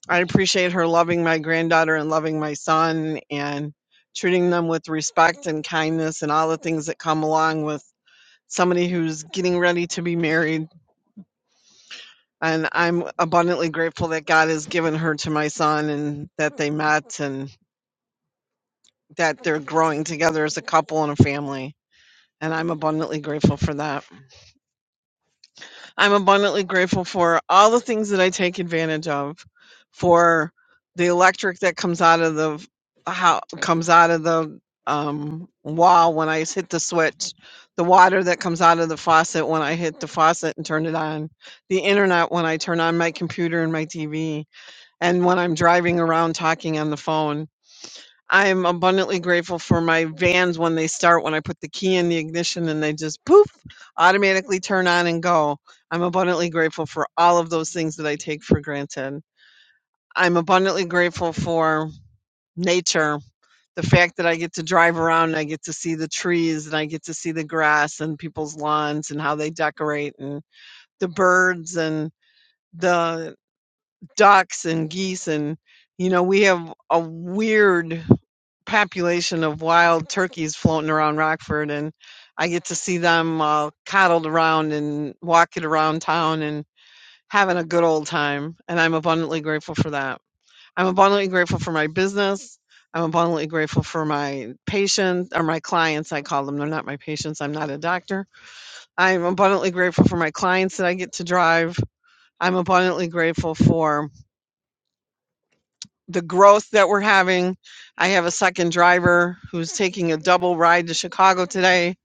[SPEAKER 30] I appreciate her loving my granddaughter and loving my son and treating them with respect and kindness and all the things that come along with somebody who's getting ready to be married and I'm abundantly grateful that God has given her to my son and that they met and that they're growing together as a couple and a family. And I'm abundantly grateful for that. I'm abundantly grateful for all the things that I take advantage of, for the electric that comes out of the how comes out of the um, wall when I hit the switch, the water that comes out of the faucet when I hit the faucet and turn it on, the internet when I turn on my computer and my TV and when I'm driving around talking on the phone. I'm abundantly grateful for my vans when they start, when I put the key in the ignition and they just poof, automatically turn on and go. I'm abundantly grateful for all of those things that I take for granted. I'm abundantly grateful for nature, the fact that I get to drive around and I get to see the trees and I get to see the grass and people's lawns and how they decorate and the birds and the ducks and geese and you know we have a weird population of wild turkeys floating around Rockford and I get to see them uh, coddled around and walking around town and having a good old time and I'm abundantly grateful for that. I'm abundantly grateful for my business. I'm abundantly grateful for my patients or my clients. I call them. They're not my patients. I'm not a doctor. I'm abundantly grateful for my clients that I get to drive. I'm abundantly grateful for the growth that we're having. I have a second driver who's taking a double ride to Chicago today,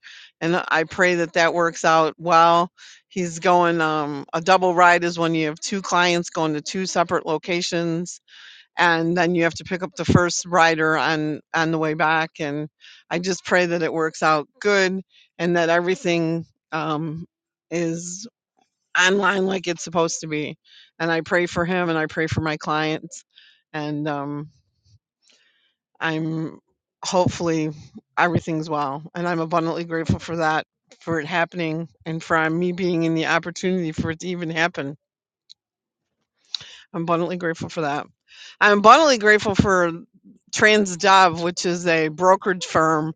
[SPEAKER 30] and I pray that that works out well. He's going, um, a double ride is when you have two clients going to two separate locations, and then you have to pick up the first rider on, on the way back. And I just pray that it works out good and that everything um, is online like it's supposed to be. And I pray for him and I pray for my clients and um, I'm hopefully everything's well. And I'm abundantly grateful for that, for it happening, and for uh, me being in the opportunity for it to even happen. I'm abundantly grateful for that. I'm abundantly grateful for TransDev, which is a brokerage firm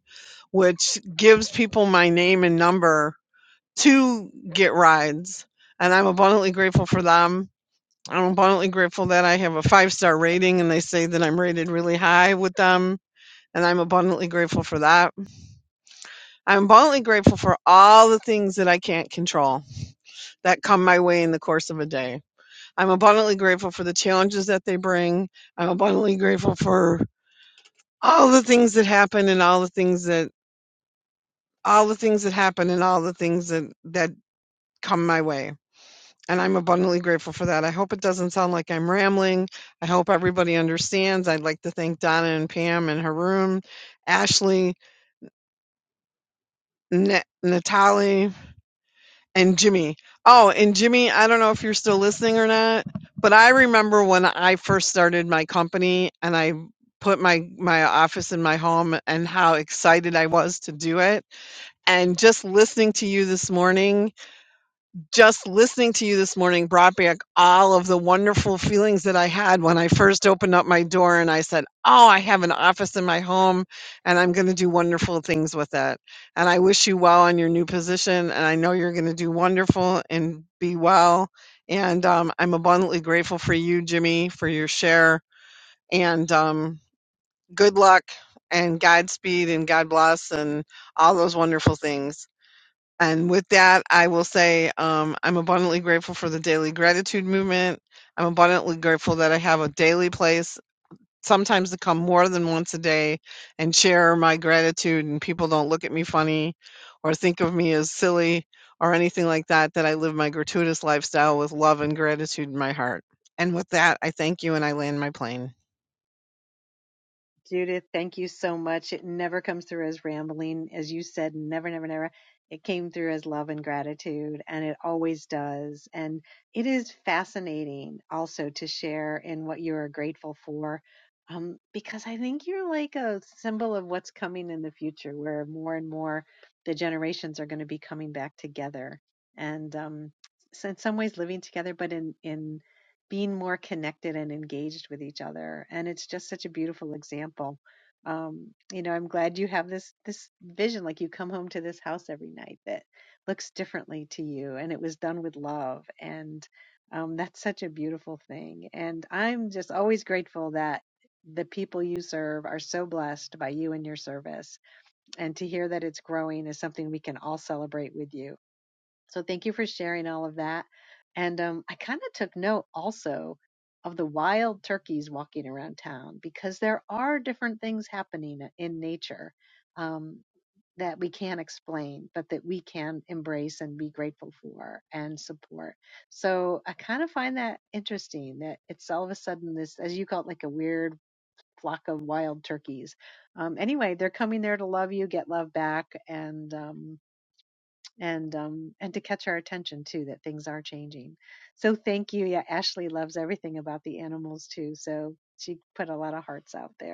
[SPEAKER 30] which gives people my name and number to get rides. And I'm abundantly grateful for them. I'm abundantly grateful that I have a five star rating and they say that I'm rated really high with them. And I'm abundantly grateful for that. I'm abundantly grateful for all the things that I can't control that come my way in the course of a day. I'm abundantly grateful for the challenges that they bring. I'm abundantly grateful for all the things that happen and all the things that all the things that happen and all the things that that come my way. And I'm abundantly grateful for that. I hope it doesn't sound like I'm rambling. I hope everybody understands. I'd like to thank Donna and Pam and Haroon, Ashley, Na- Natalie, and Jimmy. Oh, and Jimmy, I don't know if you're still listening or not, but I remember when I first started my company and I put my my office in my home and how excited I was to do it. And just listening to you this morning just listening to you this morning brought back all of the wonderful feelings that I had when I first opened up my door and I said, Oh, I have an office in my home and I'm going to do wonderful things with it. And I wish you well on your new position. And I know you're going to do wonderful and be well. And um, I'm abundantly grateful for you, Jimmy, for your share. And um, good luck and Godspeed and God bless and all those wonderful things. And with that, I will say um, I'm abundantly grateful for the daily gratitude movement. I'm abundantly grateful that I have a daily place, sometimes to come more than once a day and share my gratitude, and people don't look at me funny or think of me as silly or anything like that, that I live my gratuitous lifestyle with love and gratitude in my heart. And with that, I thank you and I land my plane.
[SPEAKER 23] Judith, thank you so much. It never comes through as rambling. As you said, never, never, never. It came through as love and gratitude, and it always does. And it is fascinating also to share in what you are grateful for, um, because I think you're like a symbol of what's coming in the future, where more and more the generations are going to be coming back together. And um, so in some ways, living together, but in, in being more connected and engaged with each other and it's just such a beautiful example um, you know i'm glad you have this this vision like you come home to this house every night that looks differently to you and it was done with love and um, that's such a beautiful thing and i'm just always grateful that the people you serve are so blessed by you and your service and to hear that it's growing is something we can all celebrate with you so thank you for sharing all of that. And um, I kind of took note also of the wild turkeys walking around town because there are different things happening in nature um, that we can't explain, but that we can embrace and be grateful for and support. So I kind of find that interesting that it's all of a sudden this, as you call it, like a weird flock of wild turkeys. Um, anyway, they're coming there to love you, get love back, and um, and um, and to catch our attention too that things are changing. So thank you. Yeah, Ashley loves everything about the animals too. So she put a lot of hearts out there.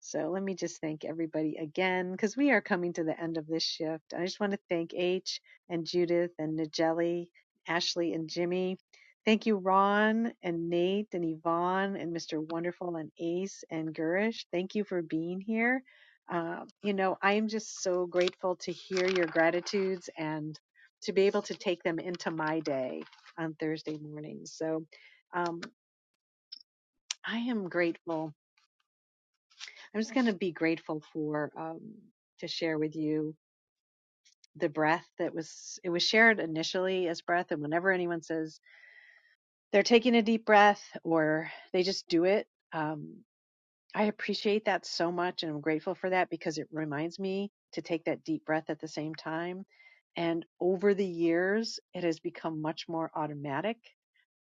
[SPEAKER 23] So let me just thank everybody again because we are coming to the end of this shift. I just want to thank H and Judith and Nigeli, Ashley and Jimmy. Thank you, Ron and Nate and Yvonne and Mr. Wonderful and Ace and Gurish. Thank you for being here. Uh, you know, I am just so grateful to hear your gratitudes and to be able to take them into my day on Thursday mornings. So um, I am grateful I'm just going to be grateful for um, to share with you the breath that was it was shared initially as breath, and whenever anyone says they're taking a deep breath or they just do it, um, I appreciate that so much, and I'm grateful for that because it reminds me to take that deep breath at the same time. And over the years, it has become much more automatic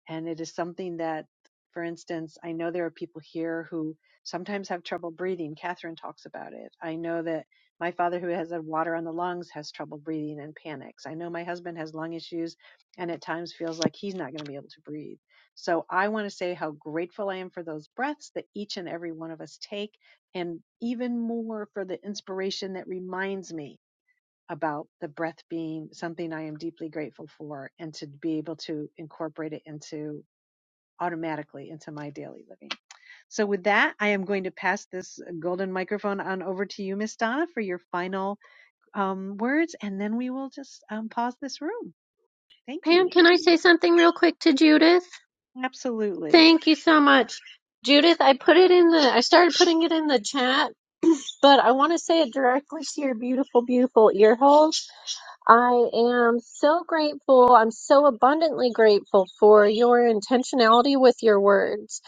[SPEAKER 23] and it is something that, for instance, I know there are people here who sometimes have trouble breathing. Catherine talks about it. I know that my father, who has a water on the lungs, has trouble breathing and panics. I know my husband has lung issues and at times feels like he's not going to be able to breathe. So I want to say how grateful I am for those breaths that each and every one of us take, and even more for the inspiration that reminds me about the breath being something I am deeply grateful for and to be able to incorporate it into automatically into my daily living. So, with that, I am going to pass this golden microphone on over to you, Miss Donna, for your final um, words, and then we will just um, pause this room. Thank
[SPEAKER 24] Pam,
[SPEAKER 23] you.
[SPEAKER 24] can I say something real quick to Judith?
[SPEAKER 23] Absolutely.
[SPEAKER 24] Thank you so much. Judith, I put it in the I started putting it in the chat, but I want to say it directly to your beautiful, beautiful ear holes. I am so grateful. I'm so abundantly grateful for your intentionality with your words.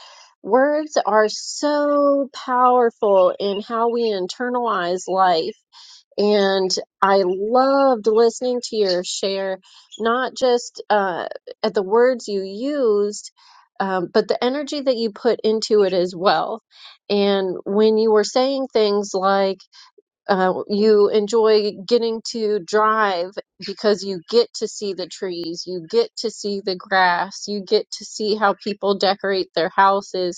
[SPEAKER 24] Words are so powerful in how we internalize life. And I loved listening to your share, not just uh, at the words you used, um, but the energy that you put into it as well. And when you were saying things like, uh, you enjoy getting to drive because you get to see the trees, you get to see the grass, you get to see how people decorate their houses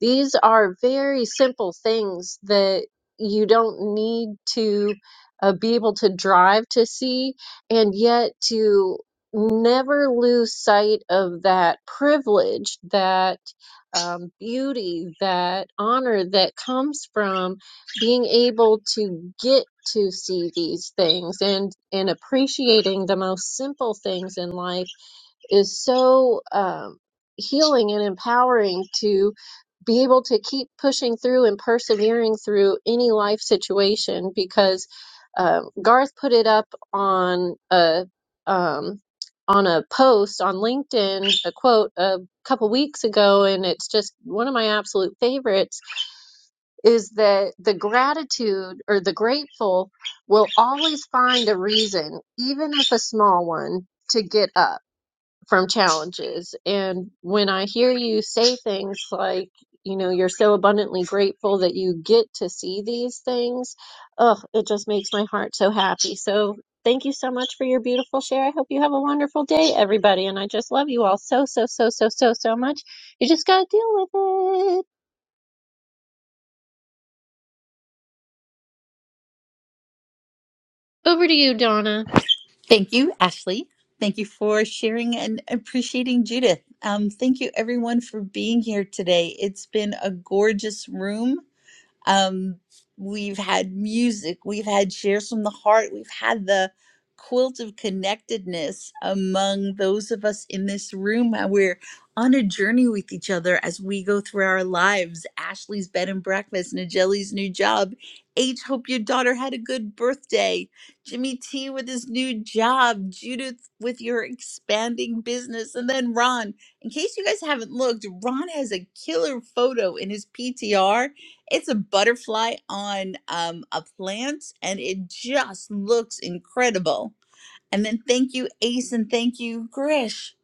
[SPEAKER 24] these are very simple things that you don't need to uh, be able to drive to see, and yet to never lose sight of that privilege, that um, beauty, that honor that comes from being able to get to see these things and and appreciating the most simple things in life is so um, healing and empowering to be able to keep pushing through and persevering through any life situation because um, Garth put it up on a um, on a post on LinkedIn, a quote a couple weeks ago, and it's just one of my absolute favorites is that the gratitude or the grateful will always find a reason, even if a small one, to get up from challenges. And when I hear you say things like, you know, you're so abundantly grateful that you get to see these things, oh, it just makes my heart so happy. So thank you so much for your beautiful share. I hope you have a wonderful day, everybody. And I just love you all so, so, so, so, so, so much. You just got to deal with it. Over to you, Donna.
[SPEAKER 21] Thank you, Ashley. Thank you for sharing and appreciating Judith. Um, thank you, everyone, for being here today. It's been a gorgeous room. um, we've had music, we've had shares from the heart, we've had the quilt of connectedness among those of us in this room. How We're on a journey with each other as we go through our lives. Ashley's bed and breakfast, Nigelli's new job. H, hope your daughter had a good birthday. Jimmy T with his new job. Judith with your expanding business. And then Ron, in case you guys haven't looked, Ron has a killer photo in his PTR it's a butterfly on um, a plant, and it just looks incredible. And then thank you, Ace, and thank you, Grish.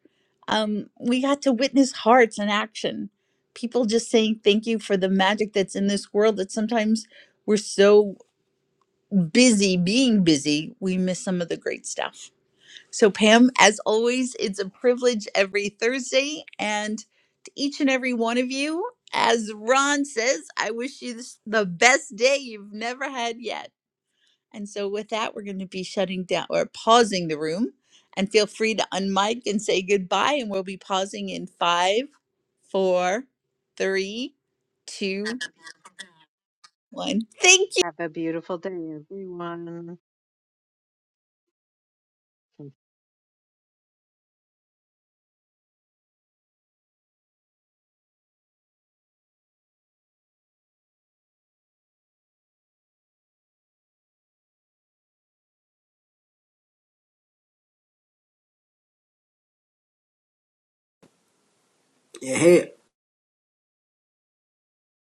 [SPEAKER 21] Um, we got to witness hearts in action. People just saying thank you for the magic that's in this world that sometimes we're so busy being busy, we miss some of the great stuff. So, Pam, as always, it's a privilege every Thursday. And to each and every one of you, as Ron says, I wish you this, the best day you've never had yet. And so, with that, we're going to be shutting down or pausing the room. And feel free to unmic and say goodbye. And we'll be pausing in five, four, three, two, one. Thank you.
[SPEAKER 23] Have a beautiful day, everyone.
[SPEAKER 31] Yeah, Hey.